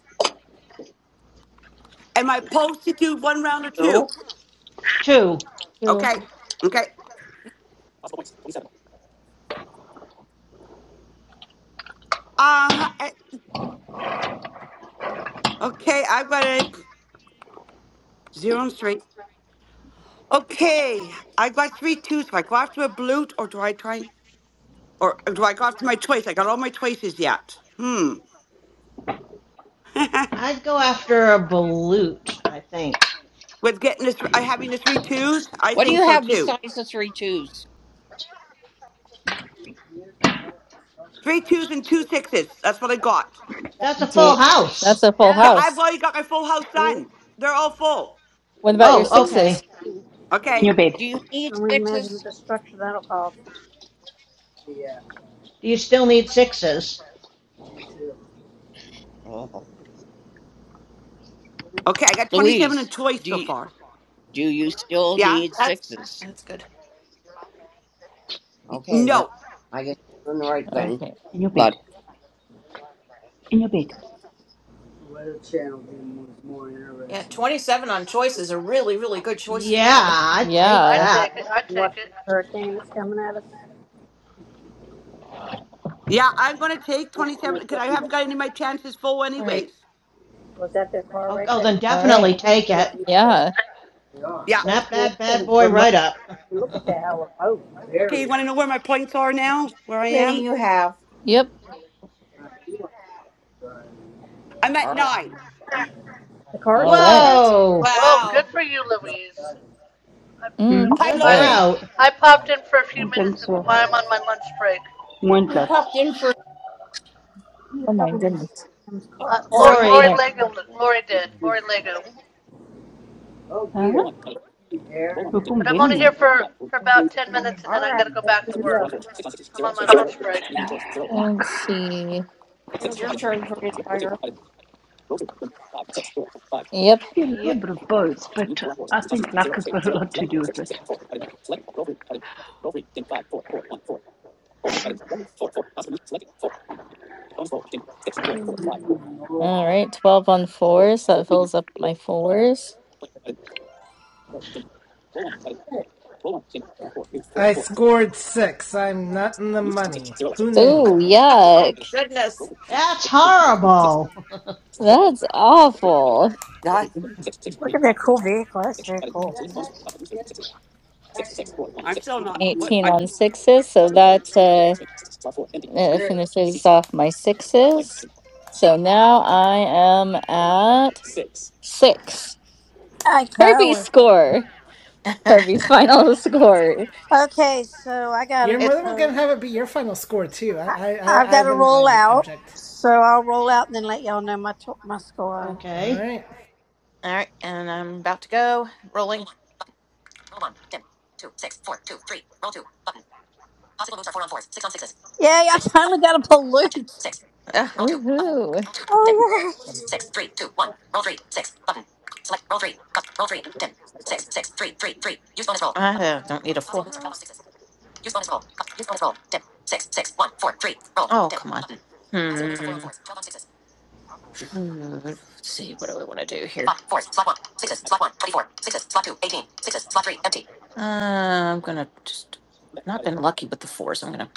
S18: Am I supposed to do one round or
S8: Two.
S18: two?
S7: two.
S14: two.
S18: Okay. Okay. Uh. I- Okay. I've got a zero and three. Okay. I got three twos. Do I go after a blute or do I try or do I go after my choice? I got all my choices yet. Hmm. *laughs*
S7: I'd go after a balut, I think.
S18: With getting the thr I having the three twos, I
S8: What do you
S18: think so
S8: have
S18: too.
S8: besides the three twos?
S18: Three twos and two sixes. That's what I got.
S7: That's a full
S8: Full
S14: D-
S8: house.
S14: That's
S7: house.
S14: a full
S18: But I've
S14: house.
S18: already got my full house done. They're all full.
S14: What about your
S7: Oh,
S14: sixes?
S7: okay.
S16: In
S18: Okay.
S16: your bed.
S8: Do you need sixes?
S1: The structure that'll cause
S7: Do you still need sixes?
S8: Oh.
S18: Okay. I got 27
S8: Louise,
S18: and choice
S8: do
S18: so
S8: you,
S18: far.
S8: do you still
S18: Yeah.
S8: need
S17: That's
S8: sixes?
S17: That's good.
S8: Okay, then
S18: No.
S8: I guess I'm doing the right thing.
S14: Okay.
S16: In your
S8: But
S16: bed. In your bed.
S17: yeah, 27 on choice is a really, really good choice
S7: Yeah,
S17: score.
S7: I'd take
S19: I
S14: Yeah.
S7: that.
S19: take it. I
S1: what
S19: take it.
S1: hurricane that's coming at us
S18: Yeah. I'm going to take 27 because I haven't got any of my chances full,
S8: all right,
S18: anyways.
S1: was that their car
S7: Oh,
S1: right
S7: oh,
S1: there
S7: then
S14: All right.
S7: definitely
S1: in the
S7: take
S1: middle
S7: it.
S1: of nowhere.
S14: Yeah.
S18: Yeah.
S1: So it's
S7: Snap
S1: remote.
S7: that bad boy right up. *laughs*
S1: You look at that, how remote
S18: Okay. You want to know where my points are now? Where I
S8: how many
S18: am?
S8: you have?
S14: Yep.
S18: I'm at
S8: All right.
S18: nine.
S1: the car is
S14: All
S1: still
S14: right.
S1: driving.
S7: Whoa!
S19: Well, good
S17: Wow.
S19: for you, Louise. I,
S18: Oh,
S16: Mm-hmm.
S18: Hi,
S7: Look
S19: I, I,
S14: Okay.
S18: Lori.
S7: out.
S19: I popped in for a few
S16: Ek
S19: minutes
S16: dink so.
S19: while I'm on my lunch break.
S8: You
S16: Moontlik.
S8: popped in for
S1: You
S14: Oh my
S1: don't
S14: goodness.
S19: Uh,
S1: car.
S19: Lori,
S8: Lori.
S19: Lori
S14: All
S7: Lori.
S14: right.
S19: Lego, Lori did, Lori Lego.
S16: Hæ? Huh? Hoekom
S19: But I'm
S16: wen 'n
S19: only here
S16: mens?
S19: for, for about 10 minutes and
S8: All
S19: then I
S8: right,
S19: gotta go
S1: That's
S19: back to
S1: pretty rough.
S19: work.
S14: Let's
S19: I'm on my lunch break.
S16: Luck
S14: see.
S1: It'll
S8: it's
S1: get
S8: your
S1: rough.
S8: turn, pretty tiger.
S14: Yep.
S16: can be a little
S7: Yep.
S16: bit of both, but I think luck has got a lot to do with it.
S14: All right. 12 on fours. That fills up my fours.
S3: I scored six. I'm not in the money. Who knew?
S14: Ooh,
S17: Oh
S14: yuck.
S17: goodness.
S7: That's horrible.
S18: Oh,
S14: That's awful.
S18: God.
S1: Look at that cool vehicle. That's very cool. That's actually good.
S18: I'm still not. What?
S14: 18
S18: I,
S14: on
S19: 10
S14: sixes. So that uh, uh, finishes off my sixes. So now I am Six.
S1: I
S14: Herbie's
S1: tower.
S14: score.
S17: *laughs*
S14: Herbie's final *laughs* score.
S1: Okay, so I
S3: You're
S1: gotta
S17: it,
S3: more than going
S1: go.
S3: to have it be your final score too. I
S1: I,
S3: I I,
S1: I've
S3: I
S1: got to
S3: wouldn't
S1: roll
S3: mind
S1: out.
S3: object.
S1: So I'll roll out and then let y'all know my to- my
S7: *laughs*
S1: score.
S3: All
S7: okay.
S3: right.
S17: All right, and I'm about to go. Rolling.
S1: Yay! I finally got a pollute.
S17: Ugh,
S14: Woohoo.
S1: Oh yeah.
S17: I uh, don't need a Hmm, Let's see. What do I want to do here? Uh, I'm gonna just not been lucky with the fours. I'm gonna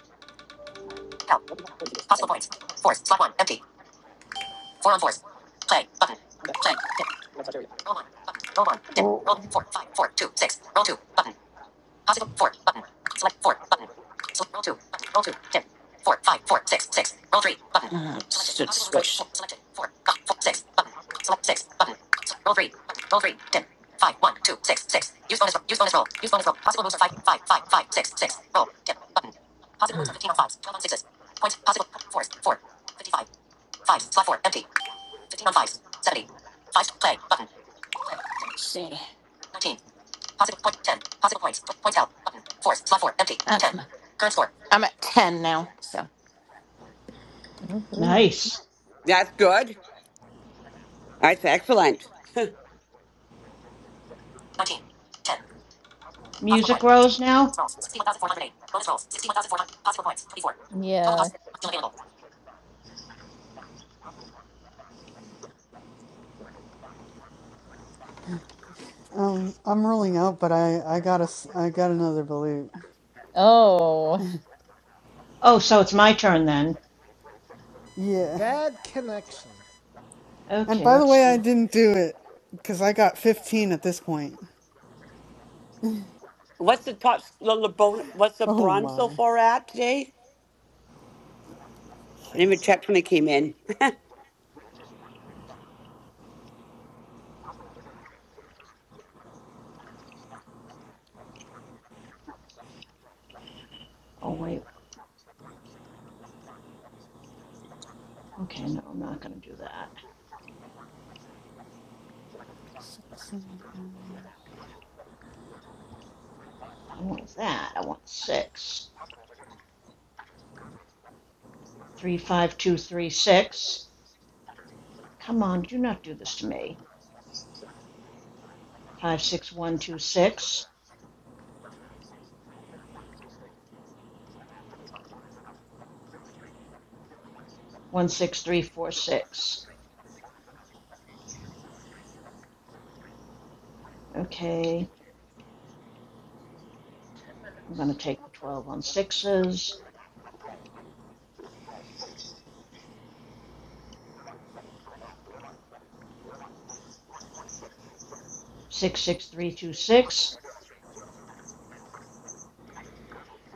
S17: uh, Selected. Let's see. Um, Um, I'm at 10 now, so.
S14: Woohoo.
S7: Nice.
S18: that's good. That's excellent.
S7: Music rose now?
S14: Yeah.
S13: Um, I'm ruling out, but I I got a I got another balut.
S14: Oh,
S7: Oh, so it's my turn then.
S13: Yeah.
S3: Bad connection.
S13: And
S7: Okay,
S13: by the
S7: let's
S13: way,
S7: see.
S13: I didn't do it because I got 15 at this point.
S18: What's the top? The LeBron, what's the
S13: Oh
S18: bronze so
S13: my.
S18: far at today? I
S13: Hit
S18: didn't
S13: him.
S18: even check when I came in.
S7: Oh, wait, okay, no, I'm not gonna do that.
S13: Six.
S7: I want that, I want the six. Three, five, two, three, six. Come on, do not do this to me. Five, six, one, two, six. One, six, three, four, six. Okay, I'm gonna
S19: minutes.
S7: take the twelve on sixes. Six, six, three, two, six.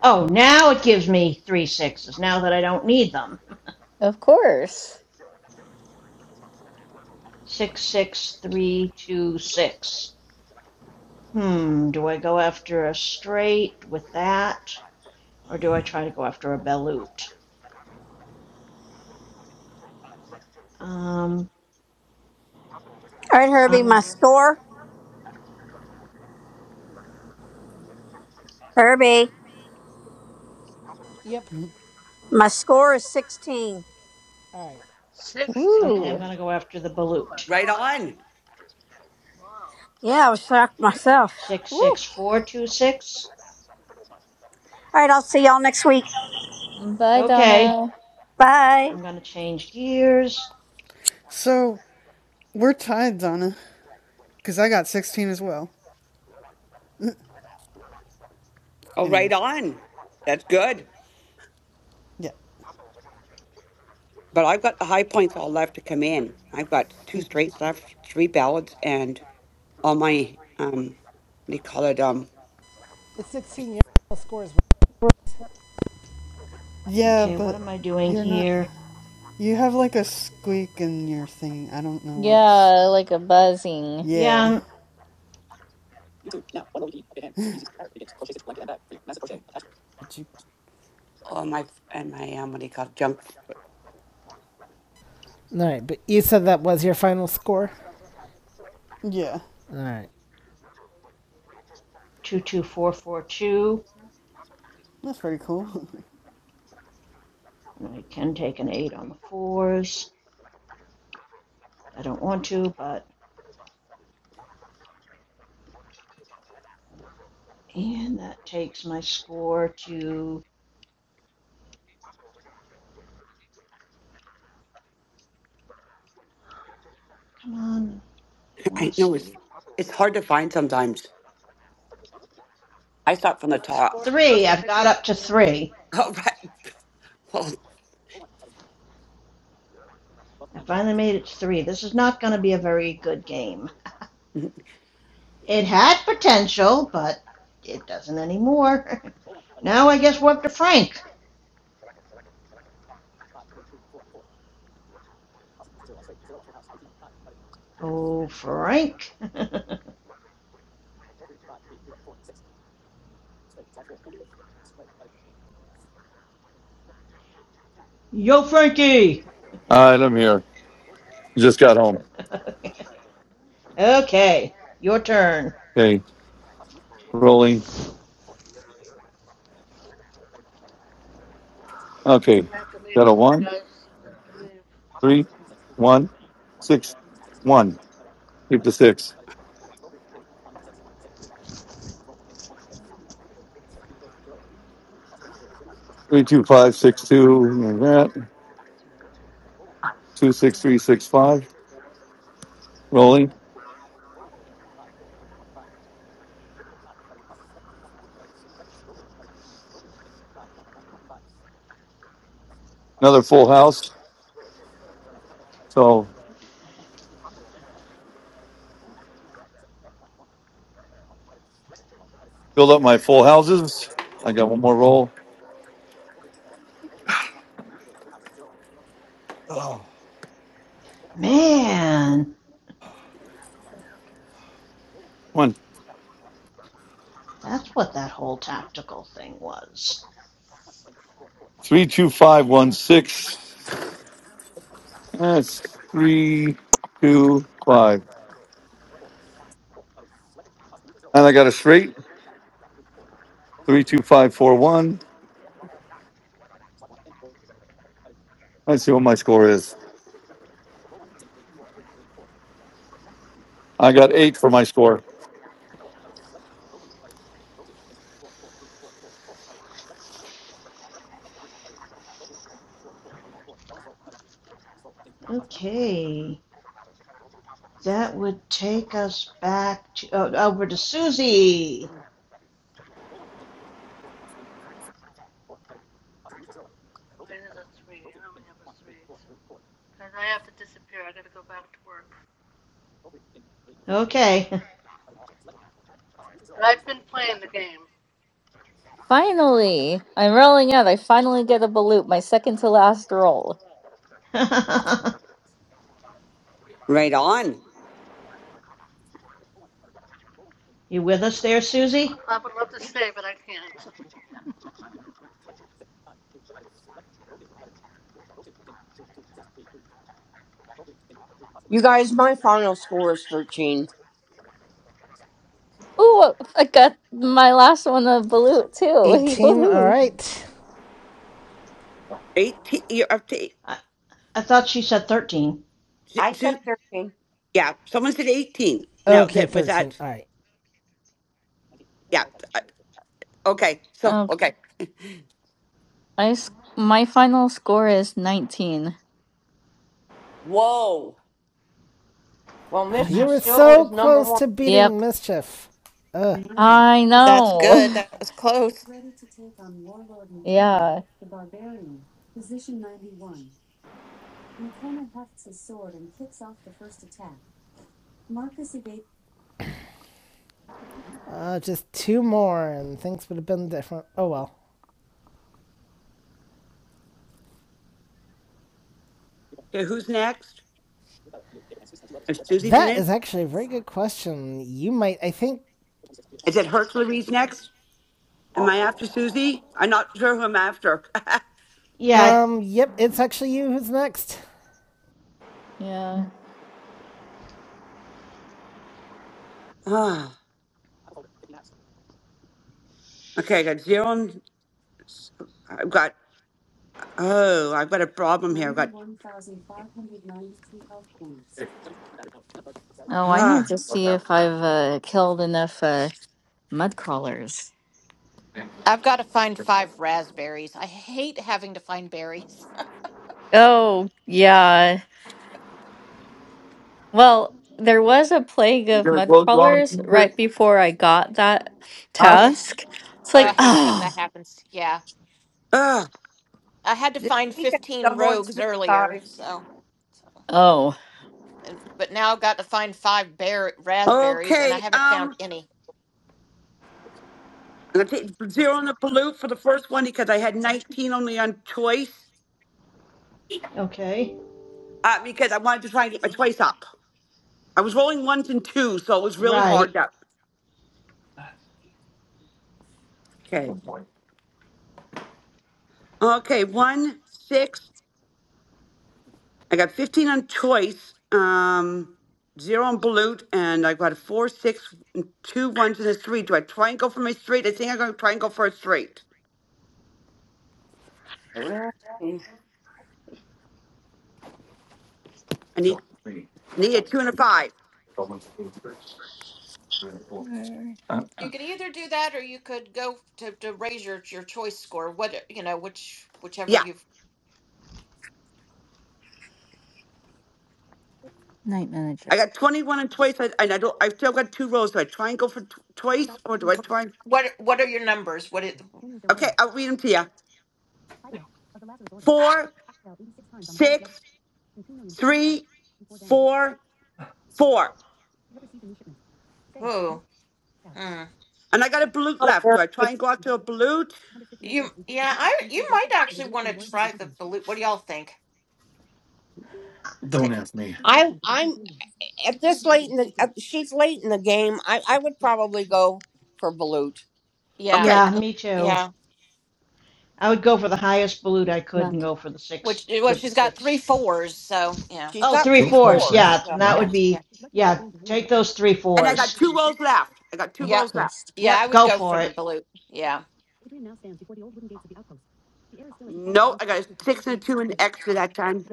S7: Oh, now it gives me three sixes, now that I don't need them.
S14: of course.
S7: Six, six, three, two, six. Hmm, do I go after a straight with that? Or do I try to go after a balut? Um,
S1: All right, Herbie, my score. Herbie,
S3: Yep.
S1: my score is 16.
S3: All right.
S7: okay, I'm
S19: 16.
S14: Ooh.
S7: going to go after the
S19: Oh my
S7: balut.
S18: Right
S19: gosh.
S18: on.
S19: Wow.
S1: Yeah, I was shocked myself. Woo. All
S7: 66426.
S1: right, I'll see y'all next week.
S14: Bye,
S7: Okay,
S14: Donna.
S1: Bye.
S7: I'm going to change gears.
S13: So we're tied, Donna, because I got 16 as well.
S18: Oh, right
S13: Anyways,
S18: on. That's good.
S13: yeah,
S18: But I've got the high points all left to come in. I've got two straights left, three ballads, and all my um, what do you call it? Um,
S3: It's 16. Your final score is.
S13: yeah,
S7: Okay, what
S13: but
S7: am I doing
S13: you're not.
S7: here?
S13: You have like a squeak in your thing. I don't know
S14: Yeah,
S13: what's.
S14: like a buzzing.
S7: Yeah,
S13: Yeah, but you.
S18: all my and my um, what do you call it? Junk.
S3: All right. But you said that was your final score.
S13: Yeah,
S3: All right.
S7: 22442.
S13: that's pretty cool. *laughs*
S7: I can take an 8 on the fours. I don't want to, but. And that takes my score to. Come on, I
S18: *laughs*
S7: want to
S18: I know it's
S7: see.
S18: it's hard to find sometimes. I start from the
S19: My
S18: top.
S19: score's not
S7: Three.
S19: gonna
S7: I've
S19: be
S7: got
S19: good
S7: up to
S19: today. I'm
S7: three.
S18: *laughs* All right. Well,
S7: I finally made it to three. This is not going to be a very good game. It had potential, but it doesn't anymore. *laughs* now I guess we're up to Frank. Oh, Frank. *laughs* Yo, Frankie!
S5: All right, I'm here. Just got home.
S7: *laughs* okay, your turn.
S5: Okay, rolling. Okay,
S19: gonna have to leave
S5: got a
S19: soon,
S5: one,
S19: guys. I'm gonna have to leave.
S5: three, one, six, one. Keep the six. Three, two, five, six, two. two six three six five. Rolling another full house. So build up my full houses. I got one more roll. Oh,
S7: Man,
S19: I'm gonna have to go.
S5: one
S7: that's what that whole tactical thing was.
S5: three two five one six. That's three two five. And I got a straight three two five four one. Let's see what my score is. I got eight for my score.
S7: Okay, that would take us back to oh, over to Susie.
S19: Mine is a three. I only have a three. So, guys, I have to disappear. I gotta go back to work.
S7: Okay,
S19: But I've been playing the game.
S14: Finally, I'm rolling out. I finally get a balut, my second to last roll.
S7: *laughs*
S18: right on.
S7: you with us there, Susie?
S19: I would love to stay, but I can't.
S8: You guys, my final score is 13.
S14: Ooh, I got my last one a balut too. *laughs*
S3: 18,
S14: Woohoo!
S3: alright.
S18: Eighteen. You're up to. Eight,
S7: I, I thought she said thirteen.
S18: z-
S8: I said
S18: z-
S8: thirteen.
S18: yeah, someone said eighteen. Now
S3: Okay,
S18: that was
S3: 13,
S18: that.
S3: alright.
S18: Yeah. uh, Okay. So
S14: Um,
S18: okay.
S14: I s- my final score is 19.
S18: Whoa.
S8: Well,
S3: You
S14: Nah.
S8: Mischief
S3: were
S8: still
S3: so
S8: is number
S3: close
S8: one
S3: to beating
S14: Yep,
S3: Mischief. Ugh.
S14: I
S17: That's good.
S14: know.
S17: That was close.
S14: *laughs* yeah,
S3: Uh, just two more and things would have been different. Oh well.
S18: Okay, who's next? Is Susie
S3: That
S18: finished?
S3: is actually a very good question. You might, I think,
S18: Is it Hercules next? Am I after Susie? I'm not sure who I'm after.
S7: Yeah. I,
S3: um, yep, it's actually you who's next.
S14: yeah.
S18: *laughs* oh, okay, I got zero. And, I've got, oh, I've got a problem here. I've got,
S14: Oh, I need
S18: ah,
S14: to see if I've uh, killed enough uh, mud crawlers.
S17: I've got to find five raspberries. I hate having to find berries. *laughs*
S14: Oh, yeah. Well, there was a plague
S5: You
S14: of
S5: gonna
S14: mud
S5: close the office,
S14: crawlers
S5: Peter?
S14: right before I got that
S5: Huh?
S17: Ugh.
S14: task. It's
S17: Oh, I
S14: like, *sighs*
S17: hate when that
S14: oh,
S17: happens. Yeah.
S18: ah.
S17: I had to
S8: this
S17: find
S8: weekend.
S17: 15
S8: Double
S17: rogues
S8: XP,
S17: earlier,
S8: guys.
S17: so. so
S14: oh.
S17: and, but now I've got to find five bear, raspberries, and I
S18: Okay,
S17: haven't found
S18: um, I'm
S17: any.
S18: going to take zero on the balut for the first one because I had 19 only on choice
S7: okay.
S18: uh, because I wanted to try and get my choice up. I was rolling ones and twos, so it was really hard.
S7: Right.
S18: That,
S5: Okay,
S18: okay.
S5: one point.
S18: Okay, one, six. I got 15 on choice, um, zero on balut, and I got a four, six, and two ones and a three. Do I try and go for my straight? I think I'm going to try and go for a straight.
S8: Not
S18: I need,
S5: So, three.
S18: I need a
S5: Uh,
S18: two and a
S5: it's
S18: five.
S5: almost eight, three, four.
S14: Uh,
S5: Uh,
S17: You can either do that or you could go to, to raise your, your choice score. What uh, you know, which whichever
S18: Yeah.
S17: you've
S14: Night manager.
S18: I got 21 on choice, I- and I don't, I've still got two rolls. Do I try and go for tw- choice, or do I try? and-
S17: what what are your numbers? What it
S18: Okay, I'll read them to you. Four, six, three, four, four.
S17: who? Hmm.
S18: And I got a balut
S8: a
S18: left. Do
S8: very
S18: I
S8: good.
S18: try and go out to a balut?
S17: You yeah, I you might actually want to try the blue what do y'all think?
S5: Don't
S17: Take,
S5: ask me.
S8: I I'm at this late in the at, she's late in the game. I I would probably go for Balut.
S17: yeah.
S18: Okay.
S7: Yeah,
S17: look-
S7: me too.
S17: Yeah.
S7: I would go for the highest balut I could and go for the
S17: Which
S7: six
S17: well
S7: with the
S17: she's got three
S7: six.
S17: fours, so yeah.
S8: She's
S7: Oh,
S8: got
S7: three
S5: Two
S8: three
S7: fours.
S8: fours.
S5: twenty-seven.
S7: Yeah,
S8: So
S7: then that
S5: Wow.
S17: Yeah.
S7: would
S17: Yeah.
S7: be, yeah, take those three
S18: And I got
S7: fours.
S18: two rolls left. I got two
S17: Yeah.
S18: rolls left.
S17: Yeah, I
S7: Yep,
S17: would
S7: go
S17: go for
S7: for
S17: the
S7: it.
S17: blue. Yeah.
S18: No, I got a six and a two and extra that time.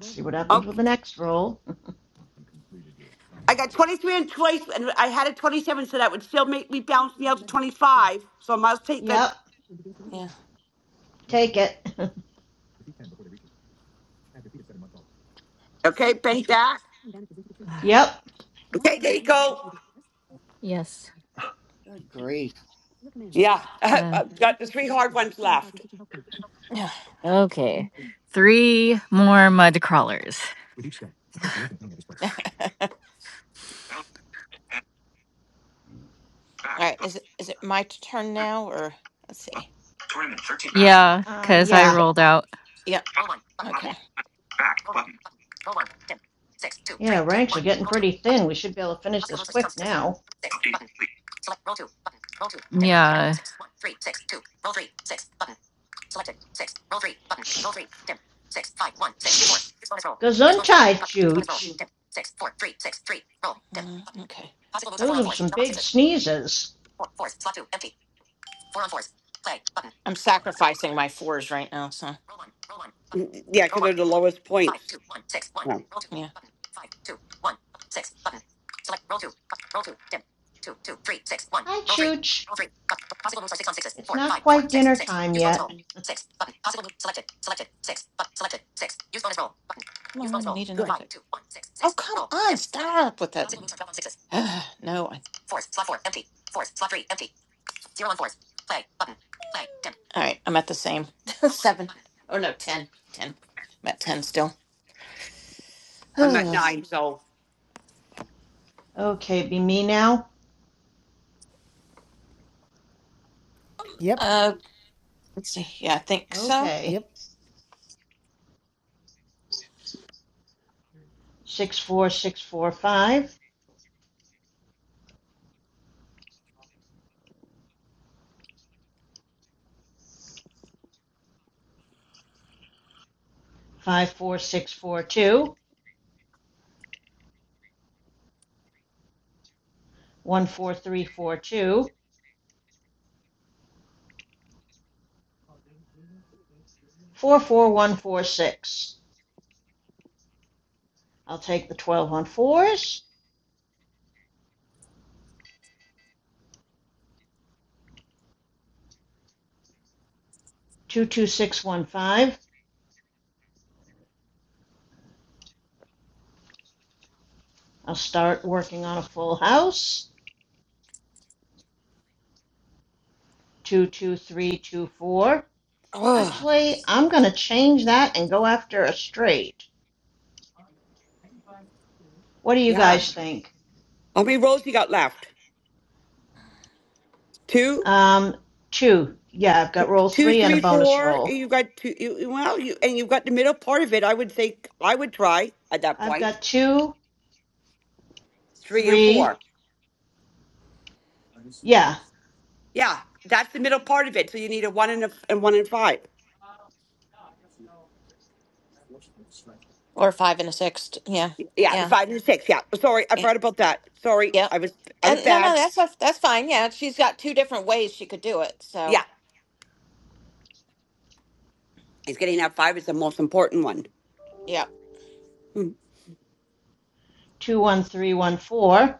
S7: See what happens
S18: Okay.
S7: with the next roll.
S18: I got 23 and twice, and I had a 27, so that would still make me bounce me out to 25. So I must take the.
S7: Yep,
S17: Yeah.
S7: take it. *laughs*
S18: Okay, bank that.
S14: *sighs* Ah,
S7: yep.
S18: Okay, there you go.
S14: Yes.
S8: Good grief.
S18: Yeah, *laughs*
S14: Uh,
S18: I've got the three hard ones left.
S17: Yeah.
S14: Okay. Three more mud crawlers. *sighs*
S8: Okay.
S17: *laughs* All
S8: Valid. Back.
S17: right.
S8: Button.
S17: Is it is it my turn now or let's see.
S8: Tournament. 13. Back.
S14: yeah,
S7: Um,
S14: because I
S7: yeah.
S14: rolled out.
S17: Yeah.
S8: Lot 1.
S17: Okay.
S8: Back. Button.
S7: Yeah, ranks are getting pretty thin. We should be able to finish this quick now.
S8: Updating.
S14: Yeah.
S7: Gesundheit, Chooch.
S17: Mm, Okay.
S7: Those are some big sneezes.
S17: I'm sacrificing my fours right now, so
S18: Yeah, because they're the lowest points. Yeah.
S17: yeah.
S7: Hi, Chooch. It's not quite dinner time yet.
S17: Come on, I need
S18: Good.
S17: another Oh come Roll on, stop with that. *sighs* no. I, all right, I'm at the same. *laughs* Seven. Oh, no, ten. Ten. I'm at ten still. *sighs*
S18: I'm at
S17: uh,
S18: nine, so.
S7: Okay, be me now.
S3: Yep,
S17: uh, let's see. Yeah, I think so.
S7: Okay.
S3: yep.
S7: six four six four five, five four six four two, one four three four two, four four one four six. I'll take the 12 on fours. 22615. I'll start working on a full house. 22324.
S18: Oh,
S7: Actually, I'm going to change that and go after a straight. What do you
S18: yeah.
S7: guys think?
S18: How many rolls you got left? Two,
S7: Um, two. Yeah, I've got roll
S18: two,
S7: three and a
S18: three,
S7: bonus
S18: four.
S7: roll.
S18: and You got two. You, you- well, you and you've got the middle part of it. I would say I would try at that
S7: I've
S18: point.
S7: got two,
S18: Three and
S7: three.
S18: four.
S7: Yeah,
S18: Yeah, that's the middle part of it. So you need a one and a and one and five.
S17: Or a five and a six. Yeah.
S18: Yeah, the
S17: Yeah.
S18: five and the six. Yeah. Sorry, I
S17: Yeah.
S18: forgot about that. Sorry,
S17: Yep.
S18: I was I was
S17: And no, no,
S18: bad.
S17: that's that's fine. Yeah, she's got two different ways she could do it.
S18: Yeah,
S17: So,
S18: he's getting that five is the most important one.
S17: yeah.
S18: Hmm.
S7: 21314.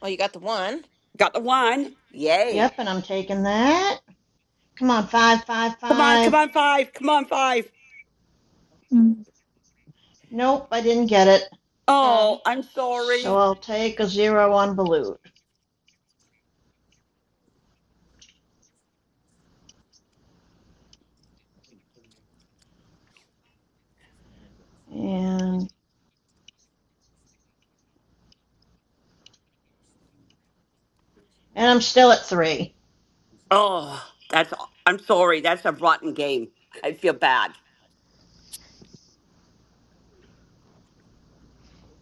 S17: Well, you got the one.
S18: Got the one. Yay!
S7: Yep, and I'm taking that. Come on,
S18: Come on, come
S7: 555.
S18: on, five. Come on, five.
S14: Mm.
S7: Nope, I didn't get it.
S17: Oh,
S18: Oh, I'm
S7: So
S18: sorry.
S7: I'll take a 0 on Balut. And and I'm still at 3.
S18: Oh, that's I'm sorry. That's a rotten game. I feel bad.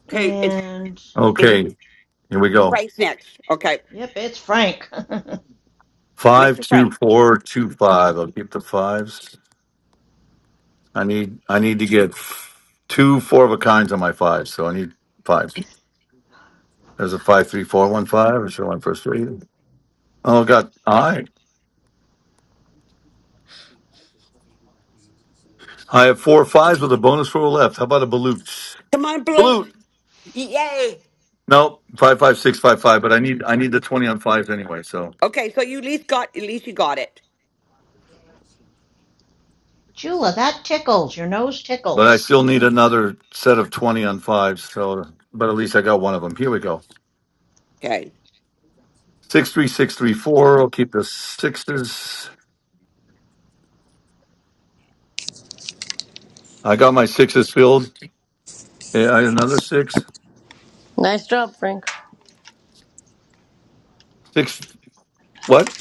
S18: Okay, it's
S7: And
S18: it's
S5: Okay, here we go.
S18: Frank's next. Okay,
S7: yep, it's Frank.
S5: Five
S18: Mr.
S5: two
S18: Frank.
S5: four two five. I'll keep the fives. I need I need to get two four of a kinds on my fives, so I need fives. There's a five three four one five. Is there one first three? Oh God! All right, I have four fives with a bonus roll left. How about a balut?
S18: Come on, Blute.
S5: Balut?
S18: Yay!
S5: No, five five six five five. But I need I need the twenty on fives anyway. So,
S18: Okay, so you at least got at least you got it.
S7: *laughs* Jula, that tickles. Your nose
S5: but I
S7: tickles.
S5: still need another set of twenty on fives. So, but at least I got one of them. Here we go.
S18: Okay.
S5: Six three six three four. I'll keep the sixes. I got my sixes filled. Yeah, I- another six.
S12: Nice job, Frank.
S5: Six what?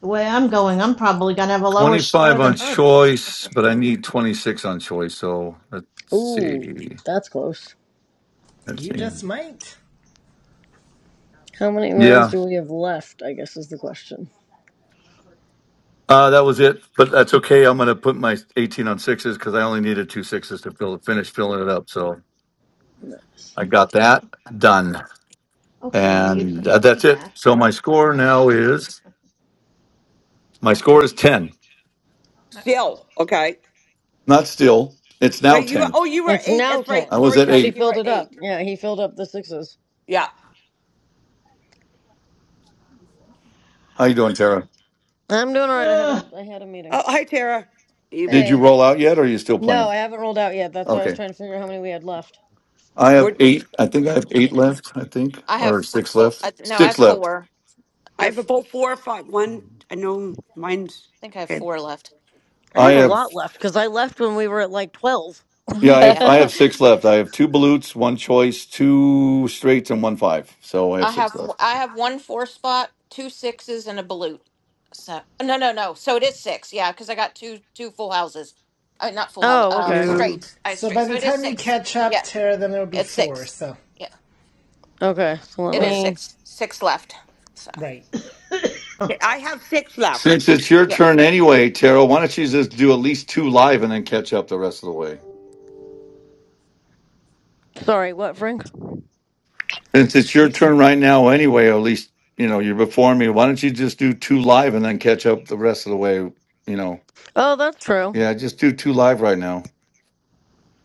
S7: The way I'm going, I'm probably going to have a lower
S5: Twenty
S7: score
S5: five
S7: than
S5: on
S7: Herbie.
S5: choice, but I need twenty six on choice. So let's
S12: Ooh,
S5: see.
S12: that's close.
S5: Let's
S3: You
S5: see.
S3: just might.
S12: How many rounds
S5: Yeah,
S12: do we have left? I guess is the question.
S5: uh, that was it. But that's okay. I'm gonna put my eighteen on sixes because I only needed two sixes to fill finish filling it up. So
S12: Nice.
S5: I got that done,
S7: Okay, I'll use the
S5: and uh,
S7: puppy
S5: that's it.
S7: back
S5: So
S7: for
S5: my
S7: a
S5: score now
S7: footrest.
S5: is my score is ten.
S18: Still, okay.
S5: Not still. It's now
S18: But you were-
S5: ten.
S18: oh you were
S12: It's
S18: eight,
S12: now
S18: that's right.
S5: I
S12: 10,
S5: was
S18: Sorry,
S5: at
S12: because she
S18: Frank,
S5: eight.
S18: you
S12: filled
S18: were
S12: it up.
S18: eight.
S12: Yeah, he filled up the sixes.
S18: Yeah.
S5: How you doing, Tara?
S12: I'm doing all right. I had a,
S7: Ugh.
S12: I had a meeting.
S18: Oh hi Tara. You
S5: Did you
S12: Hey.
S5: roll out yet, or are you still
S12: No,
S5: playing?
S12: I haven't rolled out yet. That's why I was
S5: Okay,
S12: trying to figure out how many we had left.
S5: I have
S18: we're
S5: eight. I think I have eight left. I think,
S17: I have
S5: or
S17: f-
S5: six
S17: four.
S5: left.
S17: I th- No, I
S5: Six
S17: have
S5: left.
S17: four.
S18: I have
S17: I've, I
S18: about four or five. One I know mine's
S17: think I have
S18: okay.
S17: four left.
S12: I
S5: I
S12: have a
S5: have.
S12: lot left because I left when we were at like 12.
S5: Yeah, I have.
S17: Yeah,
S5: I have
S14: *laughs*
S5: six left. I have two balutes, one choice, two straights, and one five. So I have
S17: I
S5: six
S17: have.
S5: left.
S17: I have one four spot, two sixes, and a balut. So no, no, no. So it is six. Yeah, because I got two two full houses. Uh, not full houses.
S12: Oh,
S17: Uh,
S12: okay.
S18: Two.
S17: straights. I
S3: So
S17: straight.
S3: by
S17: So
S3: the
S17: it is
S3: time you
S17: six.
S3: catch up,
S17: Yeah,
S3: Tara, then it'll be
S17: it's
S3: four,
S17: six.
S3: so.
S17: Yeah,
S12: Okay, so let
S17: it is
S3: Or,
S12: me.
S17: six. Six left. So
S3: right.
S7: *coughs*
S18: Okay, I have six left.
S5: Since it's your
S17: yeah,
S5: turn anyway, Tara, why don't you just do at least two live and then catch up the rest of the way?
S12: Sorry, what, Frank?
S5: Since it's your
S3: He-
S5: turn right now anyway, or at least you know you're before me. Why don't you just do two live and then catch up the rest of the way? You know.
S12: Oh, that's true.
S5: Yeah, I just do two live right now.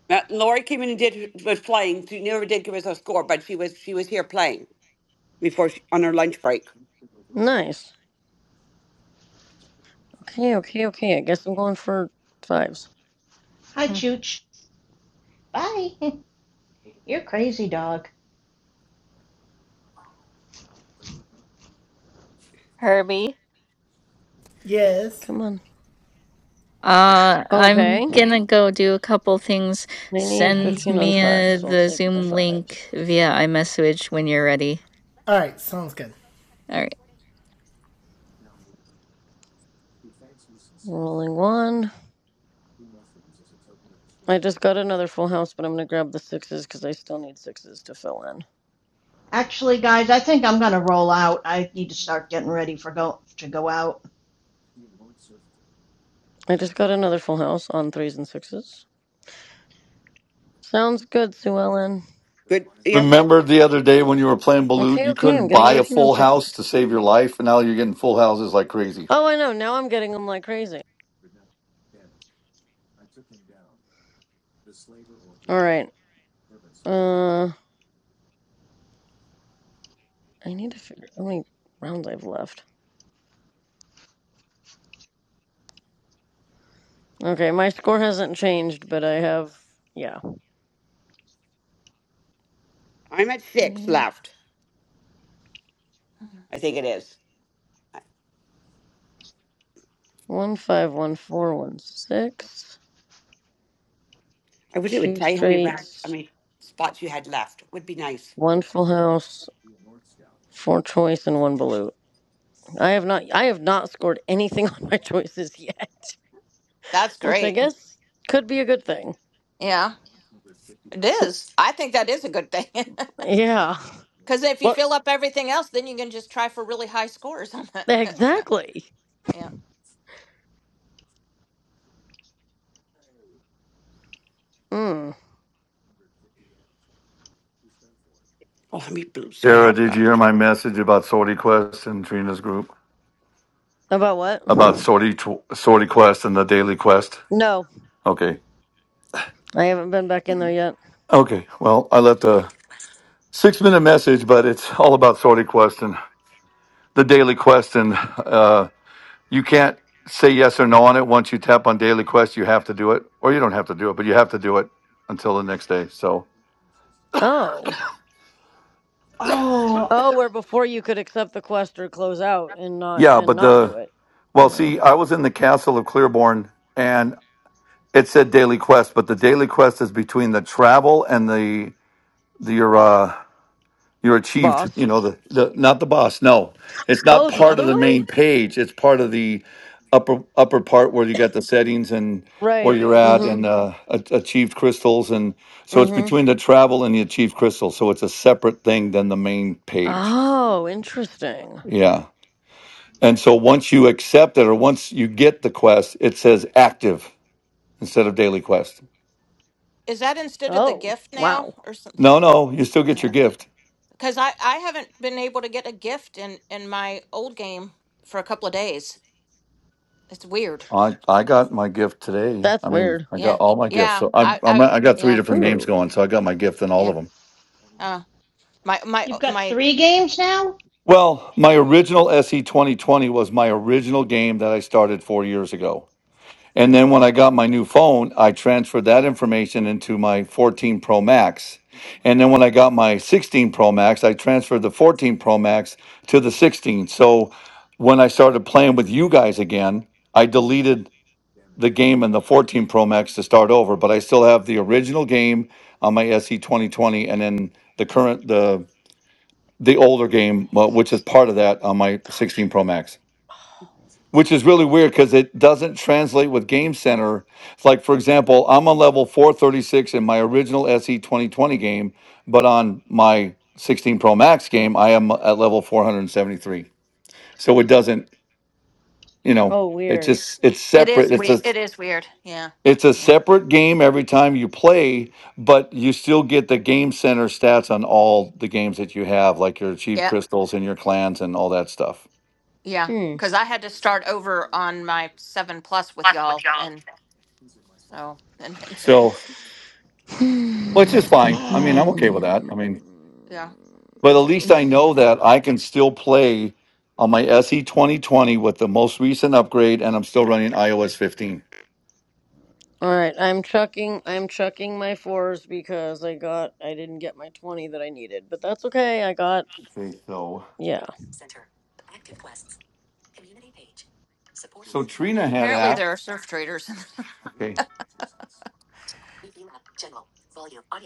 S18: Now, Lori came in and did was playing. She never did give us a score, but she was she was here playing before she, on her lunch break.
S12: Nice. Okay, okay, okay. I guess I'm going for fives.
S7: Hi, Chooch. Bye. *laughs* You're crazy, dog.
S14: Herbie.
S3: yes.
S12: Come on.
S14: Uh, I'm
S12: Okay.
S14: gonna go do a couple things.
S12: They need
S14: Send
S12: 15 on
S14: me
S12: fives,
S14: uh
S12: so I'll
S14: the
S12: take my
S14: Zoom
S12: fives.
S14: link via iMessage when you're ready.
S3: Alright, sounds good.
S14: All right.
S12: Rolling one. I just got another full house, but I'm going to grab the sixes because I still need sixes to fill in.
S7: Actually, guys, I think I'm gonna roll out. I need to start getting ready for go to go out.
S12: I just got another full house on threes and sixes. Sounds good, Sue Ellen.
S18: Good. Yep.
S5: Remember the other day when you were playing Balut,
S12: Okay,
S5: you
S12: okay.
S5: couldn't
S12: I'm getting
S5: buy a
S12: 18 on
S5: full house to
S12: sixes.
S5: save your life, and now you're getting full houses like crazy.
S12: Oh, I know. Now I'm getting them like crazy. All right. Uh, I need to figure how many rounds I've left. Okay, my score hasn't changed, but I have yeah.
S18: I'm at six
S12: Three,
S18: left. I think it is.
S12: one five, one four, one six,
S18: I wish it would
S12: two
S18: tell you how many rounds, how
S12: straights,
S18: many spots you had left. Would be nice.
S12: one full house, four choice, and one balut. I have not. I have not scored anything *laughs* on my choices yet,
S17: that's
S12: *laughs* which I
S17: great.
S12: guess could be a good thing.
S17: Yeah, it is. I think that is a good thing. *laughs*
S12: Yeah. *laughs*
S17: Because if you
S18: What?
S17: fill up everything else, then you can just try for really high scores on that. *laughs* That's, uh,
S12: Exactly.
S17: yeah.
S12: Mm.
S18: Oh, how many blues do I
S5: Sarah,
S18: have
S5: did you hear
S18: left?
S5: my message about Sorty Quest and Trina's group?
S12: About
S5: About
S12: what?
S5: Sorty, tw- Sorty Quest and the Daily Quest?
S12: No,
S5: Okay.
S12: I haven't been back in there yet.
S5: Okay. Well, I left a six minute message, but it's all about Sorty Quest and the Daily Quest and uh, You can't say yes or no on it. Once you tap on daily quest, you have to do it, or you don't have to do it, but you have to do it until the next day. So
S12: Oh.
S7: Oh,
S12: Oh, where before you could accept the quest or close out and not
S5: yeah,
S12: and
S5: but
S12: not
S5: the
S12: do it.
S5: well,
S12: Yeah.
S5: see, I was in the castle of Clearborn, and it said daily quest, but the daily quest is between the travel and the the your uh, You're achieved,
S12: Boss.
S5: you know, the, the not the boss. No, it's not
S12: Oh, the
S5: part of
S12: other
S5: the
S12: way?
S5: main page. It's part of the upper upper part where you got the settings and where
S12: Right.
S5: you're at and
S12: Mm-hmm.
S5: uh, a- achieved crystals. And so it's
S12: Mm-hmm.
S5: between the travel and the achieved crystals. So it's a separate thing than the main page.
S12: Oh, interesting.
S5: Yeah. And so once you accept it or once you get the quest, it says active instead of daily quest.
S17: Is that instead of the
S12: Oh,
S17: gift now
S12: wow.
S17: or something?
S5: No, no, you still get your gift.
S17: Because I, I haven't been able to get a gift in, in my old game for a couple of days. It's weird.
S5: I I got my gift today.
S12: That's
S5: I mean,
S12: weird.
S5: I got
S17: Yeah.
S5: all my gifts.
S17: Yeah.
S5: So i
S17: I,
S5: I'm
S17: I've,
S5: I got three
S17: yeah.
S5: different games
S12: Ooh.
S5: going. So I got my gift in all
S17: Yeah.
S5: of them.
S17: Uh, my, my,
S7: you've
S17: uh,
S7: got
S17: my,
S7: three games now.
S5: Well, my original SE 2020 was my original game that I started four years ago. And then when I got my new phone, I transferred that information into my 14 Pro Max. And then when I got my 16 Pro Max, I transferred the 14 Pro Max to the 16. So when I started playing with you guys again, I deleted the game and the 14 Pro Max to start over, but I still have the original game on my SE 2020 and then the current the the older game uh, which is part of that on my 16 Pro Max. Which is really weird cuz it doesn't translate with Game Center. It's like for example, I'm on level 436 in my original SE 2020 game, but on my 16 Pro Max game, I am at level 473. So it doesn't, you know,
S12: Oh,
S5: it
S12: weird.
S5: just it's
S17: it
S5: separate.
S17: is
S5: It's
S17: weird.
S5: a
S17: It is weird. Yeah.
S5: It's a
S17: Yeah.
S5: separate game every time you play, but you still get the game center stats on all the games that you have, like your achieved
S17: Yeah.
S5: crystals and your clans and all that stuff.
S17: Yeah.
S12: Hmm.
S17: Because I had to start over on my seven plus with y'all. And so, *laughs* and,
S5: So, which is fine. I mean, I'm
S7: Ah,
S5: okay with
S12: *laughs*
S5: that. I
S12: *sighs*
S5: mean,
S17: yeah.
S5: but at least I know that I can still play on my SE 2020 with the most recent upgrade, and I'm still running iOS 15.
S12: All right, I'm chucking. I'm chucking my fours because I got. I didn't get my twenty that I needed, but that's okay. I got.
S5: Okay, so
S12: Yeah.
S5: so Trina had
S17: Apparently, there
S5: asked.
S17: are surf traders. *laughs*
S5: Okay,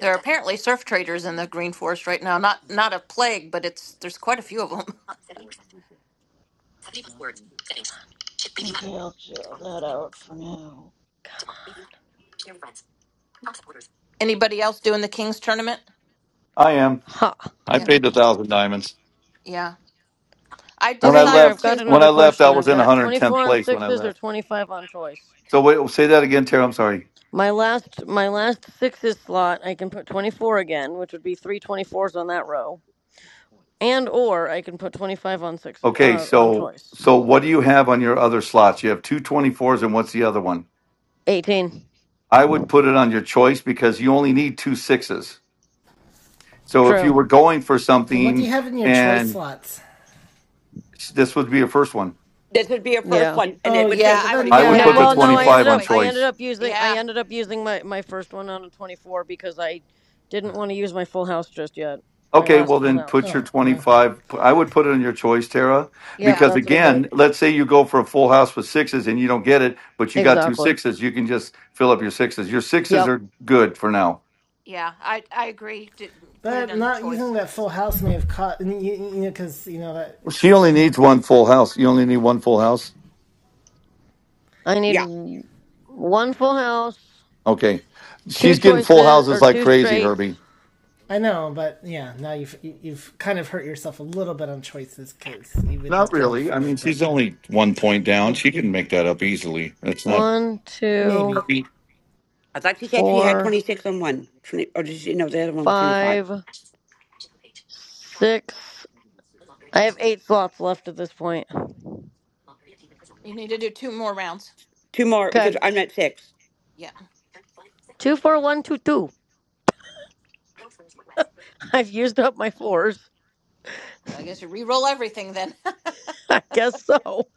S17: there are apparently surf traders in the Green Forest right now. Not not a plague, but it's there's quite a few of them. *laughs*
S7: okay, I'll zero that out for now.
S17: Anybody else doing the Kings tournament?
S5: I am.
S12: Ha.
S5: I
S17: Yeah,
S12: Huh.
S5: paid the thousand diamonds
S17: yeah. I
S5: when I
S12: Okay, here
S17: decided
S12: I've
S5: left.
S12: got
S17: to.
S5: When I
S12: another
S5: left, I
S12: question.
S5: was
S12: I've
S5: in
S12: got 24
S5: 110th
S12: on
S5: place. When I
S12: sixes
S5: left.
S12: or 25 on choice.
S5: So wait, say that again, Tara. I'm sorry.
S12: My last my last sixes slot, I can put 24 again, which would be three twenty fours on that row, and or I can put 25 on six
S5: Okay,
S12: uh, on
S5: so
S12: choice.
S5: so what do you have on your other slots? You have two twenty fours, and what's the other one?
S12: 18.
S5: I would put it on your choice because you only need two sixes. So if you
S12: True.
S5: were going for
S3: So what do
S5: something
S3: you have in your choice
S5: and
S3: slots?
S5: this would be your first one,
S18: This would be her first
S12: Yeah.
S18: one, and
S3: Oh
S18: it would
S3: yeah,
S17: Yeah,
S18: take her
S17: I would
S18: 20.
S3: then
S5: I
S17: put.
S3: yeah, I
S5: would
S12: No,
S17: Yeah,
S3: would
S5: put the
S3: do
S12: well,
S17: I'd
S3: the
S17: put
S12: no,
S17: it
S12: I
S17: in
S5: 25
S12: ended
S3: choice.
S5: on
S12: up I
S17: choice.
S12: ended
S5: choice.
S12: up using I
S17: Yeah,
S12: ended up using my my first one on a 24 because I didn't want to use my full house just yet. My
S5: Okay,
S12: last
S5: well
S12: full
S5: then
S12: house.
S5: put your
S3: Oh well,
S5: 25. I would put it on your choice, Tara,
S12: Yep,
S17: yeah,
S5: because
S12: that's what I did.
S5: again, let's say you go for a full house with sixes and you don't get it, but you got two
S12: Exactly.
S5: sixes, you can just fill up your sixes. Your sixes
S12: Yep.
S5: are good for now.
S17: yeah. I I agree. To put it
S3: but
S17: in
S3: not
S17: choice.
S3: using that full
S17: So
S3: house may have caught you, you know because you know that
S5: She only needs one full house. You only need one full house.
S12: I need
S18: Yeah.
S12: w- one full house,
S5: Okay.
S12: two
S5: She's getting full
S12: choices
S5: houses
S12: or
S5: like
S12: two
S5: crazy,
S12: straights.
S5: Herbie.
S3: I know, but yeah, now you've you- have you have kind of hurt yourself a little bit on choices because you with
S5: Not
S3: that twenty
S5: really. I
S3: four,
S5: mean,
S3: but
S5: she's only one point down.
S3: hope
S5: She can make that up easily. That's not.
S12: One, two,
S3: maybe
S5: Herbie.
S18: I thought she said she had
S12: four,
S18: 26 on one. 20, or did she? No, the other one was 25.
S12: five, six. I have eight slots left at this point.
S17: you need to do two more rounds.
S18: Two more because
S12: Okay.
S18: I'm at six.
S17: Yeah.
S12: Two, four, one, two, two. *laughs* I've used up my fours.
S17: I guess you re-roll everything then.
S12: *laughs*
S17: *laughs*
S12: I guess so.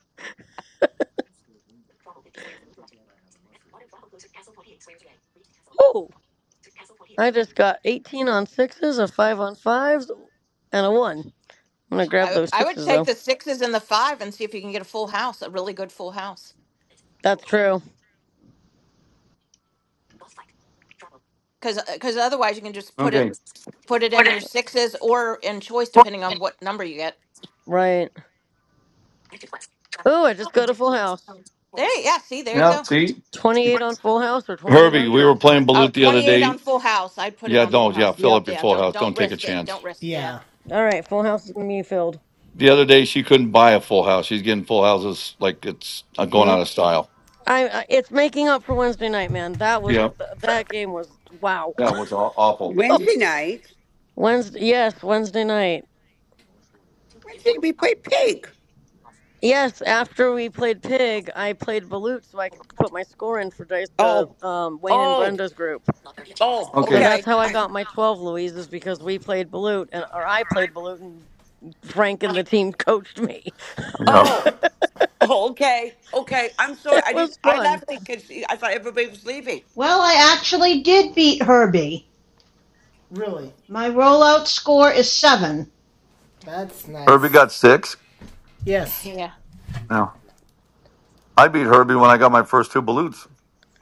S12: Oh, I just got 18 on sixes, a five on fives, and a one. I'm going to grab
S17: I
S12: those
S17: I would
S12: sixes
S17: take
S12: though.
S17: the sixes and the five and see if you can get a full house, a really good full house.
S12: That's true.
S17: because because otherwise you can just put it
S5: Okay.
S17: put it in your sixes or in choice depending on what number you get
S12: Right. Oh, I just got a full house.
S17: there yeah see there you
S5: Yeah.
S17: go
S5: See,
S12: 28 on full house or 28
S5: Herbie,
S12: on
S5: we were
S12: choice,
S5: playing
S12: technically.
S17: Oh,
S5: Balut the other
S17: 28
S5: day.
S17: on full house i'd put it
S5: Yeah.
S17: on full
S5: don't. Yeah.
S17: house D-
S5: Fill
S12: Yep.
S5: up your
S17: yeah
S5: full
S17: don't
S5: house. Don't
S17: don't
S5: take a
S17: risk it
S5: chance.
S17: don't risk yeah
S3: yeah,
S12: All right. Full House is gonna be filled.
S5: The other day, she couldn't buy a full house. She's getting full houses like it's uh, going out of style.
S12: I. I- It's making up for Wednesday night, man. That was
S5: Yeah.
S12: th- that game was wow.
S5: That was aw- awful.
S12: *laughs*
S18: Wednesday night,
S12: Wednesday. Yes, Wednesday night.
S18: Wednesday we play pig.
S12: Yes, after we played Pig, I played Balut so I could put my score in for dice the
S18: Oh,
S12: um, Wayne and
S18: oh,
S12: Brenda's group.
S18: oh,
S12: So
S5: Okay.
S12: that's
S18: okay.
S12: how I
S18: I,
S12: got my twelve Louise is because we played Balut and or I played Balut and Frank and the team coached me. *laughs*
S5: Yeah.
S18: oh, oh, okay, okay. I'm sorry.
S12: It
S18: I didn't,
S12: was
S18: I
S12: fun.
S18: left because I thought everybody was leaving.
S7: Well, I actually did beat Herbie.
S3: really,
S7: My rollout score is seven.
S3: that's
S5: Herbie
S3: nice.
S5: got six.
S17: *laughs*
S3: Yes,
S17: yeah
S5: Yeah. I beat Herbie when I got my first two balutes.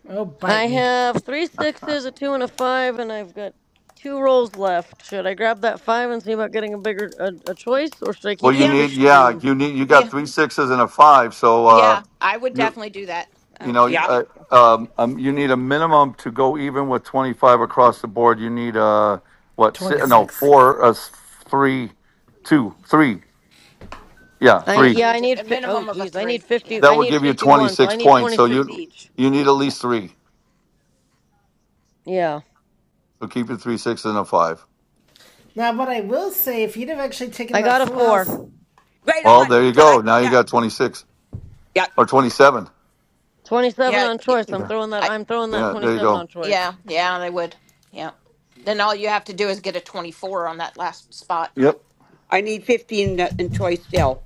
S3: oh
S12: I
S3: bite me,
S12: have three sixes, a two, and a five, and I've got two rolls left. Should I grab that five and see about getting a bigger a, a choice, or should I
S5: Well,
S12: keep
S5: you
S12: the
S17: yeah
S5: need,
S12: sixes
S5: yeah,
S12: and?
S5: you need, you got
S17: yeah
S5: three sixes and a five, so
S17: yeah
S5: uh,
S17: i would
S5: you,
S17: definitely do that
S5: you know,
S18: Yeah.
S5: uh, um, um, you need a minimum to go even with twenty five across the board. You need uh, what? si-
S3: twenty
S5: No,
S3: six.
S5: four, uh, s- three, two, three, yeah,
S12: I
S5: three.
S17: yes you
S12: yeah,
S17: need
S12: I
S17: to, a
S12: need fi- oh
S17: minimum of a
S12: geez, I
S17: three
S12: need
S17: yeah
S12: fifty.
S5: That
S12: I
S5: will
S12: need
S5: give you twenty
S12: fifty-one, so
S5: six
S12: I need
S5: points. So
S12: twenty-six
S5: you,
S12: each.
S5: you need at least three.
S12: Yeah,
S5: So keep your three sixes and a five.
S3: Now, what I will say, if you'd have actually taken
S12: I
S3: that
S12: got a
S3: full house,
S12: four.
S18: Right
S5: Well,
S3: yep,
S18: on.
S5: there you
S18: So
S5: go.
S18: that,
S5: Now you
S18: that
S5: got twenty six
S18: yeah.
S5: or twenty seven.
S12: Twenty-seven
S17: yeah
S12: on
S17: y-
S12: choice. I'm
S5: Yeah,
S12: throwing that.
S17: I,
S12: I'm throwing that
S5: yeah, there you
S12: twenty-seven
S5: go.
S12: on choice.
S17: yeah yeah i would yeah then all you have to do is get a 24 on that last spot
S5: Yep.
S18: I need fifteen in, in still.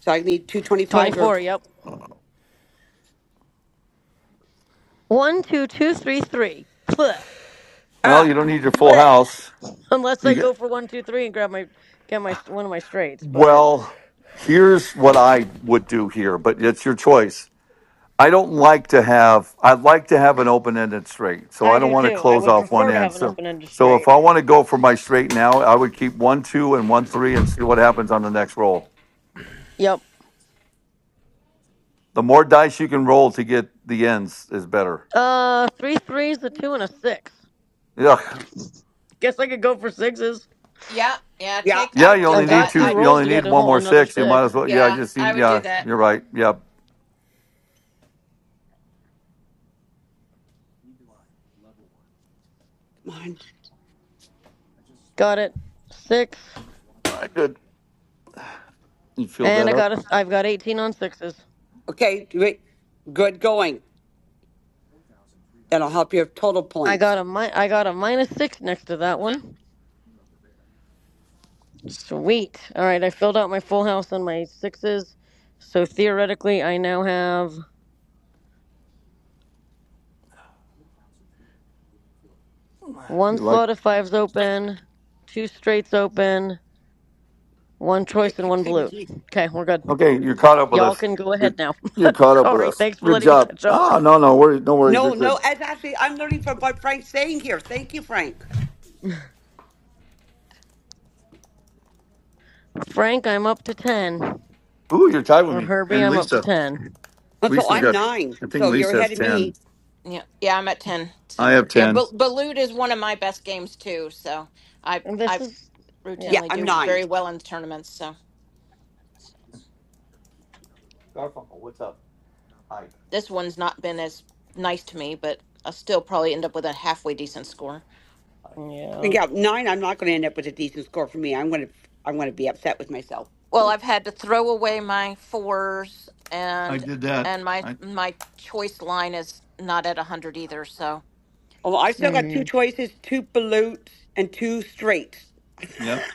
S18: So I need 225s or,
S12: Twenty-four. Yep. One, two, two, three, three. Bleh.
S5: Well, you
S18: ah,
S5: don't need your full
S12: Bleh.
S5: house.
S12: Unless
S5: You
S12: I
S5: get,
S12: go for one, two, three and grab my get my one of my straights, but.
S5: well, here's what I would do here, but it's your choice. I don't like to have I'd like to have an open ended straight. So I
S12: I
S5: don't
S12: do
S5: want to
S12: too. I
S5: close
S12: would
S5: off one
S12: prefer to
S5: end.
S12: have an
S5: So
S12: open ended
S5: so if
S12: straight.
S5: I want to go for my straight now, I would keep one two and one three and see what happens on the next roll.
S12: Yep.
S5: The more dice you can roll to get the ends is better.
S12: Uh, three threes, a two, and a six.
S5: Yeah.
S12: Guess I could go for sixes.
S17: yeah yeah
S18: yeah,
S17: take
S5: Yeah,
S17: i'd
S5: you
S17: do
S5: only
S12: I've
S5: need
S12: got
S17: that
S5: two
S12: two
S5: you
S12: rolls
S5: only
S12: to
S5: need
S12: get a
S5: one
S12: whole
S5: more
S12: another
S5: six. You might as
S12: six.
S5: well yeah, I
S17: Yeah,
S5: just
S17: I
S5: need
S17: would do
S5: yeah,
S17: that.
S5: you're right. Yeah.
S18: come on.
S12: Got it. Six,
S5: I could you filled
S12: and
S5: that
S12: I
S5: up.
S12: got a. I've got eighteen on sixes.
S18: Okay, great. good going. That'll help your total
S12: I got
S18: points.
S12: a mi- I got a minus six next to that one. Sweet. All right, I filled out my full house on my sixes, so theoretically I now have one
S5: You like
S12: slot of fives open, two straights open, one choice, and
S18: *laughs*
S12: one
S18: Same as
S12: balut.
S18: me.
S12: Okay, we're good.
S5: Okay, you're caught up with
S12: Y'all
S5: us.
S12: can go ahead
S5: You're
S12: now.
S5: you're
S12: *laughs*
S5: caught up with
S12: Sorry,
S5: us.
S12: thanks for
S5: Good
S12: letting me
S5: job.
S12: catch up.
S5: Ah, no, no worries, no worries. You're
S18: No, no,
S5: good.
S18: as actually, I'm learning from what Frank's saying here. Thank you, Frank.
S12: Frank, I'm up to 10.
S5: Ooh, you're tied with
S12: Or
S5: me
S12: Herbie,
S5: and
S12: I'm up to
S5: Lisa.
S12: 10.
S18: And so
S5: Lisa's
S17: Yeah,
S18: I'm
S5: got.
S18: nine.
S5: I think
S18: So you're
S5: Lisa
S18: ahead
S5: has
S18: of
S5: ten.
S18: me.
S17: yeah, yeah. I'm at ten.
S5: I
S17: So
S5: have
S17: yeah,
S5: ten.
S17: Ba- Balut is one of my best games too. So I
S12: And this
S17: I
S12: is, yeah,
S18: Yeah,
S17: routinely
S18: I'm
S17: do
S18: nine.
S17: very well in tournaments. So so.
S5: Garfunkel, what's up? Hi.
S17: this one's not been as nice to me, but I'll still probably end up with a halfway decent score.
S12: yeah.
S18: Yeah, nine. I'm not going to end up with a decent score for me. I'm going to, I'm going to be upset with myself.
S17: Well, I've had to throw away my fours
S5: I
S17: and
S5: did that.
S17: and my
S5: I
S17: my choice line is not at a hundred either. So
S18: Oh, i
S12: Mm
S17: so
S18: still got two
S12: hmm.
S18: choices, two pollutes, and two straights.
S5: yep.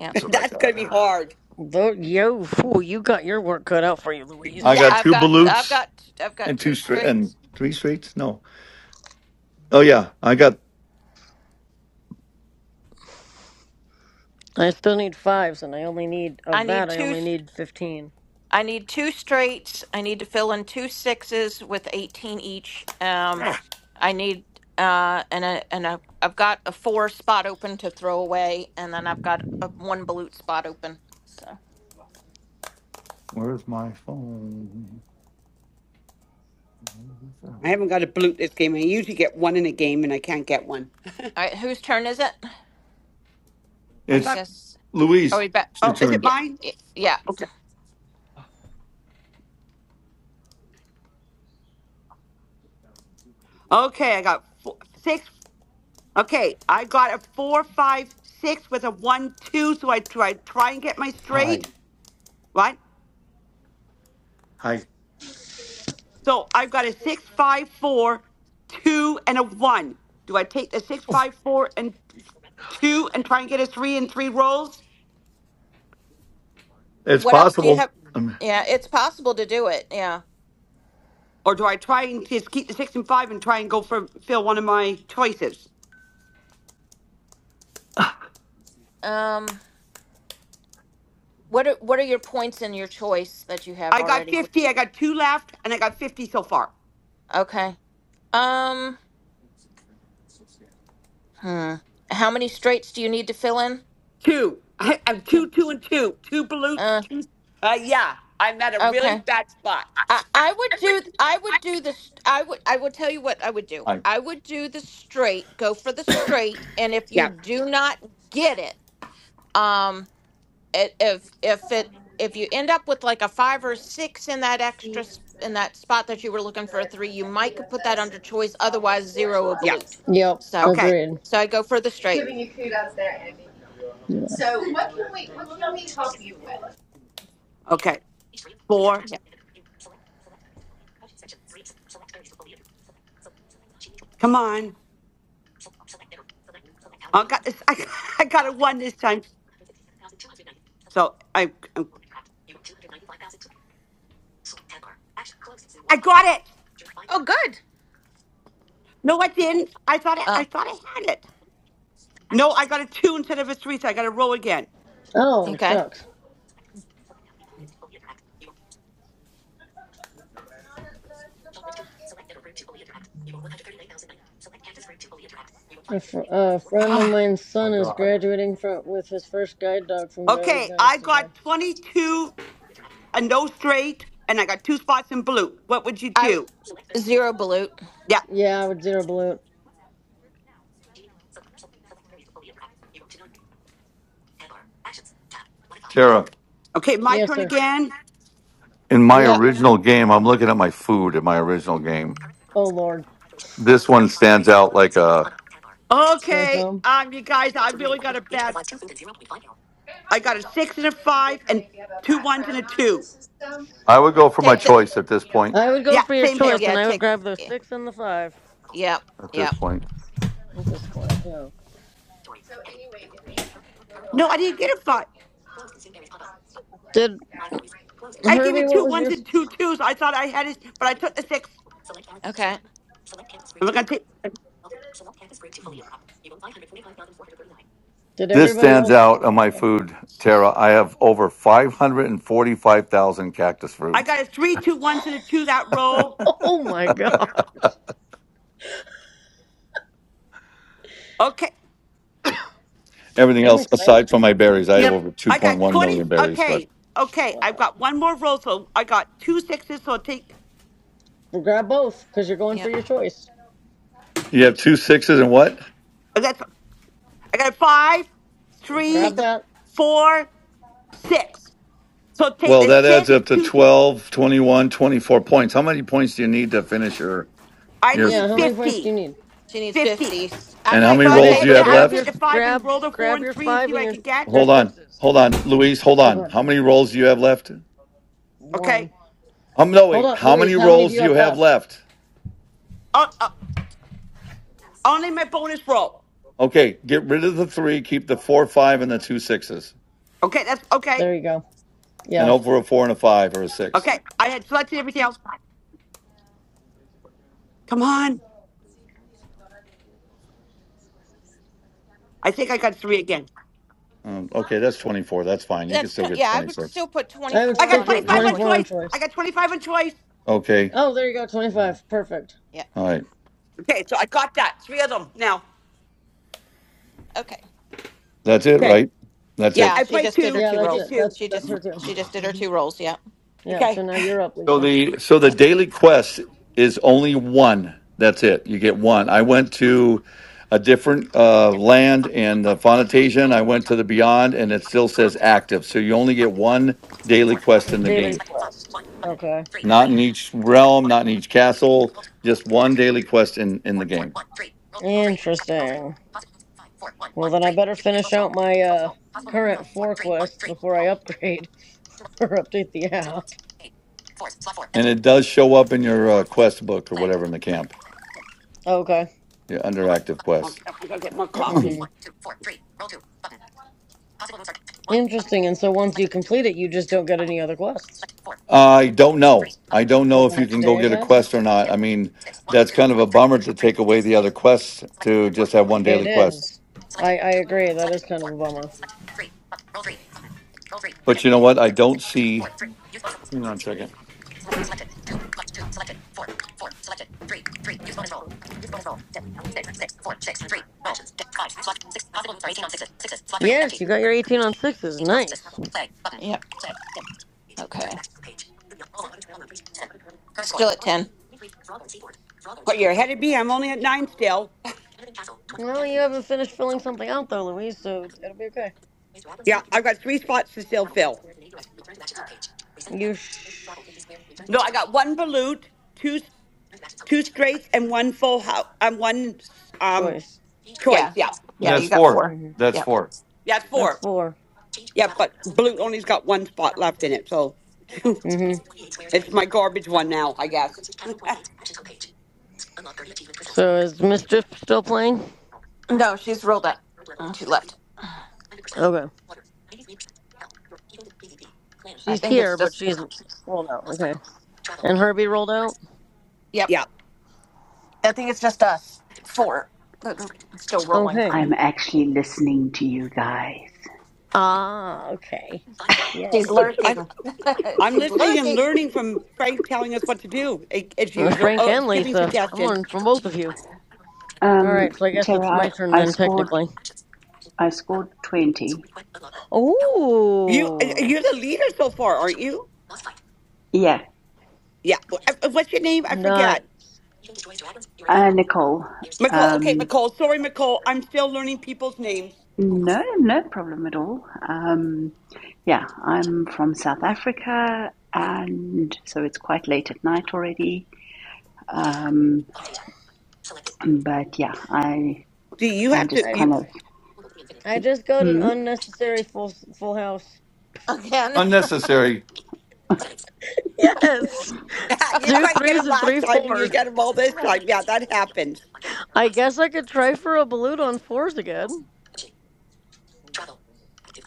S18: *laughs*
S5: That's what I
S18: That's going to be
S5: got.
S18: hard.
S12: Though, yo, fool, you got your work cut out for you,
S5: I
S12: Louise.
S5: got
S18: Yes.
S17: I've
S5: two
S17: got I've
S5: balutes
S17: got I've got
S5: and
S17: two
S5: two straight and
S17: straights.
S5: three straights. No. Oh yeah, I got.
S12: I still need fives, and I only need,
S17: I
S12: of
S17: need
S12: that, I
S17: two.
S12: only need 15.
S17: I need two straights. I need to fill in two sixes with 18 each. Um, I need uh, and a, and a, I've got a four spot open to throw away, and then I've got a one balut spot open. So, all
S5: Where's my phone? Where's the
S18: I
S5: phone?
S18: haven't got a blute this game. I usually get one in a game, and I can't get one.
S17: right, whose turn is it?
S18: I
S17: I
S5: It's
S18: thought,
S17: guess. Are
S5: Louise.
S17: we back?
S5: It's your
S18: oh, is it
S5: turn.
S17: Yeah,
S18: mine?
S17: y- yeah.
S18: Okay. Okay, I got four, six. Okay, I got a four, five, six with a one, two. So I try, try and get my
S5: Hi.
S18: straight, right?
S5: Hi.
S18: So I've got a six, five, four, two, and a one. Do I take the six, five, four, and two and try and get a three in three rolls?
S5: It's
S17: What else do you
S5: possible.
S17: have?
S5: Um,
S17: Yeah, it's possible to do it. Yeah.
S18: Or do I try and just keep the six and five and try and go for fill one of my choices?
S17: Um, what are, what are your points in your choice that you have
S18: I got
S17: already?
S18: 50. I got two left, and I got 50 so far.
S17: Okay. Um. Hmm. How many straights do you need to fill in?
S18: Two. *laughs* I, am two, two, and two. Two pollutes.
S17: Uh,
S18: Two. Uh, yeah, I'm at a really
S17: okay.
S18: bad spot.
S17: I, I would do I would do this I would I will tell you what I would do.
S5: hi.
S17: I would do the straight, go for the straight, and if you
S18: Yeah,
S17: do not get it, um it, if if it if you end up with like a 5 or 6 in that extra s- in that spot that you were looking for a 3, you might could put that under choice, otherwise zero a
S18: yeah.
S17: balut.
S12: Yep,
S17: So
S18: Okay,
S12: agreed.
S17: so I go for the straight.
S12: Yeah.
S18: okay. Four.
S17: Yeah.
S18: Come on. I got this. I, *laughs* I got a one this time. So I, I I got it.
S17: Oh, good.
S18: No, I didn't. I thought I, I
S17: Oh,
S18: thought I had it. No, I got a two instead of a three, so I got to roll again.
S12: Oh,
S17: okay.
S12: shucks. A, fr- a friend of
S18: Ah,
S12: mine's son is graduating from with his first guide dog from Guiding
S18: okay, I
S12: Guys today.
S18: got 22 and no straight, and I got two spots in blue. What would you
S17: I w-
S18: do?
S17: zero balut.
S18: Yeah.
S12: Yeah, with dinner balloon.
S5: Tara,
S18: Okay, my
S12: Yes,
S18: turn
S12: sir.
S18: again.
S5: in my
S17: Yep.
S12: Yep.
S5: original game, I'm looking at my food in my original game.
S12: Oh Lord,
S5: This one stands out like a.
S12: sore
S18: Okay,
S12: thumb.
S18: um, you guys, I really got a bad. I got a six and a five and two ones and a two.
S5: I would go for my
S17: Take the
S5: choice at this point.
S18: Yeah,
S12: for your
S18: same
S17: take,
S12: choice,
S18: here.
S17: yeah,
S12: and I would
S17: take
S12: grab the
S17: yeah.
S12: six
S17: Yep,
S5: At this
S17: yep.
S5: point,
S12: yeah.
S18: No, I didn't get a five.
S12: be
S18: I gave you
S12: Herbie, what
S18: two
S12: was
S18: ones
S12: your?
S18: and two twos. I thought I had it, but I took the six.
S17: Okay.
S18: I'm gonna take.
S17: Mm,
S12: Did
S5: this
S12: everybody
S5: stands
S12: else?
S5: out on my
S12: oh,
S5: food, Tara. I have over 545,000 cactus
S18: I
S5: fruits.
S18: got a three, two ones and a two that roll.
S12: oh my god!
S18: Okay,
S5: Everything
S12: I'm
S5: else
S12: excited.
S5: aside from my berries, I have
S3: yep,
S5: over
S18: I got
S5: 2.1
S18: twenty.
S5: million berries. But
S18: Okay, okay, I've
S12: Wow.
S18: got one more roll, so I got two sixes. So I'll take.
S12: Well, grab both because you're going for
S17: Yep.
S12: your choice.
S5: you have two sixes and what?
S18: I got. I got a five,
S17: You
S18: three,
S17: take
S12: Grab
S17: the
S12: that.
S18: four, six. So take
S5: Well,
S18: the
S5: that adds
S18: six,
S5: up to
S18: two.
S5: 12, 21, 24 points. How many points do you need to finish your?
S18: I
S5: your
S12: Yeah,
S18: need
S12: how many points do you
S18: 50.
S12: need?
S17: she needs
S18: 50.
S17: 50. I
S5: And how many
S18: So
S17: might
S18: I
S12: Okay,
S5: rolls do
S17: take
S5: you
S18: take
S12: so
S17: the
S5: have
S18: I would
S12: grab
S18: take
S12: your
S5: left?
S18: the five and
S12: grab
S18: roll the four
S12: grab
S18: and
S12: your
S18: three and
S12: five
S18: see what
S12: and
S18: I
S12: your
S18: can get.
S12: your
S5: Hold on.
S12: sixes.
S5: Hold on. Louise, hold
S12: Oh
S5: on.
S12: good.
S5: How many rolls do you have left?
S18: Okay.
S12: One.
S5: Um, no,
S12: Hold
S5: wait.
S12: on,
S5: How many
S12: Louise, how many do
S5: rolls
S12: you
S5: do you
S12: have
S5: have
S12: left?
S5: left?
S18: Uh, uh, only my bonus roll.
S5: Okay, get rid of the three, keep the four, five, and the two sixes.
S18: Okay, that's okay.
S12: There you go.
S5: And
S12: Yeah.
S5: over a four and a five or a six.
S18: Okay. I had selected everything else. Come on. I think I got three again.
S5: Um, okay, that's 24. That's fine. You can
S17: that's
S5: still
S17: tw-
S5: get
S17: yeah, I would
S5: 26.
S17: still put
S12: I would
S18: I
S17: 24
S18: got
S12: stick
S17: on
S12: at
S18: 25
S5: Yeah.
S12: twenty
S18: on
S17: choice.
S12: four on
S18: choice. I
S12: choice.
S18: got 25 on choice.
S5: Okay.
S17: Okay.
S12: Oh there you go, twenty
S5: All
S12: five. Perfect.
S17: Yeah.
S5: right.
S18: Okay, so I got that. Three of them now.
S17: Okay.
S5: That's it,
S18: Okay.
S5: right? That's
S18: Yeah,
S5: it.
S17: Yeah,
S18: I
S17: she
S18: played
S17: just did her
S18: two.
S12: Yeah,
S17: two
S18: I
S12: that's
S18: did
S17: rolls.
S12: it.
S18: two.
S12: That's
S17: She
S12: that's her
S17: just
S12: too.
S17: she just did her
S12: hmm
S17: two rolls. Yeah.
S12: Yep,
S18: Okay.
S12: so now you're up,
S5: So
S12: Lisa.
S5: the so the
S17: Yeah.
S5: daily quest is only one. That's it. You get one. I went to a different uh, land in uh, Fonatasian. I went to the Beyond, and it still says active. So you only get one daily quest in the
S12: Daily
S5: game.
S12: quest. Okay.
S5: Not in each realm. Not in each castle. Just one daily quest in in the game,
S12: Interesting. Well then I better finish out my uh current four quests before I upgrade *laughs* or update the app.
S5: and it does show up in your uh, quest book or whatever in the camp.
S12: Okay.
S5: Yeah, under active quests.
S18: Okay, I gotta get more
S12: Mhm.
S18: coffee.
S12: Interesting. And so once you complete it, you just don't get any other quests
S5: I don't know. I don't
S12: till
S5: know
S12: the
S5: if you
S12: next
S5: can go
S12: day, I
S5: get a quest
S12: guess.
S5: or not. I mean, that's kind of a bummer to take away the other quests to just have one
S12: It
S5: daily quest.
S12: is. I I agree. That is kind of a bummer.
S5: But you know what? I don't see.
S12: Yes, you got your 18 on sixes. Nice.
S17: Play button. Yep. Okay. First one. still at 10.
S18: Oh, you're ahead of me. I'm only at nine still.
S12: Well, you haven't finished filling something out though, Louise. So it'll be okay.
S18: Yeah, I've got three spots to still fill.
S12: You sh-
S18: No, I got one balut, two. two straights and one full house and one um
S12: choice.
S18: choice.
S17: Yeah.
S18: Yeah,
S17: Yeah,
S5: That's
S17: you got
S5: four.
S17: 4.
S12: hmm
S5: That's
S17: Yep.
S5: four.
S18: that's
S12: That's
S18: four.
S12: four.
S18: Yeah, but blue only's got one spot left in it, so *laughs*
S12: hmm
S18: it's my garbage one now, I guess. *laughs*
S12: So is Mischief still playing?
S17: No, she's rolled up. She left.
S12: Okay.
S17: I
S12: She's
S17: think it's
S12: here, but
S17: just
S12: she's rolled out. Okay. And Herbie rolled out.
S17: Yep.
S18: yeah,
S17: I think it's just us four that are still rolling.
S12: Okay.
S16: I'm actually listening to you guys.
S12: Ah. Okay.
S17: She's
S12: Yay.
S18: I
S17: lurking. *laughs*
S18: I'm
S17: she's
S18: listening and
S17: lurking.
S18: learning from Frank telling us what to do. It, it's
S12: Uh, It's
S18: usual.
S12: Frank
S18: Oh, it's
S12: and
S18: giving
S12: Lisa. I'm
S18: suggestions.
S12: learning from both of you.
S16: Um,
S12: All right, so I guess
S16: Tara,
S12: it's my turn
S16: I, I
S12: then,
S16: scored.
S12: technically.
S16: I scored twenty.
S18: You uh,
S12: Oh,
S18: you're the leader so far, aren't you?
S16: Yeah,
S18: Yeah. Uh, uh, What's your name? I
S12: nice.
S18: forget.
S16: uh, Nicole.
S18: McCall.
S16: Um,
S18: Okay, McCall. Sorry, McCall. I'm still learning people's names.
S16: no, no problem at all. Um, yeah, I'm from South Africa, and so it's quite late at night already. Um, but yeah, I
S18: Do you
S16: I'm
S18: have to?
S16: just
S12: I
S18: you?
S16: kind of.
S12: I just got an
S16: hmm?
S12: unnecessary full full house.
S17: Again,
S5: Unnecessary.
S12: Yes,
S18: *laughs* you
S12: two
S18: quite get
S12: threes
S18: him
S12: and
S18: last
S12: three
S18: time and you
S12: fours.
S18: get him all this
S17: *laughs*
S18: time. Yeah, that happens.
S12: I guess I could try for a balut on fours again,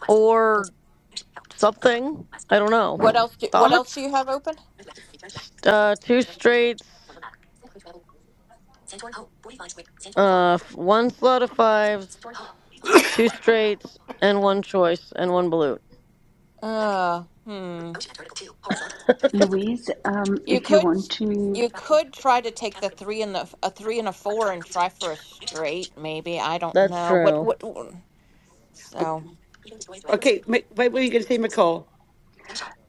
S12: or something. I don't
S17: what
S12: know.
S17: else? Do, what else
S12: Thoughts?
S17: do you have open?
S12: Uh, two straights. Uh, one slot of fives, two straights, and one choice, and one balut.
S17: Uh, hmm.
S16: Louise, um,
S17: You
S16: if you
S17: could
S16: want to,
S17: you could try to take the three and the a three and a four and try for a straight. Maybe I don't
S12: That's
S17: know what
S12: true.
S17: what.
S18: O-
S17: So
S18: Okay, Mi- what were you going to say, Nicole?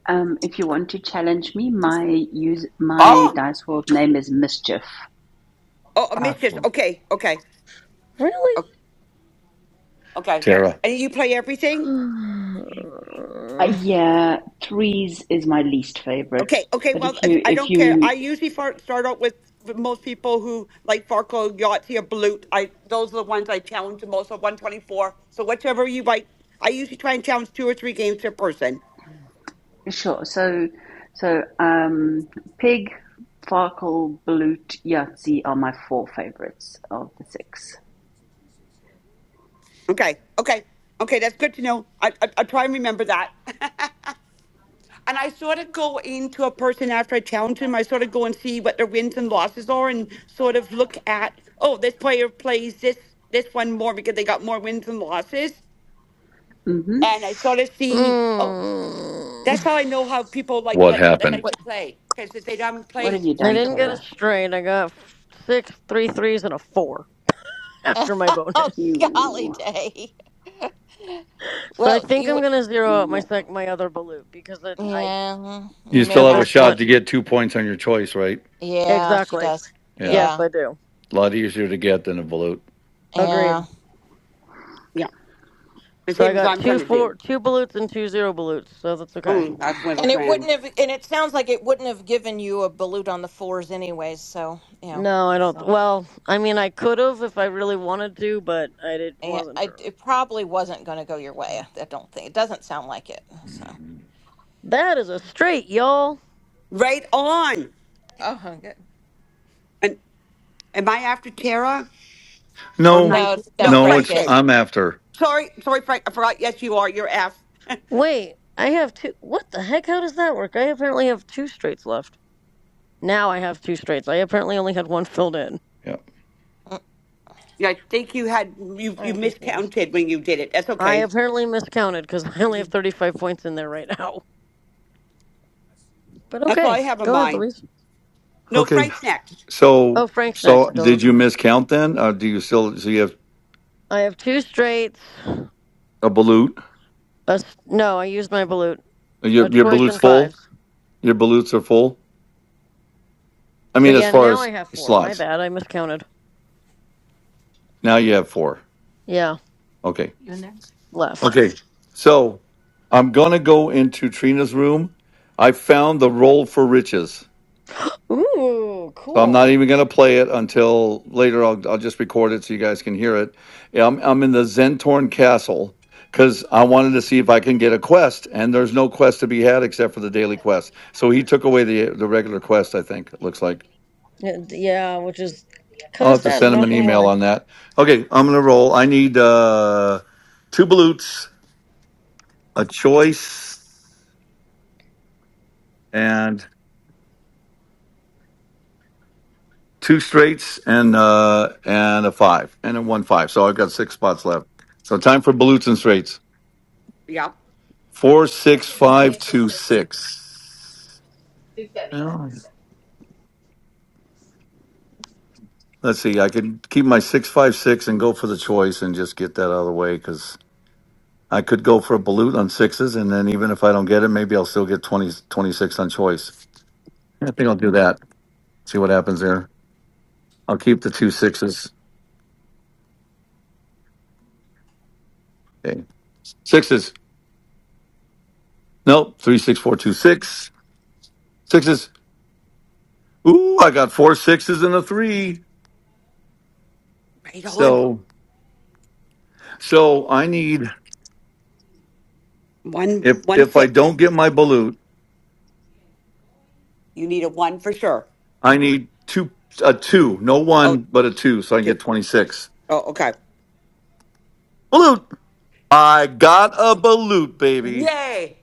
S16: um, if you want to challenge me, my use my
S5: Ah!
S16: dice world name is Mischief.
S18: Oh, a
S5: Ah,
S18: mistress. Okay, okay,
S12: Really?
S18: o- okay.
S5: Tara,
S18: And you play everything?
S16: Uh,
S12: Mm.
S16: yeah, threes is my least favorite.
S18: Okay, okay.
S16: But
S18: Well,
S16: if you,
S18: I I
S16: if
S18: don't care.
S16: you,
S18: I usually far, start out with with most people who like Farco, Yahtzee, or Balut. I those are the ones I challenge the most. So one twenty four. So whichever you like, I usually try and challenge two or three games per person.
S16: sure. So, so um, Pig, Farkle, Balut, Yahtzee are my four favorites of the six.
S18: Okay, okay, okay. That's good to know. I I, I try and remember that. *laughs* and I sort of go into a person after I challenge them. I sort of go and see what their wins and losses are, and sort of look at oh, this player plays this this one more because they got more wins and losses,
S16: Mm-hmm.
S18: and I sort of see oh, that's how I know how people like
S5: what
S18: what, what they
S5: happened?
S18: like
S17: what
S18: to play because if they haven't
S16: What have
S18: played
S16: you
S12: I
S18: three,
S16: done,
S12: didn't
S18: different-
S12: get a
S16: Tara?
S12: straight. I got six, three threes, and a four after my
S17: *laughs* Oh,
S12: bonus.
S17: golly
S16: You
S17: day. *laughs*
S12: So I
S17: Well,
S12: think
S17: you
S12: I'm
S17: would,
S12: gonna zero out my
S16: yuck.
S12: sec my other balut because it, I
S17: yeah, you
S5: You
S17: may
S5: still
S12: at
S5: have a
S12: this
S17: have to.
S5: shot
S12: point
S5: to get two points on your choice, right?
S17: Yeah, she
S12: exactly.
S17: does.
S5: Yeah.
S12: Yes,
S17: Yeah,
S12: I do.
S5: A lot easier to get than a volute.
S17: yeah.
S12: Agreed.
S18: yeah, the
S12: So I
S18: same as
S12: got
S18: I'm
S12: two
S18: trying to do.
S12: four two balutes and two zero balutes, so that's okay.
S18: Mm, that's little
S17: And it
S18: grand.
S17: wouldn't have, and it sounds like it wouldn't have given you a balut on the fours anyways. So, you know,
S12: No, I don't.
S17: so
S12: Well, I mean, I could have if I really wanted to, but I did
S17: yeah,
S12: wasn't
S17: I,
S12: sure.
S17: it probably wasn't going to go your way. I don't think it doesn't sound like it. So,
S12: That is a straight, y'all.
S18: Right on.
S17: oh, good.
S18: And am I after Tara or am
S5: No,
S17: No, no,
S18: No,
S5: no,
S17: Frank
S18: Frank
S5: it's
S18: is.
S17: is.
S5: I'm after.
S18: Sorry, sorry, Frank. I forgot. Yes, you are. You're after.
S12: Wait, I have two. What the heck? How does that work? I apparently have two straights left. Now I have two straights. I apparently only had one filled in.
S5: Yeah.
S17: Mm,
S18: Yeah, I think you had you you
S12: I'm confused.
S18: miscounted when you did it. That's
S12: I
S18: okay.
S12: apparently miscounted because *laughs* I only have 35 points in there right now. But
S18: That's all I
S12: okay,
S18: have in
S12: go ahead,
S18: mind.
S12: Louise.
S18: No, Frank's next.
S5: So,
S12: Oh, Frank's
S5: so
S12: next. Duh.
S5: did you miscount then? Uh, do you still so you have
S12: I have two straights. A
S5: a balut?
S12: s no, I used my balut.
S5: Your
S12: A
S5: your
S12: choice
S5: balut's
S12: and
S5: full.
S12: fives.
S5: Your balutes are full. I
S12: So
S5: mean, as
S12: yeah,
S5: far
S12: now I
S5: as
S12: have four. My
S5: slots.
S12: bad. I miscounted.
S5: Now you have four.
S12: Yeah,
S5: Okay.
S12: left.
S5: So I'm gonna go into Trina's room. I found the roll for riches.
S12: Ooh,
S5: So I'm not
S12: cool.
S5: even going to play it until later. I'll, I'll just record it so you guys can hear it. Yeah, I'm, I'm in the Zentorn Castle because I wanted to see if I can get a quest, and there's no quest to be had except for the daily quest. So he took away the the regular quest. I think it looks like
S12: Yeah, yeah, which is kind
S5: I'll
S12: of
S5: have to
S12: sad. I'm
S5: send him
S12: not
S5: an
S12: gonna lie.
S5: email on that. Okay, I'm going to roll. I need uh, two balutes, a choice, and two straights, and uh, and a five, and a one five. So I've got six spots left. So time for balutes and straights.
S18: Yep.
S5: 46526. Oh. Let's see. I could keep my 656 and go for the choice and just get that out of the way because I could go for a balut on sixes. And then even if I don't get it, maybe I'll still get 20 26 on choice. I think I'll do that. See what happens there. I'll keep the two sixes. Okay. Sixes. Nope. Three, six, four, two, six. Sixes. Ooh, I got four sixes and a three.
S18: Right on.
S5: So, so I need,
S18: One
S5: if,
S18: one
S5: if I
S18: six.
S5: don't get my balut,
S18: You need a one for sure.
S5: I need two, a two, no
S18: Oh
S5: one, but a two, so I can
S18: two.
S5: get 26.
S18: Oh, okay.
S5: Balut. I got a balut, baby.
S18: Yay.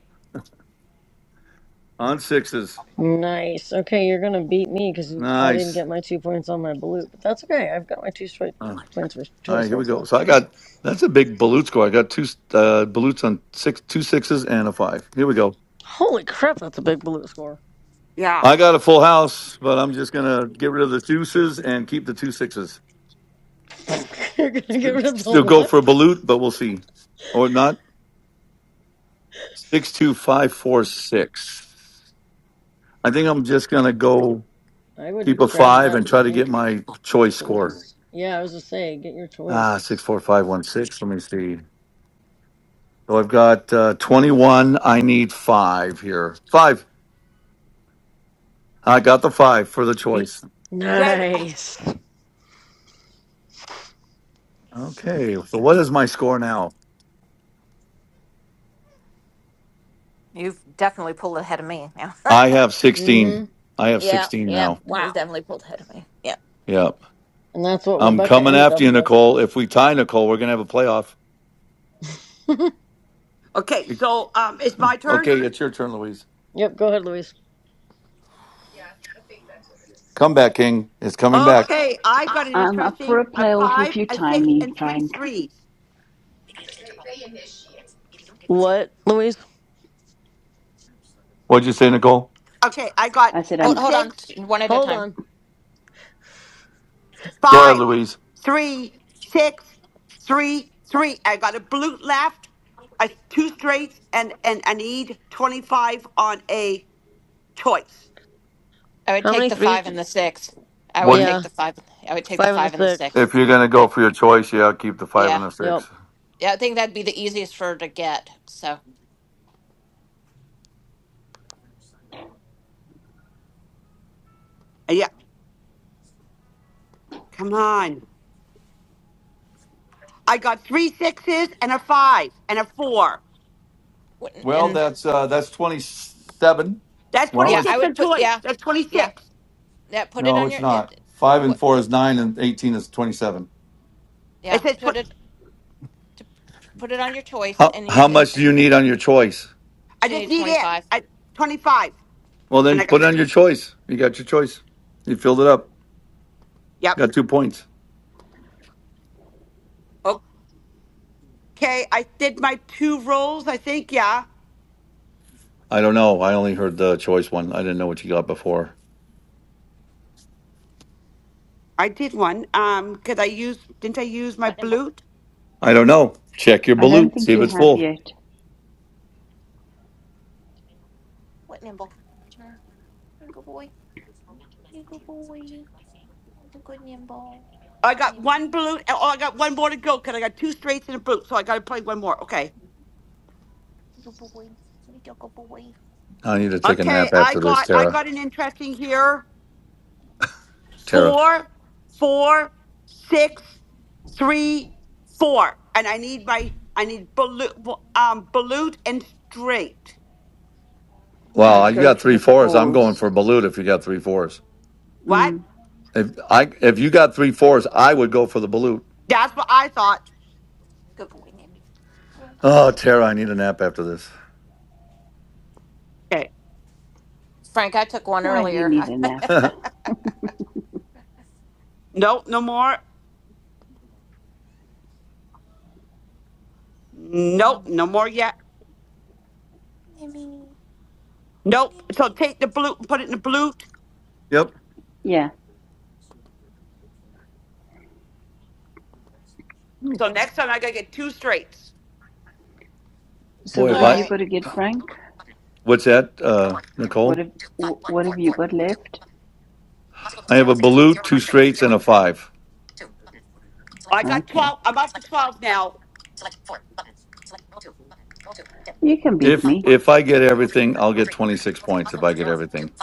S5: On sixes.
S12: Nice. Okay, you're gonna beat me because I didn't
S5: Nice.
S12: get my two points on my blue, but that's okay. I've got my two straight
S5: Uh,
S12: points for
S5: all right,
S12: choice
S5: here
S12: roll
S5: we go.
S12: for.
S5: So I got, that's a big balut score. I got two uh, balutes on six, two sixes and a five. Here we go.
S12: Holy crap, that's a big blue score.
S18: Yeah.
S5: I got a full house, but I'm just going to get rid of the deuces and keep the two sixes.
S12: *laughs* you're gonna get rid of the
S5: Still go
S12: what?
S5: for a balut, but we'll see. Or not. Six, two, five, four, six. I think I'm just going to go.
S12: I would
S5: keep a
S12: grab
S5: five
S12: that
S5: and try
S12: and
S5: to get
S12: make a
S5: my choice score.
S12: choice. Yeah, I was just saying, get your
S5: Ah,
S12: choice.
S5: six, four, five, one, six. Let me see. So I've got uh, 21. I need five here. Five. I got the five for the
S18: Y-
S5: choice.
S18: Right.
S12: Nice.
S5: Okay. So what is my score now?
S17: You've definitely pulled ahead of me now. *laughs*
S5: I have 16.
S12: Mm-hmm.
S5: I have
S17: Yeah,
S5: 16
S17: yeah,
S5: now.
S17: he's
S12: Wow.
S17: definitely pulled ahead of me. Yeah.
S5: Yep.
S12: And that's what
S5: I'm
S12: Rebecca
S5: coming
S12: ended
S5: after
S12: up
S5: you,
S12: with.
S5: Nicole. If we tie Nicole, we're going to have a playoff.
S12: *laughs*
S18: oh, Okay,
S5: Be-
S18: so um it's my turn.
S5: Okay. It's your turn, Louise.
S12: yep, go ahead, Louise.
S5: Come back, King. It's coming back.
S18: Okay, I've got an
S16: I'm up for
S18: interesting
S16: a
S18: a
S16: playoff
S18: five,
S16: if you
S18: a
S16: tie
S18: six,
S16: me,
S18: and three
S16: Frank.
S18: threes.
S12: What, Louise?
S5: What'd you say, Nicole?
S18: Okay, I got
S16: I said
S18: a
S17: Hold,
S16: I'm
S17: hold on,
S18: six.
S17: t- one at a
S12: Hold
S17: time.
S12: on.
S5: Go ahead,
S18: five,
S5: Louise.
S18: three, six, three, three. I got a blute left, a two straights, and and I need twenty five on a choice.
S17: I would
S12: How
S17: take
S12: many
S17: the
S12: threes?
S17: five
S12: Did...
S17: and the six. I
S5: What
S17: would
S5: do you,
S17: take
S12: Yeah,
S17: the five. I would take the
S12: five and the
S17: five and the
S12: six.
S17: six.
S5: if you're going to go
S17: Yeah,
S5: for your choice? Yeah, keep the five
S17: yeah,
S5: and the
S12: Yep.
S5: six.
S17: yeah. I think that'd be the easiest for her to get. So,
S18: Yeah, come on. I got three sixes and a five and a four.
S17: wouldn't-
S5: Well,
S17: and
S5: that's uh, that's twenty seven.
S18: That's
S5: Where How
S18: twenty
S17: yeah,
S5: much?
S17: I
S18: six on
S17: would put
S18: choice.
S17: yeah,
S18: That's twenty
S17: yeah,
S18: six.
S17: yeah. Put it
S5: No,
S17: on
S5: it's
S17: your
S5: not.
S17: it.
S5: Five and
S17: What?
S5: four is nine, and eighteen is twenty seven.
S18: It
S17: Yeah,
S18: says
S17: put
S18: tw-
S17: it to put it on your choice,
S5: How
S17: and you
S5: how
S17: and,
S5: much do
S17: and
S5: you need on your choice?
S18: I
S17: she
S18: just
S17: need
S18: need
S17: twenty
S18: it.
S17: five.
S18: I twenty five,
S5: Well,
S18: and
S5: then
S18: I got
S5: put on your choice. You got your choice. You filled it up.
S18: yep.
S5: Got two points.
S18: Okay, I did my two rolls. I think yeah,
S5: I don't know. I only heard the choice one. I didn't know what you got before.
S18: I did one. Um, because I used didn't I use my blute?
S5: I don't know. Check your
S16: I don't
S5: balut. See
S16: think
S5: if
S16: you
S5: it's
S16: have
S5: full.
S16: yet.
S18: I got one blue. Oh, I got one more to go because I got two straights and a blue. So I got to play one more. Okay.
S5: I need to take a
S18: Okay.
S5: nap
S18: I
S5: after this,
S18: got I
S5: Tara.
S18: got an interesting here.
S5: Tara.
S18: Four, four, six, three, four, and I need my I need blue, um, balut and straight.
S5: Wow,
S16: I'd
S17: Hmm.
S5: you
S16: go
S5: got
S16: for
S5: three
S16: the
S5: fours. I'm going
S16: fours.
S5: for balut. If you got three fours,
S18: What?
S16: Mm.
S5: if I if you got three fours, I would go for the balut.
S18: That's what I thought.
S5: Oh, Tara, I need a nap after this.
S18: Okay.
S17: Frank, I took one
S16: Why do you
S17: earlier.
S16: need a
S17: *laughs*
S16: nap?
S5: *laughs*
S18: Nope. No more. Nope. No more yet. Nope. So take the blue and put it in the blue.
S5: yep.
S16: Yeah.
S18: So next time I gotta get two straights.
S16: So
S5: Boy,
S16: what
S5: if
S16: have
S17: All
S5: I
S16: you
S17: right.
S16: got to get, Frank?
S5: what's that, uh,
S16: What
S5: Nicole?
S16: have What have you got left?
S5: I have a balut, two straights, and a five.
S18: I got
S16: Okay.
S18: twelve. I'm up to twelve now.
S16: You can beat
S5: If
S16: me.
S5: if I get everything, I'll get twenty six points if I get everything.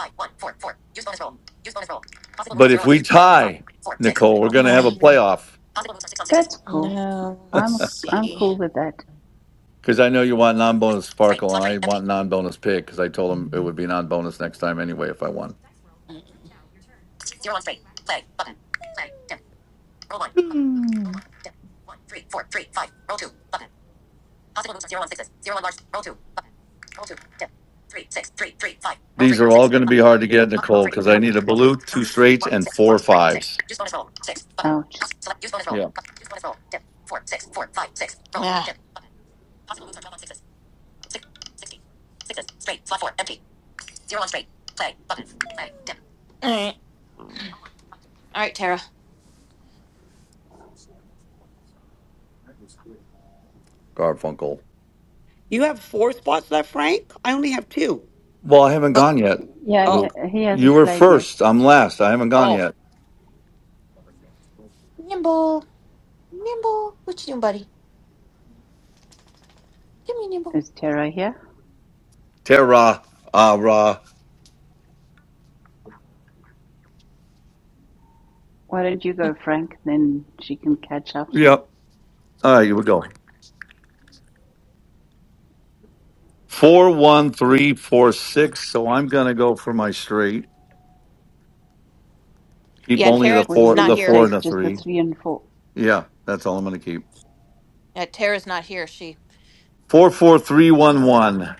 S5: But if we tie, Nicole, we're gonna have a playoff.
S16: That's
S17: I
S16: cool.
S17: no. Let's
S16: I'm I'm
S17: see.
S16: cool with that.
S5: Because I know you want non-bonus sparkle, and I want non-bonus pig because I told him it would be non-bonus next time anyway if I won. Hmm. These are all going to be hard to get, Nicole, because I need a blue, two straights, and four fives.
S16: Ouch.
S5: Yeah,
S17: Ah, all right, all right, Tara.
S5: Garfunkel.
S18: You have four spots left, Frank? I only have two.
S5: Well, I haven't gone yet,
S16: Yeah,
S18: Oh,
S5: Luke.
S16: yeah he
S5: You
S16: hasn't
S5: were
S16: played yet.
S5: first. I'm last. I haven't gone
S18: oh,
S5: yet.
S16: Is Tara here?
S5: Terra, ah, rah.
S16: Why don't you go, Frank? Then she can catch up.
S5: Yep. All right, you would go. Four one three four six. So I'm gonna go for my straight. Keep
S17: Yeah,
S5: only the
S16: What
S17: Tara's
S16: are you
S5: four,
S17: not
S16: going
S5: the
S16: to
S17: here.
S5: four and
S16: take?
S5: the
S16: Just the
S5: three.
S16: three and four?
S5: Yeah, that's all I'm gonna keep.
S17: Yeah, Tara's not here. She.
S5: Four four three one one.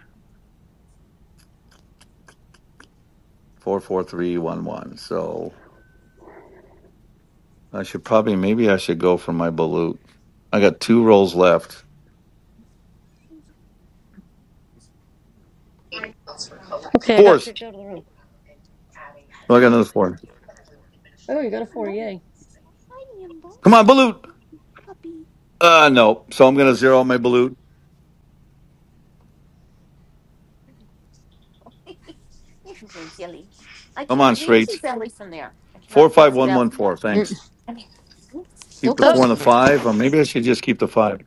S5: Four four three one one. So I should probably, maybe I should go for my balut. I got two rolls left.
S12: Okay, I got
S5: Fours.
S12: kicked out of the room.
S5: Oh, I got another four.
S12: Oh, you got a four, yay.
S5: Come on, balut. Uh, no. So I'm gonna zero out my balut. Come on, straights. Four five one one four.
S12: Mm.
S5: Thanks. Keep the
S12: Oh,
S5: four and the five. Or maybe I should just keep the five.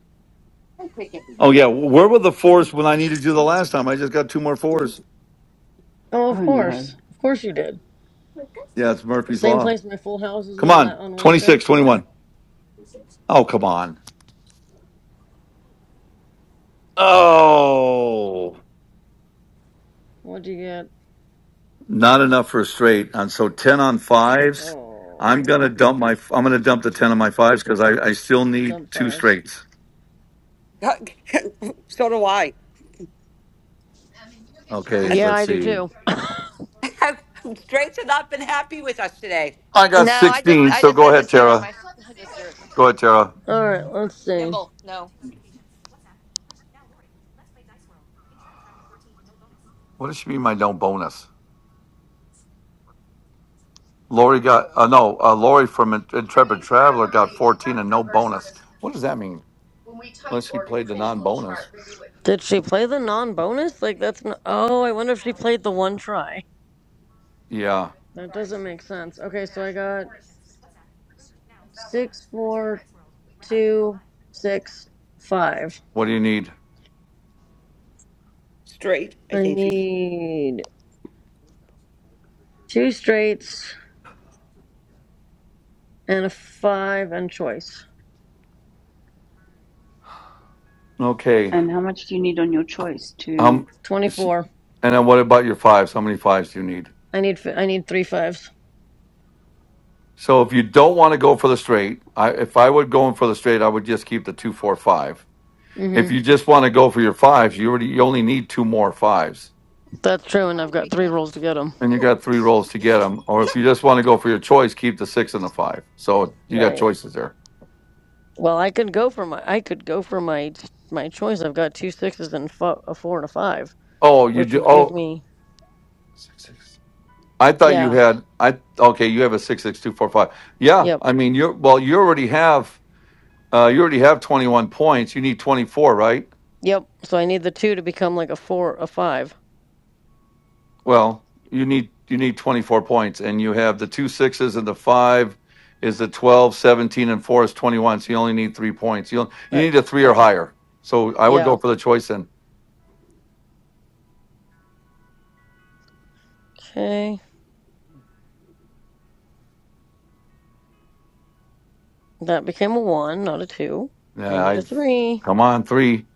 S5: Oh yeah, where were the fours when I needed you the last time? I just got two more fours.
S12: oh, of
S16: Oh no.
S12: course. Of course you did.
S5: Yeah, it's Murphy's
S12: Same
S5: law.
S12: place my full houses
S5: Come
S12: were la-
S5: on,
S12: on Wednesday.
S5: 26, 21. Oh, come on. Oh,
S12: What'd you get?
S5: not enough for a straight. And so 10 on fives. I'm
S12: Oh,
S5: going to dump my I'm going to dump the 10 on my fives cuz I I still need
S12: dump
S5: two
S12: fives.
S5: straights.
S18: *laughs* so do I.
S5: Okay,
S18: *laughs*
S12: Yeah,
S5: let's
S12: I do
S5: see.
S12: too. *laughs*
S18: Straight's have not been happy with us today.
S5: I got
S17: No, I just,
S5: 16,
S17: I
S5: so
S17: just
S5: go
S17: had to
S5: ahead,
S17: zero
S5: Tara.
S17: my, I just zeroed my.
S5: Go ahead, Tara.
S12: Alright, let's see.
S17: Nimble. No.
S5: What does she mean by no bonus? Lori got uh, no, uh, Lori from Intrepid Traveler got 14 and no bonus. What does that mean? Unless he played the non-bonus.
S12: Did she play the non bonus? Like, that's not. Oh, I wonder if she played the one try.
S5: Yeah.
S12: That doesn't make sense. Okay, so I got six, four, two, six, five.
S5: What do you need?
S18: Straight, I
S12: I
S18: think she's
S12: need two straights and a five and choice.
S5: Okay.
S16: And how much do you need on your choice to?
S5: Um.
S12: Twenty-four.
S5: And then what about your fives? How many fives do you need?
S12: I need I need three fives.
S5: So if you don't want to go for the straight, I if I would go in for the straight, I would just keep the two, four, five.
S12: Mm-hmm.
S5: If you just want to go for your fives, you already you only need two more fives,
S12: That's true, and I've got three rolls to get them.
S5: and you got three rolls to get them. Or if you just want to go for your choice, keep the six and the five. So you got
S12: Right.
S5: choices there.
S12: Well, I could go for my I could go for my my choice. I've got two sixes and a four and a five,
S5: Oh, you
S12: which
S5: do.
S12: would give
S5: Oh,
S12: me
S5: six, six. I thought you
S12: yeah.
S5: had I okay, you have a six six two four five. Yeah,
S12: Yep.
S5: I mean you're well you already have uh you already have twenty one points. You need twenty four, right?
S12: Yep. So I need the two to become like a four, a five.
S5: Well, you need you need 24 points, and you have the two sixes and the five is the 12, 17, and four is 21. So you only need three points. You you
S12: That
S5: need a three or
S12: yeah,
S5: higher. So I would go
S12: yeah.
S5: for the choice in.
S12: Okay. That became a one, not a two. I
S5: Yeah,
S12: need a
S5: I've
S12: three.
S5: come on three.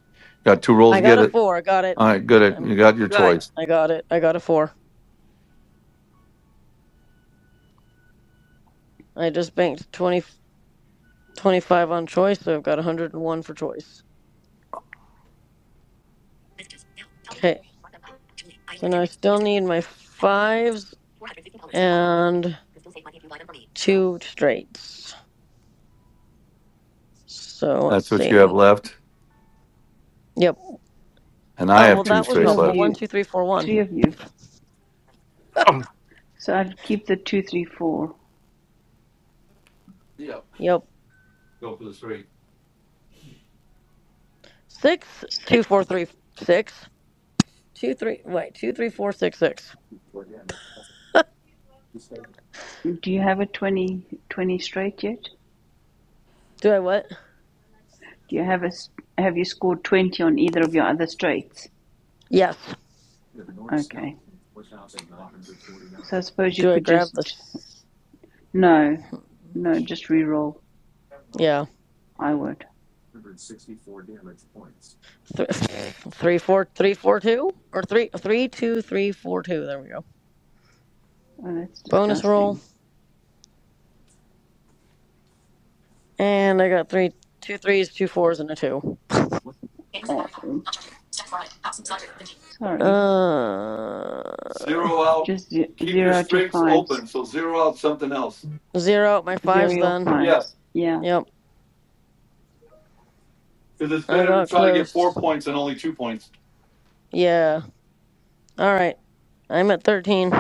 S5: Got two rolls
S12: I
S5: to
S12: got
S5: get
S12: a
S5: it.
S12: four. I got it.
S5: All right, good.
S12: I'm.
S5: You got your
S18: good.
S5: choice.
S12: I got it. I got a four. I just banked 20 25 on choice, so I've got one hundred and one for choice. Okay. So now I still need my fives and two straights. So let's
S5: That's what you have
S12: see.
S5: left.
S12: Yep.
S5: And I
S12: Oh
S16: I
S5: have
S12: well,
S5: two
S12: that
S16: think
S12: was
S16: three
S5: straights
S16: of
S12: helpful.
S5: left.
S12: One,
S16: you,
S12: two, three, four,
S16: three
S12: one.
S16: of you. So I'd keep the two, three, four.
S5: Yeah,
S12: Yep.
S5: go for the straight.
S12: Six, two, four, three, six. Two, three, wait, two, three, four, six, six.
S16: Do you have a 20 20 straight yet?
S12: Do I what?
S16: Do you have a? have you scored 20 on either of your other straights?
S12: Yes.
S16: Okay. So I suppose you
S12: Do I
S16: could
S12: grab the?
S16: just, no, no, just re-roll.
S12: Yeah.
S16: I would.
S12: Th- *laughs* three, four, three, four, two, or three, three, two, three, four, two. There we go.
S16: Oh, that's
S12: Bonus roll,
S16: disgusting.
S12: and I got three, two threes, two fours, and a two.
S16: Oh, sorry.
S12: Uh,
S5: Zero out.
S16: Just
S5: Keep your
S16: zero out your
S5: straights
S16: fives.
S5: open. So zero out something else.
S12: zero. out My
S16: Zero
S12: five's
S16: your
S12: done.
S5: Yes,
S16: fives. Yeah.
S12: Yep.
S5: because it's
S12: I
S5: better to
S12: got
S5: try to get four
S12: close.
S5: points than only two points.
S12: Yeah. All right. I'm at thirteen.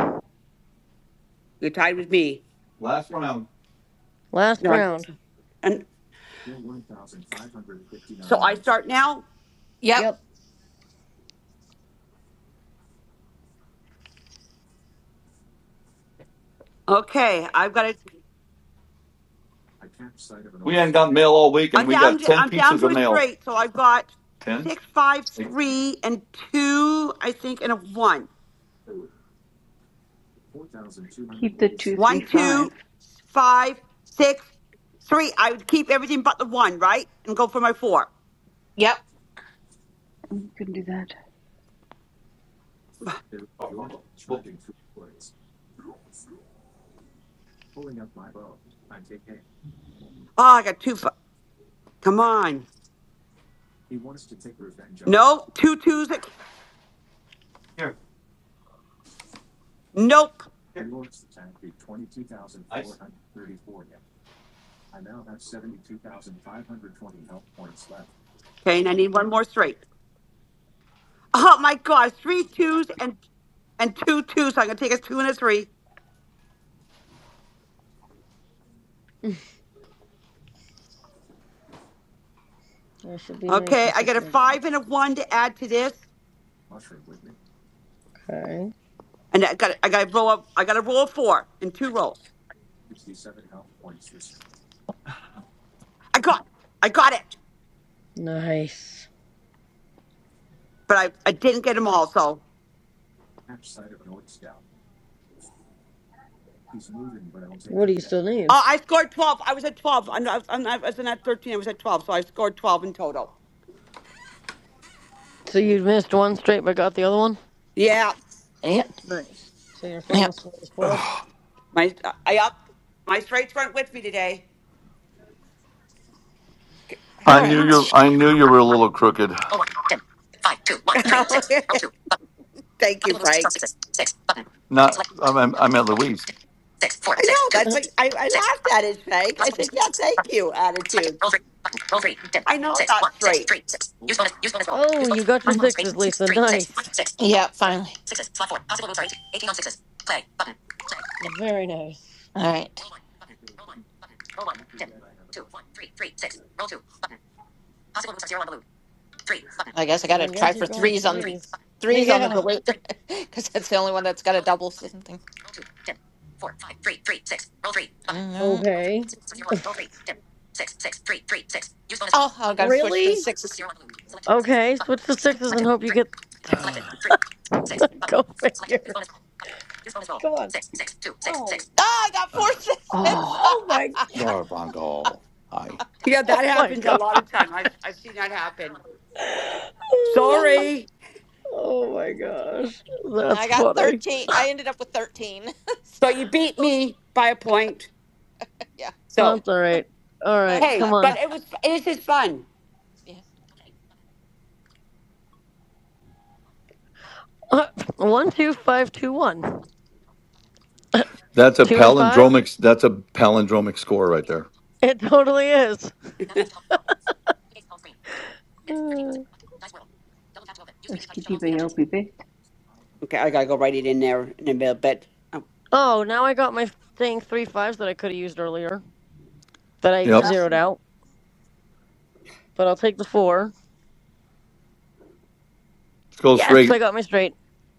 S18: You're tied with me.
S5: Last round.
S12: Last
S18: No, I'm-
S12: round.
S18: and so I start now.
S17: Yep.
S12: Yep.
S18: Okay, I've got it.
S5: We ain't got mail all week, and
S18: I'm
S5: we
S18: down.
S5: got
S18: To,
S5: 10
S18: I'm down
S5: pieces
S18: to
S5: of
S18: a
S5: mail.
S18: straight. So I've got
S5: 10?
S18: six, five,
S5: Like,
S18: three, and two. I think, and a one.
S16: Keep the two,
S18: One,
S16: three, five.
S18: two, five, six, three. I would keep everything but the one, right? And go for my four.
S17: Yep.
S16: Mm, can do that.
S5: well,
S18: Oh, I got two. fi- Come on. No, two twos.
S5: here,
S18: Nope.
S5: here. Ice.
S18: Okay, and I need one more straight. Oh my gosh, three twos and and two twos. So I'm gonna take a two and a three.
S12: I should be nice
S18: Okay,
S12: and
S18: I got
S12: take
S18: a
S12: my. back.
S18: five and a one to add to this,
S12: Okay.
S18: and I got I got to roll up. I got to roll a four in two rolls. I got I got it,
S12: Nice.
S18: but I I didn't get them all. So
S12: What do you still need?
S18: Uh, I scored 12. I was at 12. I'm, I, was, I'm, I wasn't at 13. I was at 12. So I scored 12 in total.
S12: So you missed one straight but got the other one?
S18: Yeah.
S17: Yep.
S12: Nice. So your final
S17: Yep.
S12: score was 12?
S5: Ugh,
S18: My, uh, I up. My straights weren't with me today.
S5: *sighs*
S17: All
S5: I knew
S17: right.
S5: you. I knew you were a little crooked.
S18: *laughs* thank you, Frank.
S5: Not, I'm, I'm I'm at Louise.
S18: I know. That's
S12: *laughs*
S18: what I, I laughed at it, Frank. I said, yeah, thank you, attitude. I know I'm not straight.
S12: oh, you got your sixes, Lisa. Nice.
S17: Yeah. Finally.
S12: Very nice.
S17: All right. I guess I got to
S12: I
S17: try
S12: guess
S17: for
S12: you're going
S17: threes on the
S12: threes.
S17: threes on the
S12: Yeah.
S17: balloon *laughs* because that's the only one that's got a double something. Mhm.
S12: Okay.
S17: Oh, oh, I got to switch to
S12: Really?
S17: sixes.
S12: Okay, switch to sixes and hope you get.
S5: *sighs*
S12: *laughs* Go figure. Come on. Oh.
S17: Oh, I got four
S5: Ah, ah,
S16: Oh,
S17: sixes.
S12: Oh my. *laughs*
S5: Garvangal.
S17: *laughs*
S5: Hi.
S18: Yeah,
S12: Oh
S18: that
S12: my
S18: happens a
S12: god.
S18: lot of time. I've, I've seen that happen. Sorry.
S12: Oh my gosh.
S17: I
S12: That's
S17: got
S12: funny.
S17: thirteen. I ended up with thirteen. *laughs*
S18: So
S17: so
S18: you beat me by a point.
S17: yeah,
S18: So,
S12: That's alright.
S17: *laughs*
S12: Alright,
S18: hey,
S12: come
S18: but
S12: on.
S18: it was, this is fun.
S17: yeah.
S12: Uh, one, two, five, two, one. *coughs* *laughs*
S5: That's a
S12: two and five?
S5: palindromic. That's a palindromic score right there.
S12: It totally is. *sighs* Uh,
S16: is Kitty Bayopi bit?
S18: Okay, I gotta go write it in there in a little bit.
S12: Oh, now I got my thing three fives that I could have used earlier that I
S5: Yep.
S12: zeroed out, but I'll take the four.
S5: Go
S12: Yes, I
S5: straight.
S12: got my straight.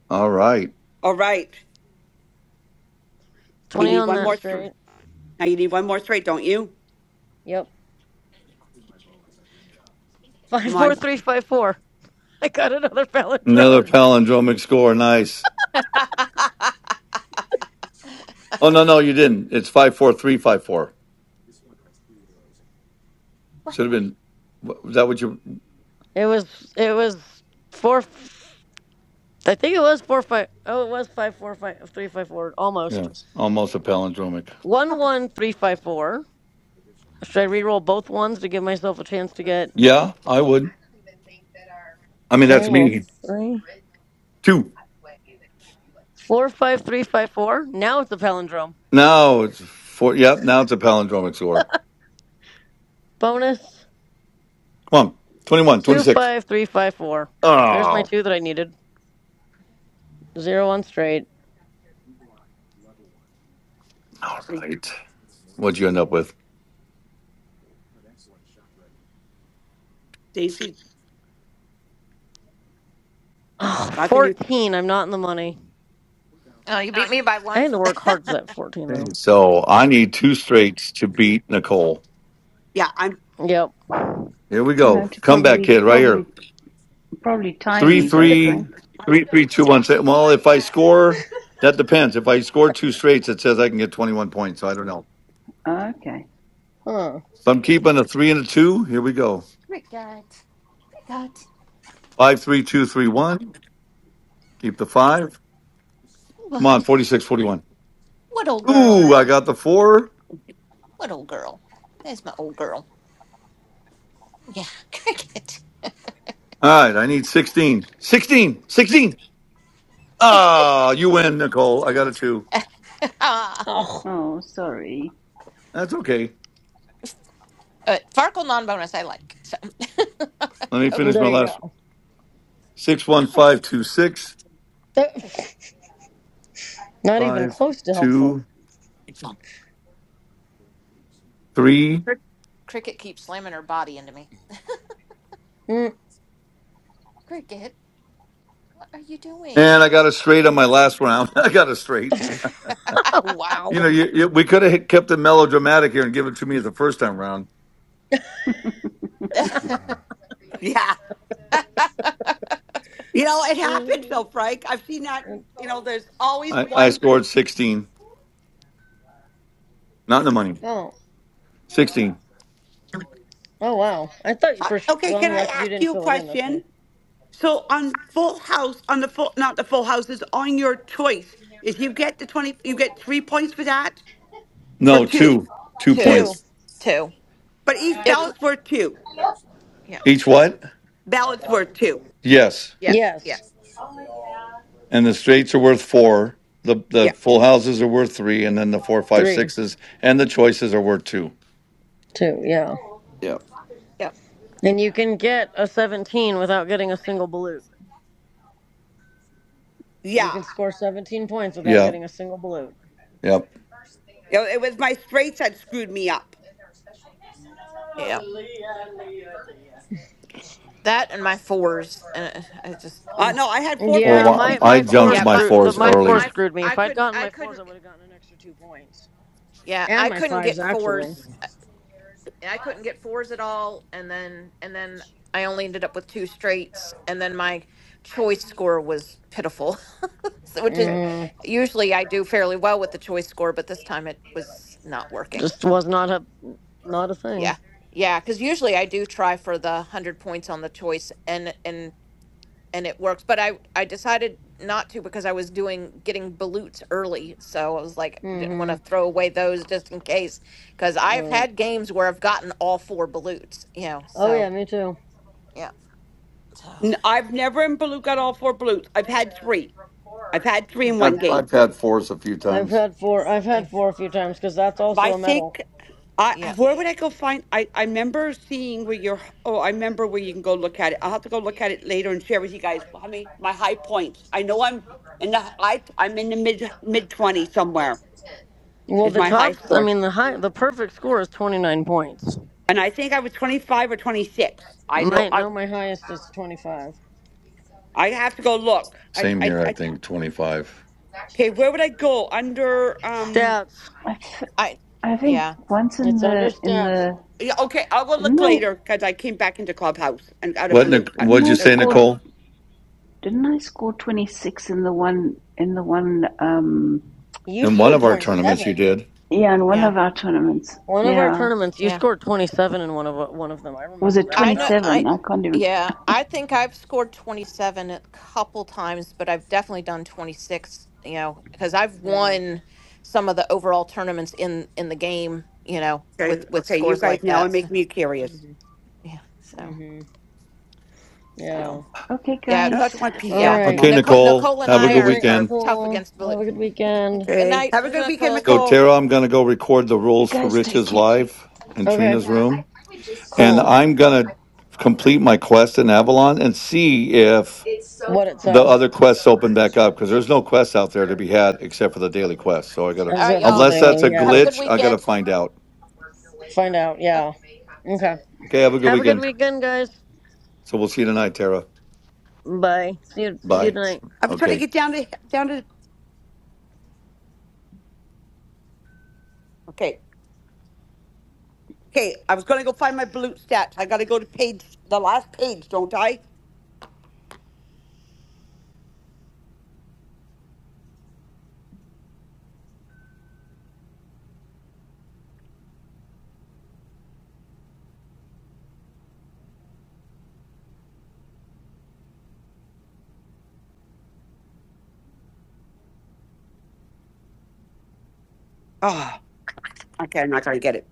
S5: All right.
S18: All right. You
S12: 20
S18: need
S12: on
S18: one
S12: that
S18: more three.
S12: straight.
S18: Now you need one more three, don't you?
S12: Yep. *laughs* Five,
S18: Come
S12: four,
S18: on.
S12: three, five, four. I got another pallet
S5: Another palindromic score. Nice. Oh no, no, you didn't. It's five four three five four. Should have been. wa- Was that what you?
S12: It was, it was four, I think it was four, five, oh, it was five, four, five, three, five, four, almost.
S5: Yes. Almost a palindromic.
S12: One, one, three, five, four. Should I re-roll both ones to give myself a chance to get
S5: Yeah, I would. I mean,
S12: Okay,
S5: that's
S12: roll
S5: me.
S12: three.
S5: Two.
S12: 45354. Now it's a palindrome.
S5: Now it's four. Yep. Now it's a palindromic score.
S12: Bonus
S5: Come on. 21, 26.
S12: 25354. There's my
S5: Oh,
S12: two that I needed. Zero on straight.
S5: all
S18: See,
S5: right. What'd you end up with?
S18: Daisy,
S12: Oh,
S18: nothing new.
S12: fourteen. I'm not in the money.
S17: *laughs* oh, you beat me by
S12: I
S17: one.
S12: had to work hard for
S17: *laughs*
S12: that 14, though.
S5: Okay. So I need two straights to beat Nicole.
S18: Yeah, I'm.
S12: Yep.
S5: Here
S18: Okay.
S5: we
S18: *laughs*
S5: go.
S16: No, to
S5: Comeback
S16: probably,
S5: kid right here.
S16: probably, probably tie
S5: Three,
S16: me though,
S5: three,
S16: Frank.
S5: three, three, two, one. Say- Well, if I score, that depends. If I score two straights, it says I can get 21 points. So I don't know.
S16: Okay.
S12: Huh.
S5: So I'm keeping a three and a two. Here we go. Five, three, two, three, one. Keep the five. Come
S17: What?
S5: on. 46, 41.
S17: What old girl?
S5: Ooh, I got the four.
S17: What old girl? There's my old girl. Yeah, *laughs* cricket.
S5: All right, I need 16. 16, sixteen. Ah, you win, Nicole. I got a two.
S17: Ah,
S12: Oh,
S16: Oh, sorry.
S5: That's okay.
S17: uh, Farkle non-bonus. I like. So,
S5: Let me finish my
S12: there you
S5: last
S12: go.
S5: six one
S17: *laughs*
S5: five two six
S12: That- *laughs* not even
S5: five
S12: close to helpful.
S5: two three,
S17: Crick- cricket keeps slamming her body into me.
S12: Mm.
S17: Cricket, what are you doing?
S5: and I got a straight on my last round. *laughs* I got a straight.
S12: *laughs*
S17: *laughs*
S5: You
S12: wow.
S5: know, you, you, we could have kept it melodramatic here and give it to me the first time round.
S12: *laughs*
S18: Yeah. You know, it happens
S12: Mm.
S18: though, Frank. I've seen that. You know, there's always
S5: I, I
S18: one.
S5: scored sixteen, not in the money.
S12: Oh.
S5: Sixteen.
S12: Oh, wow. I thought you
S18: Huh,
S12: for sure.
S18: Okay,
S12: Well,
S18: can I
S12: yeah, because you
S18: ask
S12: didn't
S18: you a
S12: fill it in. That's
S18: question?
S12: why.
S18: So on Full House, on the full, not the Full houses, on your choice. If you get the 20, you get three points for that or
S5: No,
S18: two?
S5: two, two
S17: two,
S18: Two.
S12: Two.
S5: points
S17: two.
S18: But each
S17: It's
S18: ballot's worth two.
S17: yeah,
S5: each. What?
S18: Ballot's worth two.
S5: Yes.
S17: yeah, yeah,
S12: Yes.
S5: and the straights are worth four. The the
S18: Yeah.
S5: full houses are worth three, and then the four, five,
S12: Three.
S5: sixes, and the choices are worth two.
S12: too. Yeah,
S5: Yeah.
S17: yeah,
S12: and you can get a 17 without getting a single balut. You
S18: Yeah.
S12: can score 17 points without
S5: Yeah,
S12: getting a single balut.
S5: yeah.
S18: You know, it was my straights that screwed me up.
S17: yeah. That and my fours, and uh, I just
S18: Uh,
S17: mm.
S18: no, I had four
S5: Oh,
S12: Yeah,
S18: fives and
S5: wow.
S12: my
S18: sixes.
S5: I
S12: my
S18: but
S12: four
S18: ho-
S5: junked
S17: yeah,
S5: my
S17: my
S12: screwed the
S5: fours
S12: my
S17: my
S12: four
S5: early.
S17: my.
S12: screwed me.
S17: I
S12: If I'd
S17: couldn't.
S12: gotten
S17: I
S12: my fours, I
S17: couldn't.
S12: would have gotten an extra two points
S17: Yeah, I
S12: and my
S17: couldn't
S12: fives
S17: get
S12: actually.
S17: fours. I couldn't get fours at all, and then and then I only ended up with two straights, and then my choice score was pitiful. *laughs* So, which is
S18: Okay.
S12: Mm,
S17: usually I do fairly well with the choice score, but this time it was not working.
S12: just was not a not a thing.
S17: Yeah, yeah, because usually I do try for the one hundred points on the choice, and and and it works. But I I decided not to because I was doing getting balutes early, so I was like I didn't want
S12: hmm
S17: to throw away those just in case because I've
S12: Right.
S17: had games where I've gotten all four balutes, you know,
S12: Oh
S17: so.
S12: yeah, me too.
S17: yeah. So
S18: n- I've never in blue got all four blues. I've had three. I've had three in one
S5: I've,
S18: game.
S5: I've had fours a few
S12: I've
S5: times.
S12: had four. I've
S17: yeah,
S12: had four a few times because that's
S18: But
S12: also
S18: I
S12: a medal.
S18: think I
S17: yeah.
S18: where would I go find? I I remember seeing where you're. Oh, I remember where you can go look at it. I'll have to go look at it later and share with you guys. I mean, my high points. I know I'm in the I I'm in the mid mid twenty somewhere
S12: Well,
S18: is
S12: the
S18: my high
S12: tops. I
S18: score,
S12: mean, the high. The perfect score is twenty nine points.
S18: and I think I was twenty five or twenty six. I know
S12: My
S18: I
S12: no, my highest is twenty five.
S18: I have to go look. I
S5: Same
S18: I,
S5: here, I
S18: I
S5: think twenty five.
S18: okay. Where would I go under um?
S12: Stats.
S16: I, f-
S17: I
S16: I think
S17: yeah,
S16: once in
S12: It's under
S16: the in
S12: stats.
S16: the
S18: Yeah, okay, I'll go
S16: didn't
S18: look
S16: I
S18: later because I came back into Clubhouse and out of
S5: What
S18: blue.
S5: Nic-
S18: I,
S16: didn't
S5: what'd you
S16: I
S18: no,
S5: say,
S18: that's
S16: score
S18: fine.
S5: Nicole?
S16: didn't I score twenty six in the one in the one um
S12: You
S5: In one
S12: scored
S5: of our
S12: twenty
S5: tournaments, you
S12: seven.
S5: did.
S16: yeah in one
S17: yeah,
S16: of our tournaments
S12: One of our
S16: yeah
S12: tournaments, you
S17: yeah.
S12: scored 27 in one of uh, one of them. I
S16: was
S12: remember
S16: it
S12: that.
S17: I
S16: twenty
S17: know
S12: That was
S16: seven
S17: I
S16: I
S12: amazing.
S16: can't even
S17: yeah, I think I've scored 27 a couple times, but I've definitely done 26, you know, cuz I've
S12: Yeah.
S17: won some of the overall tournaments in in the game, you know,
S18: okay,
S17: with with
S18: okay, you
S17: scores
S18: guys
S17: like
S18: now are
S17: that. So,
S18: making me curious.
S12: Mhm.
S17: yeah. So,
S12: Mhm.
S17: so
S12: Yeah.
S16: okay
S17: yeah,
S18: No,
S16: guys
S18: that's my
S12: All
S18: PC
S17: yeah.
S18: off the
S12: right.
S5: Okay,
S18: mom.
S17: Nicole,
S5: Nicole.
S17: Nicole and
S5: Have a
S17: I
S12: Good
S5: good
S17: are
S12: night,
S17: are
S5: weekend.
S17: tough
S12: Nicole.
S17: against
S12: Have
S17: bullet.
S12: a good
S17: *laughs*
S12: weekend.
S17: Good
S18: Okay,
S17: night,
S18: have a good weekend,
S17: Nicole.
S5: So
S18: Nicole.
S5: Tara, I'm gonna go record the
S16: you
S5: rules for
S16: guys take
S5: Rich's
S16: care.
S5: live in
S12: Okay.
S5: Trina's
S12: Yeah, I.
S5: room,
S12: I would just.
S5: and
S12: Cool. You
S5: I'm
S12: know, if I
S5: gonna
S12: could offer
S5: complete
S12: anything,
S5: my quest
S12: it
S5: in
S12: would be
S5: Avalon and see if
S12: It's. so what it hard
S5: the
S12: says. To
S5: other
S12: have So
S5: quests open
S12: much.
S5: back up because there's no quests out there to
S12: Or
S5: be
S12: the-
S5: had
S12: the
S5: except for
S12: point
S5: the
S12: where
S5: daily
S12: you're
S5: quest.
S12: trying
S5: So I
S12: to-
S5: gotta,
S17: All
S12: As
S17: right,
S12: of the
S17: y'all.
S5: unless that's
S17: Take,
S5: a
S12: daily, yeah.
S17: have a good
S5: glitch, I gotta
S17: weekend.
S5: find out.
S12: Work your way Find out, out, yeah. You may have to
S5: Okay,
S12: Okay. do
S5: have a
S12: it.
S5: good
S12: Have a good
S5: weekend.
S12: weekend, guys.
S5: So we'll see you tonight, Tara.
S12: Bye. See you. See you
S5: Bye.
S12: tonight.
S18: I was trying to
S5: Okay.
S18: get down to down to. Okay, okay, I was going to go find my blue stats. I got to go to page the last page, don't I? Ah, okay, I'm not going to get it.